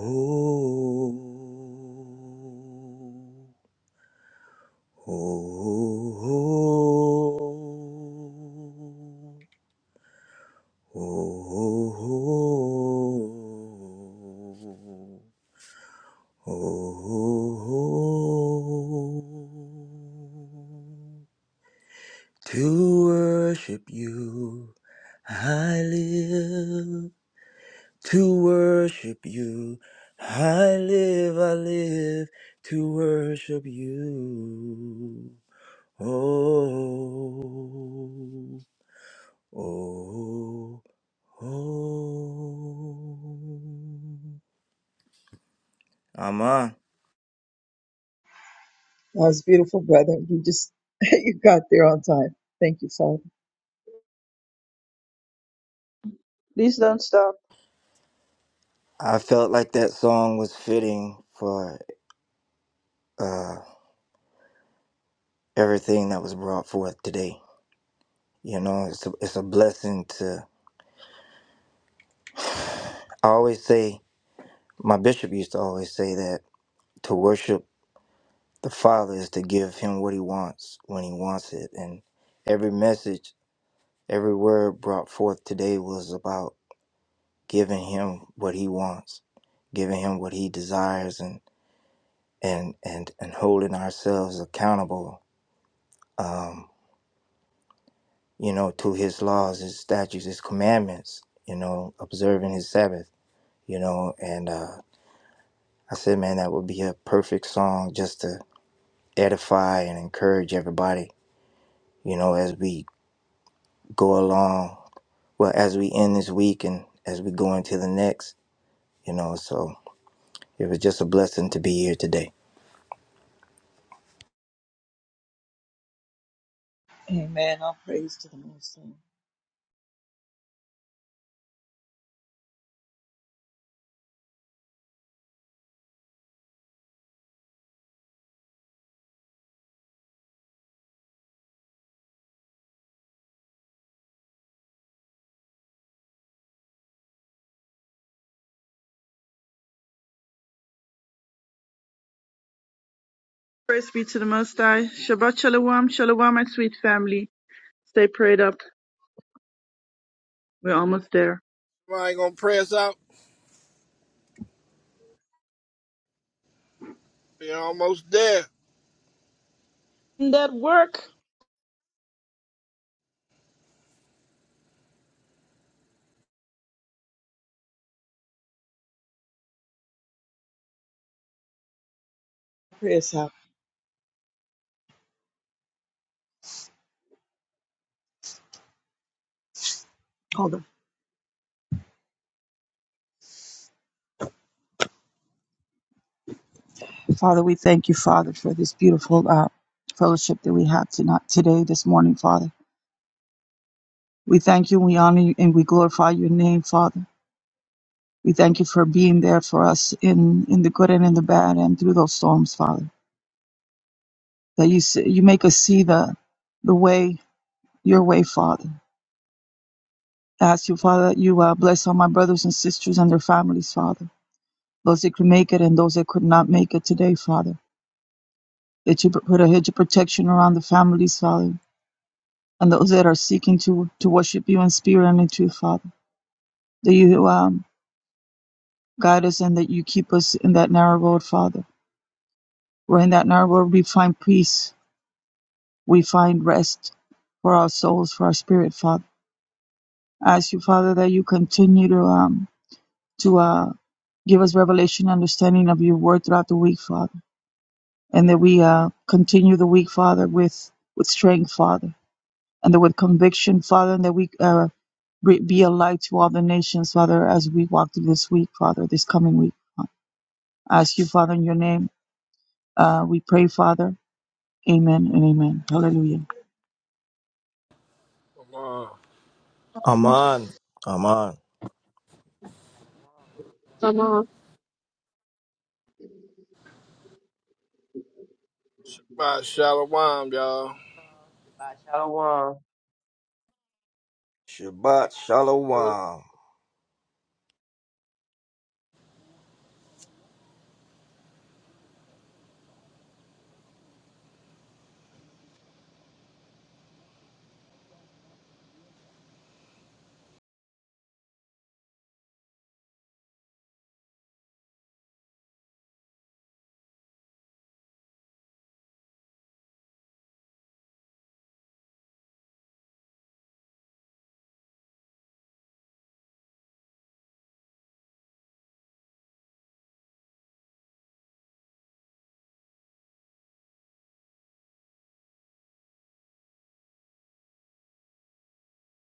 Speaker 3: oh, oh, oh, oh, oh. To worship you, I live. To worship you, I live, I live. To worship you. Oh, oh, oh. Aman.
Speaker 11: that was beautiful brother you just <laughs> you got there on time thank you father
Speaker 8: Please don't stop.
Speaker 3: I felt like that song was fitting for uh, everything that was brought forth today. You know, it's a, it's a blessing I always say, my bishop used to always say that to worship the Father is to give him what he wants when he wants it. And every message, every word brought forth today was about giving him what he wants, giving him what he desires, and and and and holding ourselves accountable, um, you know, to his laws, his statutes, his commandments. You know, observing his Sabbath. You know, and uh, I said, man, that would be a perfect song just to edify and encourage everybody, you know, as we go along. Well, as we end this week and as we go into the next, you know, so it was just a blessing to be here today.
Speaker 11: amen all praise to the most high
Speaker 8: Praise be to the Most High. Shabbat Shalom, Shalom, my sweet family. Stay prayed up. We're almost there.
Speaker 10: I ain't gonna press out. We almost there.
Speaker 8: In that work.
Speaker 11: pray us out hold on Father, we thank you, Father, for this beautiful uh, fellowship that we had tonight, today, this morning, Father. We thank you, we honor you, and we glorify your name, Father. We thank you for being there for us in, in the good and in the bad and through those storms, Father. That you, see, you make us see the, the way, your way, Father. I ask you, Father, that you uh, bless all my brothers and sisters and their families, Father. Those that could make it and those that could not make it today, Father. That you put a hedge of protection around the families, Father. And those that are seeking to, to worship you in spirit and in truth, Father. That you um, guide us and that you keep us in that narrow road, Father. Where in that narrow road we find peace, we find rest for our souls, for our spirit, Father. I ask you, Father, that you continue to um to uh give us revelation, understanding of your word throughout the week, Father, and that we uh continue the week, Father, with with strength, Father, and that with conviction, Father, and that we uh re- be a light to all the nations, Father, as we walk through this week, Father, this coming week. I ask you, Father, in your name, uh, we pray, Father. Amen and amen. Hallelujah.
Speaker 10: Come on,
Speaker 3: Aman, Aman.
Speaker 6: Shalom.
Speaker 14: Come on.
Speaker 10: by Shalom, y'all.
Speaker 6: Uh, Shabbat shalom.
Speaker 3: Shabbat Shalom.